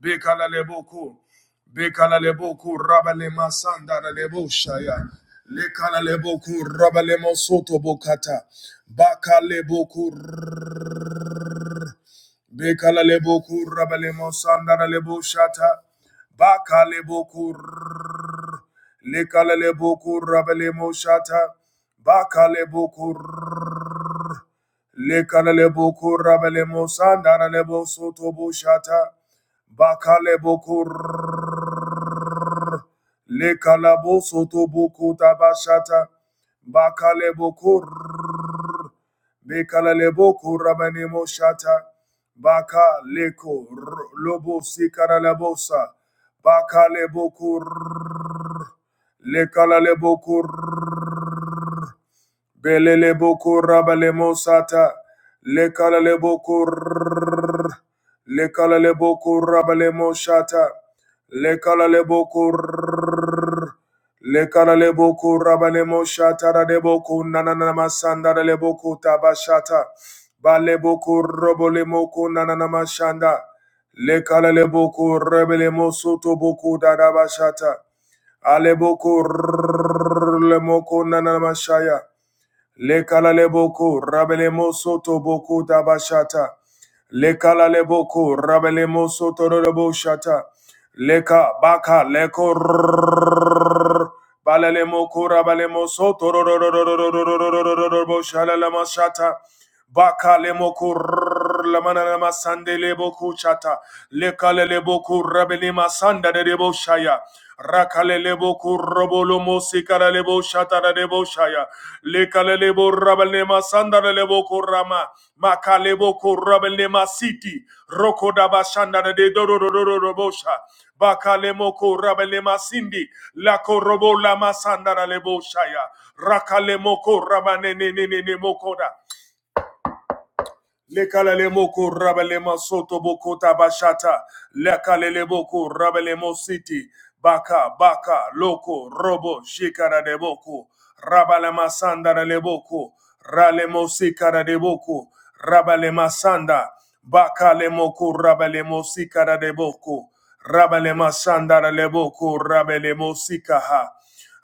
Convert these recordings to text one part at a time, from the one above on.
Bekala leboku. Bekala leboku rabale masanda na lebo shaya. Lekala leboku rabale mosoto bokata. Baka leboku. r- Bekala leboku rabale mosanda na lebo shata. Baka leboku. r- Lekala leboku rabale moshata. Baka leboku. r- Lekala leboku rabale mosanda lebo soto boshata. Bakale boku Le kalabo soto boko tabashata. baka boko r- bekale boko rabane moshata. Baka leko r- lobo sikara labosa. Baka leboko le lekala leboko r- belele boko rabale mosata. Lekala leboko r- lekala leboko rabale moshata. Lekala leboko Lekara leboko rabalemo shatara leboko nananama sandara leboko tabashata. Baleboko robolemoko nananama shanda. Lekara leboko rebelemo soto boko dadabashata. Aleboko lemoko nananama shaya. Lekara leboko rabelemo soto boko dabashata. Lekala leboko rabelemo soto rebo shata. Leka baka leko Balele mo kura bale mo soto ro ro ro ro ro ro ro ro ro ro ro ro bo shala la ma shata. Bakalemoko Lamanama Sande Leboku Chata Lekale Leboku rabelima Sanda de Debo Shaya Rakale Leboku Robolo Mosikara Lebo Shata de Debo Shaya Lekale Lebo Rabelema Sanda de Leboku Rama Makaleboko Rabelema City Roko Dabashanda de Dorobosha Bakalemoko Rabelema Sindi Lako Robo Lama Sanda Lebo Shaya Rakale moko rabane ne ne ne Lekalele moko rabele masoto boko tabashata. Lekalele boko rabele mositi. Baka baka loko robo shikara de boko. Rabale masanda de boko. Rale mosikara de boko. Rabale masanda. Baka le moko rabele mosikara de boko. Rabale masanda de boko rabele mosikaha.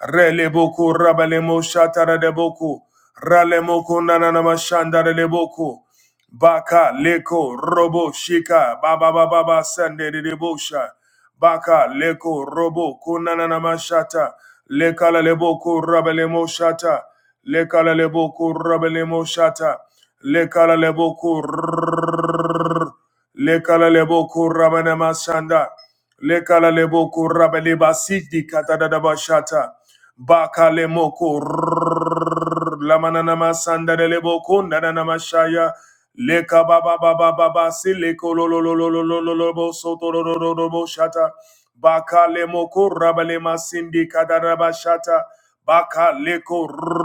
Rele boko rabele moshatara de boko. Rale moko nanana mashandara de boko. Baka leko robo shika baba baba ba sande de debosha. Baka leko robo kunana na mashata. Lekala lebo ko rabele mo shata. Lekala lebo ko rabele mo shata. Lekala lebo ko r- lekala lebo ko rabana masanda. Lekala lebo ko rabele basiti kata da da bashata. Baka lemo Lamananama Sandarelebo Kundanamashaya Leka Baba Baba Baba Sileko Lololololololobo Sotororobo Shata Baka Lemoko Rabalema Sindi Kadaraba Shata Baka Leko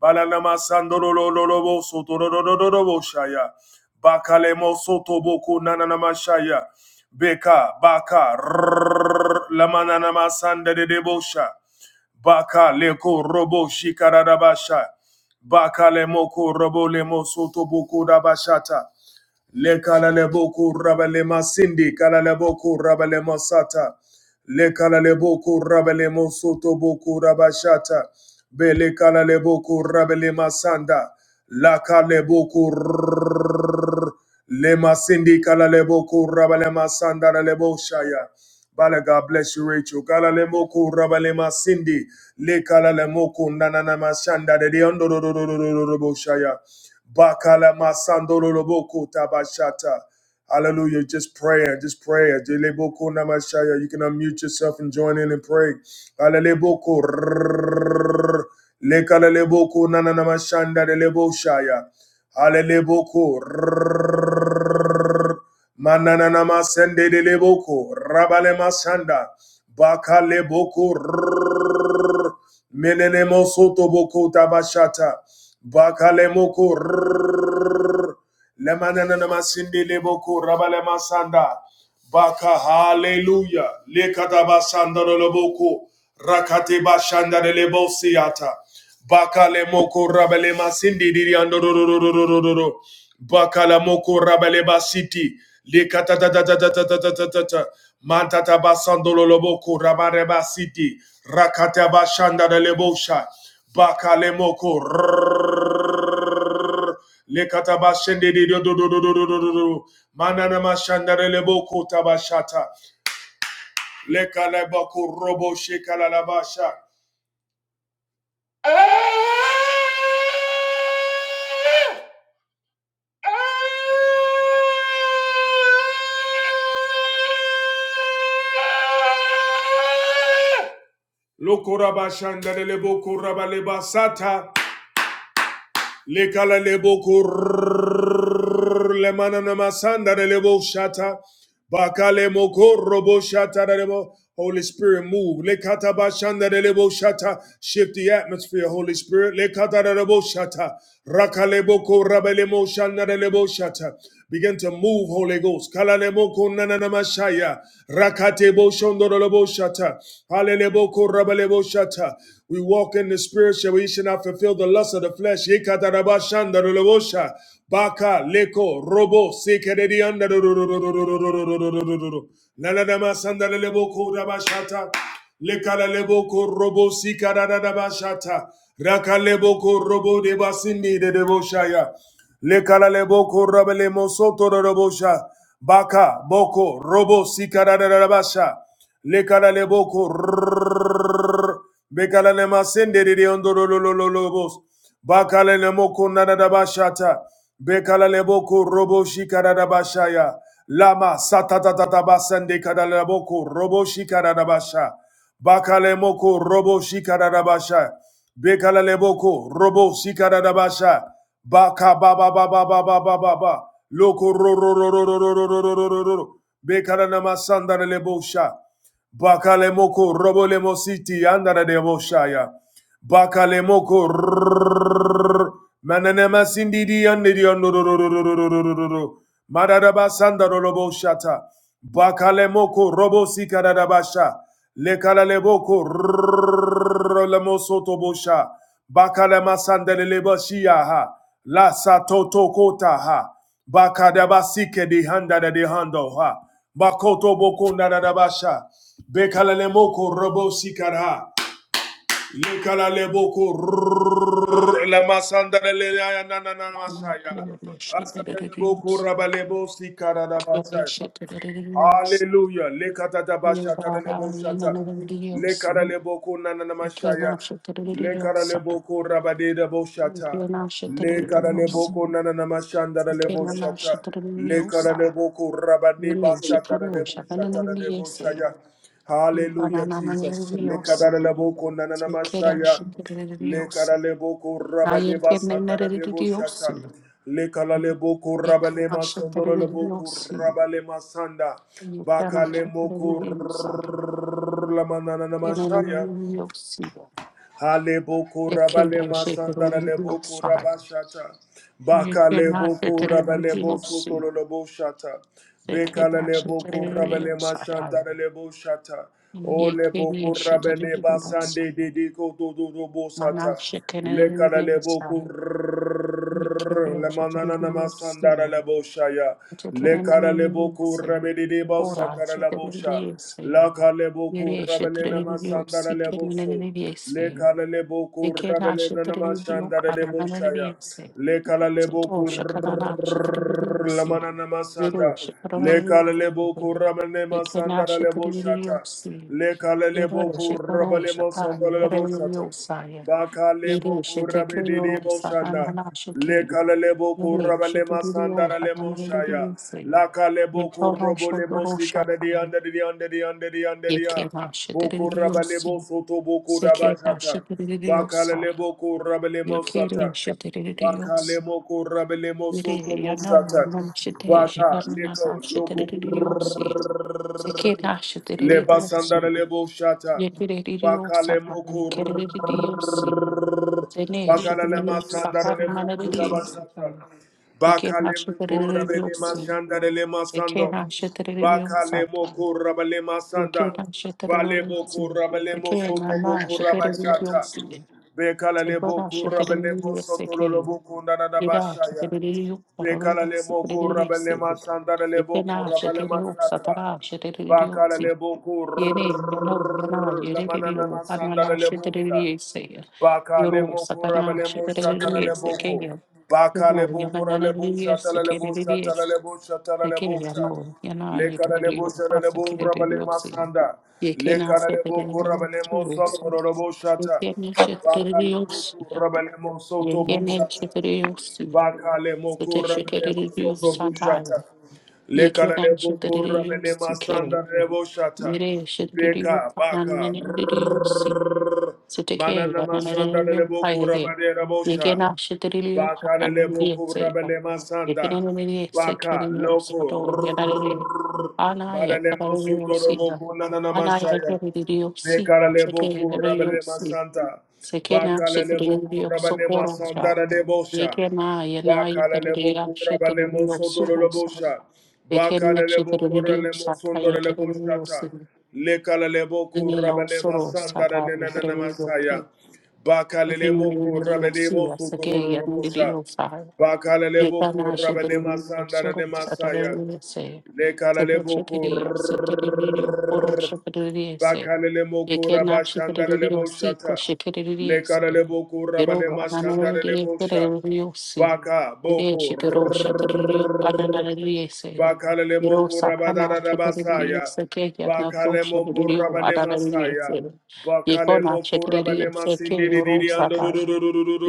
Balanama Sandorololobo Sotororobo Shaya Baka Lemo Sotoboko Nananamashaya Beka Baka Lamananama Sandarelebo Shaya Baka leko robo shikarabasha. Baka le moko robo le mosoto boko rabashata. Le kala le boko raba le masindi kala le boko raba le masata. Le kala le boko raba le mosoto boko rabashata. Bele kala le boko raba le masanda. La kala le boko Lema Cindy Kalalebo Kurabalema Sandara Lebo Shaya. Bala God bless you, Rachel. Kalalemo Kurabalema Cindy. Le Kalalemo Kundananama Shanda de Deondorororororobo Shaya. Bakala Masando Loboko Tabashata. Hallelujah. Just prayer. Just prayer. Jelebo Kunamashaya. You can unmute yourself and join in and pray. Kalalebo Kur. Le Kalalebo Kunananama Shanda de Lebo Shaya. Hallelujah. Mananana masende de leboko, rabale masanda, bakale boko, menene mosoto boko tabashata, bakale moko. Lemananama sindi leboko rabalema sanda. Baka hallelujah. Lekataba sanda loboko. Rakate bashanda lebo siata. Baka lemoko rabalema sindi diriando do do do do do do do do. Baka lemoko rabaleba siti. Lekata ta ta ta ta ta ta ta ta ta ta. Mantata basando loboko rabareba siti. Rakata bashanda lebosha. Bakalemoko. rrrr, Lekatabashende de do do do do do do do do do. Manana mashandare leboko tabashata. Lekaleboko robo shekalalabasha. Lokorabashandare leboko rabalebasata. Lekala lebo kur lemana namasanda lebo shata. Bakale moko robo shata lebo. Holy Spirit, move. Lekata bashanda de lebo shata. Shift the atmosphere, Holy Spirit. Lekata de lebo shata. Rakale boko rabele mo shanda lebo shata. Begin to move, Holy Ghost. Kalale moko nana namashaya. Rakate bo shondo we walk in the spirit, shall we should not fulfill the lust of the flesh. Baka leko robo sekeredi anda do- do- do- do- do- do- robo sikara da Raka lebo robo de basindi de debo Lekala boko rabele mosoto robosha. Baka boko robo sikara rabasha. Lekala leboko rrrr. bekala le masende de ondoro lololobos. Bakala le moko nadabashata. Bekala le boko robo shikara rabashaya. Lama satata basande kadala boko robo shikara rabasha. Bakalemoko robo shikaradabasha. Bekalaleboko robo shikaradabasha. Baka ba ba ba ba ba Loko ro ro ro ro ro ro ro ro ro ro ro Bekalanama sandarelebosha. Bakalemoko robo lemositi andaradebosha ya. Bakalemoko rrrr. mananema sindidi andidi andorororororororororo. Madadaba sandarolobo shata. Bakalemoko robo sikadadabasha. Lekalaleboko rrrr. bosha. Bakalema sandeleleba shiaha. La satoto kota ha. Bakadaba sike di handa da hando ha. Bakoto boko nadadabasha. Bekalemoko robo sikara. Likala leboko la masanda le ya na na na Dios, you masaya. Asanda leboko rabalebo sikara da basaya. Hallelujah. Lekata da bashata lebo shata. Lekara leboko na na na masaya. cannot shut Lekara leboko rabade da bo Lekara leboko na na na mashanda lebo shata. Lekara leboko rabade basata lebo shata lebo shaya. Hallelujah, Jesus. Lekadareleboko nananamashaya. the Lekaraleboko rabaleba satarelebo shata. Lekalaleboko rabalema sondoroleboko rabalema sanda. Bakalemoko You rlamananamashaya. cannot get Alebo the They rabale masandara lebo kurabashata. Baka lebo cannot get kurabale the bosuto lebo shata. Bekala lebo kurabale Satan. masandara lebo shata. O You lebo can't shut kurabale the basande Satan. dediko dodo lebo Mana shaken the Satan. You can't shut Lemanana the Masandara Satan. Leboshaya. You Lekara can't Leboku say. Rabedebo Ora Sandara shut Lebosha. the Satan. Laka You Leboku can't shut Rabelena the Masandara Leboso. Satan. Lekala You Leboku cannot shut Rabelena Masandara Leboshaya. the Satan. Lekala Sato Leboku Shakanana Shikadiosi, lamana Yero namasanda lekala lebo Shikaraniosi, kuramane Yakena masanda lebo shata Shikadiosi, lekala lebo Yero Shikoro kurabale Shaka, masanda lebo shata Yakariosaya, bakale bo Yere kurabe Shitekrio dede bo shanda Sakanana Shike, lekala lebo Yere kurabale masanda Shikrio lebo shaya Panamadiosaya, lakale bo Yetono kurobo lebo Shogoro sika Shaka, dede ande dede ande dede ande dede ande dede Yakena Boku rabalebo Shikadiosi, soto boko daba Sekena shata. Bakale Shikadiosa, lebo ku rabalemo Yakere sata. Baka Shikadiosi. lemo korabelemo Mire, soto bo ya no, ya shata. no, shite, Baka shibar na leko na, shite, loko riri, osi. Seke na, shite, riri, lebasandara osi. lebo shata. Ye kere riri, Baka osa, lemo ka, ye kere riri, osi. Sene, shite, Bakalale riri, osa, ka, masandarele na na, bokunda riri, osa, ka. basata. Ye kere na, Bakale shite, mukura riri, bele osi. masandara le Seke masando. na, shite, riri, Bakale osa, ka. mukura bele Ye kere masanda. na, shite, Bale riri, osi. bokura bele Seke mosoto na na, bokura shite, riri, basata. osi. Bekalale Seke na, bokura shite, bele riri, mosoto lolo mukunda na Yera bashaya. şekerleri kororun Bekala le mukura sıkırırı bele sevdi. masandarele Ekena bokura bele şekeri masata. satara şekerleri yok Bakala si. le Yene yana yana mukura la yerleri manana yok masanda anala le boka şekerleri seyir. Baka le Yoru moko satana rabale mo shatala şekerleri le boko. sekeyi. Baka le Yoru yana boko ra le bo yana shatala le bo sekerleri shatala le bo shatala le bo sekeyi shatala. yana yana Le kana le yekerleri bo yok shatala le bo asekerleri rabale yok si. masanda. Le Yekena kana le boko sekerleri yok rabale mo soto si. ro ro bo shata. Yekena Baka şekerleri le yok si. boko rabale mo soto bo Yekena shata. şekerleri yok Baka le moko rabale mo Siteshitiriyo soto bo shata. satire. Le kana Yekiran le boko shitiriyo rabale sike. masanda le bo shata. Mire shitiriyo Beka baka pananeniriyo si. Sitike Manana masanda le yananeniriyo boku payage. rabade rabosha. Yekena shitiriyo Baka le hananeniriyo boku se. rabele masanda. Yekineniriyo Baka sekiriyo loko sato yananeniriyo. Ana Baralemo yatarariyo siga. sotoroboku Ana nananamashaya. yatarariyo si. Sike Bekaraleboku rabalema yananeniriyo santa. Sekena Bakaleleboku shitrinio rabalema sokoronsa. sandara debosha. Yekena yena yitrinio Bakaleleboku rabalemo shitrinio suhosa. sotorolobosha. Yekena Bakaleleboku shitrinio ralemo sata sondorolobosha yekrinio ta. sin. Lekaleleboku Yinio rabalema soro sandara sata yekrinio sin. nenanamasaya. Bakaleleboku Yekrinio rabalemo siya seke sotorolobosha. yekrinio sahaya. Bakaleleboku Yekana rabalema shitrinio sandara soro sata demasaya. yekrinio se. Sete Lekaleleboko shitrinio shitrinio poro shitrinio se. Bakaleleboko Shekena Rabba shikererio Shandarelebo si ko Shata. shikererio si. Lekaleleboko Yero Rabalema ananarerio Shandarelebo Sha. kererio si. Baka Ere Boko shikero shikererio ananarerio si. ya. Yero Bakalemoko sakana shikererio Rabadadabasaya. seke yana to Bakalemoko shikererio Rabalema ananarerio si. Saya. Yeko na Bakalemoko shikererio Rabalema seke Sindiri yoro Diri sata.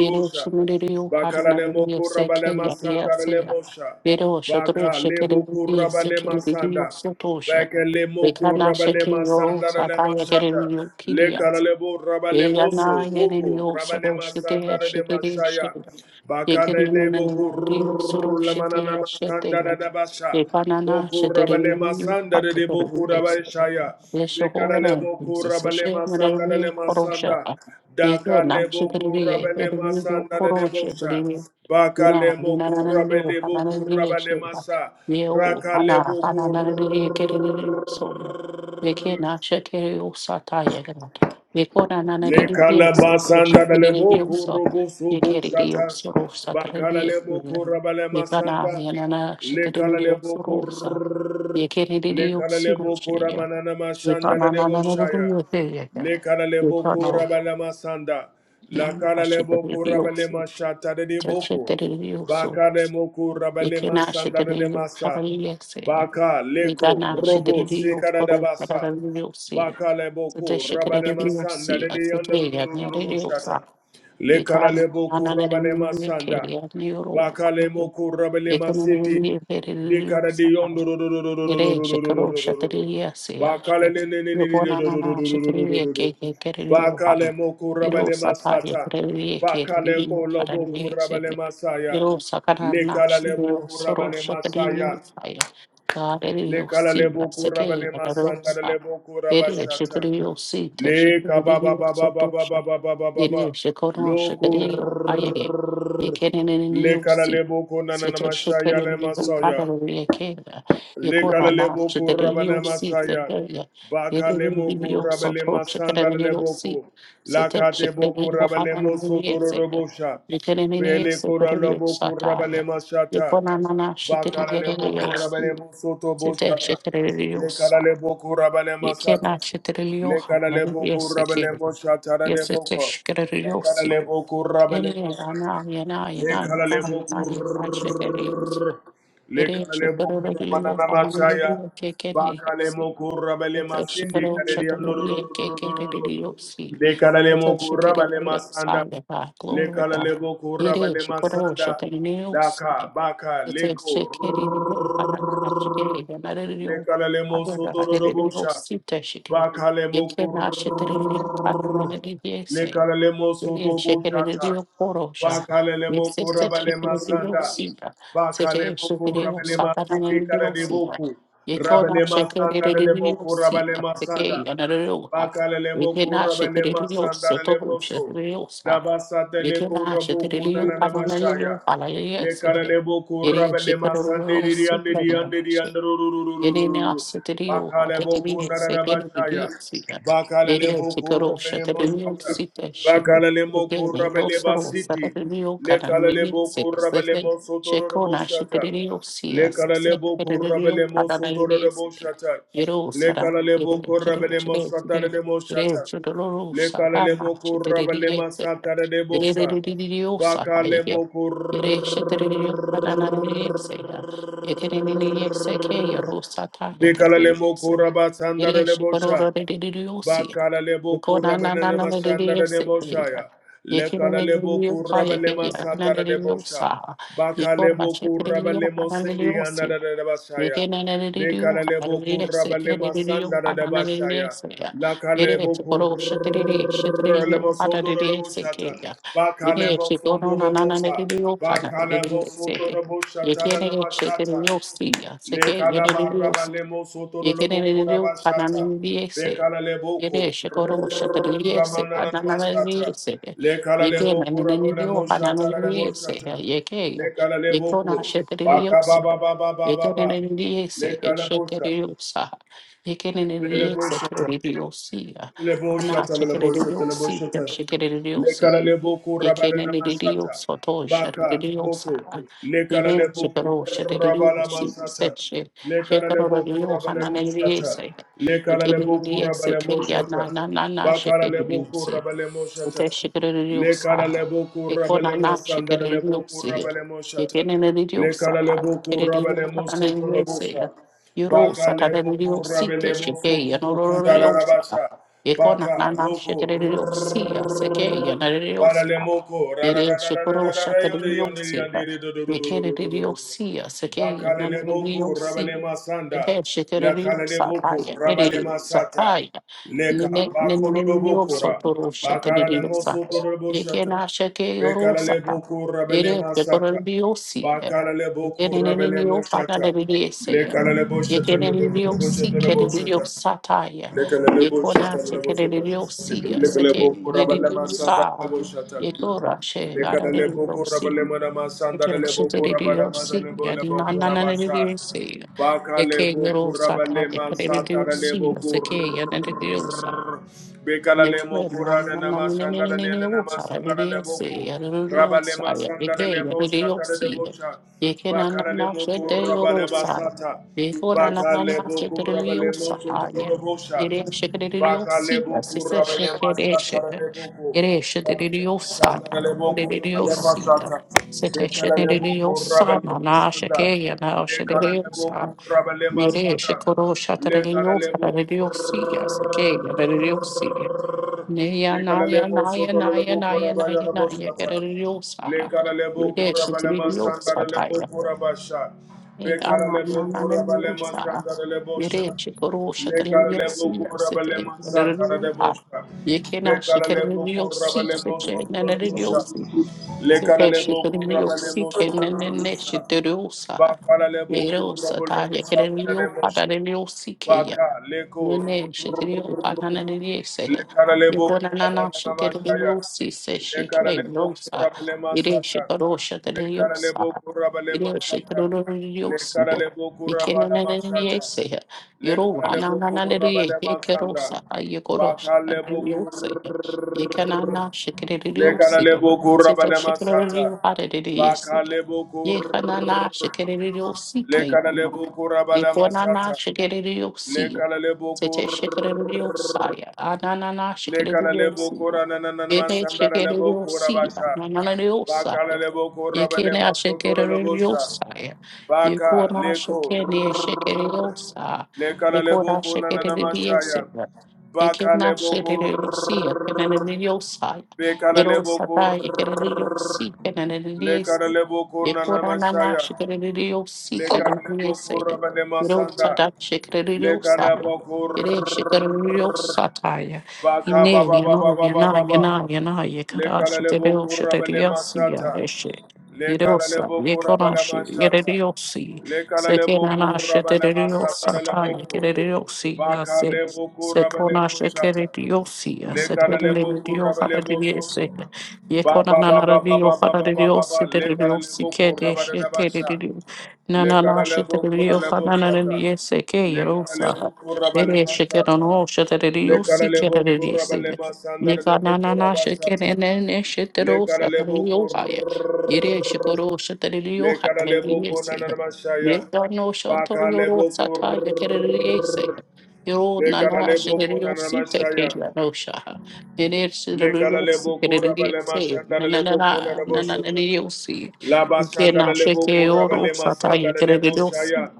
Yero shikererio Bakala lemo Bakaralemo ananarerio seke kurabalema yana sanda si. ya. lemo sha. Yero shotoro Baka lebo shikererio kurabalema sanda. seke Baka lemo Rekana kurabalema shekero sanda lema sakaya shata. tereriyo kiriyatsa. Lekaralebo Eyana rabalemoso. Boko yereriyo soro rabalema sanda sheteya lema shetere shaya. shera. Baka Yekerino lebo nereriyo soro kurlamana sheteya sanda sheteya. da basha. Repanana Boku rabalema shetereriyo sanda de paketereriyo boku esera. rabashaya. Yeshohorana Bekaralebo Jesus kurabale masanda dele shemereriyo korosha. masanda. Daka Yekena lebo shetereriyo kurabale ereriyo masanda dele bosha. korosha. Baka Yena, lebo yena na na na yo, kurabale na bo na na ye kurabale she, masa. yeo, Raka le ana, ana boku na na na ye kere na yo so yo, veke na she kere yo sa ta ye gana, veko na na na na ye se, Nekalabasanda kere na lebo yo so, kurubu ye subu kere na yo shata. so ro sa ta na Bakala ye lebo kere, kurabale veka na masanda. yena na she te Lekala na yo lebo so ro sa, kur. ye kere na yo Lekala so ro lebo she ye, kuramanana veka mashanda na na lebo na na na shaya. na, yo te ye Lekala lebo veka na kurabale masanda. na na Lakala she te lebo na yo kurabale so, mashata lebo she kur. na yo so. Bakale moku rabale Ikena masanda lebo shidriyo masa. kabariye se. Baka leko Igana robo shidriyo sikara koro dabasa. karariyo se. Sute Bakaleboko Rabalema shikariyo Sanda se. de de Yanda Asike do do ya do do do do nyariyo sa. Shata. Ikana Lekaleboko nana nene Rabalema nene Sanda. kere ya nyoro. Bakalemoko Rabalema Ikana nene City. nene kere riyo Dekara sa. de Yondo do do do do do do Gire do do do shikaro do do do do do do. shatriya se ashe. Bakalele ne ne ne ne do Yogona do do do nana do do do do shatriya do do. keke kere riyo hayo. Bakalemoko Iro Rabalema sataya Sata. kere riyo kere Bakaleko riyo Lomoko karariyo se. Rabalema Saya. Yo sakara Lekala nakshi lebo yo soro kurabale shakari yo masaya. saya. Kare yo Lekala si lebo basake kurabale yo masanga rosa. lebo Ere Rabashata. shakari yo si te Le shakari kababa ba ba ba ba ba yo Yeni şekono şebede Lokur yo hayere. Yekenenin le kara yosi. le boko na na na Sete masaya le şekeneni yo masaya. padaro yekele. Yekona na Lekalebo şebede kurabana yosi masaya. sebeye. Bakale Yeni bir moku yo rabele soto masandar şekeneni yosi. leboku. Sete Lakate şekeneni boku yo rabele hadaro mosotoro yekele. robosha. Yekenenini Pele kora sebede yo loboku rabele sataya. mashata. Yekona na na Bakara şebede leboku yosi. rabele mosoto Sete boshata. şekeneni Lekara yosi. leboku rabele Yeke masata. na shetelelio Lekara hana leboku yese ke rabele moshata yese te leboko. shetelelio Lekara si leboku rabele yene mosata. ana yana yana yana Lekala yana leboku yana shetelelio bere Lekale bokura shetelelio banana hana masaya. yese ke ke ne Bakale yese mokura bele yese masindi shetelelio kale di shetelelio ke ke andorororororororo. shetelelio si Lekale yese mokura bele shetelelio sa masanda. yaba glory God Lekale bokura yere bele shetelelio masanda. shetelelio Daka baka Ete leko. shekeri ni yo hanana hashige yanarere yo Lekale abara harere yo mosotororobosha. sita shike Bakale yeke mokur na shetere ni yo kanana ne yese le mo soto yere bo shekere ni shata. yo korosha Bakalele mo yese se korabale shekere ni yo masanda. sita Bakale sete mo shekere yo korabale satana masindi ne yo karade sita boku. yeke na Rabale masanda shekere lele ni mo yo korabale sita masanda. seke yanarere yo ha Bakalelebo yeke na kurabele shetere ni yo seto masandarelebo so. Dabasate le Yekela kurabu shetelelio kunana kanalelio namashaya. alayeye Le sile. karelebo Yere kurabele masande shetelelio di di ande di sile. ande di ande ru ru ru ru ru ru Yenene ru. aseterio Bakalebo aperebie kunana sekere de namashaya. diopsia. Yere Bakalelebo chikaro kurabele shaterio masanda. site she. Bakalelebo Yene kurabele yosoro basiti. sarerio Le kanan vini kalelebo se se kurabele mosotororo shekona mosata. shaterio sia Le se se karalebo pererio korabele mo kanan sotoro vini de se. bo shata. Yero Le sara yere karalebo chere korabele mo chere chere satare de mo yere shata. chodoro Le sara ma karalebo korabele shaterio ma se. satare de bo Yere yere sa. yere yere yosara Bakale yere mo kor. yere shaterio kanan vini se. Bekale mo koraba sandare de bo sha. Bakala lebo kuramana nema shandara nebo shaya. Lekala lebo kuraba masata satara nebo sha. Baka lebo kuraba lemo sindi Yekereniniyoseke anada nebo shaya. Dekala lebo kuraba masanda sandara nebo shaya. Laka lebo kurra lemo sondoro lebo shata. Baka lebo sondoro lebo sa. Baka lebo sondoro lebo shata lema shata. Lekala baraba Yekene lemo sondoro lebo kuraba shata. Bekala Yere leboko. shikoro La shatariyese manana masata. ananariyese Le Lamananamasata. Lekala yeke leboko meneneniyo rabolemo shata lebo ananariyese shata. yeke ya Lekala yekona leboko. Baka shatariyese ba ba ba yeke baba. neneniyese Lekala bosha. shatariyusa yeke Lelebo neneniyese shata. keririyosi Lebo ana shata lebo shata lebo shatariyusi shata. shatariyusi Lekalale boku yeke rabadana masata. neneniyiyoso to Baka shatariyusa boku. yere Lekalale boku shikoro rabala shatariyusi masata. seche Lekalale shikoro boku yo rabale moshata. ananariyese Lekalale boku rabale moshata. na na na na Bakalale boku şekerliyorsun. rabale moshata. Öte şekerliyorsan. Lekalale boku rabale Ekona na mosanda le boku şekerliyorsun. rabale moshata. Yekenleri diyorsa Lekalale tabii. boku rabale Kereliyorsa da ne mosoto diyeyse. robosha. Euro Baka lebo satana diyorsun ki kurabele şeker mofu kukuku yanılıyorsa. dararabasha. Ekona Baka na na loko şekerliyorsun ya. Şeker yanılıyorsa. Baralemoko, Yere şekero rarararararara, yonde, yonde, şekerliyorsun. yonde, yonde, do, do, do, do, do, do, Yekenleri do, do, do. diyorsun ya. Şeker Bakalelemoko, yanılıyorsa. rabalemasanda, Teteşetereri lakaleleboko, saraya, nereri rabalemasata, saraya, leka, nene nene nene yoksa bakololobokora, toruşa tereri yoksa, bakalalemoso, yeke tololoboshata, naşa ke yorosa, bekaleleboko, yere rabalemasata, fekorar bir yoksi, bakaleleboko, yeke nene nene yoksa da rabalemosata, da biliyese, lekaleleboshata, yeke nene nene yoksi lebosata, ke nene lebosata, yoksa taya, Lekelebo yeko shata naşa lebo ke shata. nene yoksi, Lekelebo seke nene kurabale masanda yoksa, lebo shata. yeko raşe, ara Lekelebo nene kurabale mana masanda lebo kurabale mana Shitty-diddly-oh-see, lebo lebo kurabasha. yaddy-na-na-na-na-diddly-oh-see. Baka lebo Ekey-little-sata, kurabale masata ekey-diddly-oh-see, lebo kur. yasakey, yaddy-diddly-oh-sa. Bekala lemo kura de nama sandara ne ne nama sandara lebo ku. Raba lema sandara lemo shatara de bocha. Bakara lemo kura ba Bakala lebo kura ba lemo soto de Bakala lebo kura ba lema shatara de boku. Raba lema sandara lebo kura ba lema sata. Bekala lebo kura ba lema sandara. Lekana lebo kura ba lema Yere shikoro shatarelio sata. farelio siya seke yadarelio Naya naya Lekalelebo naya naya sotolelebo naya naya korabayalebo naya satan. kereriosa. Lekalelebo Yereshi korabalema tiriosa sandarelebo taya. korabasha. Naya na Bekalelebo na na na korabalema niosa. sandarelebo sha. Yereshi korosha Lekalelebo tiriosia sete korabalema satarelebo kereriosa. sha. Yekena shi Bekalelebo kereriosi korabalemo sete na na sotolelebo sha. riosi. Sete shi Lekalelebo korabalemo kereriosi ke na na sotolelebo na sha. shi tiriosa. Bakalelebo Yereosa korabalemo taya satarelebo kereriosa sha. da riosi Baka leko Nene shitiriyo banana nene sehe. Le karalebo Yebona nana Lekaralebo Kurabanamashaya. shitiriyo si se shike Lekaralebo yosa. Kurabalema Ire Sata. shitaro shitiriyo sa. Bekaralebo Kurabalema Ire Sata. shitiriyo si he. Lekaralebo Nikene Kurabalema nene nene sehe. le Yoro wana karalebo nana nene Kurabalema heke Sanda. rosa. Yekoro Bakalebo shitiriyo Kur. sehe. Yekana na le shitiriyo si he. karalebo Sita Kurabalema shitiriyo Sata. hare nene sehe. Bakalebo Kur. Yekana na shitiriyo si le ke. karalebo Iponana Lekaralebo le shikeririyosia. karalebo Tete kur. shikeririyosia. Ananana Lekara lebo shikeririyosia. kora na na na na Ene masandara lebo kora shikeririyosia. basha. Bakara Nananiriyosaya. lebo kora bale Yekene masotoro lebo sha. ashikeririyosia. Baka Yekona leko rrr. shikene shikeriyosa. lekara lebo Yekona kona na na mashaya. shikeririyosia. Baka Yekena lebo kor shikeririyosia. Kenaniriyosaya. bekara lebo Yerosata kor yekeririyosi. lekara Kenaniriyosaya. lebo kona na Yekona nana mashaya. shikeririyosi. Lekara lebo Kenaniriyosaya. kora bale masanda. Rosada Lekara Shikariosaya. bokor Ire Shikariosataya. baka Ine, baba baba Yano, baba Yana, baba. Yana, Yana, Le Yakarashi, kalalebo Deosha, kurabale Deriasia, masata. Eshe. Le Yerosa, kalalebo kurabale Yekonashi, masata. Yereosi, Le kalalebo Sekenanasha, kurabale masata lebo Deriosataya, ku. Yereosi, Baka Yase, lebo kurabale Sekonasha, masata. Kerediosi, Le kalalebo Sekerendio, kurabale Hada, Deriese, mosoto. Ba ba ba ba Yekonanana, ba Dio, ba ba Hada, ba ba ba ba. Deriosi, Le Deriosi, kalalebo kurabale basha. Kedeshe, Na Le na na kalalebo shitteriyo ka kuralebo na na na shata. ye se ke Le yero sa kalalebo kurabale mere shikero masata. no Le shitteriyo si karalebo kereriye se kurabale ne masandar ka lebo na na na shikere kurabashata. ne ne shittero sa Lekaralebo kereriyo ha ya kur, yere shikoro shitteriyo ha lekaralebo kereriye se ne konanamasaya. ka no shanto yoro Bakalebo sa ta kur, ya kereriye se yoro na na lekaralebo shitteriyo si te ke konanamasaya. ya no sha ha mere shitteriyo si Lekaralebo kereriye kurabalema se na na na sandarelebo na na na na konanaboshata. ye Laba Gena sandarelebo sheke oro kurabalema sata ya sandarelebo gerereosi. shaya.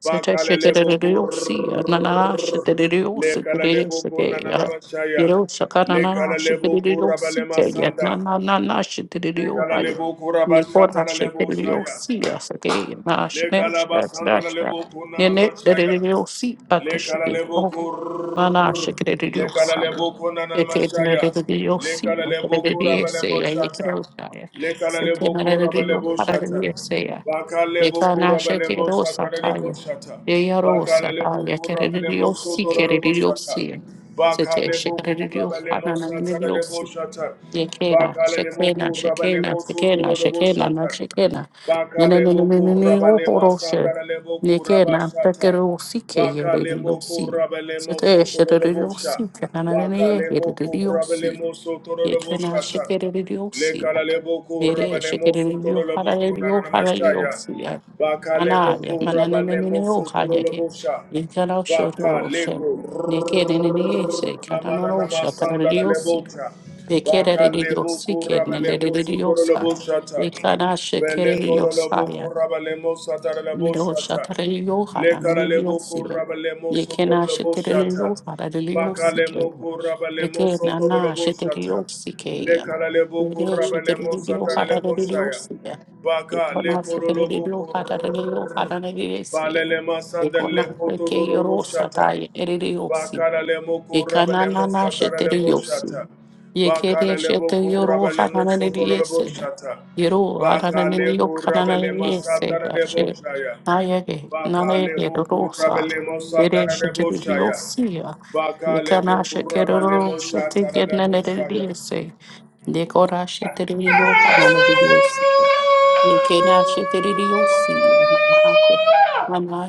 Sete sheke Bakalelebo kur, rereosi. Nana shete rereosi gere lekaralebo sheke ya. konanamasaya. Yero shaka nana shete Lekaralebo rereosi kurabalema ke ya. sanda. Nana nana shete rereosi ya. Lekaralebo Nikora shete kurabashatarelebo shaya. rereosi ya seke. Na Le shene kalaba shaka shaka sandala shaka. lebo kuna Nene rereosi ata Le kala sheke. lebo Oh. Nana sheke Le rereosi kala ya. lebo kuna Eke ne Le rereosi kala ya. lebo kura Rereosi ya. ye gereosi Le kala lebo kura bale Sekemerariyo moshata. parariyeseya. Bakala lebo kura bale Yekanashetero moshata le lebo sataya. shata. Yeyaro Bakala lebo sataya. kura bale Kereriyo si kereriyo si. Bakala Sete lebo kura shekereriyo bale fanananiyo si. Yekena, Bakala lebo shekena, kura bale shekena, shekena, shekena, na shekena. Baka lemoku Yenenenenenene rabalema oporoshe. sandara lemoku Yekena, rabashata. pekero si Baka kereriyo lemoku si. rabalemo Sete shekereriyo si. sotorobosha. Kanananene Baka lemoku yekereriyo si. rabalemo Yekena, sotoroboshata. shekereriyo si. Lekala leboku Mere rabalemo şekerliyo sotoroboku haraliyo nanamashaya. haraliyosuya. Baka Ana ya lemoku rabalemo mananenenene o hayake. sotorobosha. İnkana o Baka şoru şem. leko Ne kerene ne yeşe kanana Ramana no Namasanda şataraliyosuya. Lebocha, Baka Bekereliyosi Lebuku Rabalemo Sutoro keneleliyosa. Lebochata, İkana Bele Kolo şekereliyosaya. Lebuku Rabalemo Satara Mire o Lebochata, şataraliyo Lekala Lebuku hananeneliyosuya. Rabalemo Sotoro Yekena şekereliyo Lebochata, Baka haraliyosuya. Lemoku Rabalemo Eke Sotoro nana Lebochata, şekereliyosikeya. Lekala Lebuku Mere Rabalemo şekereliyo Satara Lebochaya, haraliyosuya. Baka Ikonasa Lekoro Geridio Lebuku Patagio Fatanese, Balele Masanda Iconasa Lepoto Keorosa Lebochata, Tai Eriosi, Bakaralemo kurabelemo Icanana sataralebo shata. Sheteriosi, Yekere Bakaralebo Shetero kurabelemo sotoralebo Fatanese, shata. Yero Bakale Adananio kurabelemo Cananese, sataralebo Gashe, shaya. Nayege, bakale Nanege Rosa, kurabelemo Ere sataralebo shaya. Sheteriosia, Bakalebo Nicanasha kurabelemo Keroro Shetegan sataralebo and shaya. Eriese, Decora Sheterio Fatanese. Yekena shekeriosi, mama, mama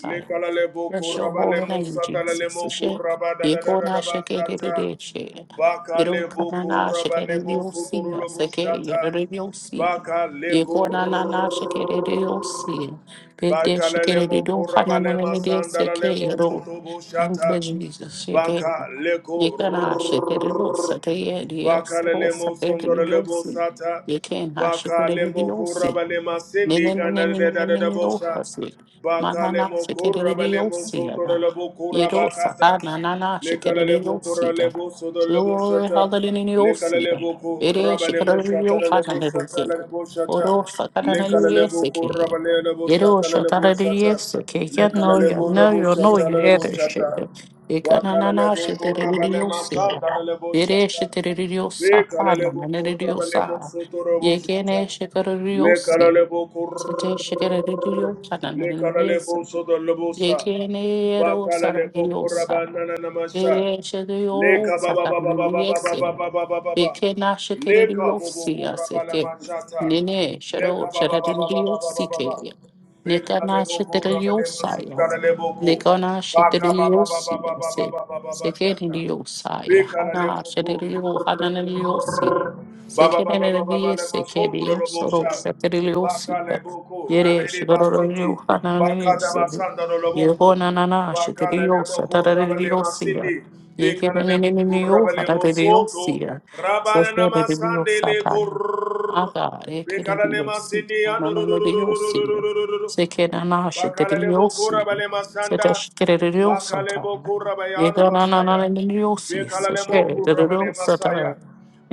Le kalale boko Bless your rabale holy mo name, satala le Jesus. moko She, rabada da da da yekona da ba shata. shekerioshe. Baka le Yerokana boko na rabale bo shekeriosi, sotoro lo bo seke shata. yeriosi. Baka le ko Yekona na r- na shekeriosi. Bede Baka le le moko shekeriohana na rabale na ma mede sandala le seke mo soto bo Thank you, shata. Jesus. You can Baka le you ko can ash it it will set a deals will Bakalemo set it will Sondorelebo see. Sata, You can ash it it Bakalemo will see. Kurabalema Sindi Ganadadabosa, Ninenenenenenenenenosi. Mama na Bakalemo shake it it will Kurabalemo see again. Sotorelebo You do Kurabakata, sakana na na shake it it Lekalebo will see again. Kuralebo Sodolebo Glory Shata, hallelujah will see. Lekalebo It is shake it Kurabalemo it Shata will find a Lebo little Shata thing. Lebo Shata, Oro sakana Lekalebo na Kurabalebo Yero Shata Lebo Shata, shatarariyes ke ya no ya Lekalebo no Rebo yo no Shata ya Lebo yere Shata, shede. Ekana na na Bakalebo Kurabalema sheterariyose ya. Sanda Lebo Yere Shata. Le sheterariyosa kana kalalebo na korabalemo nerariyosa. sotorobo Yekene shata. Le sheterariyose. kalalebo kor Sete sheterariyosa na le nerariyese. kalalebo sodolobo sa. Yekene Ba yero kalalebo sarariyosa. korabanana namasha. Yere Le sheterariyosa kababa kana baba baba baba nerariyese. baba baba baba. Eke na Le shekeririyo kabobo siya korabala seke. mashata. Nene Le shero kababa baba shererindiyo baba baba baba. sike. Be Neka na kalalebo shekeririyo korabalemo saya. sotarelebo ko. Lekona Ba kababa baba sheteliosi, baba I baba say, baba baba shata. sekeniliosaya, Be hana kalalebo shetelio, hana neliosi, Baba baba baba baba sekenelio, le masom bro sekenio, soro bosha. sheteliosi, Baka le boko yere rebeli shetelio, basiti. hana Baka da neliosi, basanda lo boko. yegona nana Baka le le sheteliosa, boko rabale tatareliosi, masindi. Beka le le boko yekenelio, rabale hana neliosi, mosoto. Rabale namasande sekeneliosa, le tanya. My kor. God, Beka le ekeneliosi, masindi hana neliosi, anu. sekenana Bakalebo kura sheteliosi, bale masanda. Bakalebo Satashikiriosatana. kura bayana basaya. Yeganananananiosi, Bekalebo kura bale Sashiriosatana, masaya.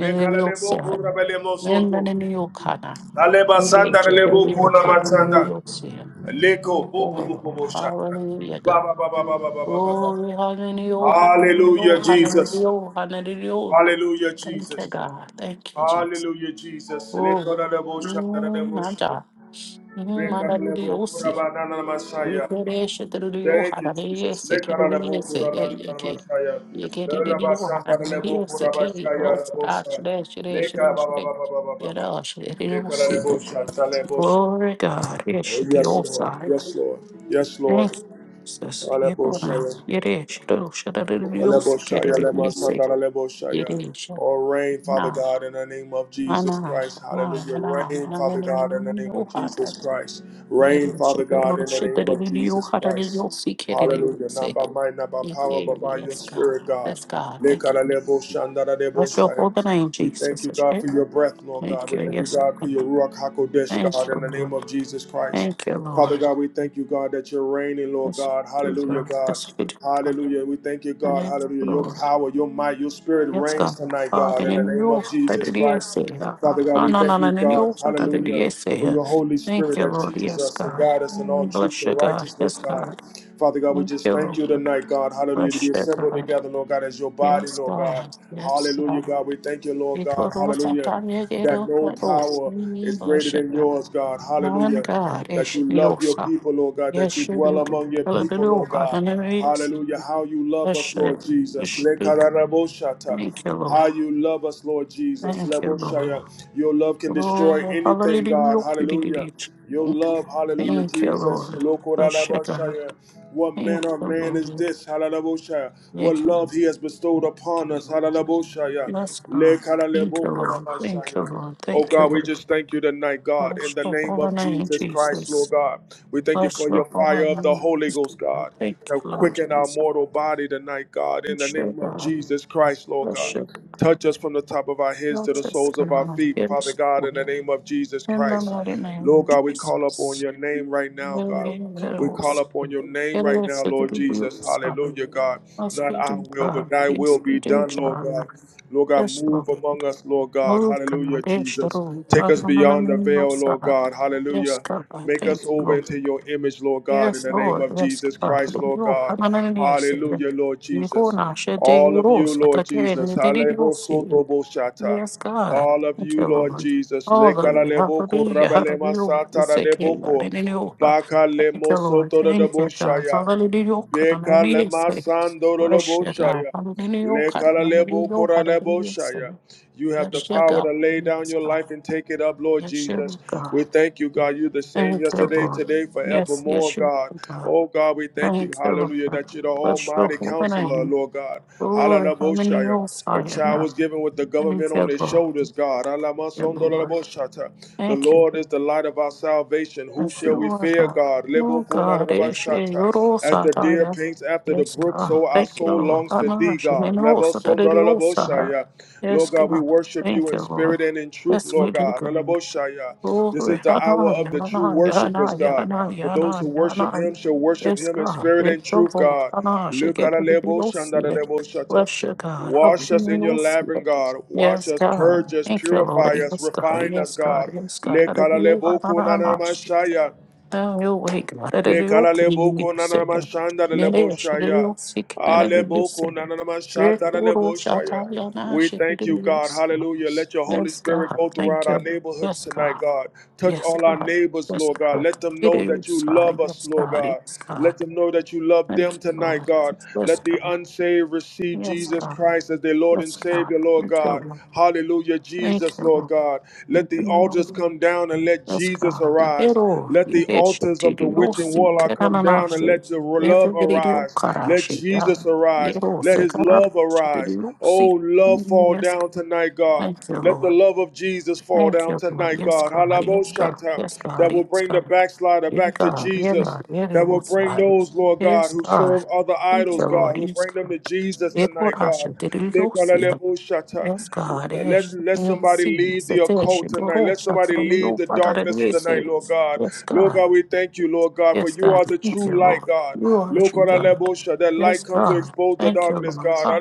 Bekalebo kura bale mosoto. Nananiokana. Ale We basanda bless you, Kiriosananiosia. Thank you, bitch, the lebo real kuna fat in the masanda. real sea. Leko And the bobo bobo Lord. bo shata. Hallelujah, Ba God. ba ba ba ba ba ba ba ba. ba. Glory, hallelujah, hallelujah, Hallelujah Jesus. hallelujah, hallelujah. Hallelujah Thank you, Jesus. God. Thank you, Jesus. Hallelujah Jesus. Glory. Leko da lebo shanda da Mm, lebo my shanda. God. Mm, my God, Bekalebo you kura see. banana masaya. Yekereshe teruriyo Thank you, harare Jesus. sekeruriye Lekarabo seye Kuraman yeke. Ramashaya. Yekeruriyo Lalabasanda Lebo harare sekeri Kurabashaya rose Rabosa. ashre shre Leka shre Baba shre. Baba Baba Baba. Yara ashre ruse. Lekarabo Shanta Lebo. Glory God. Yesh Oh, the yes, Lord. osaya. Yes, Lord. Yes, Lord. Thank you, Jesus. Yebona. Hallelujah. Yeresh rose teruriyo Oleboshaya, sekeruriye se. lemasandara, leboshaya. Yeresh. Oh, reign, Father Na. God, in the name of Na Jesus na Christ. na na Hallelujah. na na na Reign, na na na Father God, in the name of na na Jesus Christ. Reign, Yeresh Father God, in the rose name of teruriyo Jesus Christ. harare sekeruriye Hallelujah. Not se. by might, not by Yes, power, yeah, but by your yes, God. spirit, God. Yes, God. Thank you. Lekara leboshandara Bless your leboshaya. holy name, We thank Jesus. you, God, Okay? for your breath, Lord God. Thank We you. thank you, Yes, God, for God. your Ruach HaKodesh, Thank God, you, in the name Lord. of Jesus Christ. Thank you, Father Lord. God, we thank you, God, that you're reigning, Lord Yes, God. you do, Hallelujah, God. God. Yes, you do, God. Hallelujah. We thank you, God. Thank Hallelujah. you, Your Lord. power, your might, your spirit Yes, reigns God. tonight, Ah, the God, in the name name of of the Jesus Lord, yes, Christ. say. Ah, Father God, ah, we no, no, thank no, you, the name God, of the Lord, hallelujah, yes, for say. your Holy Thank Spirit you, that Lord. teaches Yes, us and God. guides us in all Mm, truth Bless you, and God. righteousness, Yes, God. God. Father God, we Thank just you, thank you Lord. tonight, God, hallelujah, to Bless be you, assembled God. together, Lord God, as your body, Yes, Lord God. God. Yes, Hallelujah, God. God. We thank you, Lord God, Ikoro hallelujah, satanye that gero no dos. power is greater English than yours, God. God, Man hallelujah. God, That Esh you love your Yosa, people, Lord God, that you dwell Yeshurugan, among your people, Hallelujah, Lord God, God. and there is Hallelujah. How you love us, Blessed, Lord Jesus. Yeshuk. Lekararaboshata. Thank you, Lord. How you love us, Lord Jesus. Thank you, Lord. Leboshaya. Your love can destroy Glory, anything, God. Hallelujah. Hallelujah. Your love, hallelujah, Thank you, Jesus. Lord. Blessed God. Lokoraraboshaya. What Thank you, Lord. manner of man Thank is you, this? Hallelujah. What thank love he has bestowed upon you, us. Lord. Hallelujah. Bless God. Thank you, Lord. Thank you, Lekaralebokorabashaya. Lord. Oh Thank you, God, we Lord. just thank you tonight, God, Bless in the your name holy of name, Jesus Christ, Jesus. Lord God. We thank you Bless for your your holy fire of the name. Holy Ghost, I God. thank you, Now Lord quicken our Jesus. mortal body tonight, God, You in the name should of uh, Jesus Christ, Lord God. worship Touch us from the top of our heads to the Jesus soles of our God. feet, Father Yes, God, in the Lord. name of Jesus in the Christ. mighty name of Lord God, we call upon Jesus. your name right now, God. We Yes, call upon your name right now, it Lord will Jesus. son. Hallelujah, God. Yes, Not we our do, will, but God. thy will Yes, we be do, done, Lord John. God. Lord God, Yes, move Lord. among us, Lord God. Move, God. Hallelujah, Yes, Jesus. Lord. Take God, us no, no, no, beyond no, the no, veil, Lord son. God. Yes, Hallelujah. God, I Make thank us you, Lord. over into your image, Lord God, in Yes, the name Lord. of Yes, Jesus God. Christ, Lord Hallelujah. God. Hallelujah. Hallelujah, Lord Yego Jesus. nashe de All of you, euros. Lord Atake Jesus. Hallelujah nideriyosi. Yes, God. all of Thank you, you, Lord Lord. Jesus. Hallelujah. Lekaraleboko, Hallelujah. rabalema Hallelujah. satara Iseke deboko, hallelujah. baka Thank you, lemo Lord. soto de Thank you, debo God. Hallelujah. Hallelujah. Bless you, God. Hallelujah. Hallelujah. Hallelujah. you have the Yes, you, power God. to lay down Yes, your God. life and take it up, Lord Yes, Jesus. you, We God. thank you, God. You're the same Thank you, yesterday, Lord. today, Yes, forevermore, yes, you, God. God. Oh, God, we thank you. Thank you, Hallelujah. Lord. That you're the Bless your almighty holy counselor, name. Lord God. Glory, harmony, Hallelujah. all Your Messiah, child was God. given with the Thank government on you, his God. Thank shoulders, God. you, Alamasondo la la Lord. boshata. The Thank you. Lord is the light of our salvation. Who Yes, shall you we are fear, God. God? Oh, God, is Lebo-kun-da-da-da-ba-sha-ta. all As the deer Osataya. paints after the Yes, brook, God. so our Thank you, soul Lord. longs for I'm thee, asking in God. Osataya. Lebo-son-da-da-da-bo-sha-ya. Yes, Lord God, we God. worship you Thank in you, Lord. spirit and in truth, Yes, we Lord do. God. God. Lebo-sha-ya. This Glory, is the hour Hana, of the true Yana, worshipers, Yana, God. Yana, For those who Yana, worship him Yana. shall worship Yes, him in God, spirit it and truth, goes on. God. Hana, shake it, let it be your feet. Lebo-kana-lebo-shan-da-da-da-bo-sha-ta. Bless you, God. How can Wash you us in your not labyrinth, it? God. Wash Yes, us, God. purge us, Thank you, Lord. purify us, Yes, God. refine us, Yes, God. God. Yes, God. Le Hallelujah. kalalebo Hana, Hana, shake it. kunanamashaya. Now your way, God. Le Hallelujah. kala Can le you be boko na na saved? ma le bo Nere, shake it, shaya. you'll see, Ah, can it be boko na na saved? ma Great le Guru, bo shout out, Yana, We shake it, thank you, you'll God. Hallelujah. see. Let your Holy Yes, Spirit God. go Thank throughout you. our Lord. neighborhoods Yes, God. tonight, God. Touch Yes, all our God. neighbors, Yes, Lord God. God. Let them It know that you is God. love us, Yes, Lord God. God. Yes, God. Let them know that you love Thank them you, tonight, Lord. God. Yes, Let the God. unsaved receive Yes, Jesus God. Christ as their Lord and Yes, God. Savior, Lord Thank you, God. Lord. Hallelujah, Thank Jesus, you, Lord Lord. God. Let Thank the you, altars Lord. come down and let Yes, Jesus God. arise. Hero, Let you the did shit altars to of the do your witch and warlock secret come down and ananashi. let your love Every video arise. Let karashi. Jesus arise. Hero, Let his sekarashi love to do arise. your secret. Oh, love fall Yes, down God. tonight, God. Thank you, Let the Lord. love of Jesus fall Thank down you, Lord. tonight, Yes, God. God. Yes, God. Halaboshanta, Yes, God. that will Yes, bring the God. backslider Yeah, back to God. Yeah, Jesus. God. Yeah, they That will will bring slide. those, Lord God, Yes, who God. serve other Thank idols, you, God, Lord. who Yes, bring them God. to Jesus Yeah, God, tonight, I God. should did it. You'll see them. Nikolalebushata. Yes, God. Let, Yes, let you'll see somebody them. leave Yes, the there, she occult go, tonight. oh, Let shut somebody it up. leave You'll the find out and darkness you go to the new tonight, thing. Lord God. Yes, Lord God. God, we thank you, Lord God, for Yes, you God. are the Thank true you, Lord. light, God. You are a Lord true God, God. that Yes, light comes to God. expose the Thank you, darkness, Lord. God. Ah,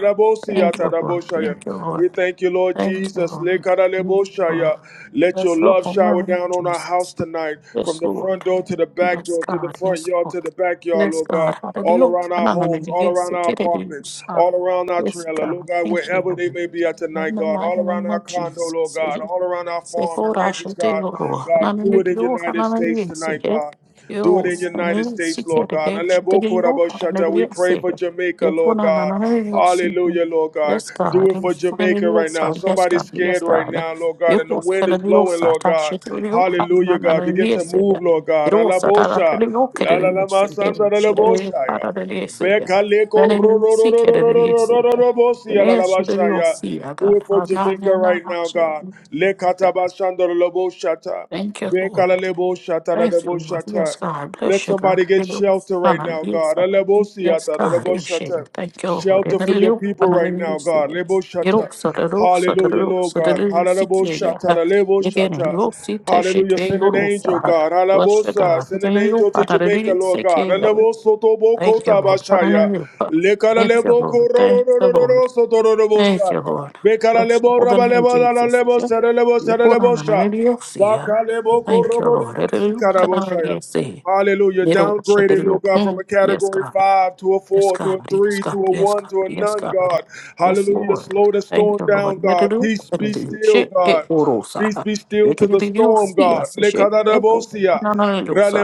Thank you, Lord. yeah. Thank you, Lord. We thank you, Lord Thank you, Jesus. Lord. Thank you, Lord. yeah. Let your Bless the love shower woman, down on our house Jesus. tonight, from Yes, the Lord. front door to the back Yes, door, to the God. front Yes, yard, Lord. to the backyard, Yes, Lord God. God all Hallelujah. around our homes, Hallelujah. all Yes, around our get it. apartments, all around our Yes, trailer, God. Lord God, Thank you, wherever they Lord. may be at In tonight, the God, mighty all around name our of condo, Lord Jesus. God, all around our farm and Sephora ranches, God, Shantego, God, Hananio, do Hanani, it in Yo, United States Hanani, tonight, Sehe, God. Do it in Yos, United and States, Lord Secret God. Edge, the Rio, Alebokorabashata. We Hanania, pray Sehe, for Jamaica, Lord Yefona, God. Nanani, yo Sehe, Hallelujah, Lord God. Yes, God, Do it and for Jamaica right Faniosa, now. Yes, Somebody's God, Yes, scared right God, now, Lord God, and the Yos, wind is blowing, Faniosa, Lord Tash, God. Rio, Hallelujah, God. Begin Hanania, to Sehe, move, Lord God. Yosa, Alabosha. Taradio, La la Kennedy, la masanda Sehe, la la Shadari, boshaya. Padadari, Sehe, Beka leko then ro it ro ro ro secret ro ro ro Edge, ro ro Sehe, ro ro and bosia la la Ash, the Rio, boshaya. Sea, Do God, it for Jamaica Hanana, right now, God. Sehe. Lekata bashanda la la boshata. Thank you, Beka Lord. la la boshata la la Thank you, Lord. Yes, boshata. God. Let Bless you, God. somebody get shelter right Hallelujah. now, Yes, God. La God. la Yes, bosiata la la God. shame. boshata. Thank you, Lord. Shelter for your Hallelujah. people right Hallelujah. now, God. La boshata. Yeroksa da roksa da Hallelujah, Lord roksa da God. roksa Hallelujah, ki boshata ya. la la Yedene boshata. yoksa Hallelujah. teşekke Send an yoroksa. angel, ha. God. Bless you, Alabosa. God. Send an Yedene yok. angel to Jamaica, Hallelujah. Lord Seke God. yorok. Alaboso tobo Thank you, kota Lord. bashaya. Hallelujah. Lekala Thank you, lebo Lord. koro ro Thank ro you, ro ro Lord. ro soto ro ro Thank bosha. you, Lord. Bekala Bless the lebo holy raba name, lebo dala Jesus. lebo sere lebo sere lebo sha. Yes, Baka lebo Thank koro you, bo Lord. lebo Hallelujah. shikara Can I already boshaya. say, Hallelujah. little shit, Downgraded, little, Lord God, from mm, a Yes, category God. five to a Yes, four to a God. Yes, three God. to a Yes, one God. to a Yes, none, God. God. Yes, Hallelujah. Lord. Slow the Thank storm you, Lord. down, God. Hallelujah. Peace be Hallelujah. still, Shit, it, God. Peace orosa. be You still to can the be your storm, see God. us, shit, it, oh, Lekadarabosia. no, no, no, no, no,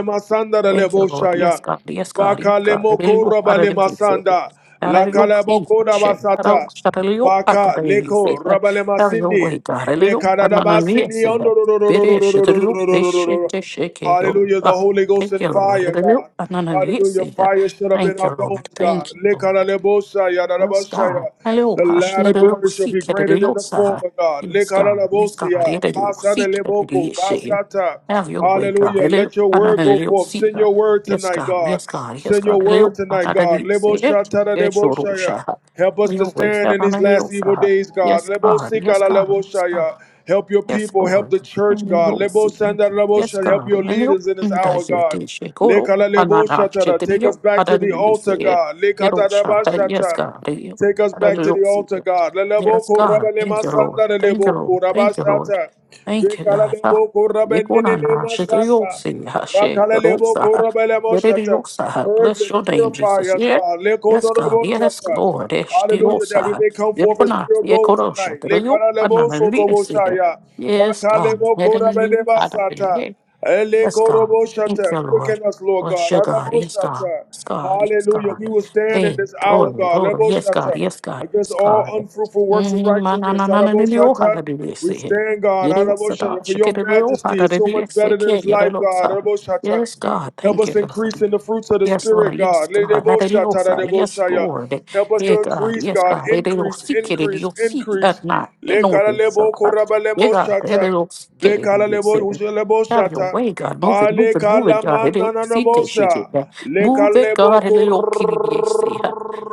Thank you, Lord. Yes, God. Yes, God. Yes, God. Bakalemoko Hallelujah. Hallelujah. rabalemasanda. Hallelujah. Please, Lakalaboko shame. rabasata. Hallelujah. Hallelujah. Baka leko Hallelujah. rabalema Have your sindi. way, God. Hallelujah. Bekaraba Hallelujah. Yes, sindi God. ondo. Bere shedru reshete sheke Hallelujah! The yoruba. Holy Ghost Thank in you, Lord. fire, Hallelujah. God. Hallelujah. Yes, Hallelujah! Fire should up in Thank our you, Lord. bones, God. Thank you, Lord. Lekaralebosaya, Yes, God. darabosaya. Hey, oh, The Lord passionate, of glory shall be seek it, greater than the Diosa. former God. Yes, God. Yes, God. Lekaralebosia, It is your seek it, it, basadeleboko, yes, shit. basata. Have your way, God. Hallelujah! It is Let your word another go little forth. seek. Send it. your word Yes, tonight, God. God. Yes, God. Yes, Send your God. It, word oh, I tonight, don't know, God. It is another little seek. Leboshata, Yes, Orusha. deboshaya. Help Have us to your way. stand Have in these another last evil days, God. Yes, Lebo God. Yes, sikala God. lebo Yes, God. shaya. Help your Yes, people, help Lord. the church, And you God. will Lebo see. it. sanda lebo Yes, shaya. Help God. your And you leaders in this hour, God. Dajete Shekoro. Lekala lebo Anana shatara. Take us Shetabio. back to the Hallelujah. See altar, it. God. It Lekata Yerosha. daba Yes, shata. God. You- Take us back to Hallelujah. the See altar, it. God. Yes, Leleboko God. rabalema Thank you, Lord. sanda Thank you, Lord. leleboko Thank you, Lord. rabashata. Thank you, Bekala God. Ha. leboko rabenene Yekonana Shetayo. masata. See Ha Rakala Shekarosa. leboko Ha. rabelemo shata. Berediosa. Ha. Purge Bless us, your name, purify Jesus. us, Yeah. God. Leko Yes, God. dorobo Yes, shata. Lord. Hallelujah, Eshtiosa. that we Ha. may come forth as Yekona. pure gold Yekorosha. tonight. Tadayo. Lekala lebo Anana. soto Yes, boshaya. Yes, Bakale God. Let boko them do rabene your God really basata. did. Ele Yes, God. korobo Thank shata. you, Lord. Quicken us, Lord Bless God. your God. Anabo Yes, God. shata. Yes, God. Yes, Hallelujah. God. We will stand in Hey, this hour, glory, God. glory. Lebo Yes, God. shata. Yes, God. Against Yes, all God. unfruitful works of Mm, ma- na- na- righteousness. na- na- Arabo na- na- oh, how shata. to do this, We eh. stand, God. You don't Arabo so shata. that For she could your do, all how majesty to is do so much this, eh, better than yeah, this you don't life, know, God. so. Arabo shata. Yes, God. Help Thank you, us increase Lord. in the fruits of the Yes, Lord. Spirit, Yes, God. God. Lebo shata. Hallelujah. Arabo Yes, shaya. Lord. Help us Hey, to God. increase, Yes, God. God. Hallelujah. Increase, Seek it in increase, your seat at increase. night. And Le all kala this. lebo koraba Yeah, lebo God. shata. Be kala lebo Hallelujah. ushe lebo Have your shata. way, God. Move it, move Hale it, move it, kala God. It is manana see that namosa. shit get that. Le Move it, kalebo God. It is kur okay to be say.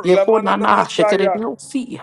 You la go na manana na shake it. It mashaya. is see.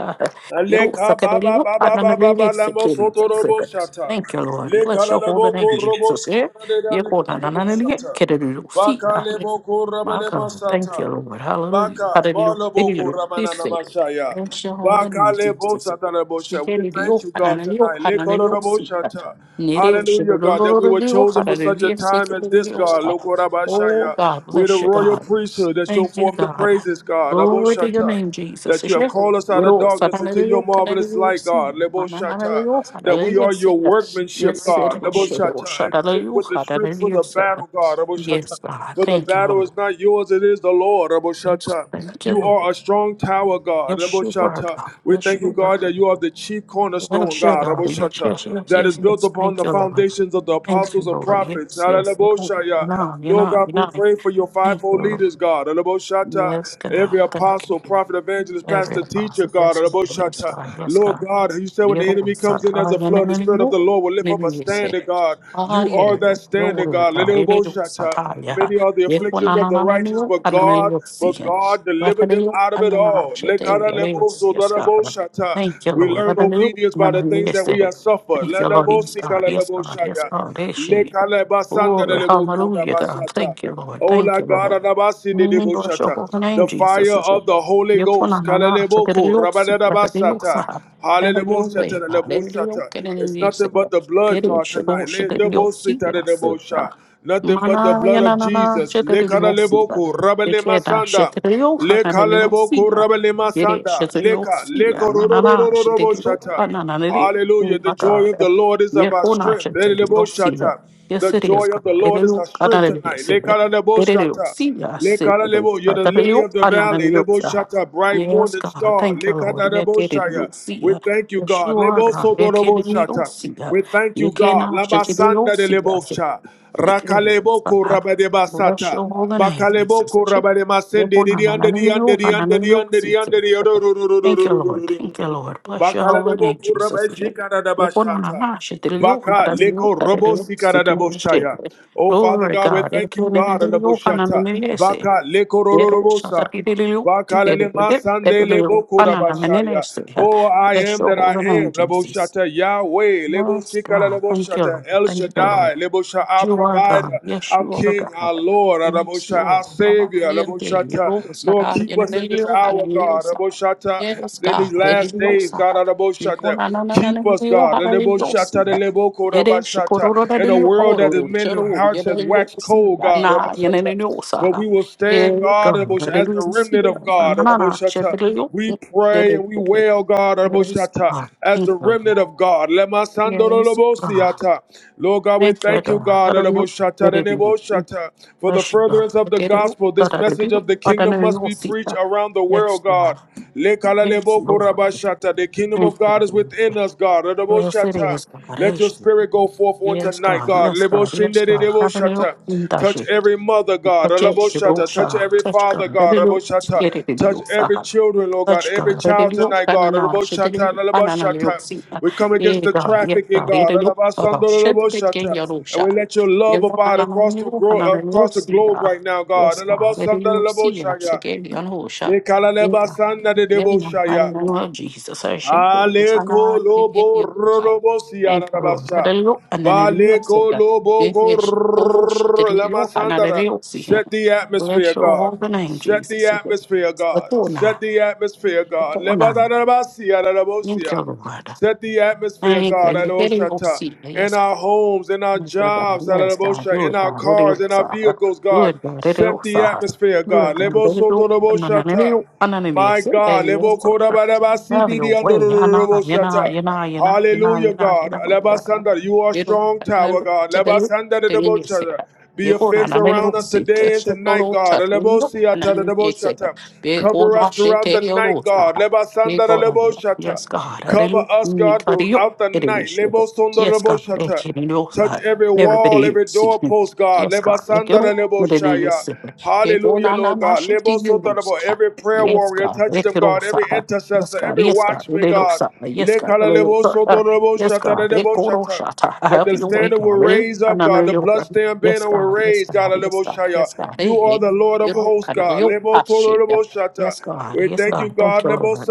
You don't Aleka suck it. It is baba not baba na na. baba It is bala sick. It is mosoto that's it. robo shata. Thank you, Lord. Leka Bless la your la holy boko name, robo Jesus. eh? Yeah. sikara de You dane go na na na robo na. ye shata. ke It is see. Baka le boko My rabale God. Thank you, masata. Lord. Hallelujah. Baka Hallelujah. bala It is boko rabana this na it. masaya. Bless your holy name, Baka le Jesus. eh? bosata la shata. Shake We it. It thank is you, na God, na na. It is tonight. pa na Leka na. it is robo see. shata. Nere Hallelujah, God, that we were shirorororori o chosen for such hararori a time as this, esekerori o God. sa. Loko Oh rabashaya. God, We're the bless you, royal God. priesthood that show Thank you, forth the God. praises, God. Robo Glory to your shata name, Jesus. that you have called Shefu, us out of wero, darkness into sararori your o marvelous kanarori o light, si, God. Lebo mananarori Shata. o That hararori we o are se. your workmanship, Yes, sir. God. Lebo Shiro, Shata. shararori equipped o With the strength for hararori o the sa. battle, God. Lebo Shata. Yes, God. For the Thank you, battle Lord. is not yours, it is the Lord. Lebo Yes, Shata. thank you, You Lord. are a strong tower, God. Yes, Lebo you are Shata. God. We Yes, you thank you, are God. God, that you are the chief cornerstone, Yes, you are God. Lebo God. Yes, Shata. yes, yes, That is yes. built yes. upon Thank the you, Lord. foundations of the Thank apostles you, and Lord. prophets. Yes, yes. You know, you Hallelujah. know, you Lord know. God, you we know. pray for your Thank you, fivefold Lord. leaders, God. Alaboshata, Yes, Every God. Thank apostle, you. prophet, evangelist, Every pastor, teacher, apostle. God. Yes, God. Yes, Alaboshata. God. Yes, Lord God. God, you said when the enemy Yes, comes in as a flood, the Spirit of God. the Lord will lift up a Yes, God. standard, God. You are Ariel, that your standard, word, God. God. It is Alaboshata. Sataya. Many are the Yes, when afflictions I of don't the righteous, know, but I don't God, know, see but him. God delivered them Raphael, out of and it then I don't know, all. shit, there you go. Lekaralebozo, Yes, God. daraboshata. Thank you, We Lord. I learn do you, obedience know, I by the don't know, things yes, that there. we have suffered. Thank you, Lord. Yes, God. Yes, God. Yes, Ladabosikalaboshaya. God. There she Glory. Hallelujah, God. Lekalebasandalebokudabashata. Thank you, Lord. Thank Ola you, Lord. gara nabasi de Mm, Bless your deboshata. holy name, The fire Jesus. of the Holy Yes, when I Ghost. don't know, shit, Kalaleboko there you go. rabanabasata. Have your Hallelujah. way, God. Every yoke Leboshata. and It's any nothing but yoke, the blood, God, tonight. Lord, should Le- they Debosita de be debosha. Nothing but the Mana blood ya na of na na Jesus. shetari yosiba. Lekalaleboko Dekeda rabanemasanda. shetari yoha na na Leka lebo yosiba. kuraba lema Yere sanda. shetari Leka yosiba. leko Mana na rororororobo shetari yoha na shata. na nere. Oh Hallelujah. The my joy God. of the Lord is Ye of our kona strength. shetari yosiba. Eleleboshata. Yes The it joy is of the God. Lord Ere is our yoha na strength na tonight. yosiba. Ere Lekaraleboshata. yosiba shetari Lekaralebo. You're the shetari lily of the yoha na na valley. yosiba. Leboshata. Bright Yes morning God. star. Thank you Lord. Ye kere Lekaraleboshaya. We yosiba. thank you, Yes God. you are God. Ye kere Lebosodoroboshata. yosiba. We thank Ye you, God. kena shetari Labasanda de Lebosha. Thank you, Rakaleboko Father. Bless Rabadebasata. your holy name, Jesus. Bakaleboko Rabademasende. Didiande, diande, diande, diande, diande, Thank you, Lord. Thank you, diando. Lord. Bless your Bakala holy debo name, Jesus. kuraba shikara daba shata. Baka leko robo sikara daboshaya. Oh Father Glory God, we God. thank you, God, dabo Baka leko roro Dero robo sa. shatarilio, tiderede, Bakalele masande pedelio, lebo kuraba banana shaya. menenese. Oh, I Bless am your that I holy name, am. Lebo Jesus. Yahweh. Lebo Yes, shikala God. lebo Thank you, shata Lord. El Thank you, Lord. Shaddai. Lebo shata our You are provider, God. Yes, our you are God. King, our Lord. Lebo Yes, our Lord. Savior. Hallelujah. Lebo Lord, keep us in this hour, God. Hallelujah. Lebo Yes, in God. these last days, Hallelujah. God, Adabashata, Ikona na na na na keep us, yo God, Adabashata, hallelujah. Adaboko, Yede Adabashata, shikororo da in a yo world that oro the men's chero hearts has yede yo waxed si cold, God, na yene Adabashata. ne yo But sa. we will stand, Ye God, God. Adabashata, as the Hallelujah. Si remnant of na God, na na Adabashata. chero yo. We pray Dede. and we wail, God, Yes, Adabashata, God. as Thank the you. remnant of God. Lemasando Yes, God. Adabashata. Lord God, we Thank you, thank you, God. God, Adabashata, Hallelujah. Adabashata, for the Bless God. furtherance of the Look it. gospel. Da, This da, da, da, message of the da, da, da, kingdom da, must da, be see preached that. around the world oh Yes, God. God. Yes, Lord. Lekalalebokorabashata. The kingdom Thank of you. God is within Lord. us, God. Yes, it Radoboshata. is, God. Let your Yes, you. spirit go forth on Yes, tonight, God. God. Yes, God. Yes, God. Have an help Leboshindereboshata. in that Touch shit. every mother, God. Touch it, shit, oh, Radoboshata. Touch every Touch father, God. Let God. it look. Radoboshata. Get it, it, Touch every children, Lord God. Touch Every God. Let it child look. tonight, God. Banana. Shit, it, Radoboshata. you, Radoboshata. see that. We come Yeah, against the God. Yes, trafficking, God. Let God. Shit, it, get Alabasandalaboshata. oh, And we let your love Yes, God. abide across Hallelujah. the, gro- across the globe right now, God. Alabasandalaboshaya. Forgive me on who shall. Yes, Lekaleba God. sanda de In debo the name of Jesus. I should be this. And Aleko I give lobo you, God. robo Thank you, Lord. rabasha. Hallelujah. And then it is Baleko God. lobo Yes, go yes, she put all shut it in your hand, and it is here. Set the Bless atmosphere, your God. holy name, Set the Jesus. The atmosphere, God. corner. Set the atmosphere, The God. Leba corner. Thank you, rabosia. Lord. Set the atmosphere, Thank you. God, You're very Shata, obscene. in Yes. our homes, in our Thank you, God. jobs, Yes, God. Alabosha, Do in it, our God. It is, cars, in our Father. vehicles, Do God. it, God. It Set is, the Father. atmosphere, Do it, God. God. Lebo It is, soto robo shata. Anananio, My Ananias. Hey, God, yes, Lebo koda Father. baraba Have siti di your way. ando ro ro Yana, yana, yana, yana, yana, Hallelujah, yana, God. yana, Leba yana. sanda, You are Iru, strong tower, ananelu, God. Leba tadelu, sanda de debo deliyese. Be a Yego, fence nananelu, around us si, today and teshe, tonight, toro, God. Lebo chatinu, siata de debo ananiyese. shata. Bego, Cover us nashe, throughout the teyoro, night, God. Father. Leba sanda de Yego, lebo nananelu. Yes, shata. God. Cover Hallelujah. us, Yes, God, throughout the night. God. Lebo sondo Yes, lebo God. Thank shata. you, Lord. Touch every wall, Everybody, every see. doorpost, God. yes, Leba God. They it sandara all, lebo with it, it is shaya. sick. They go Hallelujah, na na Lord na God. shit to Lebo you, soto Lord, lebo. sir. Every prayer Yes, warrior, God. touch They them, get on, God. sir. Every Yes, intercessor, God. every Yes, God. watchman, They look, God. sir. Yes, God. They Lekala all lebo sir. soto lebo Yes, shata God. They lebo go to shata shot. that have the your way, standard will God. They- raise I up, know God. The your way. bloodstained Yes, banner will God. Yes, raise, God. God. Yes, God. Aleboshaya. Yes, God. You Hey, are hey. the Lord of You don't hosts, kind of God. your shit. Lebosodoleboshata. Yes, God. We Yes, thank you, God. Thank God. you, Lord.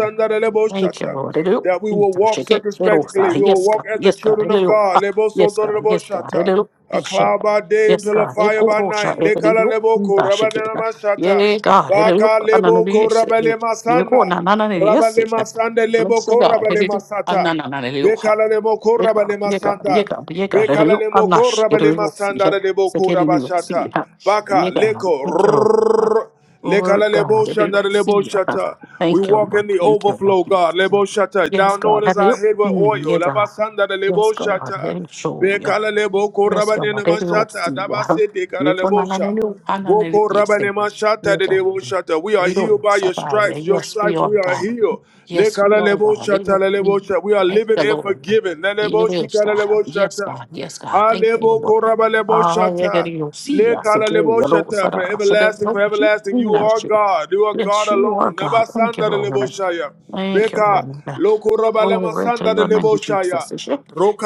Thank you, Lord. Hello. That we will walk Shake it. Little circumspectly. side. We will Yes, walk God. as the Yes, God. children of Hello. God. Ah, Yes, God. Yes, God. Lebosodoleboshata. Hello. A Bishop. cloud by day and Yes, pillar of God. fire Eko by rosha. night. Hello. Mm, Lekalaleboko da, Shake it. rabanelamashata. Yeah, God. Hello. Baka Anana. leboko Yes. eh. Yeko rabelemasanda. na na na. na, Yes. eh. Rabalemasanda Bless you, leboko God. Hello. rabelemasata. Anana. na, na, Hello. Ha. Bekalale Yeah, mokora God. bale Yeah, God. Yeah, masanda. God. Yeah, God. Hello. Bekalale Anash. mokora bale Hello. See. masanda le bokora Sekeli. See. bashata. Ha. Baka Yeah, God. leko. Thank you, Lord. rrrr. Lord Lekalale God, I boshanda don't le see you. Huh. boshata. We Thank you, walk Lord. in the Thank you, Lord. overflow, God. Lebo shata. Yes, Down God. known I as our don't. head with Mm, oil. yes, God. Labasanda le Yes, God. I boshata. don't show Be you. kalalebo Yes, God. rabane I nama don't see shata you. daba Huh. sete You come on, I don't. I don't know. Boko Yes, God. rabane ma Yes, de debo God. We are We healed don't by your survive. stripes. Your Yes, we stripes are we are God. healed. Le Yes, we are kalalebo God. We shata don't- we- lalebo sha. We are Thank living the and Lord. forgiven. You Lalebo will shi survive. kalalebo Yes, shata. God. Yes, God. Thank you, Alebo Lord. korabalebo Ah, I shata. don't see le us again. You kalalebo don't shata. For survive. So that's everlasting, for what everlasting, you are you. God. You are God Yes, you are alone. God. Thank you, Nabasanda de lebo Lord. shaya. Thank you, Beka Lord. loko rabalema Glory to sanda your lebo name, Jesus. shaya. Yes,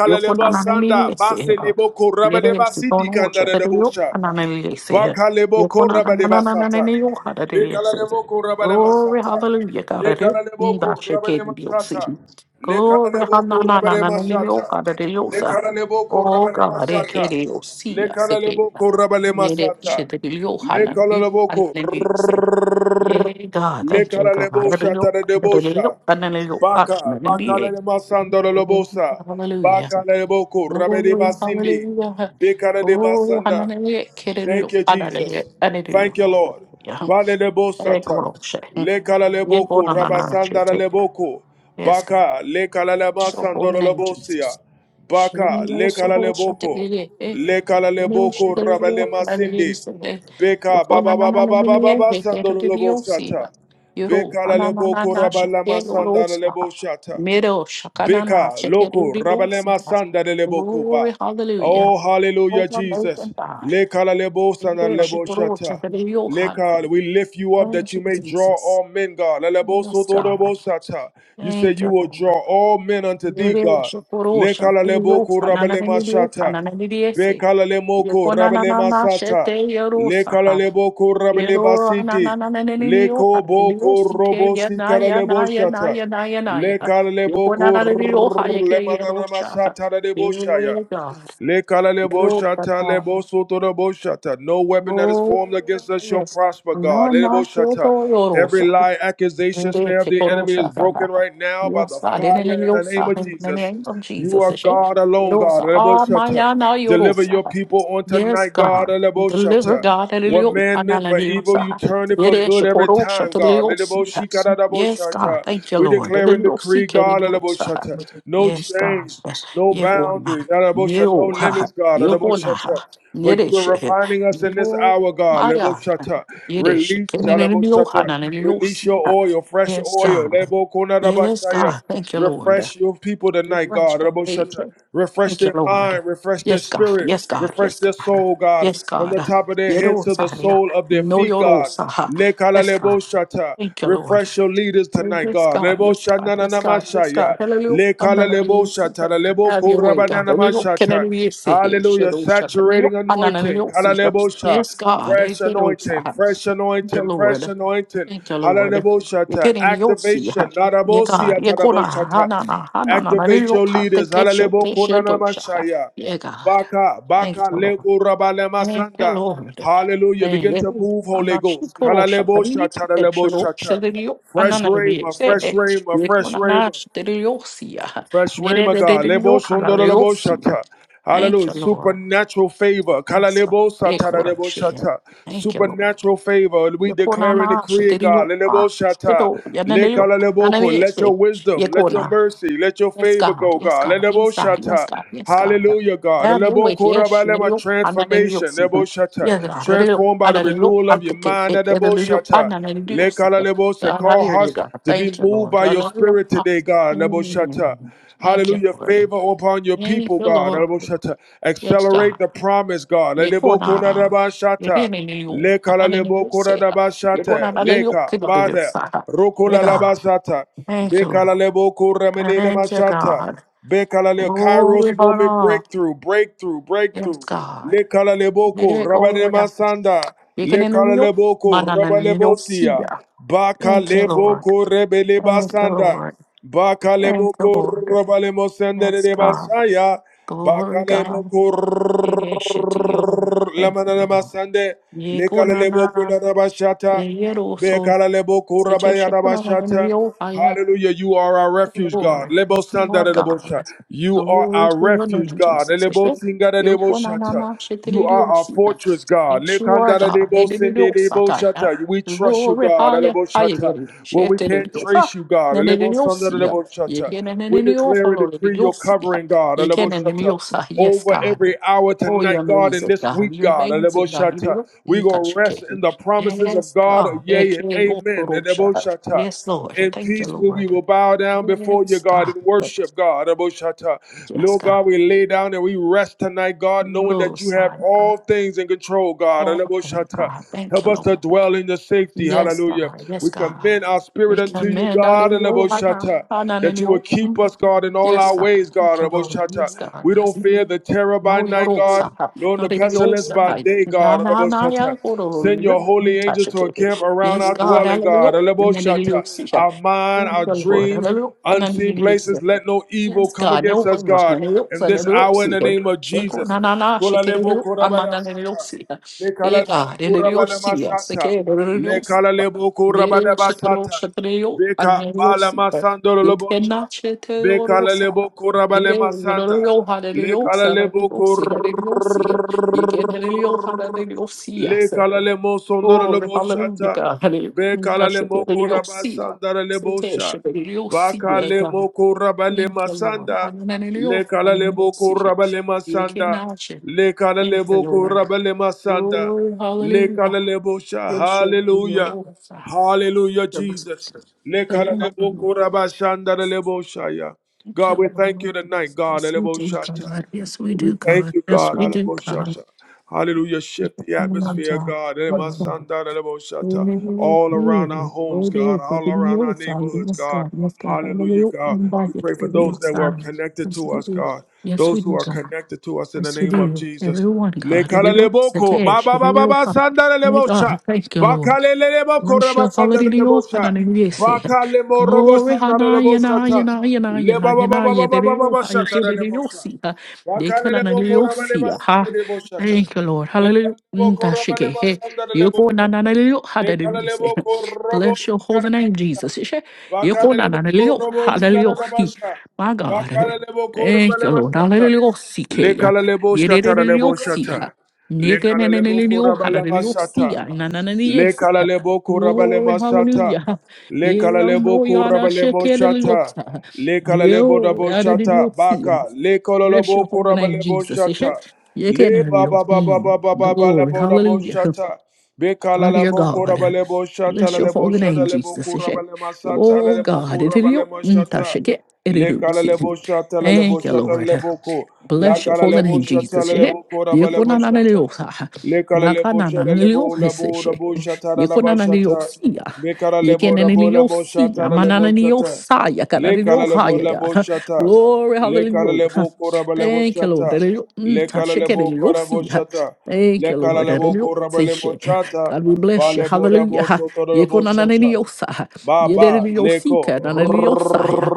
You can anonymity sanda. is here. Base lebo Yet korabale I still don't basidi know what kanda de to lebo do. sha. Anonymity is here. Bakalebo You can korabade basata. anonymity you had it is here. Lekalalebo korabale Glory, masata. hallelujah, God. It is. Lekalalebo Mm, that she korabale can be masata. seen. Glory, Lekalalebo korabale anonymity you masata. had it is here. Lekalalebo Oh korabale God, it masata. can you see us again. Lekalalebo korabale Yet I still masata. don't know how Lekalalebo kor. yeah, God, thank you, God. Lekalalebo Hallelujah. shatare Hallelujah. debosha. Hallelujah. Baka, Hallelujah. bakalele masandoro Oh, lobosa. hallelujah. Bakalebo korabade Oh, basindi. hallelujah. Bekara de Oh, basanda. hallelujah. Hallelujah. Thank you, Hallelujah. Jesus. Hallelujah. Thank you, Lord. Yeah. Vale lebo Hey, go satan. on, Shay. Lekala Yeah, go leboko, on, on, on, Shay. rabasandara Take- leboko. Yes, God. Baka, lekala lema So holy sandoro name, lebosia. Jesus. She Baka, lekala also shall leboko. take it. Lekala Glory, leboko, rabalema sindi. Beka, baba baba baba baba sandoro lebosata. Beka la leboko, rabalama sandara lebosata. Beka, Loko, Rabalema Sanda de Lebokuba. hallelujah. Oh, Oh, hallelujah, my Lord Jesus. and God. Leka la lebo sanda lebo shata. Leka, we lift you up that Thank you you, may draw Jesus. all men, God. La lebo Yes, soto God. lebo shata. You say Thank you you, will draw Lord. all men unto thee, Yere God. shokoro Leka la shantiri lebo yo ku kanana rabalema nili yo shata. kanana nili ese. Lekala le moko Yeko na na rabele na na masata. shete yero Lekala le boko rabele Yero na basiti. na na na na na yo ha Leko de yo boko si ke robo ya na sikara ya le na ya na boshata. ya na ya na ya Lekala le yo ko na boko na de yo ha rrrr ye ke le ye ro manana cha ha masata de boshaya. dear God yo ka Lekaleleboshata, na lebosotoroboshata. No weapon that is formed oh against us shall yes prosper, God. no no yo Leleboshata. to yo ro Every sa lie, accusation, snare Yes, of the enemy is broken right now by the God, in the name fire of in the name Yosa, of in the Jesus. name of You Jesus. are God alone, God. Yorosa, ah, Leleboshata. Maya, na Deliver Yorosa. your people on Yes, tonight, God. God, deliver Leleboshata. God, in the name What of- ah, man na, meant for evil, you turn it for good every Korosha, time, to the God. Yosi. Yes, God, Nidiboshikadadaboshata. thank you, We Lord. In declare the and name of Yosi, decree, in the God, name of Adaboshata. Yosa. no Yes, God, change, yes, no Yevona, boundaries, Adabosha, no Yeoha, limits, God. Yevona, Adaboshata. But you are Yeresh, refining us in this Yero, hour, God. Maya, Leboshata. Yeresh, Release, in the name of Adaboshata. Yohanan, in the name of Release Yosi. your oil, fresh Yes, oil. God. Yes, Lebokunadabashaya. God. Thank you, Lord. Refresh your people We tonight, bless God. God. Thank Raboshata. you, Refresh Thank you, their Lord. mind, refresh their Yes, God. spirit, Yes, God. refresh Yes, their God. soul, God, Yes, from the God. top of their head to the Yerosaria. sole of their No feet, God. Yorosa. Lekala Yes, God. leboshata. Thank you, Lord. Refresh your leaders tonight, Yes, God. God. Yes, God. Leboshana na Yes, na God. Yes, God. mashaya. Hallelujah. Lekala Hallelujah. leboshata. Have leboko your way, rabana God. Hallelujah. Can mashata. anybody say it? Hallelujah. Shadow, shadow. Saturating anointing. Hallelujah. Hallelujah. Kala Yes, God. lebosha. Yes, Fresh anointing, God. fresh Thank you, anointing, Lord. fresh anointing. Thank you, Lord. Hallelujah. You're getting the OC. Activation. You got Narabosia you gonna taraboshata. hanana hanana Activate your hanana take leaders. that Hallelujah. shit that shit dosha. Konanamashaya. Yeah God. Baka, Thank baka, you, Lord. leko rabale Thank you, masanda. Lord. Hallelujah. Thank Begin you. to Lord. move, Holy Ghost. Anashikorosha, Kalaleboshata, Parisi, Epshiro, taraleboshata. Shadrio, Fresh Ananabi, rhema, Se, fresh rhema, fresh rhema. Yekonanash, Deriosia, Fresh Nere Rhema, God. Lebo shondoro lebo de shata. Thank Hallelujah. you, Lord. Supernatural favor. Kala Yes, lebo satara lebo Yekorashia. shata. Thank you, Lord. Supernatural favor. We declare and Yekona decree it, God. Shadiriyopa. Lebo shata. Yeto Le kala Yananeriyopa. lebo ko. Let Nananiyeche. your wisdom, let your Yekona. mercy, let your Yes, favor God. go, Yes, God. God. Lebo Yes, God. Yes, shata. God. Yes, God. Hallelujah, God. Have your Lebo way. ko Yes, raba lema. Neriyop. Transformation. Ananeriyops. Lebo shata. Yes, God. Neriyop. Transformed by the Ananeriyo. renewal of your Antike. mind. Lebo Neriyop. shata. Le Ananeriyops. kala lebo se. God, I Call hear you, hearts God. to be Thank you, moved Lord. by your Hallelujah. spirit today, God. Lebo shata. Mm. Thank you, Hallelujah. Lord. Favor upon your Thank people, you, God. Lord. Yes, God. Accelerate the promise, God. Yeko na yeke Lelebokonarabashata. ne ne yo Leka ana ne ne se ha. Yeko na lelebokonarabashata. bale yo ke Leka do de yo bare. Rokolalabashata. thank you, Thank you, Bekalalemokuramenenemashata. God. Bekalale- Kairos Glory, moment honor. breakthrough, breakthrough, Yes, breakthrough. God. Lekala leboko, Yeko ya rabanemasanda. yeke ne ne Lekala leboko, mana ne ne yo si rabalebosia. ya. Baka Thank you, Lord. leboko, Thank you, rebelebasanda. Lord. Thank you, Bakalemoko Lord. rabalemo sendere Yes, de God. basaya. Glory, Bakalemo God. kor. Yere shete yoro. Thank you, Lamanana Lord. Masande, Yeko Lekala na Leboko na Narabashata, yero so. Sete shekuna na na yo aya. Hallelujah. You are our refuge, God. Lord, Lebo yes, you Sanda are de Lebo God. Yes. You are Glory our to your refuge, name, God. Jesus. Yes, Lebo yes. Singa de You Lebo are na- You are our fortress, God. Yes, you are Lekanda de God. Lebo Sinde de Lebo Diddy-diddy-oh-sa-ta-ya. We trust you, Glory, God. higher, Lebo higher, Shata. getting Well, we can't shitty-diddy-oh-ka. trace you, God. Lebo Sanda de Na-na-na-na-oh-see. Lebo You get na na na We na declare and oh decree your covering, God. Lebo Shata Yes, over every God. hour Oh, you're tonight, God, and amazing, this week, God. You're God. amazing, God. You are amazing Mm, god you are Eleboshata. not We gonna rest in the promises of Yes, God. God. Eh, Yea and kiddy amen. oh Eleboshata. Yes, Lord. In Thank you, peace, we we Lord. will bow down before you, Yes, God, and God. worship God. Eleboshata. Yes, Lord God. God, we lay down and we rest tonight, God, knowing You're that you have side. all things in control, God. Oh, thank Eleboshata. God. Thank Help you, us Lord. to dwell in the safety. Yes, Hallelujah. God. Yes, We God. commend our spirit We unto you, command out of God, and your heart, Shata, out of that you will your- keep us, God, in all Yes, our God. ways, God, Thank you, Lord. Yes, Shata. God. We Yes, don't Lord. fear the terror by No, you're night, all God, set nor No, the they be all pestilence set by up. day, Na, God, na, na, yeah. Shata. Oh, no, no, no, Send your no. Mm, holy touch angels it, to baby. encamp around Yes, our God. dwelling, Hallelujah. God, And then they look, Shata. see ya. Our mind, Thank our you, Lord. dreams, Hallelujah. And then you unseen need it. places. Let no evil Yes, come God. No against us, one was na God, in niluksa this hour in the niluksia. name of Sheko Jesus. na na na shekere nilu amana niluksia. E Lekala God kurabala niluksia masata. shekere Le kala niluksia. lebo Mere kurabada shekoro basata. shekere yo Beka bala aniluksia. masando Yeke lobosha. na chete Beka la orosa. lebo kurabale Mere yoro masanda. yo hana Le kala niluksa na lebo niluksia niluksia. Yeke na niluksa na niluksia. Le kalale mo sondoro Oh, le hallelujah, shata. God. Be Hallelujah. kalale mo Shekere koraba niluksia. sandara le sha. Shekere Ba niluksia, kale God. mo koraba le Thank you, Lord. masanda. Hallelujah. Le kalale bo Hallelujah. koraba le You can masanda. now share. Le Thank kalale you, bo Lord. koraba le masanda. Glory, Le hallelujah. kalale bo sha. Appreciate you, your Hallelujah. offer. Hallelujah, Thank Jesus. Le you, kalale bo Lord. koraba shandara le bo shaya. Thank you, God, we thank Lord. you tonight, God. le shata. Yes, we We do, thank God. you, Yes, we do, God. Yes, God. we do, God. Alaboshata. Hallelujah. Thank you, Shift the atmosphere, God. God. Emasanda alaboshata. Amen. All around our Amen. homes, Glory to God. God. All Be around your our son. neighborhoods, Yes, God. God. Yes, God. Hallelujah, Hallelujah. God. And by We it, pray for be those your that were son. connected Yes, to we us, do. God. Yes, we Those who do, are God. connected to us in the Yes, we name of do. Jesus. Everyone, God. Lekala Everyone, leboko. Satan, Ba ba ba ba everyone. ba oh sanda My God, lebosha. thank you, Lord. Bakale leboko Bless reba your sanda holy name, O lebosha. Hanani, we say. Bakale mo Glory, sanda Hana, Yana, lebosha. Yana, Yana, Le Yana, ba ba ba ba Yana, ba ba ba Yedeo, ba shata lebosha. Yedeosi, Makarele bokora bale Dekananiosi, masiti ha. rebo shata. Thank you, Lord. Hallelujah. Lekala lebo kora bale Ntashike, masanda he. lebo Yoko, shata. Nananio, Lekala Hadani, we say. lebo koro bo Bless your zikara holy name, Jesus. basha. Ishe. Yoko, Bakala lebo Nananio, koro bo zikara da Hadaliosi. basha. My God. eh. Bakala lebo koro Thank bale you, Lord. masata. Hallelujah. Sikeya. Lekala lebo shata da lebo Yedeosi, ha. shata. Lekala lebo kora Nekananio, bale Hadaliosi, masata. Le Nananiesi. Lekalalebo korabale Glory, mashata. hallelujah. Deus Lekalalebo no yada korabale shekere moshata. liosa. Le kalalebo Yo rabo yada de shata. liosia. Baka. Bless your Lekalalebo holy name, korabale Jesus. Ishe? moshata. Le Yekere ba lio. ba ba ba Mm. ba ba ba Glory, lebo rabo hallelujah. shata. Be Oh, dear Bekalalebo God. korabale moshata. Bless your Lebo holy name, shata lebo Jesus. Ishe? korabale masata. Oh, Lebo God. It is korabale you. Mm, ta moshata. it is Le you. See. kalalebo shata lebo Thank you, shata Lord. lebo ko. La Bless your holy kalalebo name, shata Jesus. Yeah. lebo korabale moshata. Yekunananeliosa. Lekala lebo shala lebo labo Nakanananelioseshe. labo shata la laba shata. Yekunananeliosia. Mekala lebo labo labo Yekenaneliosia. shata la lebo shata. Manananeliosa. Lekala lebo Yakananeliohaya, labo God. shata. Glory, Lekala hallelujah. lebo koraba lebo Thank you, Lord. shata. Elio- mm, Lekala lebo korabo tashekeneliosia. shata. Thank you, Lekala Lord. lebo koraba lebo Eliotishe. shata. God, we Ba bless you. lebo labo Hallelujah. soto lebo shata. Yekunananeliosa. Ba ba Yedeneliosika. leko. Rrrr. Naneliosaya.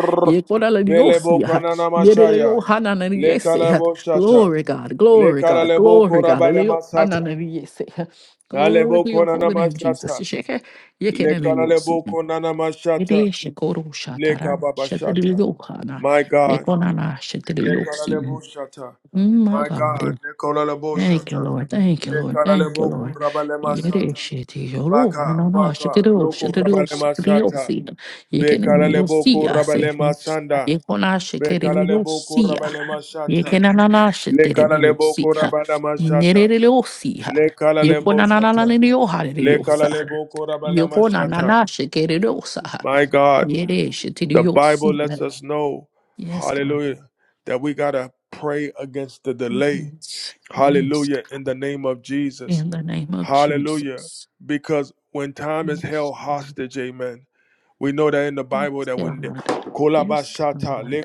Belebo Yekunananeliosia. kanana Nideleo mashaya. hanana Lekala yese. lebo shata. Glory God, glory Lekala God, lebo glory God. koraba Leo lema hanana yese. Glory Alebo to your nana holy name, Jesus. mashata. Sheke yekene Lekala leo si. lebo konana mashata. Ede shekoro shatara Leka baba shata. shedeleo hana My God. lekonana shedeleo Lekala si. lebo shata. Mm, My My God. God. Lekala lebo Thank you, shata. Lord. Thank you, Lord. Lekala Thank you, lebo Lord. kurabale Yere masata. shete yoro Baka hanana baka shedeleo loko shedeleo rabale shedeleo masata. si. Bekala Yekene leo lebo si. I say. rabale masanda. Yekona shekere Bekala lebo leo rabale mashata. Lekala lebo Yekenananashetereliosiha. rabale mashata. Nereliosiha. Le kala shata. Le kala Yekonanananeliorhareliosa. le shata. Yekonananashekereliosaha. My God, the Bible Yeresheteriosiha. lets us know, Yes, God. hallelujah, that we got to pray against the delay. Yes. Yes, Hallelujah, God. in the name of Jesus. In the name of Hallelujah. Jesus. Because when time is Yes, held God. hostage, amen. We know that in the Bible Yes, that when the God. Yes, kolabashata, God. le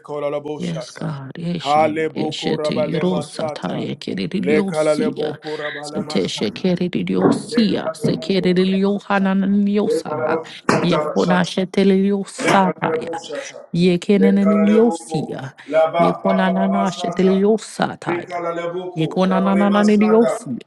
Yes, kolalaboshata, God. Eshe, hale eshe te bokorabalema yirosa sata, taya le keririosia. kalalebokorabalema Seteshe keririosia. Se keririohananiosa. Ye ponashe teliosa taya. Ye keneniosia. Ye konananashe teliosa taya. Bekala Ye leboko, rabalema sanda, konanananiosia.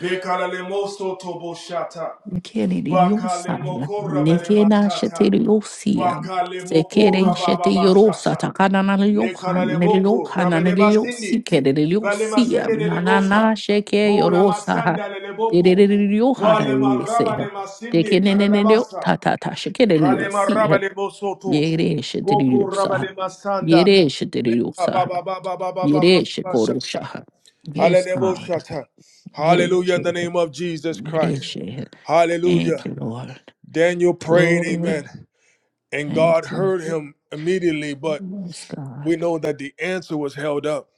bekala lemoso tobo shata. Kere Bakale riosaya, mokora bade nekena shete mashata. riosia, Bakale sekere mokora shete baba yorosa, bashata. takana na Le riohan, kalale boko neriohana, rabade neriosi, basindi. kere Bale riosia, masende de nanana bosa. sheke Bola yorosa, masanda le dere boko. riohana Bale maraba riose, de masindi tekene nereo kalalabasa. tatata shekere Bale maraba riosia, de bosoto. yere shete Boko riosa, rabade masanda. yere shete Le baba riosa, baba baba baba yere bashata. shekorosha. Yes, God, Hallelujah. yere Hallelujah in the shete, name of Jesus yere Christ. shete. Thank Hallelujah. you, Lord. Daniel prayed, Lord, amen, and Thank God you. heard him immediately, but Yes, we God. know that the answer was held up.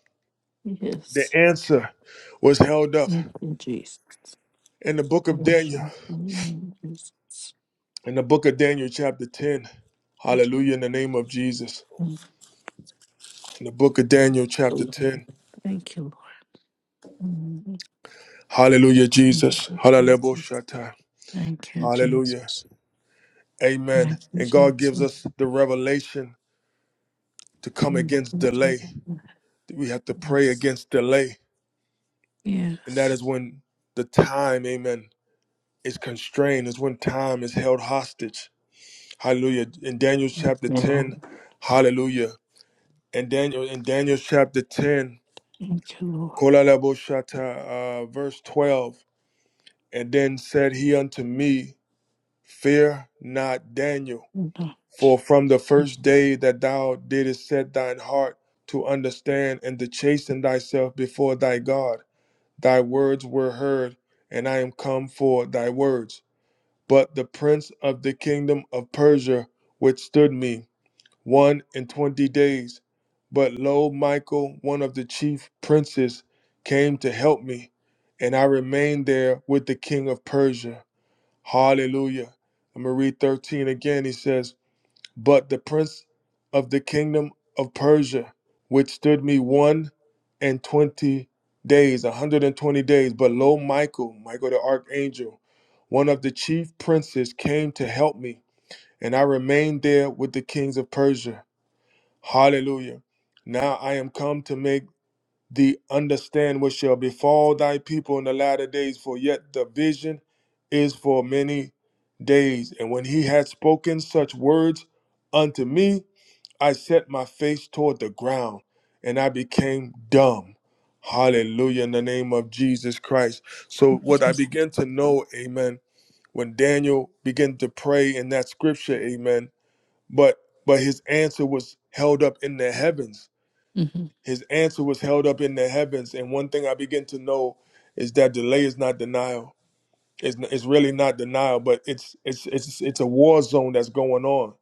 The Yes. answer was held up Thank you, Jesus. in the book of Bless Daniel, you. In the name of Jesus. in the book of Daniel, chapter 10. Thank you, Hallelujah, in the name of Jesus. Thank In the book of Daniel, chapter you, Lord. 10. Thank you, Lord. Hallelujah, Jesus. Thank you, Jesus. Hallelujah. Thank you, Jesus. Hallelujah. Thank Amen. you, And God Jesus. gives us the revelation to come Thank against you, delay. Jesus. We have to pray Yes. against delay. And that Yes. is when the time, amen. is constrained, is when time is held hostage. Hallelujah. In Daniel Thank chapter you, 10, Lord. hallelujah. In Daniel, in Daniel chapter 10, Thank you, Lord. Kolalaboshata, uh, verse 12, and then said he unto me, Fear not, Daniel, Lord. for from the first day that thou didst set thine heart to understand and to chasten thyself before thy God, thy words were heard, and I am come for thy words. But the prince of the kingdom of Persia withstood me one and twenty days. But lo, Michael, one of the chief princes, came to help me, and I remained there with the king of Persia. Hallelujah. I'm going to read 13 again. He says, But the prince of the kingdom of Persia withstood me one and twenty days, 120 days. But lo, Michael, Michael the archangel, one of the chief princes came to help me, and I remained there with the kings of Persia. Hallelujah. Now I am come to make thee understand what shall befall thy people in the latter days, for yet the vision is for many days. And when he had spoken such words unto me, I set my face toward the ground, and I became dumb. Hallelujah, in the name of Jesus Christ. So, what I Thank you. begin to know, amen when Daniel began to pray in that scripture, amen. But but his answer was held up in the heavens. Mhm. His answer was held up in the heavens. And one thing I begin to know is that delay is not denial. It's, it's really not denial, but it's it's it's it's a war zone that's going on.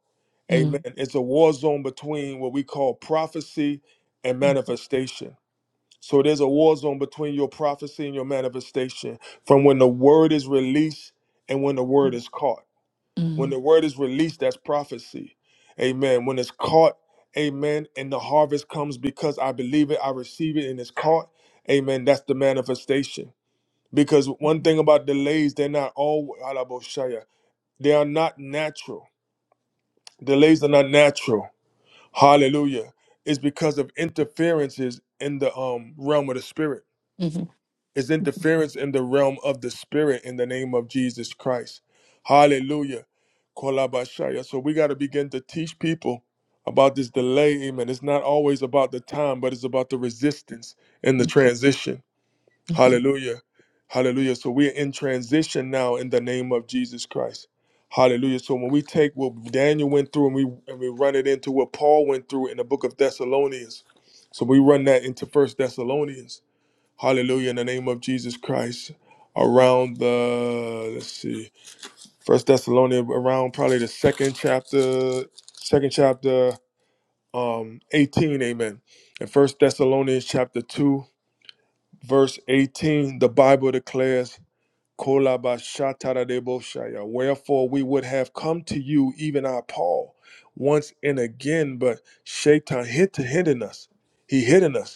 Amen. Mhm. It's a war zone between what we call prophecy and Mhm. manifestation. So there's a war zone between your prophecy and your manifestation from when the word is released and when the word is caught. When the Mhm. word is released, that's prophecy. Amen. When it's caught, amen, and the harvest comes because I believe it, I receive it, and it's caught, amen, that's the manifestation. Because one thing about delays, they're not all, Alaboshaya, they are not natural. Delays are not natural. Hallelujah. It's because of interferences in the um, realm of the spirit Mhm. is interference in the realm of the spirit in the name of Jesus Christ. Hallelujah. Kolabashaya. So we got to begin to teach people about this delay. Amen. It's not always about the time, but it's about the resistance and the transition. Mhm. Hallelujah. Hallelujah. So we're in transition now in the name of Jesus Christ. Hallelujah. So when we take what Daniel went through and we and we run it into what Paul went through in the book of Thessalonians. So we run that into First Thessalonians hallelujah, in the name of Jesus Christ, around the, let's see, First Thessalonians, around probably the second chapter, second chapter um, 18, amen. In First Thessalonians chapter 2, verse 18, the Bible declares, "Kolabashatadadeboshaya, Wherefore we would have come to you, even our Paul, once and again, but Shaitan hid hidden us. He hidden us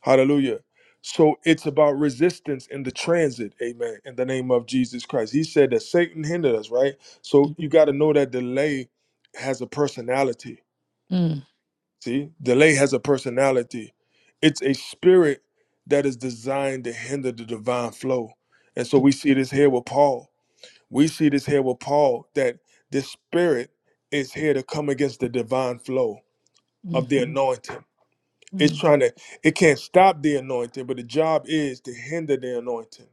Hallelujah. So it's about resistance in the transit. Amen. In the name of Jesus Christ. He said that Satan hindered us, right? So you Mhm. got to know that delay has a personality. Mhm. See, delay has a personality. It's a spirit that is designed to hinder the divine flow. And so we see this here with Paul. We see this here with Paul that this spirit is here to come against the divine flow of the Mhm, anointing. It's mm, trying to, it can't stop the anointing, but the job is to hinder the anointing.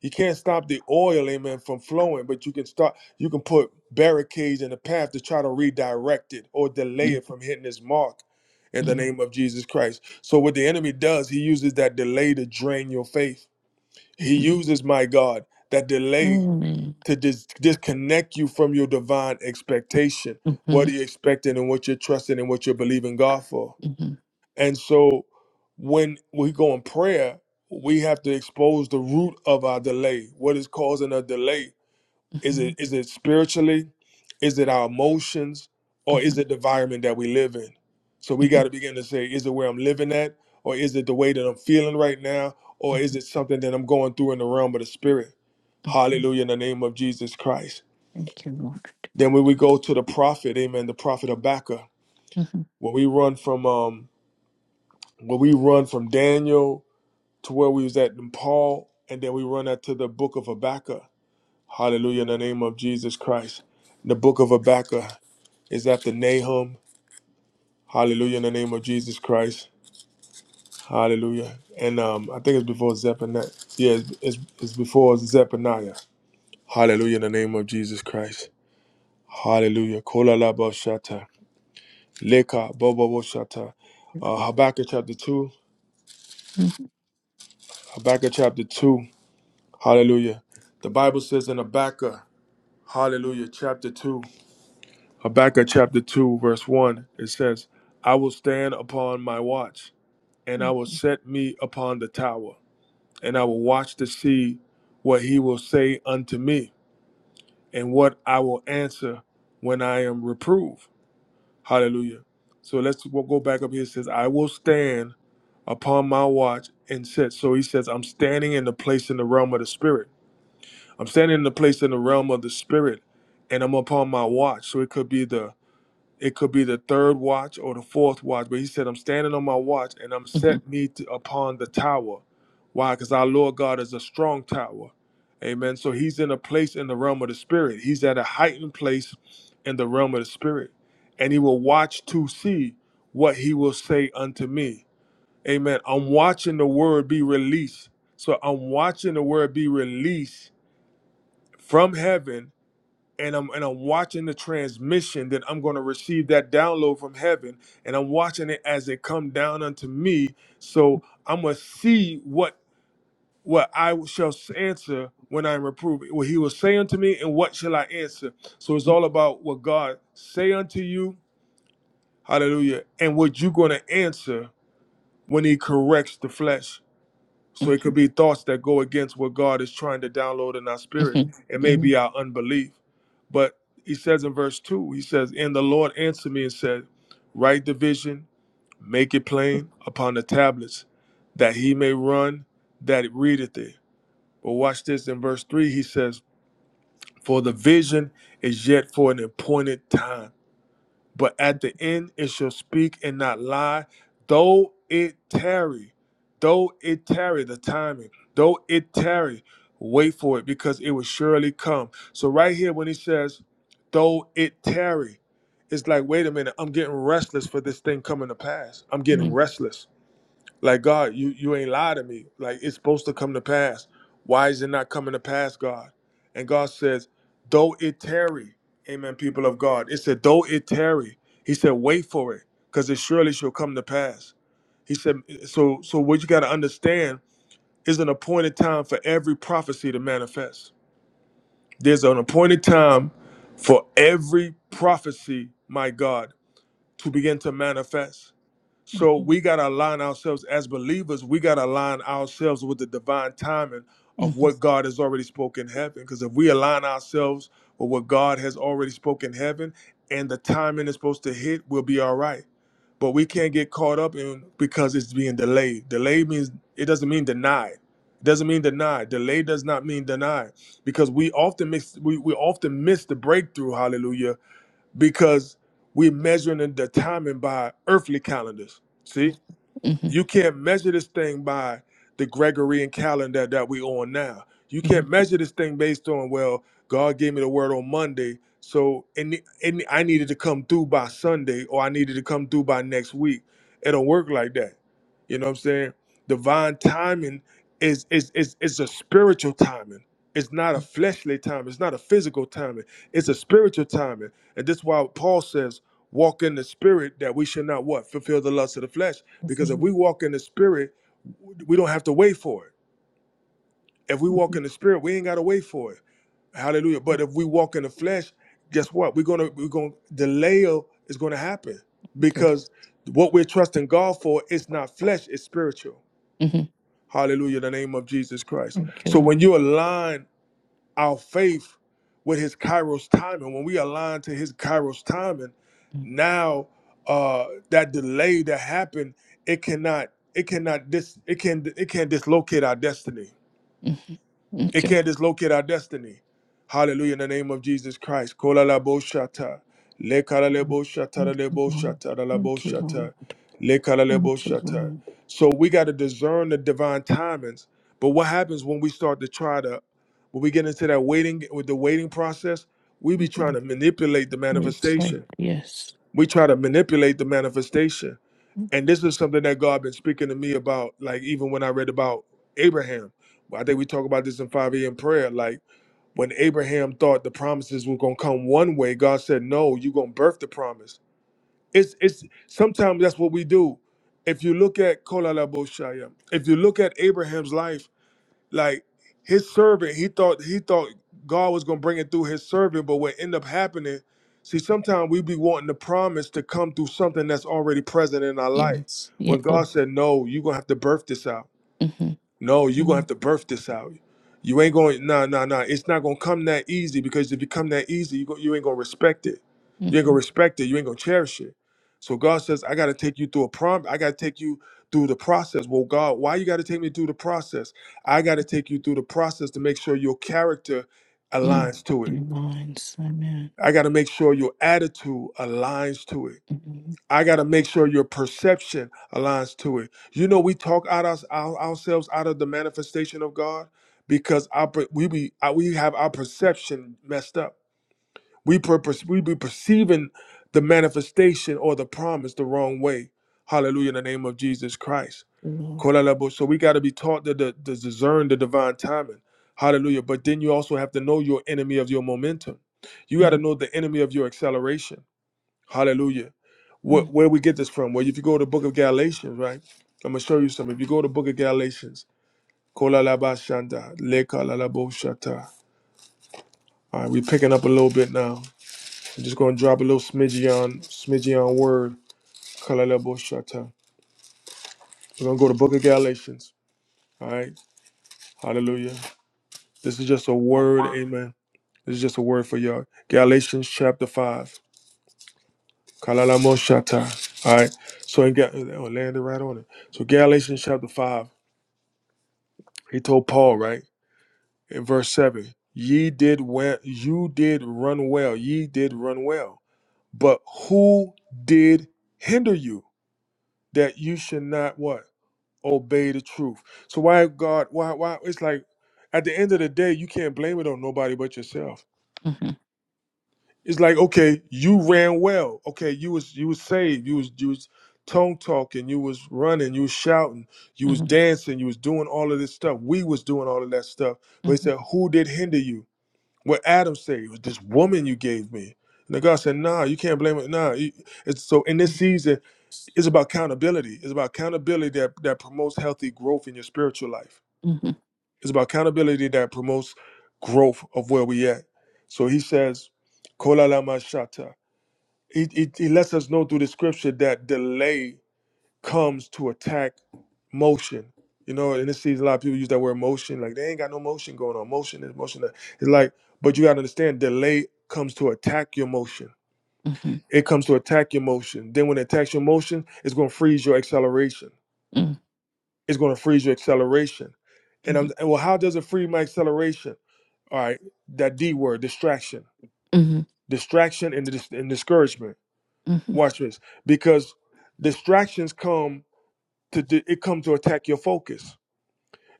You can't stop the oil, amen, from flowing, but you can start, you can put barricades in the path to try to redirect it or delay mm, it from hitting its mark in the mm, name of Jesus Christ. So what the enemy does, he uses that delay to drain your faith. He mhm. uses, my God, that delay Mm, mhm, to dis- disconnect you from your divine expectation. mhm, What are you expecting and what you're trusting and what you're believing God for? mhm, And so when we go in prayer, we have to expose the root of our delay. What is causing a delay? Is it is it spiritually? Is it our emotions? Or mhm, is mhm, it the environment that we live in? So we got mhm. to begin to say, is it where I'm living at? Or is it the way that I'm feeling right now? Or is it something that I'm going through in the realm of the spirit? mhm. Hallelujah in the name of Jesus Christ. Thank you, Lord. Then when we go to the prophet, amen, the prophet Habakkuk, Mhm, when we run from um when we run from Daniel to where we was at in Paul, and then we run out to the book of Habakkuk. Hallelujah, in the name of Jesus Christ. The book of Habakkuk is after Nahum. Hallelujah, in the name of Jesus Christ. Hallelujah. And um, I think it's before Zephaniah. Yeah, it's, it's, it's before Zephaniah. Hallelujah, in the name of Jesus Christ. Hallelujah. Kola laba shata. Leka bobo bo shata. mhm, Uh, Habakkuk chapter 2. mhm, mhm, Habakkuk chapter 2. Hallelujah. The Bible says in Habakkuk. Hallelujah. Chapter 2, Habakkuk chapter 2, verse 1, it says, I will stand upon my watch, and I will set me upon the tower, and I will watch to see what he will say unto me, and what I will answer when I am reproved. Hallelujah. So let's we'll go back up here. It says, I will stand upon my watch and set. So he says, I'm standing in the place in the realm of the spirit. I'm standing in the place in the realm of the spirit, and I'm upon my watch. So it could be the It could be the third watch or the fourth watch, but he said, I'm standing on my watch and I'm mhm, mhm, mhm, mhm, set me to, upon the tower. Why? Because our Lord God is a strong tower. Amen. So he's in a place in the realm of the spirit. He's at a heightened place in the realm of the spirit. And he will watch to see what he will say unto me. Amen. I'm watching the word be released. So I'm watching the word be released from heaven and I'm and I'm watching the transmission that I'm going to receive that download from heaven, and I'm watching it as it come down unto me. So I'm gonna see what what I shall answer when I am reproved. What He will say unto me, and what shall I answer? So it's all about what God say unto you. Hallelujah! And what you're going to answer when He corrects the flesh. So mhm, it could mhm, mhm, be thoughts that go against what God is trying to download in our spirit. mhm. It may be our unbelief. But he says in verse 2, he says, And the Lord answered me and said, Write the vision, make it plain upon the tablets, that he may run that readeth it. But watch this in verse 3, he says, For the vision is yet for an appointed time but at the end it shall speak and not lie. Though it tarry, though it tarry, the timing, though it tarry, wait for it because it will surely come. So, right here, when he says, though it tarry, it's like, wait a minute, I'm getting restless for this thing coming to pass. I'm getting restless. Like God, you you ain't lie to me. Like it's supposed to come to pass. Why is it not coming to pass, God? And God says, though it tarry, Amen, people of God. It said, though it tarry. He said, wait for it, because it surely shall come to pass. He said, so so what you gotta understand is an appointed time for every prophecy to manifest. There's an appointed time for every prophecy, my God, to begin to manifest. So we got to align ourselves as believers. We got to align ourselves with the divine timing of what God has already spoken in heaven. Because if we align ourselves with what God has already spoken in heaven and the timing is supposed to hit, we'll be all right. But we can't get caught up in because it's being delayed. Delayed means it doesn't mean denied. It doesn't mean denied. Delay does not mean denied. Because we often miss we, we often miss the breakthrough, hallelujah, because we're measuring the timing by earthly calendars. See, you can't measure this thing by the Gregorian calendar that we on now. You can't measure this thing based on well, God gave me the word on Monday, so and and I needed to come through by Sunday, or I needed to come through by next week. It don't work like that. You know what I'm saying? Divine timing is is is is a spiritual timing. It's not a fleshly time. It's not a physical timing. It's a spiritual timing, and this is why Paul says walk in the spirit that we should not what fulfill the lust of the flesh Mhm, because if mhm, we walk in the spirit we don't have to wait for it if we walk mhm. in the spirit we ain't got to wait for it hallelujah but if we walk in the flesh guess what we're gonna we're gonna delay is gonna happen Okay. because what we're trusting god for is not flesh it's spiritual Mhm. hallelujah the name of jesus christ Thank you, so Lord. when you align our faith with his kairos timing when we align to his kairos timing Mm, now uh that delay that happened it cannot it cannot dis it can it can dislocate our destiny mhm. it Okay. can't dislocate our destiny. Hallelujah. In the name of Jesus Christ. Kola la bo shata. Le kala le Mm, bo shata la Thank le you, bo Lord. shata la la bo Thank you, Lord. shata. Le kala le bo Thank you, shata. Lord. So we got to discern the divine timings. But what happens when we start to try to, when we get into that waiting, with the waiting process, we be trying Mhm. to manipulate the We say manifestation. Yes. We try to manipulate the manifestation and this is something that God been speaking to me about, like even when I read about Abraham. I think we talk about this in 5 a.m. prayer. Like when Abraham thought the promises were gonna come one way, God said, No, you're gonna birth the promise. It's it's sometimes that's what we do. If you look at Kolalabo Shaya, if you look at Abraham's life, like his servant, he thought he thought God was gonna bring it through his servant, but what ended up happening, see, sometimes we be wanting the promise to come through something that's already present in our life. Yes. When Yeah. God said, No, you're gonna have to birth this out. Mm-hmm. No, you're gonna have to birth this out. You ain't going nah nah nah. It's not gonna come that easy because if it come that easy, you go, you ain't gonna respect it. You ain't gonna Mm-hmm. respect it. You ain't gonna cherish it. So God says, I gotta take you through a prom. I gotta take you through the process. Well, God, why you gotta take me through the process? I gotta take you through the process to make sure your character Mm. aligns to it. Your minds. Amen. I gotta make sure your attitude aligns to it. Mm-hmm. I got to make sure your perception aligns to it. You know, we talk out us our, ourselves out of the manifestation of God because our, per- we be uh, we have our perception messed up. We per, per- we be perceiving the manifestation or the promise the wrong way. Hallelujah! In the name of Jesus Christ. The Lord. Kolalabo. So we got to be taught to, to, to discern the divine timing. Hallelujah! But then you also have to know your enemy of your momentum. You got Mm-hmm. to know the enemy of your acceleration. Hallelujah. Where, where we get this from? Well, if you go to the book of Galatians, right? I'm going to show you something. If you go to the book of Galatians, kolalabashanda, lekalalaboshata. All right, we're picking up a little bit now. I'm just going to drop a little smidgy on, smidgy on word, kalalaboshata. We're going to go to book of Galatians. All right, hallelujah. This is just a The word, Word. amen. This is just a word for y'all. Galatians chapter 5, kalalamoshata. All right, so in, Ga- oh, landed right on it. So Galatians chapter 5. He told Paul, right? In verse 7, ye did well, you did run well, ye did run well. But who did hinder you that you should not what? Obey the truth. So why God, why, why it's like at the end of the day, you can't blame it on nobody but yourself. Mm-hmm. It's like, okay, you ran well. Okay, you was you was saved, you was you was tongue talking, you was running, you was shouting, you was Mm-hmm. dancing, you was doing all of this stuff. We was doing all of that stuff. But he Mm-hmm. said, Who did hinder you? What Adam said it was this woman you gave me. And the God said, Nah, you can't blame it. Nah. you- It's, so in this season, it's about accountability. It's about accountability that, that promotes healthy growth in your spiritual life. Mm-hmm. It's about accountability that promotes growth of where we at. So he says, Kola lama shata. He, he, he lets us know through the scripture that delay comes to attack motion. You know, and it sees a lot of people use that word motion, like they ain't got no motion going on. Motion is motion. that- It's like, but you gotta understand, delay comes to attack your motion. Mm-hmm. It comes to attack your motion. Then when it attacks your motion, it's gonna freeze your acceleration. It's gonna freeze your acceleration. And Mm-hmm. I'm and well, how does it free my acceleration? All right, that D word, distraction, Mm-hmm. distraction, and, dis- and discouragement. Mm-hmm. Watch this, because distractions come to di- it comes to attack your focus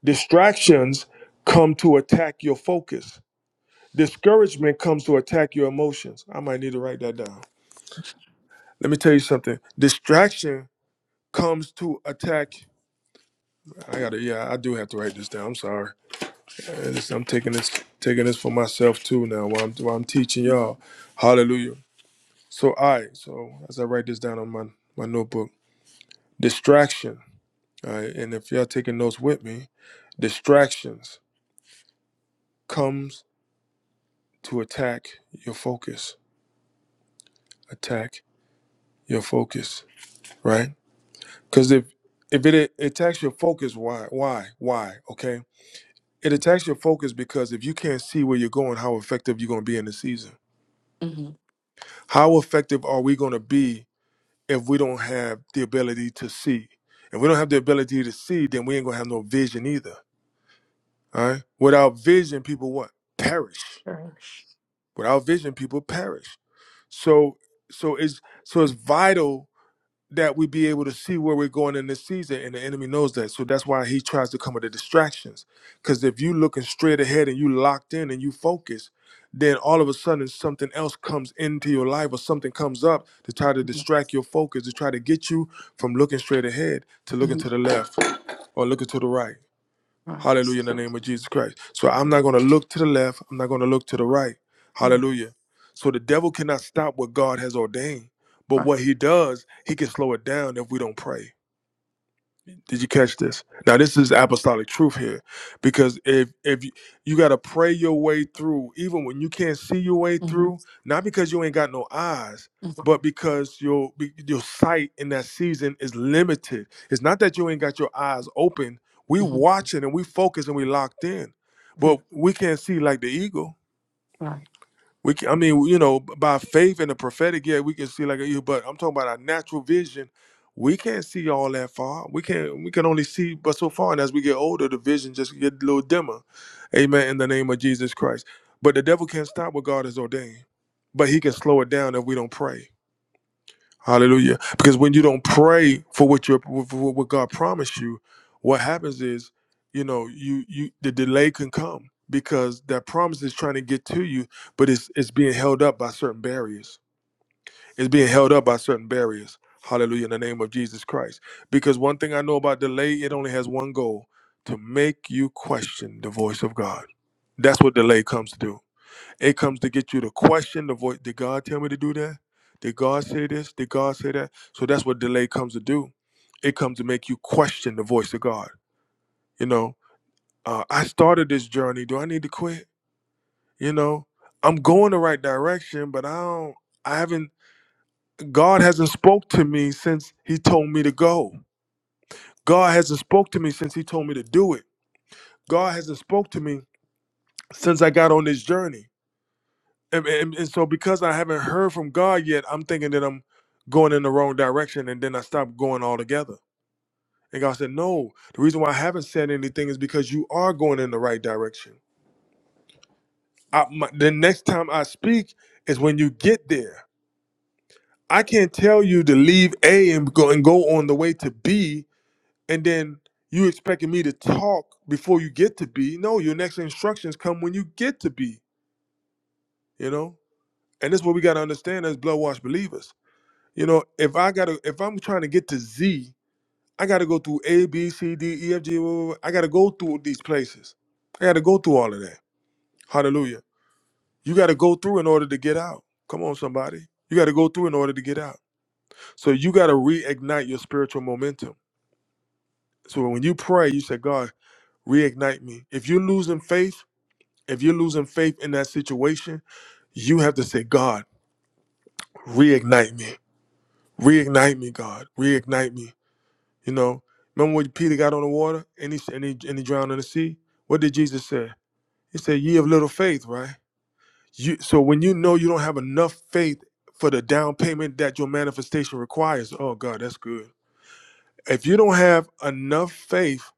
Distractions come to attack your focus. Discouragement comes to attack your emotions. I might need to write that down. Let me tell you something. Distraction comes to attack. I gotta, yeah, I do have to write this down. I'm sorry. And this- I'm taking this, taking this for myself too now while I'm, while I'm teaching y'all. Hallelujah. So, I, so as I write this down on my, my notebook, distraction. All right. And if y'all taking notes with me, distractions comes to attack your focus attack your focus, right? Because if if it attacks your focus, why, why, why? Okay, it attacks your focus because if you can't see where you're going, how effective you're going to be in the season? Mm-hmm. How effective are we going to be if we don't have the ability to see? If we don't have the ability to see, then we ain't gonna have no vision either. All right. Without vision, people what perish. Perish. Without vision, people perish. So, so it's so it's vital that we be able to see where we're going in this season, and the enemy knows that. So that's why he tries to come with the distractions. Because if you looking straight ahead and you locked in and you focus, then all of a sudden something else comes into your life or something comes up to try to Mm-hmm. distract your focus, to try to get you from looking straight ahead to looking Mm-hmm. to the left or looking to the right. Rise. Hallelujah in the name of Jesus Christ. So I'm not going to look to the left. I'm not going to look to the right. Yes. Hallelujah. So the devil cannot stop what God has ordained. But Right. what he does, he can slow it down if we don't pray. Did you catch this? Now this is apostolic truth here, because if if you, you got to pray your way through, even when you can't see your way Mm-hmm. through, not because you ain't got no eyes, Mm-hmm. but because your be- your sight in that season is limited. It's not that you ain't got your eyes open. We Mm-hmm. watching and we focus and we locked in, but we can't see like the eagle Right. we, can, I mean, you know, by faith and the prophetic, yeah, we can see like you. But I'm talking about our natural vision. We can't see all that far. We can't. We can only see but so far. And as we get older, the vision just get a little dimmer. Amen. In the name of Jesus Christ. But the devil can't stop what God has ordained. But he can slow it down if we don't pray. Hallelujah. Because when you don't pray for what you for what God promised you, what happens is, you know, you you the delay can come because that promise is trying to get to you, but it's it's being held up by certain barriers. It's being held up by certain barriers. Hallelujah in the name of Jesus Christ. Because one thing I know about delay, it only has one goal, to make you question the voice of God. That's what delay comes to do. It comes to get you to question the voice. Did God tell me to do that? Did God say this? Did God say that? So that's what delay comes to do. It comes to make you question the voice of God. You know, uh, I started this journey. Do I need to quit? You know, I'm going the right direction, but I don't. I haven't. God hasn't spoke to me since He told me to go. God hasn't spoke to me since He told me to do it. God hasn't spoke to me since I got on this journey. and, and, and so because I haven't heard from God yet, I'm thinking that I'm going in the wrong direction, and then I stop going altogether. And God said, "No, the reason why I haven't said anything is because you are going in the right direction. I, my, the next time I speak is when you get there. I can't tell you to leave A and go and go on the way to B, and then you expecting me to talk before you get to B. No, your next instructions come when you get to B. You know, and this is what we got to understand as blood washed believers." You know, if I gotta, if I'm trying to get to Z, I gotta go through A, B, C, D, E, F, G. woo, woo, woo. I gotta go through these places. I gotta go through all of that. Hallelujah. You gotta go through in order to get out. Come on, somebody. You gotta go through in order to get out. So you gotta reignite your spiritual momentum. So when you pray, you say, God, reignite me. If you're losing faith, if you're losing faith in that situation, you have to say, God, reignite me. Reignite me, God. Reignite me You know, remember when Peter got on the water and he and he, and he drowned in the sea? What did Jesus say? He said, "Ye of little faith," right? You so when you know you don't have enough faith for the down payment that your manifestation requires. Oh God, that's good. If you don't have enough faith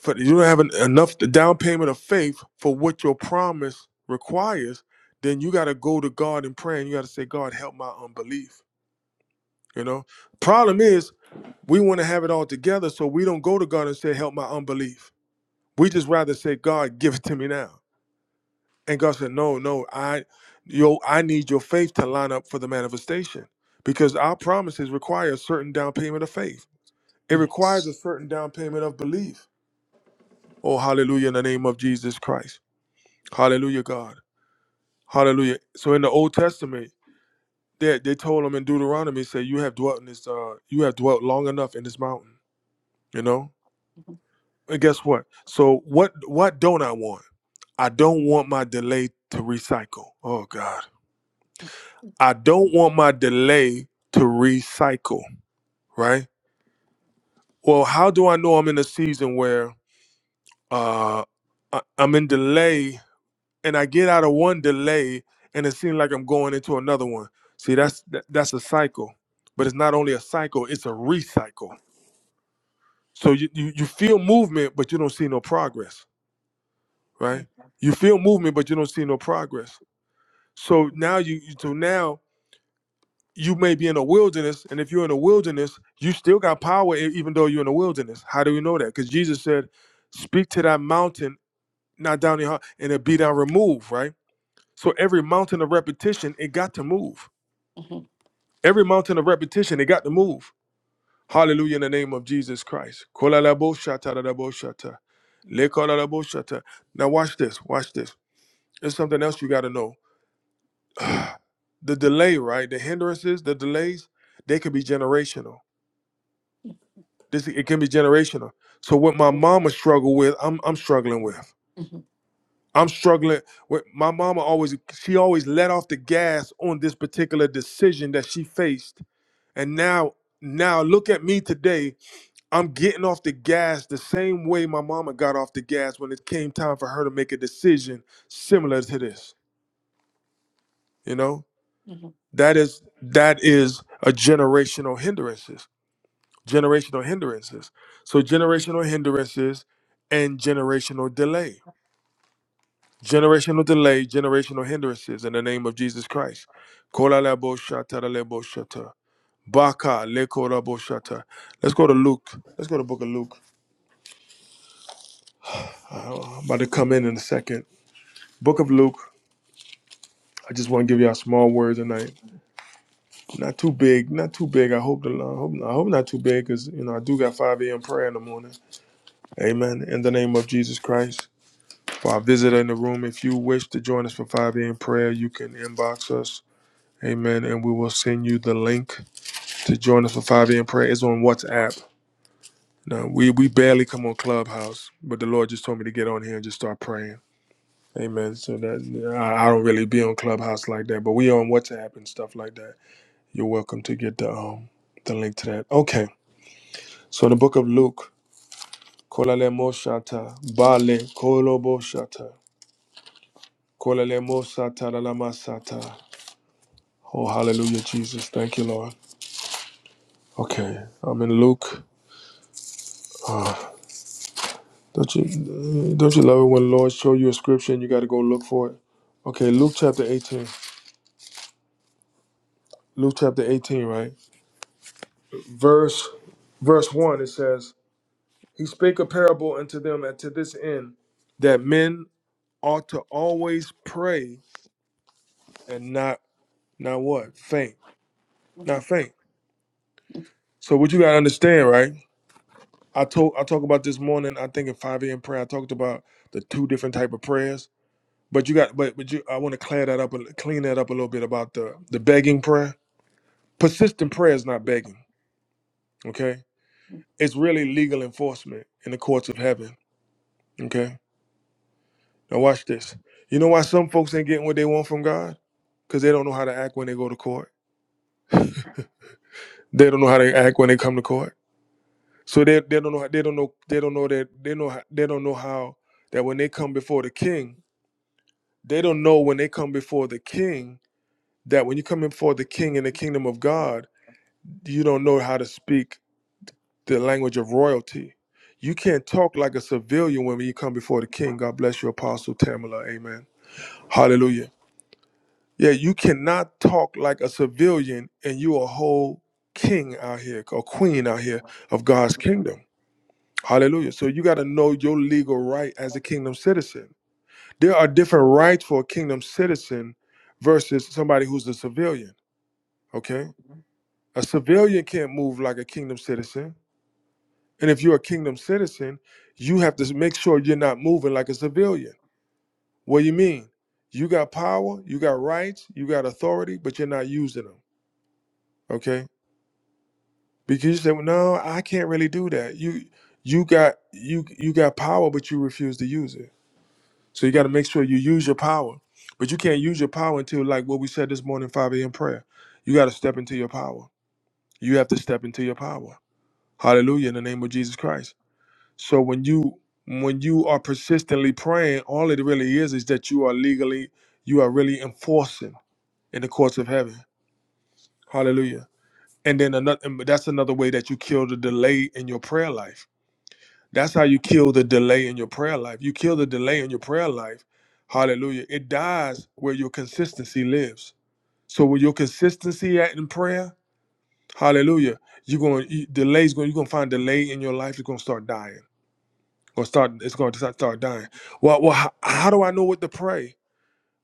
for you don't have en- enough the down payment of faith for what your promise requires, then you got to go to God in prayer and you got to say, "God, help my unbelief." You know? Problem is, we want to have it all together, so we don't go to God and say, "Help my unbelief." We just rather say, God, give it to me now. And God said, No, no, I yo, I need your faith to line up for the manifestation. Because our promises require a certain down payment of faith. It requires Yes. a certain down payment of belief. Oh, hallelujah, in the name of Jesus Christ. Hallelujah, God. Hallelujah. So in the Old Testament, they, they told them in Deuteronomy, say, You have dwelt in this, uh, you have dwelt long enough in this mountain, you know? And guess what? So what what don't I want? I don't want my delay to recycle. Oh God. I don't want my delay to recycle, right? Well, how do I know I'm in a season where uh I- I'm in delay and I get out of one delay and it seems like I'm going into another one. See, Yeah. that's that, that's a cycle. But it's not only a cycle, it's a recycle. So you, you you feel movement but you don't see no progress, right? You feel movement but you don't see no progress So now you so now you may be in a wilderness, and if you're in a wilderness, you still got power e- even though you're in a wilderness. How do we know that? Because Jesus said, "Speak to that mountain, not down your heart, and it be down removed." Right. So every mountain of repetition, it got to move. Mm-hmm. Every mountain of repetition, it got to move. Hallelujah in the name of Jesus Christ. Kolalaboshatadadaboshata. Mm-hmm. Lekolalaboshata. Now watch this. Watch this. There's something else you got to know. the delay, right? The hindrances, the delays, they could be generational. This it can be generational. So what my Mm-hmm. mama struggled with, I'm I'm struggling with. I'm struggling with my mama always she always let off the gas on this particular decision that she faced. And now now look at me today. I'm getting off the gas the same way my mama got off the gas when it came time for her to make a decision similar to this. You know? Mm-hmm. That is that is a generational hindrance generational hindrances. So generational hindrances and generational delay. Generational delay, generational hindrances in the name of Jesus Christ. Kola lebo shata da lebo shata. Baka leko rabo shata. Let's go to Luke. Let's go to Book of Luke. Uh, I'm about to come in in a second. Book of Luke. I just want to give y'all small words tonight. Not too big. Not too big. I hope the I hope, I hope not too big because you know I do got 5 a.m. prayer in the morning. Amen. In the name of Jesus Christ. For our visitor in the room, if you wish to join us for 5 a.m. prayer, you can inbox us. Amen. And we will send you the link to join us for 5 a.m. prayer. It's on WhatsApp. Now, we, we barely come on Clubhouse, but the Lord just told me to get on here and just start praying. Amen. So that I, I don't really be on Clubhouse like that, but we on WhatsApp and stuff like that. You're welcome to get the um the link to that. Okay. So the book of Luke, Kolale Moshata, Bale Kolobo Shata, Kolale Mosata Lalamasata. Oh, hallelujah, Jesus. Thank you, Lord. Okay, I'm in Luke. Ah, don't you uh, don't you love it when the Lord show you a scripture and you got to go look for it? Okay, Luke chapter 18. Luke chapter 18, right? Verse verse 1 it says, "He spake a parable unto them and to this end that men ought to always pray and not not what? Faint. Not faint. So what you got to understand, right? I told I talked about this morning, I think at 5 a.m. prayer, I talked about the two different type of prayers But you got, but but you, I want to clear that up, a- clean that up a little bit about the the begging prayer. Persistent prayer is not begging. Okay, it's really legal enforcement in the courts of heaven. Okay, now watch this. You know why some folks ain't getting what they want from God? Because they don't know how to act when they go to court. They don't know how to act when they come to court. So they they don't know how- they don't know they don't know that they know how, they don't know how that when they come before the King, they don't know when they come before the King that when you come before the King in the kingdom of God you don't know how to speak the language of royalty. You can't talk like a civilian when you come before the king. God bless you, Apostle Tamala. Amen. Hallelujah. Yeah, you cannot talk like a civilian and you a whole king out here or queen out here of God's kingdom. Hallelujah. So you got to know your legal right as a kingdom citizen. There are different rights for a kingdom citizen versus somebody who's a civilian. Okay. A civilian can't move like a kingdom citizen And if you're a kingdom citizen, you have to make sure you're not moving like a civilian. What do you mean? You got power, you got rights, you got authority, but you're not using them. Okay? Because you say, well, no, I can't really do that. You you got you you got power, but you refuse to use it. So you got to make sure you use your power. But you can't use your power until like what we said this morning, 5 a.m. prayer. You got to step into your power. You have to step into your power. Hallelujah in the name of Jesus Christ. So when you when you are persistently praying, all it really is is that you are legally you are really enforcing in the courts of heaven. Hallelujah. And then another and that's another way that you kill the delay in your prayer life. That's how you kill the delay in your prayer life. You kill the delay in your prayer life. Hallelujah. It dies where your consistency lives. So where your consistency at in prayer, hallelujah, you're going to delays going you're going to find delay in your life is going to start dying. Gonna start it's going to start start dying well well how, how do i know what to pray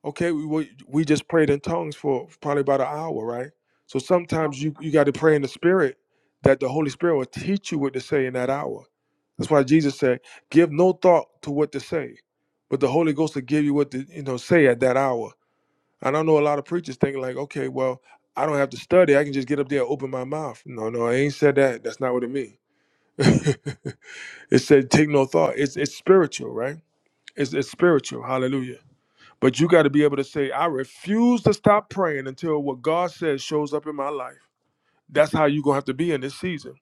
okay we, we we just prayed in tongues for probably about an hour right so sometimes you you got to pray in the spirit that the holy spirit will teach you what to say in that hour that's why jesus said give no thought to what to say but the holy ghost will give you what to you know say at that hour and i know a lot of preachers think like okay well i don't have to study i can just get up there and open my mouth no no i ain't said that that's not what it means it said take no thought it's it's spiritual right it's, it's spiritual. Hallelujah. But you got to be able to say, I refuse to stop praying until what God says shows up in my life. That's how you're going to have to be in this season.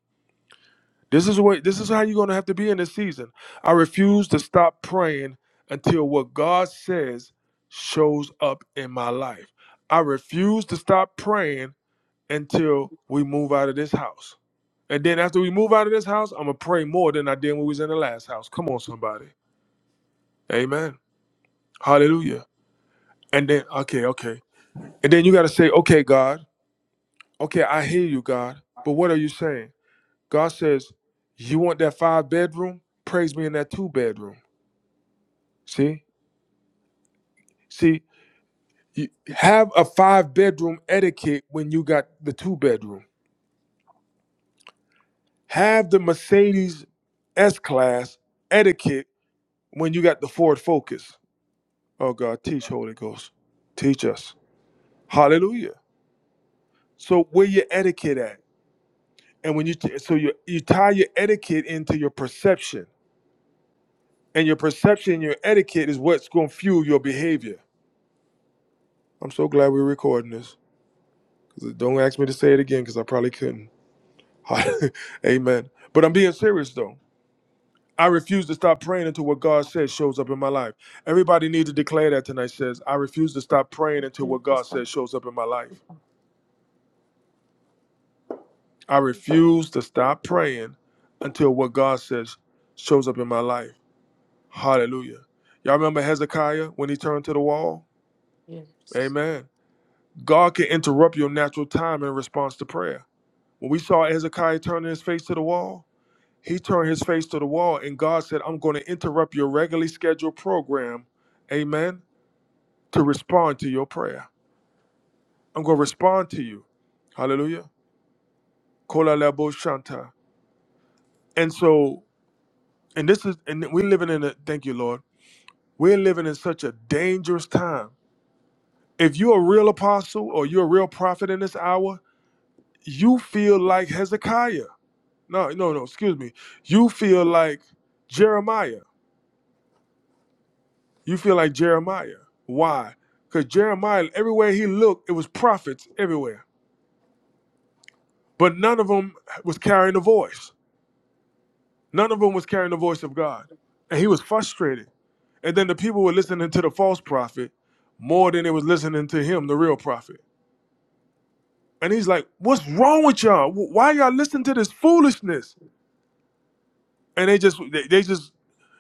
This is what this is how you're going to have to be in this season. I refuse to stop praying until what God says shows up in my life. I refuse to stop praying until we move out of this house. And then after we move out of this house, I'm going to pray more than I did when we was in the last house. Come on somebody. Amen. Hallelujah. And then okay, okay. And then you got to say, okay, God, okay, I hear you, God, but what are you saying? God says, you want that five bedroom? Praise me in that two bedroom. See? See, you have a five bedroom etiquette when you got the two bedroom. Have the Mercedes S Class etiquette when you got the Ford Focus. Oh, God, teach, Holy Ghost. Teach us. Hallelujah. So, where your etiquette at? And when you, t- so you, you tie your etiquette into your perception And your perception your etiquette is what's going to fuel your behavior. I'm so glad we're recording this. 'Cause Don't ask me to say it again because I probably couldn't. Amen. But I'm being serious though. I refuse to stop praying until what God says shows up in my life. Everybody needs to declare that tonight says, I refuse to stop praying until what God says shows up in my life. I refuse to stop praying until what God says shows up in my life. Hallelujah. Y'all remember Hezekiah when he turned to the wall? Yes. Amen. God can interrupt your natural time in response to prayer. When we saw Hezekiah turning his face to the wall, he turned his face to the wall, and God said, I'm going to interrupt your regularly scheduled program, amen, to respond to your prayer. I'm going to respond to you. Hallelujah. Kola labo shanta. And so, and this is, and we're living in a, thank you, Lord, we're living in such a dangerous time. If you're a real apostle or you're a real prophet in this hour, you feel like Hezekiah No, no, no. Excuse me. You feel like Jeremiah. You feel like Jeremiah. Why? Because Jeremiah, everywhere he looked, it was prophets everywhere, but none of them was carrying the voice. None of them was carrying the voice of God, and he was frustrated. And then the people were listening to the false prophet more than they was listening to him, the real prophet. And he's like, "What's wrong with y'all? Wh- Why y'all listening to this foolishness?" And they just, they, they just,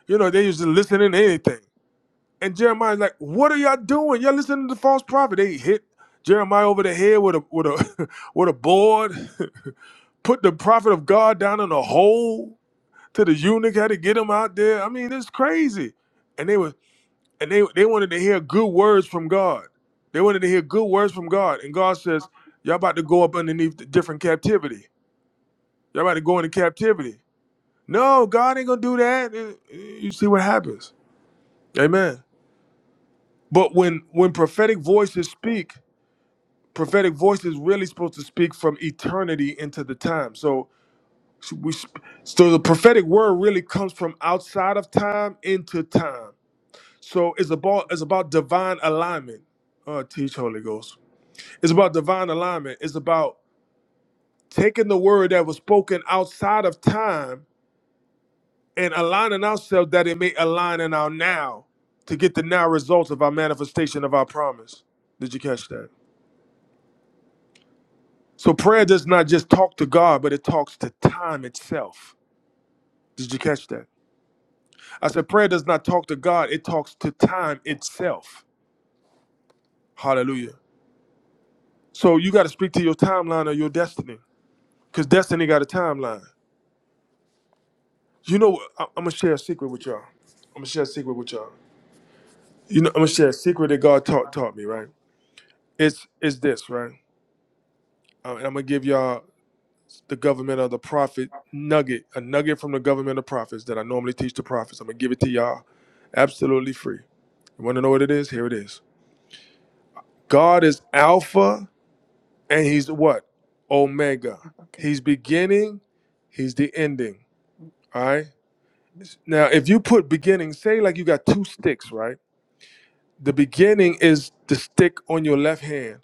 you know, they just listening to anything. And Jeremiah's like, "What are y'all doing? Y'all listening to the false prophet?" They hit Jeremiah over the head with a with a with a board, put the prophet of God down in a hole. To the eunuch had to get him out there. I mean, it's crazy. And they were and they they wanted to hear good words from God. They wanted to hear good words from God. And God says, "Y'all about to go up underneath the different captivity. Y'all about to go into captivity." No, God ain't gonna do that. Eh, eh, You see what happens. Amen. But when when prophetic voices speak. prophetic voice is really supposed to speak from eternity into the time. So we so the prophetic word really comes from outside of time into time. So it's about it's about divine alignment. Uh, teach Holy Ghost. It's about divine alignment. It's about taking the word that was spoken outside of time and aligning ourselves that it may align in our now to get the now results of our manifestation of our promise. Did you catch that? So prayer does not just talk to God, but it talks to time itself. Did you catch that? I said prayer does not talk to God, it talks to time itself. Hallelujah. So you got to speak to your timeline or your destiny because destiny got a timeline. You know, I- I'm going to share a secret with y'all. I'm going to share a secret with y'all. You know, I'm going to share a secret that God taught, taught me, right? It's, it's this, right? Uh, and I'm going to give y'all the government of the prophet nugget, a nugget from the government of prophets that I normally teach the prophets. I'm gonna give it to y'all absolutely free. You wanna know what it is? Here it is. God is Alpha and He's what? Omega. Okay. He's beginning, He's the ending. All right. Now, if you put beginning, say like you got two sticks, right? The beginning is the stick on your left hand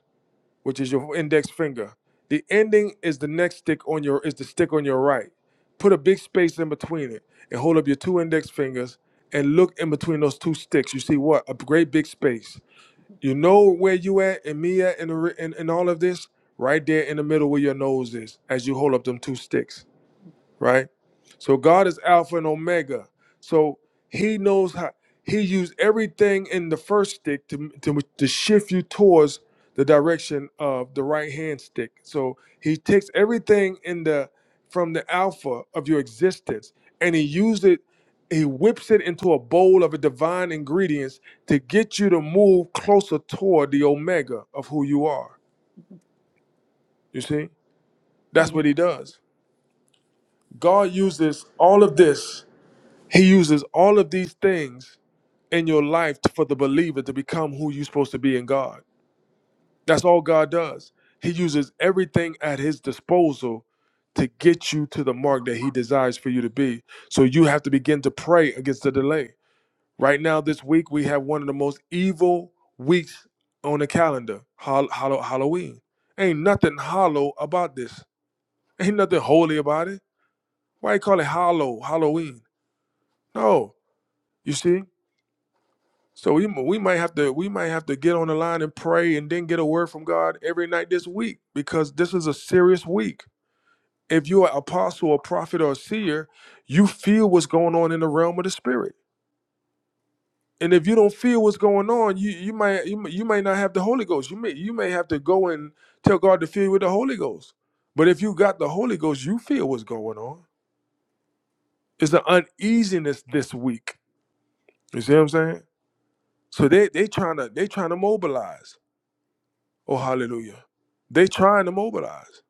which is your index finger. The ending is the next stick on your is the stick on your right. Put a big space in between it and hold up your two index fingers and look in between those two sticks. You see what? A great big space. You know where you at and me at and the, in, in all of this? Right there in the middle where your nose is as you hold up them two sticks right? So God is Alpha and Omega. So He knows how He used everything in the first stick to, to, to shift you towards the direction of the right hand stick. So He takes everything in the from the Alpha of your existence and He used it, He whips it into a bowl of a divine ingredients to get you to move closer toward the Omega of who you are. You see? That's what He Mm-hmm. does. God uses all of this He uses all of these things in your life to- for the believer to become who you're supposed to be in God. That's all God does. He uses everything at his disposal to get you to the mark that he desires for you to be. So you have to begin to pray against the delay. Right now, this week, we have one of the most evil weeks on the calendar Hall- Hallow- Halloween. Ain't nothing hollow about this. Ain't nothing holy about it. Why you call it hollow, Halloween? No. You see? So we we might have to we might have to get on the line and pray and then get a word from God every night this week because this is a serious week. If you're an apostle, a prophet, or a seer, you feel what's going on in the realm of the spirit. And if you don't feel what's going on, you you might you, may- you might not have the Holy Ghost. You may you may have to go and tell God to fill you with the Holy Ghost. But if you got the Holy Ghost, you feel what's going on. It's the uneasiness this week. You see what I'm saying? So they they trying to they trying to mobilize. Oh, hallelujah. They trying to mobilize.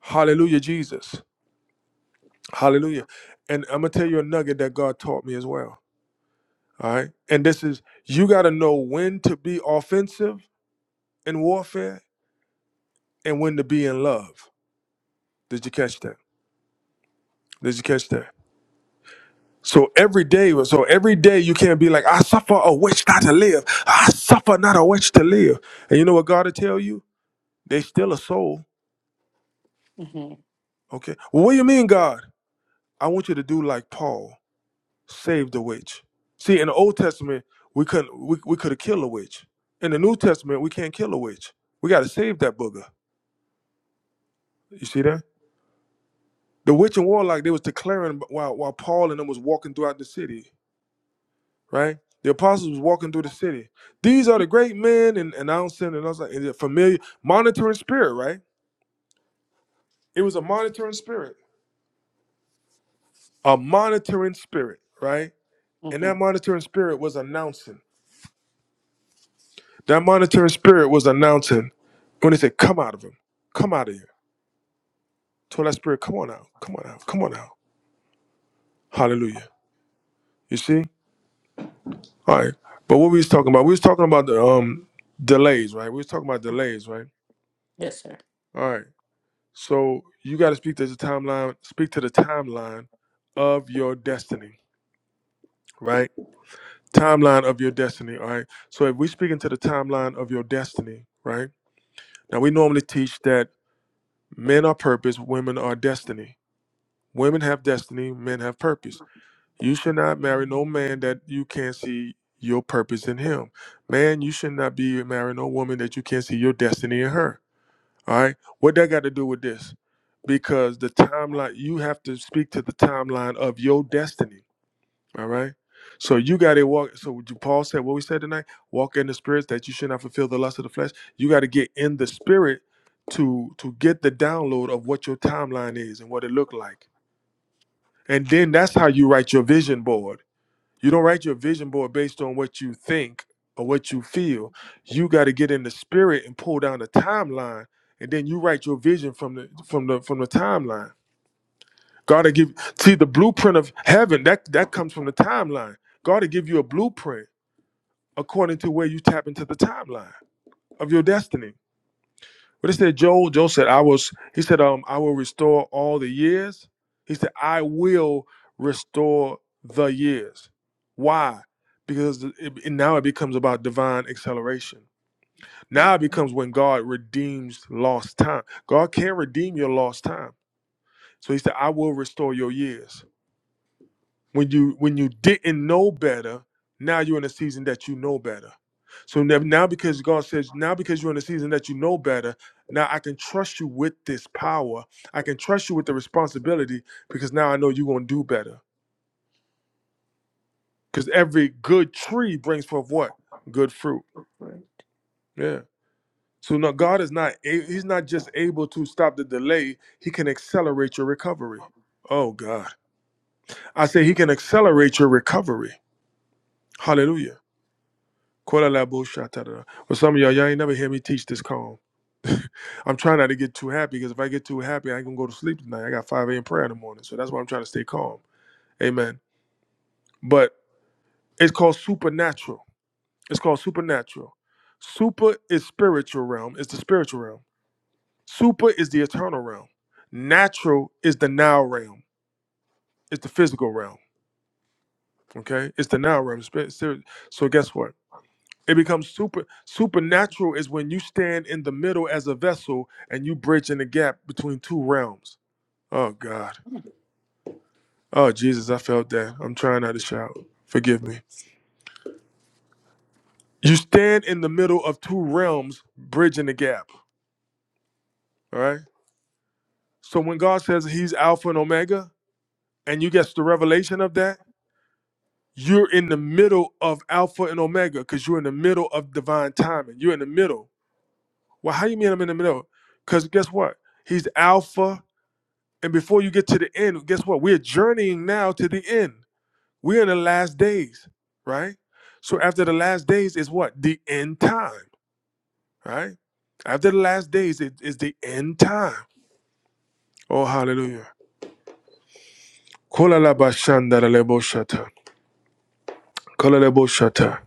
Hallelujah, Jesus. Hallelujah. And I'm gonna tell you a nugget that God taught me as well. All right. And this is you gotta know when to be offensive in warfare and when to be in love. Did you catch that? Did you catch that? So every day, so every day you can't be like, I suffer a witch not to live. I suffer not a witch to live. And you know what God will tell you? They still a soul. Mm-hmm. Okay. Well, what do you mean, God? I want you to do like Paul. Save the witch. See, in the Old Testament, we couldn't we, we could have killed a witch. In the New Testament, we can't kill a witch. We got to save that booger. You see that? The witch and warlock they was declaring while while Paul and them was walking throughout the city, right? The apostles was walking through the city. These are the great men and announcing and I was like and the familiar monitoring spirit, right? It was a monitoring spirit, a monitoring spirit, right? And Mm-hmm. that monitoring spirit was announcing. That monitoring spirit was announcing when they said, Come out of him. Come out of here. Told that spirit, come on out. Come on out. Come on out. Hallelujah. You see? All right. But what we was talking about, we was talking about the um delays, right? We was talking about delays, right? Yes, sir. All right. So you gotta speak to the timeline, speak to the timeline of your destiny, right? Timeline of your destiny. All right. So if we speak into the timeline of your destiny, right? Now we normally teach that men are purpose, women are destiny. Women have destiny, men have purpose. You should not marry no man that you can't see your purpose in him. Man, you should not be marrying no woman that you can't see your destiny in her. All right? What that got to do with this? Because the timeline, you have to speak to the timeline of your destiny. All right? So you got to walk. So what you- Paul said what we said tonight walk in the spirits that you should not fulfill the lust of the flesh. You got to get in the spirit to to get the download of what your timeline is and what it looked like. And then that's how you write your vision board. You don't write your vision board based on what you think or what you feel. You got to get in the spirit and pull down the timeline, and then you write your vision from the from the from the timeline. God to give see the blueprint of heaven that that comes from the timeline. God to give you a blueprint according to where you tap into the timeline of your destiny. What it said, Joel. Joel said, "I was." He said, "Um, I will restore all the years." He said, "I will restore the years." Why? Because it, it- now it becomes about divine acceleration. Now it becomes when God redeems lost time. God can redeem your lost time. So He said, "I will restore your years." when you when you didn't know better now you're in a season that you know better so now, now because god says now because you're in a season that you know better now i can trust you with this power i can trust you with the responsibility because now i know you're going to do better because every good tree brings forth what good fruit Right. yeah so now god is not a- he's not just able to stop the delay he can accelerate your recovery oh god i say he can accelerate your recovery hallelujah Kolalaboshatara. Well, some of y'all, y'all ain't never hear me teach this calm. I'm trying not to get too happy because if I get too happy, I ain't gonna go to sleep tonight. I got 5 a.m. prayer in the morning, so that's why I'm trying to stay calm. Amen. But it's called supernatural. It's called supernatural. Super is spiritual realm. It's the spiritual realm. Super is the eternal realm. Natural is the now realm. It's the physical realm. Okay, it's the now realm. Spirit- spirit- So guess what? It becomes super supernatural is when you stand in the middle as a vessel and you bridge in the gap between two realms. Oh God. Oh Jesus, I felt that. I'm trying not to shout. Forgive me. You stand in the middle of two realms, bridging the gap. All right. So when God says He's Alpha and Omega, and you get the revelation of that, you're in the middle of Alpha and Omega because you're in the middle of divine timing. You're in the middle. Well, how you mean I'm in the middle? Because guess what? He's Alpha And before you get to the end, guess what? We're journeying now to the end. We're in the last days, right? So after the last days is what? The end time, right? After the last days it is the end time. Oh, hallelujah. Kolalabashandaraleboshata. Kolaleboshata.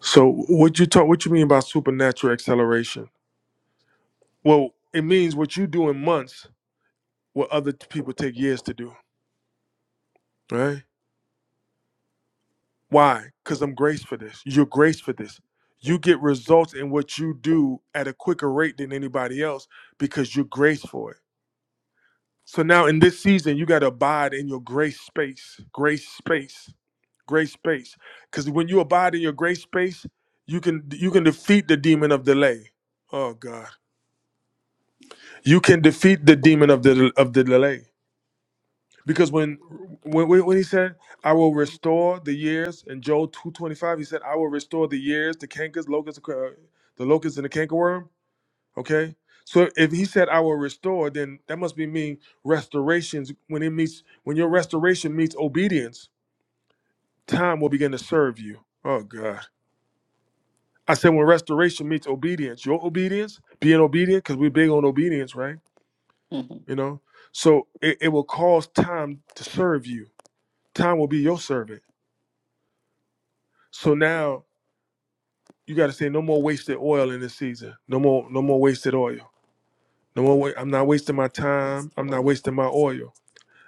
So what you talk what you mean by supernatural acceleration? Well, it means what you do in months, what other people take years to do, right? Why? Because I'm graced for this. You're graced for this. You get results in what you do at a quicker rate than anybody else because you're graced for it. So now in this season, you got to abide in your grace space, grace space, grace space. Because when you abide in your grace space, you can you can defeat the demon of delay. Oh God, you can defeat the demon of the of the delay. Because when when when when he said, "I will restore the years," in Joel two twenty five, he said, "I will restore the years, the cankers, locusts, uh, the locusts, and the cankerworm." Okay, so if he said, "I will restore," then that must be mean restorations. When it meets, when your restoration meets obedience, time will begin to serve you. Oh God, I said when restoration meets obedience, your obedience, being obedient, because we're big on obedience, right? Mm-hmm. You know, so it, it will cause time to serve you. Time will be your servant So now you got to say no more wasted oil in this season. No more, no more wasted oil. No more. Wa- I'm not wasting my Praise time. the I'm not Lord. wasting my oil.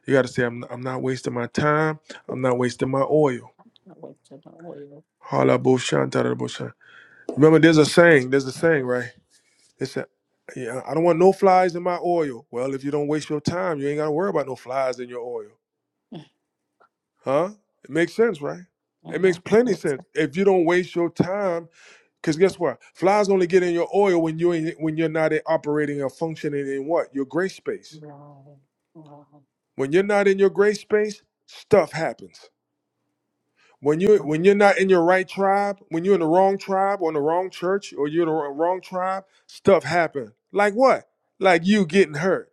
You got to say I'm, I'm not wasting my time. I'm not wasting my oil. I wait till the oil. Hala bo shan ta Remember, there's a saying. There's a saying, right? It's a yeah, I don't want no flies in my oil. Well, if you don't waste your time, you ain't got to worry about no flies in your oil. Huh? It makes sense, right? It makes Amen. plenty Yes, sense. sir. If you don't waste your time, Because guess what? Flies only get in your oil when you ain't when you're not operating or functioning in what your gray space. Wow. Wow. When you're not in your gray space, stuff happens. When you when you're not in your right tribe, when you're in the wrong tribe or in the wrong church or you're in the wrong wrong tribe, stuff happen. Like what? Like you getting hurt.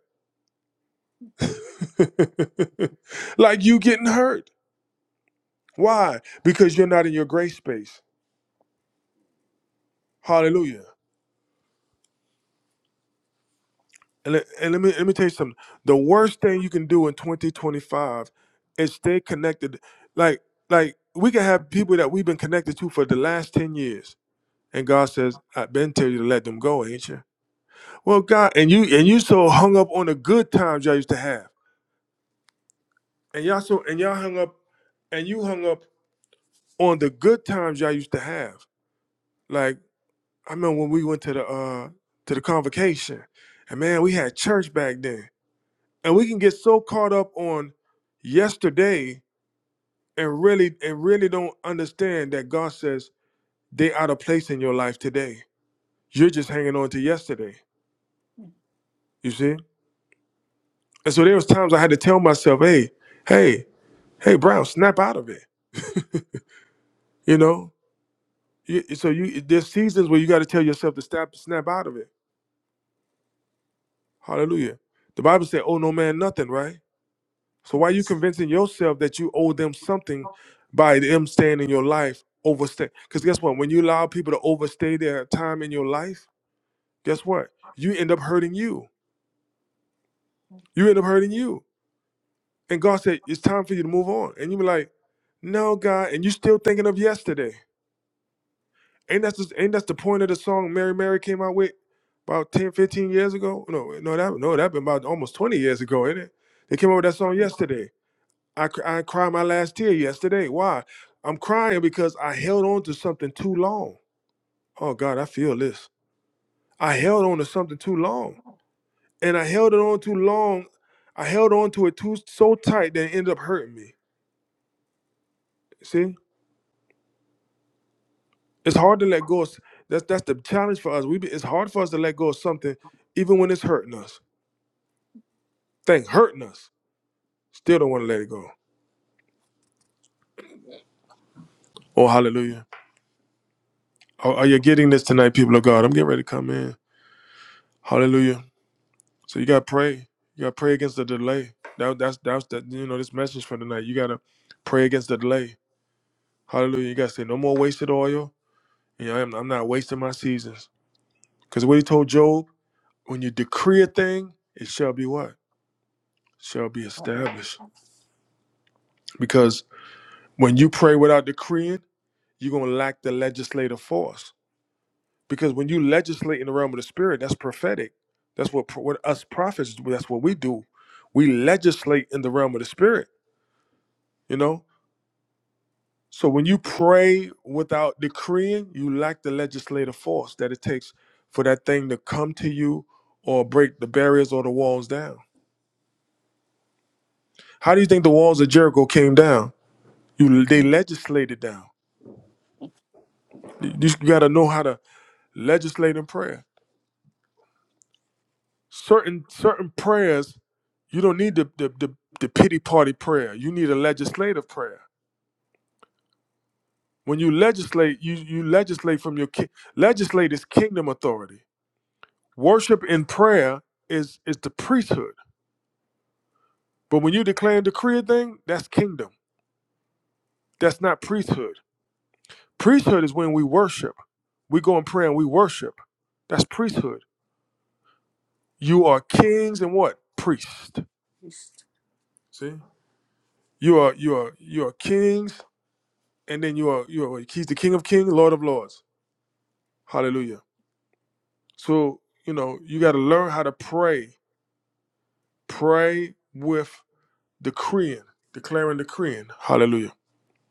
like you getting hurt. Why? Because you're not in your gray space. Hallelujah. And let, and let me let me tell you something. The worst thing you can do in 2025 is stay connected. Like like we can have people that we've been connected to for the last 10 years. And God says, I've been telling you to let them go, ain't you? Well, God, and you and you so hung up on the good times y'all used to have. And y'all so and y'all hung up and you hung up on the good times y'all used to have. Like, I remember when we went to the uh to the convocation, and man, we had church back then and we can get so caught up on yesterday and really and really don't understand that God says they out of place in your life today. You're just hanging on to yesterday. You see? And so there was times I had to tell myself, hey, hey, hey, Brown, snap out of it. You know? You, so you there's seasons where you got to tell yourself to snap snap out of it. Hallelujah. The Bible said, "Oh no man, nothing." Right? So why are you Yes. convincing yourself that you owe them something by them staying in your life overstay? Because guess what? When you allow people to overstay their time in your life, guess what? You end up hurting you. You end up hurting you. And God said, it's time for you to move on. And you be like, no, God. And you still thinking of yesterday. Ain't that's just, ain't that's the point of the song Mary Mary came out with about 10 15 years ago? No, no, that no, that been about almost 20 years ago, ain't it? They came out with that song Mm, yesterday I, cr- I cried my last tear yesterday. Why? I'm crying because I held on to something too long. Oh God, I feel this. I held on to something too long, and I held it on too long. I held on to it too so tight that it ended up hurting me. See, it's hard to let go. Of, s- that's that's the challenge for us. We be, it's hard for us to let go of something, even when it's hurting us. Thing hurting us, still don't want to let it go. Oh hallelujah! Are, are you getting this tonight, people of God? I'm getting ready to come in. Hallelujah. So you gotta pray. You gotta pray against the delay. That that's that's that you know this message for tonight. You gotta pray against the delay. Hallelujah. You gotta say no more wasted oil. You know, I'm, I'm not wasting my seasons. Because what he told Job, when you decree a thing, it shall be what? Shall be established. Because when you pray without decreeing, you're gonna lack the legislative force. Because when you legislate in the realm of the spirit, that's prophetic. That's what, what us prophets, that's what we do. We legislate in the realm of the spirit. You know, So when you pray without decreeing, you lack the legislative force that it takes for that thing to come to you or break the barriers or the walls down. How do you think the walls of Jericho came down? You they legislated down. You just gotta know how to legislate in prayer. Certain certain prayers, you don't need the the, the, the pity party prayer. You need a legislative prayer. When you legislate, you you legislate from your ki- legislate is kingdom authority. Worship in prayer is is the priesthood. But when you declare and decree a thing, that's kingdom. That's not priesthood. Priesthood is when we worship. We go in prayer and we worship. That's priesthood. You are kings and what? Priest. Just, See? You are you are you are kings and then you are you are he's the king of kings, Lord of Lords. Hallelujah. So, you know, you gotta learn how to pray. Pray with decreeing, declaring decreeing. Hallelujah.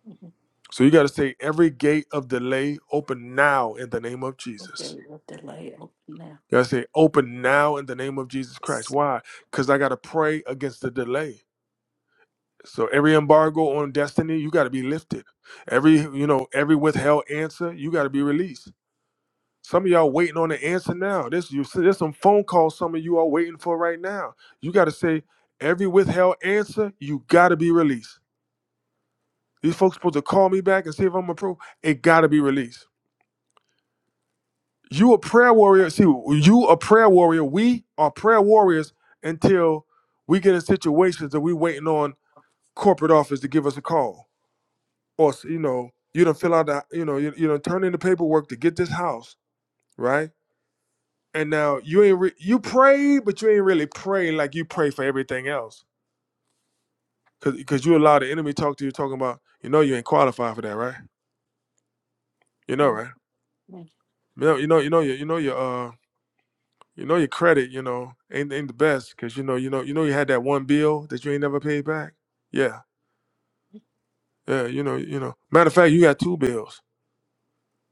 mhm. So you got to say, every gate of delay, open now in the name of Okay, Jesus. we'll delay open now. You got to say, open now in the name of Jesus Christ. Yes. Why? Because I got to pray against the delay. So every embargo on destiny, you got to be lifted. Every, you know, every withheld answer, you got to be released. Some of y'all waiting on the answer now. This you see, there's some phone calls some of you are waiting for right now. You got to say, every withheld answer, you got to be released. These folks supposed to call me back and see if I'm approved. It got to be released. You a prayer warrior. See, you a prayer warrior. We are prayer warriors until we get in situations that we waiting on corporate office to give us a call, or you know, you don't fill out the, you know, you, you don't turn in the paperwork to get this house, right? And now you ain't re- you pray, but you ain't really pray like you pray for everything else, cause cause you allow the enemy to talk to you talking about, you know, you ain't qualified for that, right? You know, Mm, right? thank You know, you know, you know, you you know, your. uh, You know your credit, you know, ain't ain't the best because you know, you know, you know you had that one bill that you ain't never paid back. Yeah, yeah, you know, you know. Matter of fact, you got two bills.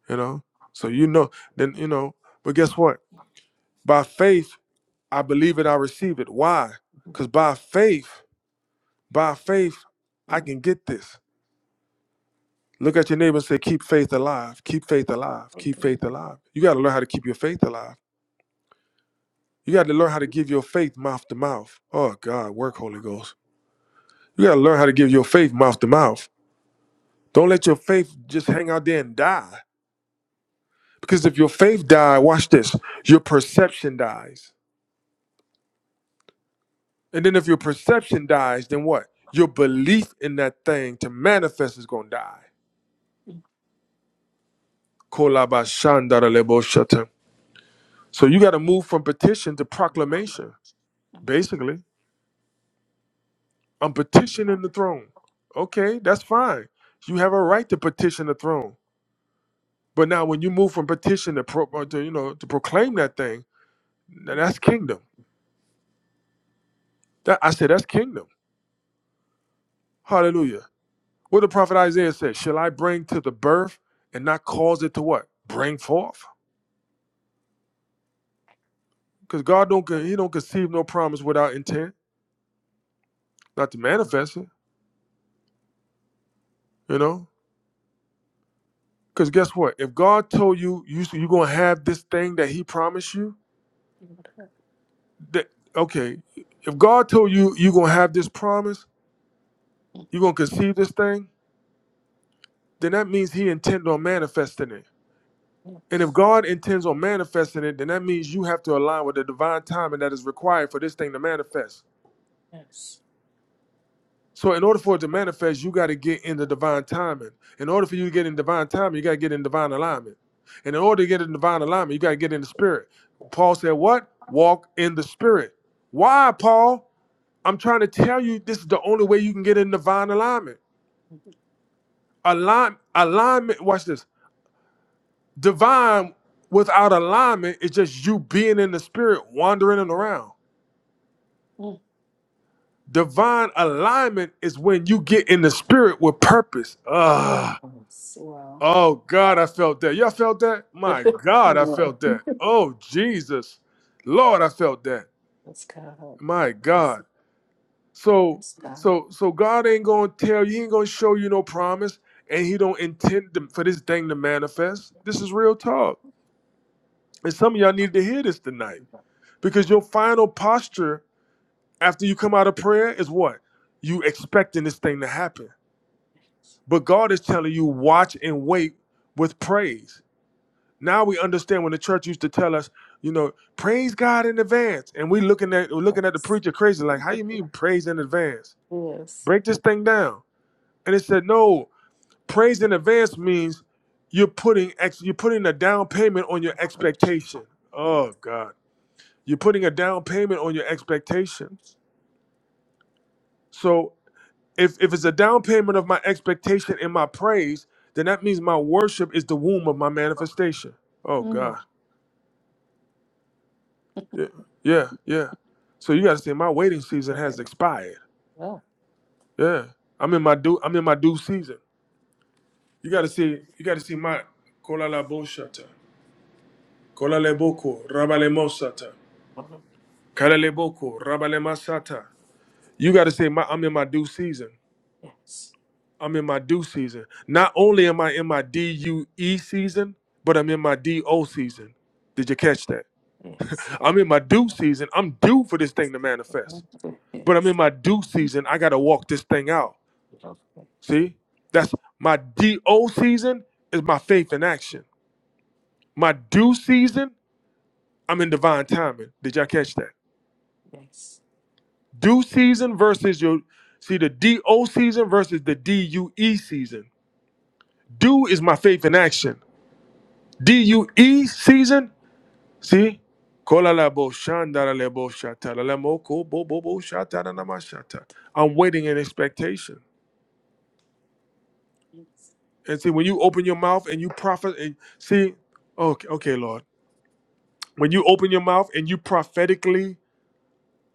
You know, so you know then you know. But guess what? By faith, I believe it. I receive it. Why? you. Because by faith, by faith, I Mhm. can get this. Look at your neighbor and say, "Keep faith alive. Keep faith alive. Thank Keep you. faith alive." You got to learn how to keep your faith alive. You got to learn how to give your faith mouth to mouth. Oh God, work, Holy Ghost. You got to learn how to give your faith mouth to mouth. Don't let your faith just hang out there and die. Because if your faith die, watch this, your perception dies. And then if your perception dies, then what? Your belief in that thing to manifest is going to die. Mhm. Kolabashandaraleboshata. So you got to move from petition to proclamation, basically. I'm petitioning the throne. Okay, that's fine. You have a right to petition the throne. But now when you move from petition to, pro- uh, to you know, to proclaim that thing, Now Mhm. that's kingdom. That I said that's kingdom. Hallelujah. What the prophet Isaiah said, shall I bring to the birth and not cause it to what? Bring forth. Because God don't con- he don't conceive no promise without intent, not to manifest it, you know? Because guess what? If God told you you you're gonna have this thing that he promised you, Give it up. that okay, if God told you you're gonna have this promise, you're Mhm. gonna conceive this thing, then that means he intended on manifesting it. And if Yes. God intends on manifesting it, then that means you have to align with the divine timing that is required for this thing to manifest. Yes. So, in order for it to manifest, you got to get in the divine timing. In order for you to get in divine timing, you got to get in divine alignment. And in order to get in divine alignment, you got to get in the spirit. Paul said, What? Walk in the spirit. Why, Paul? I'm trying to tell you this is the only way you can get in divine alignment. Mhm. Align, alignment, watch this. Divine without alignment is just you being in the spirit, wandering around Mm. Divine alignment is when you get in the spirit with purpose. Ah, Yes. Wow. oh God, I felt that. Y'all felt that? My God, I Wow. felt that. Oh Jesus, Lord, I felt that. That's God. My God. So, That's so, so God ain't gonna tell you. He ain't gonna show you no promise, and He don't intend to- for this thing to manifest. This is real talk, and some of y'all need to hear this tonight because God. your final posture after you come out of prayer is what you expecting this thing to happen. Yes. But God is telling you, watch and wait with praise. Now we understand when the church used to tell us, you know, praise God in advance. And we looking at we're looking at the preacher crazy, like, how you mean praise in advance? Yes. Break this thing down. And it said, no, praise in advance means you're putting ex- you're putting a down payment on your expectation. Yes. Oh God. You're putting a down payment on your expectation. So. if if it's a down payment of my expectation and my praise, then that means my worship is the womb of my manifestation. Oh Mm. God. Yeah. Yeah. Yeah. So you gotta say my waiting season has expired. Well. Yeah. I'm in my due I'm in my due season. You gotta see you gotta see my kola la boshata. Kola le boko rabale mosata. Kala le boko rabale masata. You gotta say my I'm in my due season. Yes. I'm in my due season. Not only am I in my DUE season, but I'm in my DO season. Did you catch that? Yes. Yes. I'm in my due season. I'm due for this thing to Okay. manifest. But I'm in my due season. I got to walk this thing out. See? That's my DO season is my faith in action. My due season, I'm in divine timing. Did y'all catch that? Yes. Due season versus your see the DO season versus the DUE season. Due is my faith in action. DUE season See? Kola la bo shanda la le bo shata la le mo ko bo bo bo shata na na ma shata. I'm waiting in expectation. Yes. And see, when you open your mouth and you prophet, and see, okay, okay, Lord, when you open your mouth and you prophetically,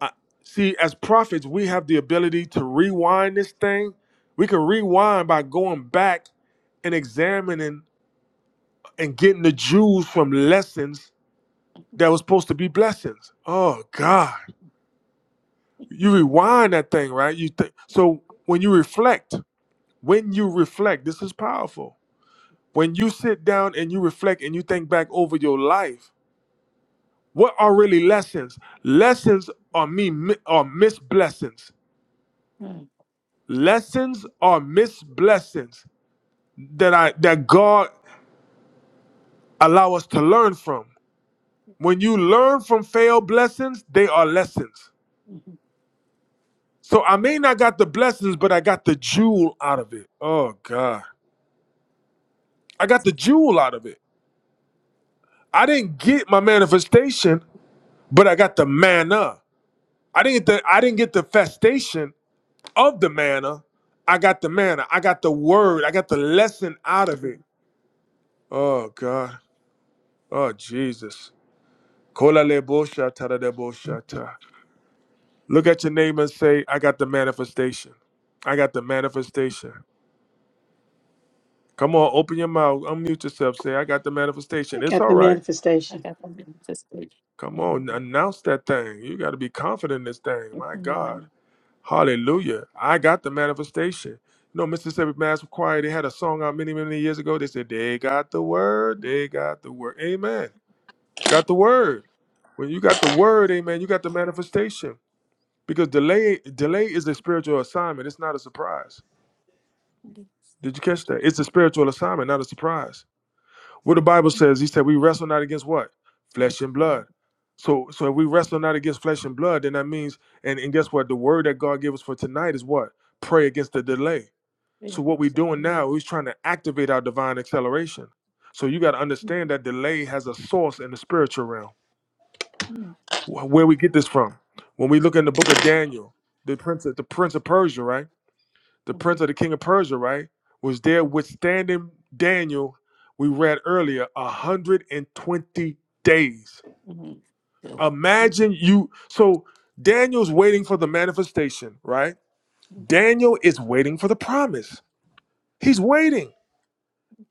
uh, see, as prophets, we have the ability to rewind this thing. We can rewind by going back and examining and getting the Jews from lessons that was supposed to be blessings. Oh God. you rewind that thing, right? You think so when you reflect, when you reflect, this is powerful. When you sit down and you reflect and you think back over your life, what are really lessons? Lessons are me mi- are missed blessings. Mm. Lessons are missed blessings that I that God allow us to learn from. When you learn from failed blessings, they are lessons. Mhm. So I may not got the blessings, but I got the jewel out of it. Oh God. I got the jewel out of it. I didn't get my manifestation, but I got the manna. I didn't get the I didn't get the festation of the manna. I got the manna. I got the word. I got the lesson out of it. Oh God. Oh Jesus. Kola le bo da da bo Look at your neighbor and say, I got the manifestation. I got the manifestation. Come on, open your mouth. Unmute yourself. Say, I got the I manifestation. It's got all the right. I manifestation. got something to say. Come on, Mhm. announce that thing. You got to be confident in this thing. My God. Hallelujah. I got the manifestation. You know, Mississippi Mass Choir, they had a song out many, many years ago. They said, They got the word. They got the word. Amen. Got the word. When you got the word, amen, you got the manifestation. Because delay, delay is a spiritual assignment. It's not a surprise. Mhm. Did you catch that? It's a spiritual assignment, not a surprise. What the Bible says, he said, we wrestle not against what? Flesh Bless and you, blood. Lord. So so if we wrestle not against flesh and blood, then that means, and, and guess what? The word that God gave us for tonight is what? Pray against the delay So Thank you, what we're sir. doing Mhm. now is trying to activate our divine acceleration. So you got to Mhm. understand that delay has a source in the spiritual realm. Mhm. Wh- Where we get this from? When we look in the book of Daniel, the prince, of, the prince of Persia, right? The prince of the king of Persia, right, was there withstanding Daniel. We read earlier, a hundred and twenty days. Mhm. Mhm. Imagine you. So Daniel's waiting for the manifestation, right? Daniel is waiting for the promise. He's waiting.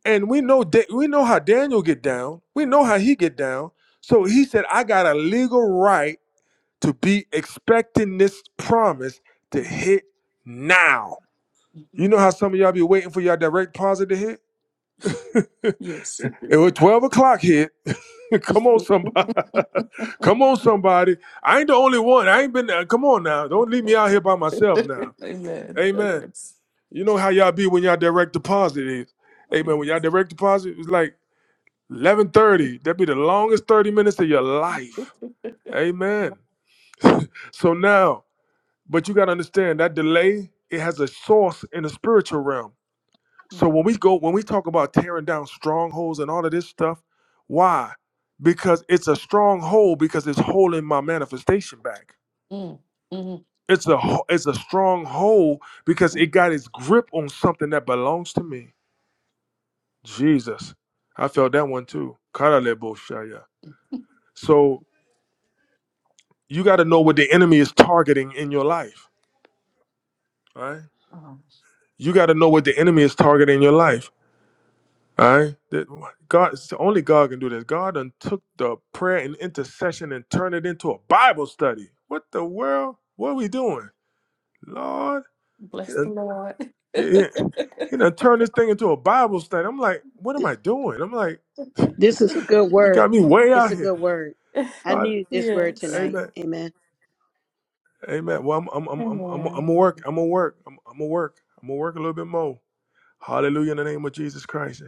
And we know da- we know how Daniel get down. We know how he get down. So he said, "I got a legal right to be expecting this promise to Mhm. hit now." Mhm. You know how some of y'all be waiting for y'all direct deposit to hit? Yes. It was twelve o'clock hit. come on, somebody. come on, somebody. I ain't the only one. I ain't been. there. come on now. Don't leave me out here by myself now. Amen. I Amen. guess. You know how y'all be when y'all direct deposit is. Yeah. Amen. When y'all direct deposit, it's like. Eleven thirty. That'd be the longest thirty minutes of your life. Amen. So now, but you gotta understand that delay. It has a source in the spiritual realm. So Mm, when we go, when we talk about tearing down strongholds and all of this stuff, why? Because it's a stronghold because it's holding my manifestation back. mm, mm, It's a ho- it's a stronghold because it mm. got its grip on something that belongs to me. Jesus, I felt that one too. Karalebo shaya. So you got to know what the enemy is targeting in your life. All right. Oh, You got to know what the enemy is targeting in your life. All right. That God, it's only God can do this. God done took the prayer and intercession and turned it into a Bible study. What the world? What are we doing? Lord, he bless the done, Lord. he, he he done turned this thing into a Bible study. I'm like, what am I doing? I'm like, This is a good you got word. me way It's out a here. good word. I All right. needed this word yes. tonight. Amen. Amen. Amen. Well, I'm I'm I'm I'm I'm I'm Amen. gonna work. I'm gonna work. I'm I'm gonna work. I'm gonna work a little bit more. Hallelujah in the name of Jesus Christ.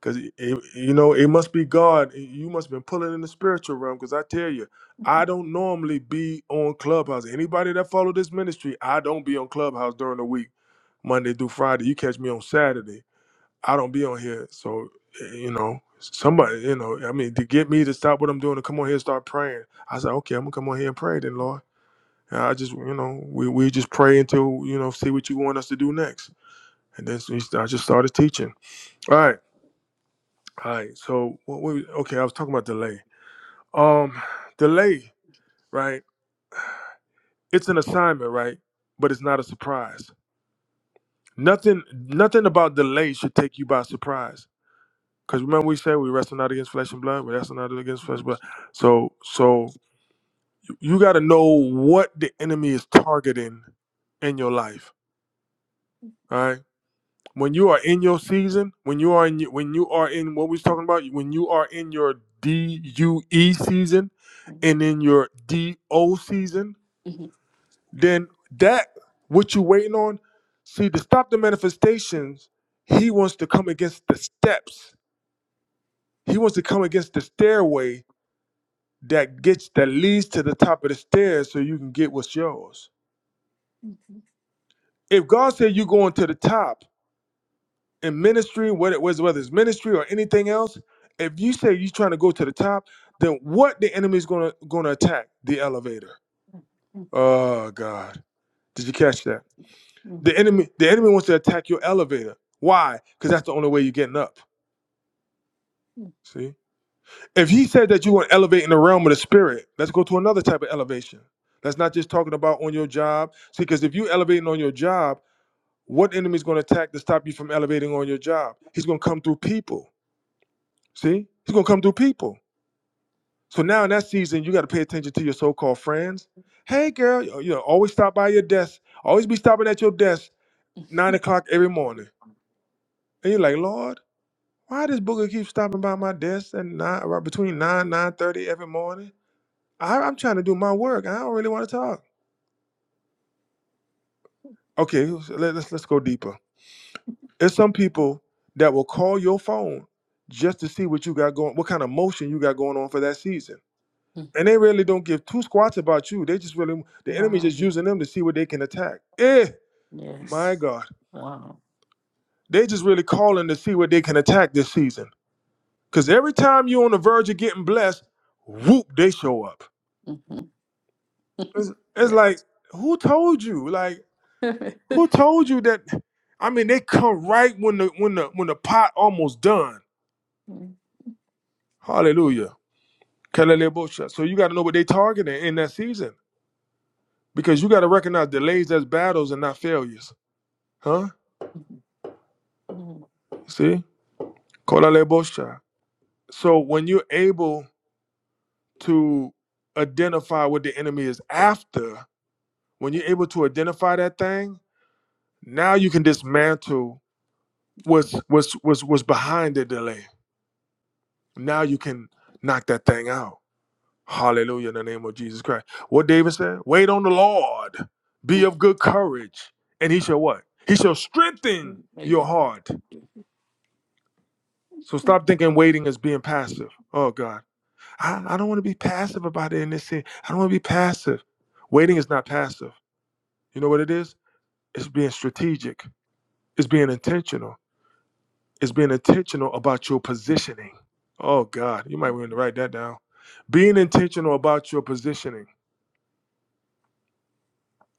Because, you know, it must be God. You must have been pulling in the spiritual realm. Because I tell you, I don't normally be on Clubhouse. Anybody that follow this ministry, I don't be on Clubhouse during the week, Monday through Friday. You catch me on Saturday. I don't be on here. So, eh, you know, somebody, you know, I mean, to get me to stop what I'm doing to come on here and start praying, I said, okay, I'm going to come on here and pray then, Lord. And I just, you know, we, we just pray until, you know, see what you want us to do next. And then so he- I just started teaching. All right, all right. So what we okay, I was talking about delay. Um, delay, right? It's an assignment, right? But it's not a surprise. Nothing, nothing about delay should take you by surprise. Because remember we said we wrestle not against flesh and blood, we wrestle not against flesh and blood. So, so you got to know what the enemy is targeting in your life. All right. when you are in your season, when you are in when you are in what we was talking about, when you are in your DUE season Mhm, and in your DO season, mhm, then that what you waiting on, see to stop the manifestations, he wants to come against the steps. He wants to come against the stairway that gets that leads to the top of the stairs so you can get what's yours. mhm, If God said you're going to the top, in ministry, whether whether whether it's ministry or anything else, if you say you're trying to go to the top, then what the enemy is gonna gonna attack the elevator. Oh God, did you catch that? mhm, The enemy, the enemy wants to attack your elevator. Why? Because that's the only way you're getting up. mhm. See, if he said that you want to elevate in the realm of the spirit, let's go to another type of elevation. That's not just talking about on your job. See, because if you elevating on your job, what enemy is going to attack to stop you from elevating on your job? He's going to come through people. See, he's going to come through people. So now in that season, you got to pay attention to your so-called friends. Hey, girl, you know, always stop by your desk. Always be stopping at your desk nine o'clock every morning. And you're like, Lord, why does Booger keep stopping by my desk and nine, right between nine nine thirty every morning? I, I'm trying to do my work. I don't really want to talk. Okay, let, let's let's go deeper. There's some people that will call your phone just to see what you got going, what kind of motion you got going on for that season And they really don't give two squats about you. They just really the enemy's just Wow. using them to see what they can attack. Eh, Yes. my God. Wow. They just really calling to see what they can attack this season. Cause every time you're on the verge of getting blessed, whoop, they show up. hmm It's, it's like, Yes. who told you? Like, who told you that? I mean, they come right when the when the when the pot almost done. Mhm, Hallelujah. Kalelebosha. So you gotta know what they targeting in that season. Because you gotta recognize delays as battles and not failures. Huh? mhm, See? Kolalebosha. So when you're able to identify what the enemy is after, when you're able to identify that thing, now you can dismantle what's what's what's what's behind the delay. Now you can knock that thing out. Hallelujah in the name of Jesus Christ. What David said, wait on the Lord, be of mhm, good courage, and he shall what? He shall strengthen mhm. Very your good. heart. So stop thinking waiting is being passive. Oh God. I, I don't want to be passive about it in this sense. I don't want to be passive. Waiting is not passive. You know what it is? It's being strategic. It's being intentional. It's being intentional about your positioning. Oh God, you might want to write that down. Being intentional about your positioning.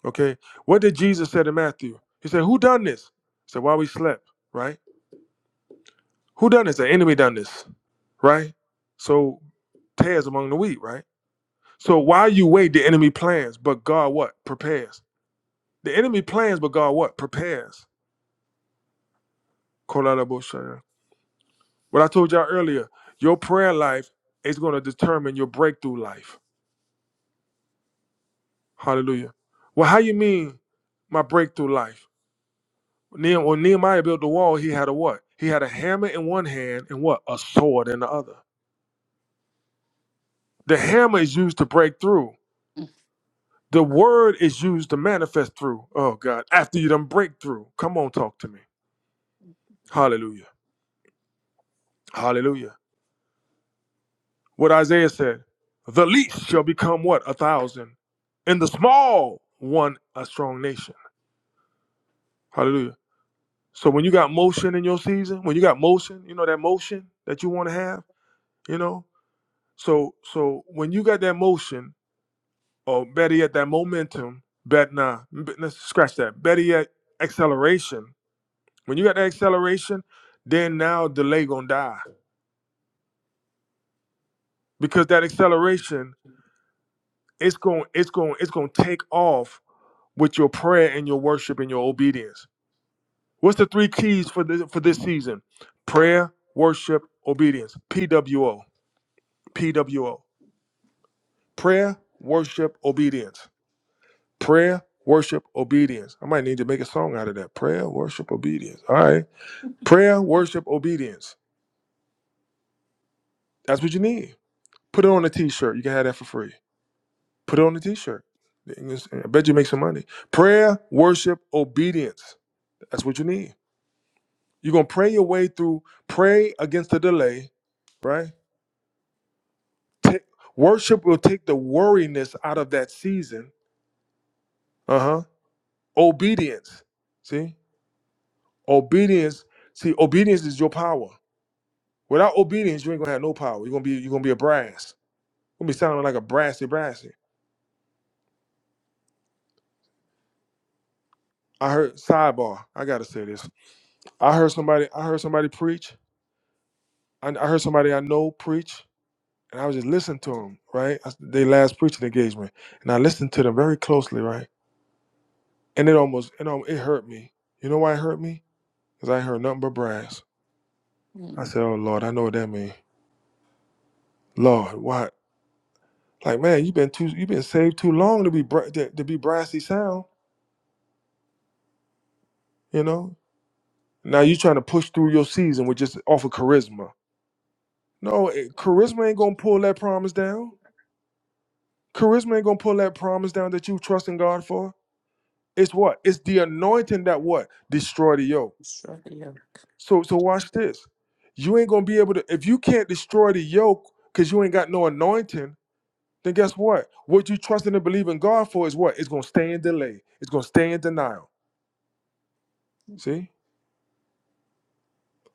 Okay. What did Jesus say to Matthew? He said, Who done this? He said, While we slept, right? Who done this? The enemy done this, right? So tares among the wheat, right? So while you wait, the enemy plans, but God what? Prepares. The enemy plans, but God what? Prepares. Kolarabosha. What I told y'all earlier, your prayer life is going to determine your breakthrough life. Hallelujah. Well, how you mean my breakthrough life? Ne- When Nehemiah built the wall, he had a what? He had a hammer in one hand and what? A sword in the other. The hammer is used to break through. Mm, The word is used to manifest through. Oh God. After you done break through. Come on, talk to me. Hallelujah. Hallelujah. What Isaiah said, the least shall become what? A thousand. And the small one, a strong nation. Hallelujah. So when you got motion in your season, when you got motion, you know that motion that you want to have, you know? So so when you got that motion, or better yet, that momentum, bet nah, let's scratch that. Better yet, acceleration. When you got that acceleration, then now delay gonna die. Because that acceleration, it's going, it's going, it's gonna take off with your prayer and your worship and your obedience. What's the three keys for this for this season? Prayer, worship, obedience. P W O. P W O. Prayer, worship, obedience. Prayer, worship, obedience. I might need to make a song out of that. Prayer, worship, obedience. All right. Prayer, worship, obedience. That's what you need. Put it on a t-shirt. You can have that for free. Put it on a t-shirt. I bet you make some money. Prayer, worship, obedience. That's what you need. You're gonna pray your way through. Pray against the delay, right? Take, worship will take the worriness out of that season. Uh huh. Obedience. See, obedience. See, obedience is your power. Without obedience, you ain't gonna have no power. You're gonna be you're gonna be a brass. You're gonna be sounding like a brassy brassy. I heard sidebar. I gotta say this. I heard somebody. I heard somebody preach. I, I heard somebody I know preach, and I was just listening to them. Right, I, they last preaching engagement, and I listened to them very closely. Right and it almost it almost, it hurt me. You know why it hurt me? Cause I ain't heard nothing but brass. I mm. said, "Oh Lord, I know what that means." Lord, why? Like man, you have been too you been saved too long to be bra- to, to be brassy sound. You know. Now you trying to push through your season with just off of charisma. No, it, charisma ain't gonna pull that promise down. Charisma ain't gonna pull that promise down that you trust in God for. It's what? It's the anointing that what destroy the yoke. Destroy the yoke. So so watch this. You ain't gonna be able to if you can't destroy the yoke because you ain't got no anointing. Then guess what? What you trusting and believing God for is what? It's gonna stay in delay. It's gonna stay in denial. See?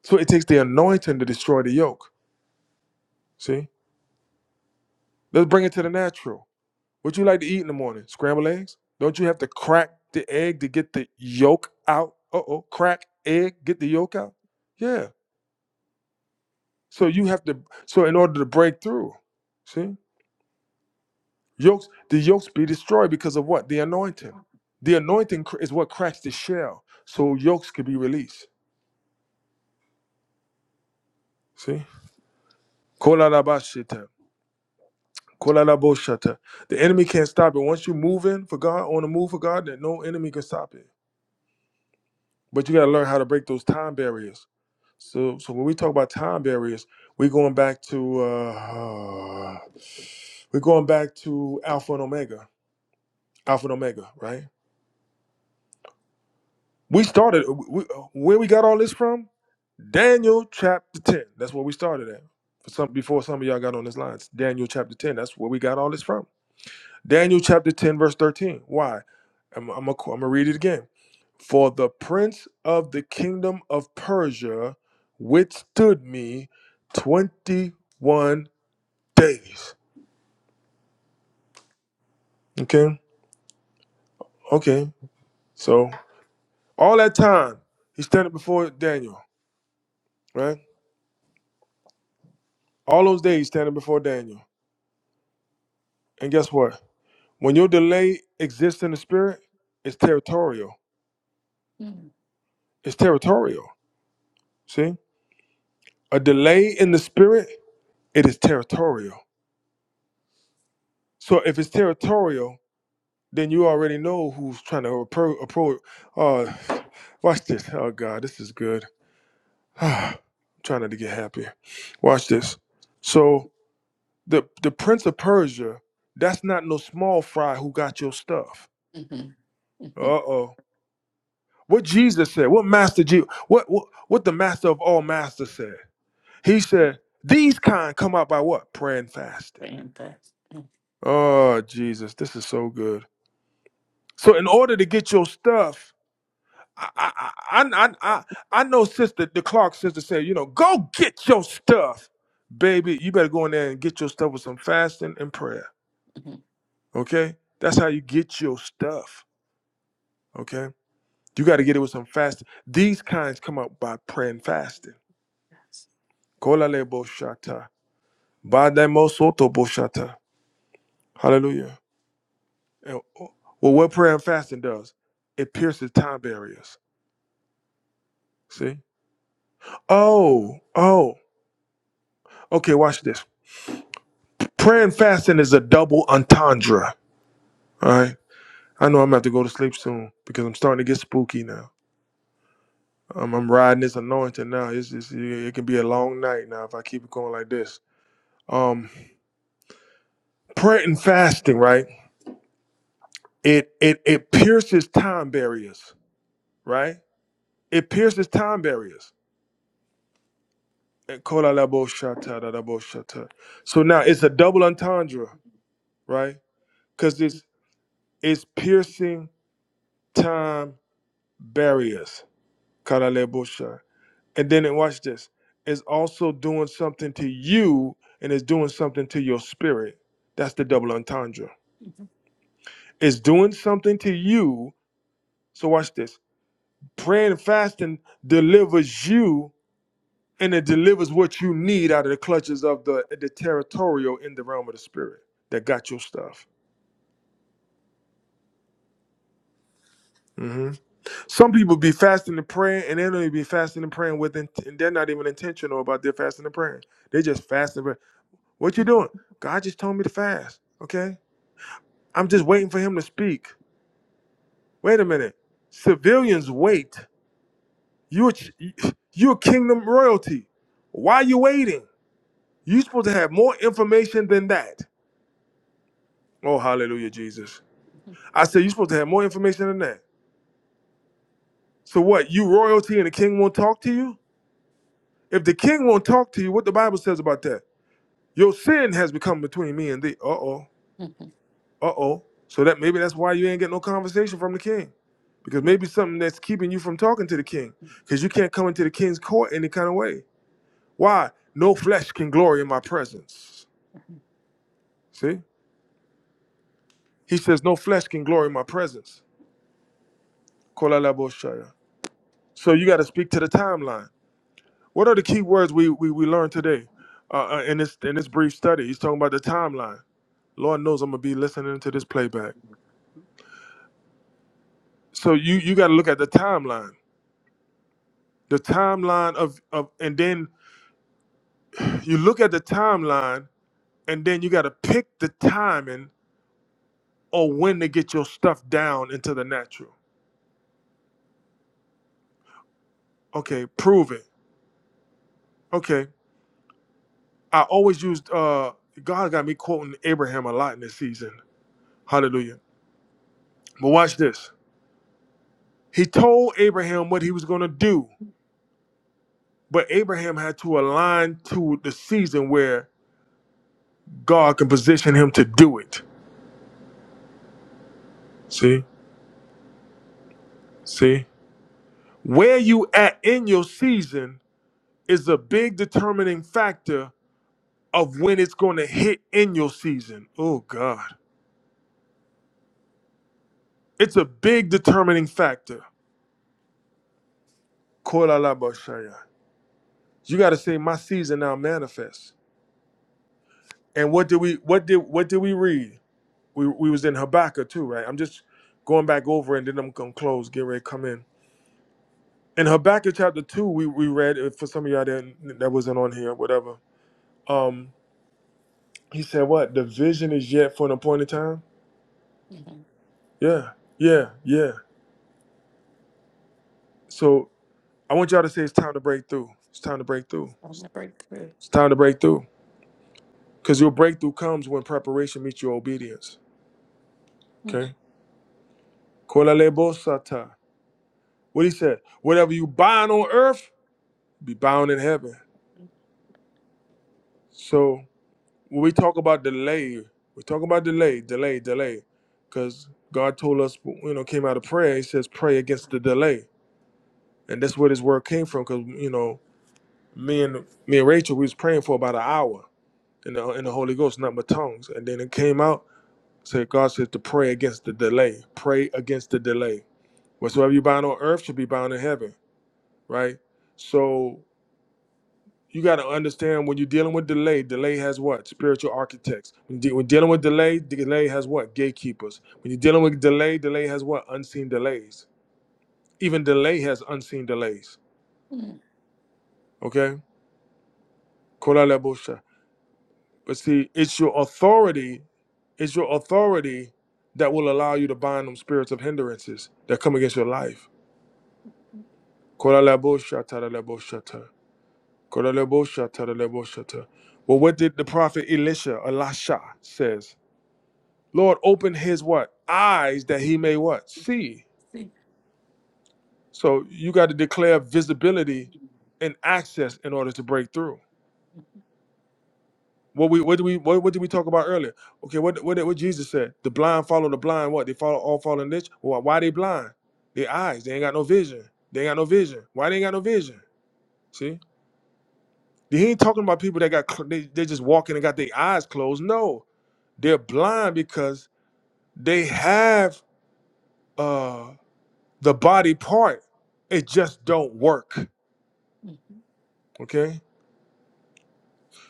So it takes the anointing to destroy the yoke. See? Let's bring it to the natural. What you like to eat in the morning? Scrambled eggs? Don't you have to crack the egg to get the yolk out? Uh oh. Crack egg, get the yolk out? Yeah. So you have to so in order to break through. See? Yokes, the yokes be destroyed because of what? The anointing. The anointing cr- is what cracks the shell, so yokes can be released. See? Kolalabashita. Kolalaboshata. The enemy can't stop it. Once you move in for God, on the move for God, then no enemy can stop it. But you gotta learn how to break those time barriers. So, so when we talk about time barriers, we're going back to uh, we're going back to Alpha and Omega, Alpha and Omega, right? We started uh, we, uh, where we got all this from? Daniel chapter 10. That's where we started at. For some before some of y'all got on this line. It's Daniel chapter 10. That's where we got all this from. Daniel chapter 10 verse 13. Why? I'm I'm going to read it again. For the prince of the kingdom of Persia withstood me 21 days. Okay? Okay. So all that time he's standing before Daniel, right? All those days standing before Daniel. And guess what? When your delay exists in the spirit, it's territorial. It's territorial. See? A delay in the spirit, it is territorial. So if it's territorial, then you already know who's trying to approach. Appro- appro- uh, watch this. Oh, God, this is good. I'm trying not to get happier. Watch this. So the, the Prince of Persia, that's not no small fry who got your stuff. Mhm, Uh mhm, oh. What Jesus said, what Master Jesus, what, what, what the Master of all Masters said. He said, These kind come out by what? Prayer and fasting. For impact. Mhm, Oh, Jesus, this is so good. So, in order to get your stuff, I, I, I, I, I I know Sister, the Clark sister said, you know, go get your stuff. Baby, you better go in there and get your stuff with some fasting and prayer. mhm, Okay? That's how you get your stuff. Okay? You got to get it with some fasting. These kinds come out by prayer and fasting. Kola le bo shata. Ba de mo soto bo shata. Hallelujah. And, oh, well, what prayer and fasting does, it pierces time barriers. See? Oh, oh. Okay, watch this. Prayer and fasting is a double entendre. All right. I know I'm about to go to sleep soon because I'm starting to get spooky now. Um, I'm riding this anointing now. It's, it's, it can be a long night now if I keep it going like this. Um, prayer and fasting, right? It it it pierces time barriers, right? It pierces time barriers. Kola la bo shata da da bo shata. So now it's a double entendre, right? Because it's it's piercing time barriers. Kola la bo sha. And then it, watch this. It's also doing something to you, and it's doing something to your spirit. That's the double entendre. mhm, It's doing something to you. So watch this. Praying and fasting delivers you, and it delivers what you need out of the clutches of the the territorial in the realm of the spirit that got your stuff. hmm Some people be fasting and praying, and they don't even be fasting and praying with, int- and they're not even intentional about their fasting and praying. They just fasting. and pray- What you doing? God just told me to fast. Okay, I'm just waiting for Him to speak. Wait a minute. Civilians wait. You're ch- you're kingdom royalty. Why you waiting? You're supposed to have more information than that. Oh, hallelujah, Jesus. I said you're supposed to have more information than that. So what? You royalty and the king won't talk to you? If the king won't talk to you, what the Bible says about that? Your sin has become between me and thee. Uh oh. mhm, Uh oh. So that maybe that's why you ain't get no conversation from the king. Because mhm. maybe something that's keeping you from talking to the king. Because you can't come into the king's court any kind of way. Why? No flesh can glory in my presence. See? He says, No flesh can glory in my presence. Kolalaboshaya. So you got to speak to the timeline. What are the key words we, we, we learned today uh, uh, in, this, in this brief study? He's talking about the timeline. Lord knows I'm going to be listening to this playback. So you, you got to look at the timeline the timeline of, of and then you look at the timeline and then you got to pick the timing or when to get your stuff down into the natural okay prove it okay i always used uh god got me quoting abraham a lot in this season hallelujah but watch this he told abraham what he was going to do but abraham had to align to the season where god can position him to do it see see where you at in your season is a big determining factor of when it's going to hit in your season. Oh God, it's a big determining factor. Kolalabashaya. You got to say my season now manifests. And what did we what did what did we read? We we was in Habakkuk too, right? I'm just going back over and then I'm gonna close. Get ready, to come in. In Habakkuk chapter two, we we read uh, for some of y'all that that wasn't on here, whatever. Um, he said what? The vision is yet for an appointed time. Mhm, Yeah, yeah, yeah. So I want y'all to say it's time to break through. It's time to break through. On the breakthrough. It's time to break through. Because your breakthrough comes when preparation meets your obedience. Mhm, Okay? Kolalebosata. What he said, whatever you bind on earth, be bound in heaven. So when we talk about delay, we talk about delay, delay, delay. Because God told us, you know, came out of prayer, he says, pray against the delay. And that's where this word came from, because you know, me and me and Rachel, we was praying for about an hour in the in the Holy Ghost, not my tongues. And then it came out So God says to pray against the delay. Pray against the delay. Whatsoever you bind on earth should be bound in heaven, right? So you got to understand when you're dealing with delay, delay has what? Spiritual architects. When de- when dealing with delay, delay has what? Gatekeepers. When you're dealing with delay, delay has what? Unseen delays. Even delay has unseen delays. mhm, Okay? Kolalebosha. But see, it's your authority, it's your authority that will allow you to bind them spirits of hindrances that come against your life. Kolalabosha taralaboshata. Kolalabosha taralaboshata. Well, what did the prophet Elisha, Elisha, says? Lord, open his what? Eyes that he mhm. may what? See. See. So you got to declare visibility Mhm, and access in order to break through. What we what do we what, what did we talk about earlier? Okay, what what did- what Jesus said? The blind follow the blind. What they follow all follow niche. Why, why they blind? Their eyes. They ain't got no vision. They ain't got no vision. Why they ain't got no vision? See. He ain't talking about people that got cl- they they just walking and got their eyes closed. No, they're blind because they have uh the body part. It just don't work. mhm, Okay.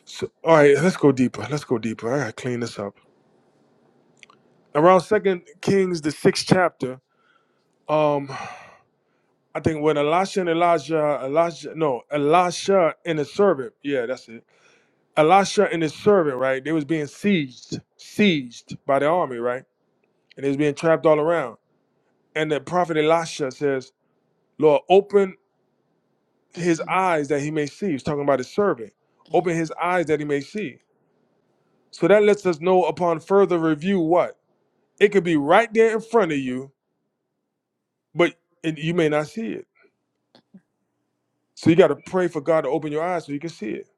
So all right, let's go deeper. Let's go deeper. I gotta clean this up. Around Second Kings, the sixth chapter. Um, I think when Elisha and Elijah, Elijah, no, Elisha and his servant. Yeah, that's it. Elisha and his servant, right? They was being sieged, sieged by the army, right? And they was being trapped all around. And the prophet Elisha says, Lord, open mhm, his mhm, eyes that he may see. He's talking about his servant. Open mhm, his eyes that he may see. So that lets us know upon further review what? It could be right there in front of you, but it, you may not see it. So you got to pray for God to open your eyes so you can see it.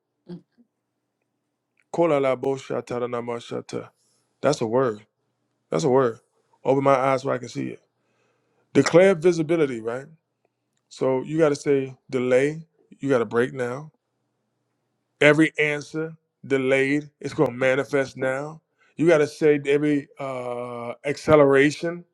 Kolalaboshatadanamoshata. That's a word. That's a word. Open my eyes so I can see it. Declare visibility, right? So you got to say delay. You got to break now Every answer delayed is going to manifest now. You got to say every uh, acceleration.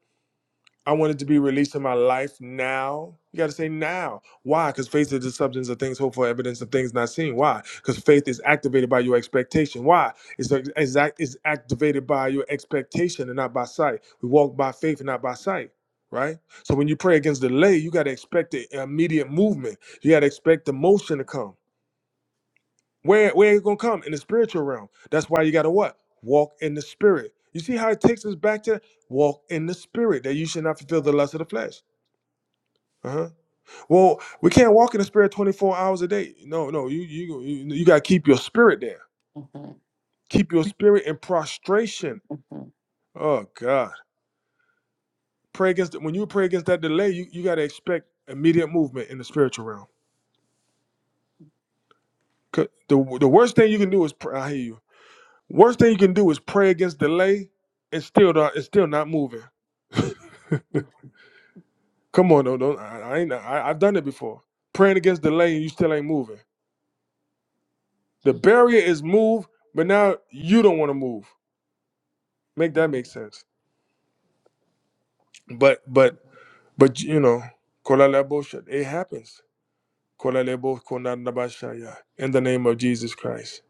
I want it to be released in my life now. You got to say now. Why? Because faith is the substance of things hoped for, evidence of things not seen. Why? Because faith is activated by your expectation. Why? It's, it's, act- it's activated by your expectation and not by sight. We walk by faith and not by sight, right? So when you pray against delay, you got to expect the immediate movement. You got to expect the motion to come. Where where it gonna come in the spiritual realm? That's why you gotta what? Walk in the spirit. You see how it takes us back to walk in the spirit that you should not fulfill the lust of the flesh. Uh-huh. Well, we can't walk in the spirit 24 hours a day. No, no, you you you, you gotta keep your spirit there. mhm, Keep your spirit in prostration. mhm, Oh God. Pray against when you pray against that delay, you, you gotta expect immediate movement in the spiritual realm. 'Cause The, the worst thing you can do is pray. I hear you. Worst thing you can do is pray against delay and still not, it's still not moving. Come on, don't, don't I, I ain't I, I've done it before. Praying against delay and you still ain't moving. The barrier is move, but now you don't want to move. Make that make sense. But but but you know, kolalebo shit. It happens. Kolalebo konanabashaya. In the name of Jesus Christ.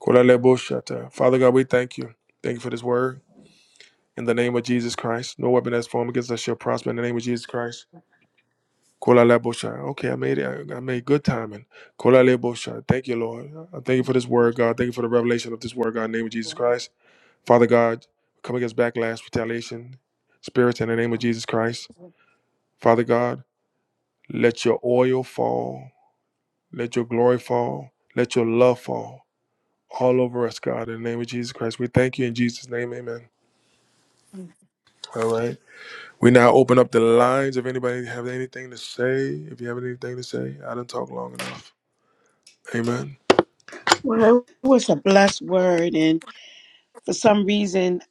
Kolalebo shata. Father God, we thank you. Thank you for this word. In the name of Jesus Christ. No weapon that's formed against us shall prosper in the name of Jesus Christ. Kola Labosha. Okay, I made it. I I made good timing. Kola Labosha. Thank you, Lord. I thank you for this word, God. Thank you for the revelation of this word, God, in the name of Jesus Christ. Father God, come against backlash, retaliation, spirits in the name of Jesus Christ. mhm, Father God, let your oil fall. Let your glory fall. Let your love fall all over us, God, in the name of Jesus Christ. We thank you in Jesus' name. Amen. mhm. All right. We now open up the lines. If anybody have anything to say, if you have anything to say, I didn't talk long enough. Amen. Well, it was a blessed word, and for some reason,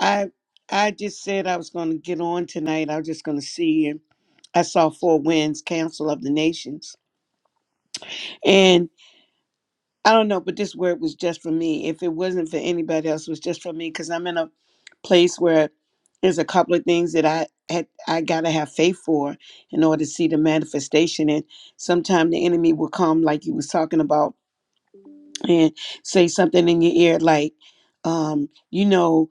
I I just said I was going to get on tonight. I was just going to see, and I saw four winds, Council of the Nations, I don't know, but this word was just for me. If it wasn't for anybody else, it was just for me because I'm in a place where there's a couple of things that I had I gotta have faith for in order to see the manifestation. And sometimes the enemy will come, like you was talking about, and say something in your ear like, um, you know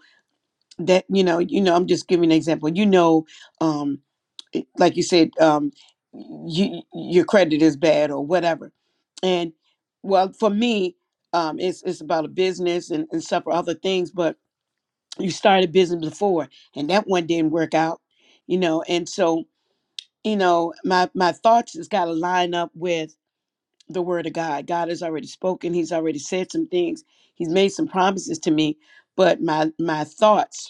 that you know, you know. I'm just giving an example. You know, um, it- like you said, um, you, your credit is bad or whatever. And well, for me, um, it's it's about a business and, and several other things. But you started business before, and that one didn't work out, you know. And so, you know, my my thoughts has got to line up with the word of God. God has already spoken. He's already said some things. He's made some promises to me, but my my thoughts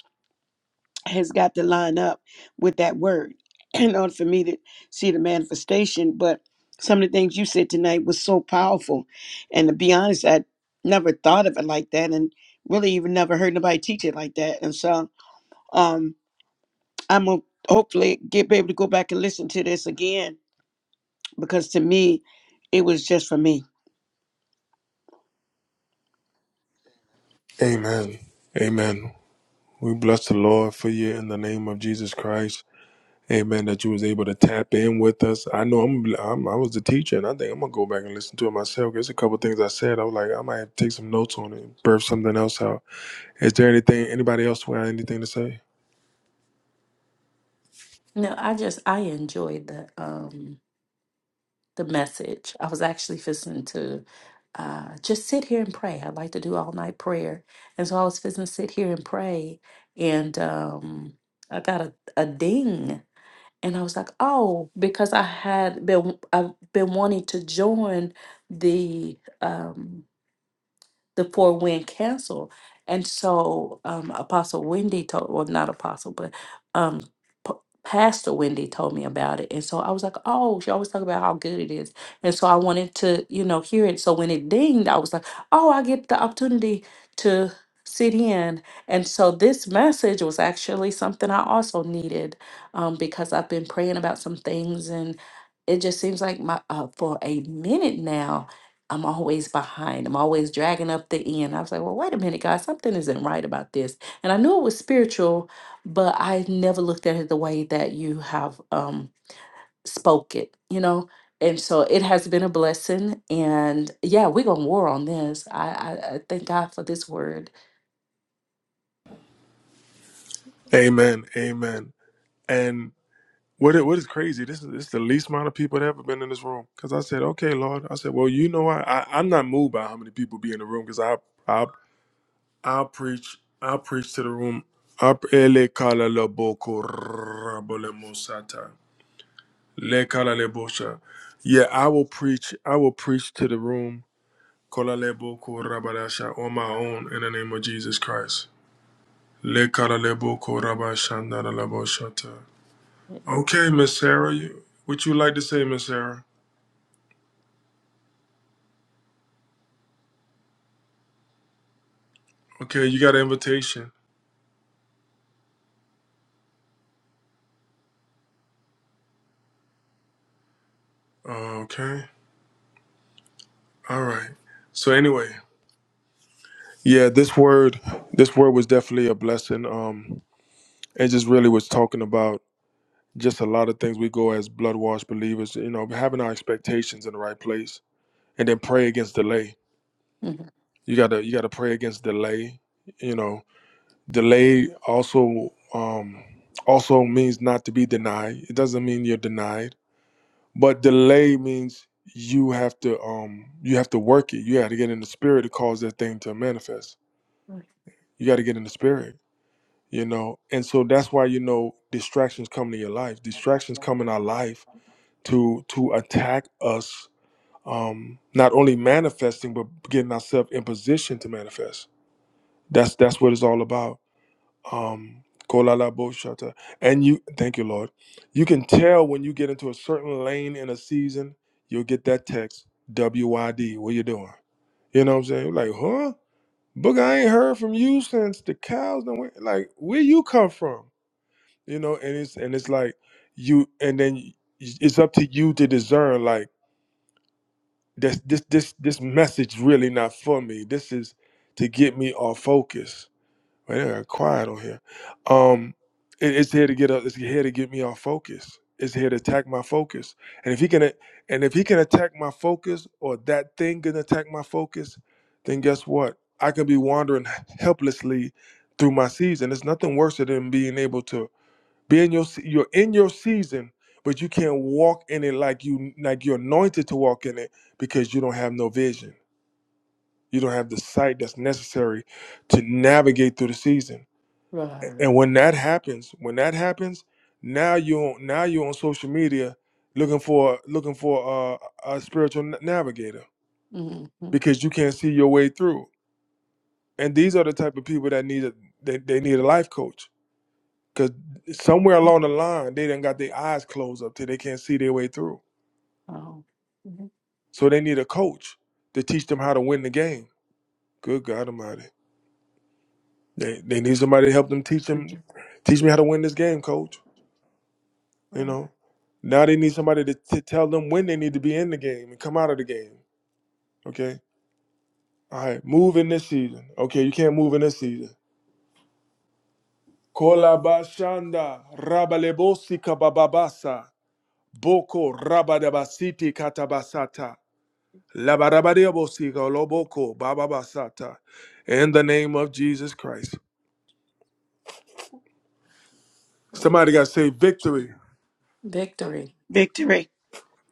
has got to line up with that word in order for me to see the manifestation. But some of the things you said tonight was so powerful. And to be honest, I never thought of it like that and really even never heard nobody teach it like that. And so um, I'm going to hopefully get be able to go back and listen to this again because to me, it was just for me. Amen. Amen. We bless the Lord for you in the name of Jesus Christ. Amen. That you was able to tap in with us. I know I'm, I'm I was the teacher, and I think I'm gonna go back and listen to it myself. There's a couple things I said. I was like, I might have to take some notes on it, birth something else out. Is there anything? Anybody else who had anything to say? No, I just I enjoyed the um the message. I was actually fixing to uh just sit here and pray. I like to do all night prayer. And so I was fixing to sit here and pray and um I got a, a ding and I was like, "Oh, because I had been I've been wanting to join the um the four wind council. And so um, Apostle Wendy told, well, not Apostle, but um, P- Pastor Wendy told me about it. And so I was like, oh, she always talk about how good it is. And so I wanted to, you know, hear it. So when it dinged, I was like, oh, I get the opportunity to sit in. And so this message was actually something I also needed um, because I've been praying about some things and it just seems like my uh, for a minute now I'm always behind. I'm always dragging up the end. I was like, well, wait a minute, God, something isn't right about this. And I knew it was spiritual, but I never looked at it the way that you have um spoke it, you know? And so it has been a blessing. And yeah, we're gonna war on this. I, I, I thank God for this word. Amen. Amen. And what it, what is crazy? This is this is the least amount of people that ever been in this room. Because I said, okay, Lord. I said, well, you know, I, I I'm not moved by how many people be in the room because I, I. I'll preach. I'll preach to the room. Up ele kala la boko rabole mosata. Le kala le bosha. Yeah, I will preach. I will preach to the room. Kola le boko rabadasha on my own in the name of Jesus Christ. Le kala le boko rabashanda la boshata. Okay, Miss Sarah, you, what you like to say, Miss Sarah? Okay, you got an invitation. Uh, okay, all right. So anyway, yeah, this word, this word was definitely a blessing. Um, It just really was talking about just a lot of things we go as blood washed believers, you know, having our expectations in the right place and then pray against delay. Mhm. You gotta you gotta pray against delay. You know, delay also um also means not to be denied. It doesn't mean you're denied. But delay means you have to um you have to work it. You gotta get in the spirit to cause that thing to manifest. You gotta get in the spirit, you know. And so that's why you know distractions come to your life. Distractions come in our life to to attack us um not only manifesting but getting ourselves in position to manifest that's that's what it's all about um kolala boshata. and you thank you lord you can tell when you get into a certain lane in a season you'll get that text wyd what you doing you know what i'm saying like huh book i ain't heard from you since the cows done went. like where you come from you know and it's and it's like you and then it's up to you to discern like This this this this message really not for me. This is to get me off focus. Wait, I got quiet on here. Um, it- it's here to get up. It's here to get me off focus. It's here to attack my focus. And if he can, and if he can attack my focus, or that thing can attack my focus, then guess what? I can be wandering helplessly through my season. There's nothing worse than being able to be in your se- you're in your season, but you can't walk in it like you like you're anointed to walk in it because you don't have no vision. You don't have the sight that's necessary to navigate through the season. A- Right. And when that happens, when that happens, now you on now you're on social media looking for looking for uh, a spiritual na- navigator hmm because you can't see your way through. And these are the type of people that need a, they, they need a life coach Cause somewhere along the line, they done got their eyes closed up till they can't see their way through. Oh, mhm. So they need a coach to teach them how to win the game. Good God Almighty, they they need somebody to help them teach them, teach me how to win this game, coach. You right. know, now they need somebody to, to tell them when they need to be in the game and come out of the game. Okay, all right, move in this season. Okay, you can't move in this season. Kolabashanda rabalebosi kabababasa boko rabadabasiti katabasata. Labarabariabosika loboko bababasata. In the name of Jesus Christ. Somebody got to say victory. Victory. Victory.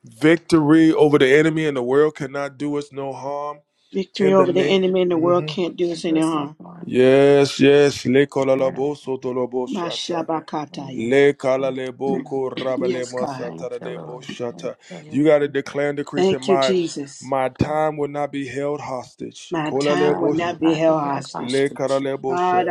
Victory over the enemy and the world cannot do us no harm. Victory In the over the name. enemy and the world Mhm. can't do And us there any is no harm. harm. Yes, yes. Le Thank kolalabo sotolobo shata. you, Mashabakataya. Le kalalebo ko rabale Yes, God. Lord. Thank you, Lord. shata. Thank You you, got to Lord. declare and decree say, Thank you, my, Jesus. my time will not be held hostage. My time will Kolalebo not Hallelujah. sh- be I held be held hostage. Le hostage. kalalebo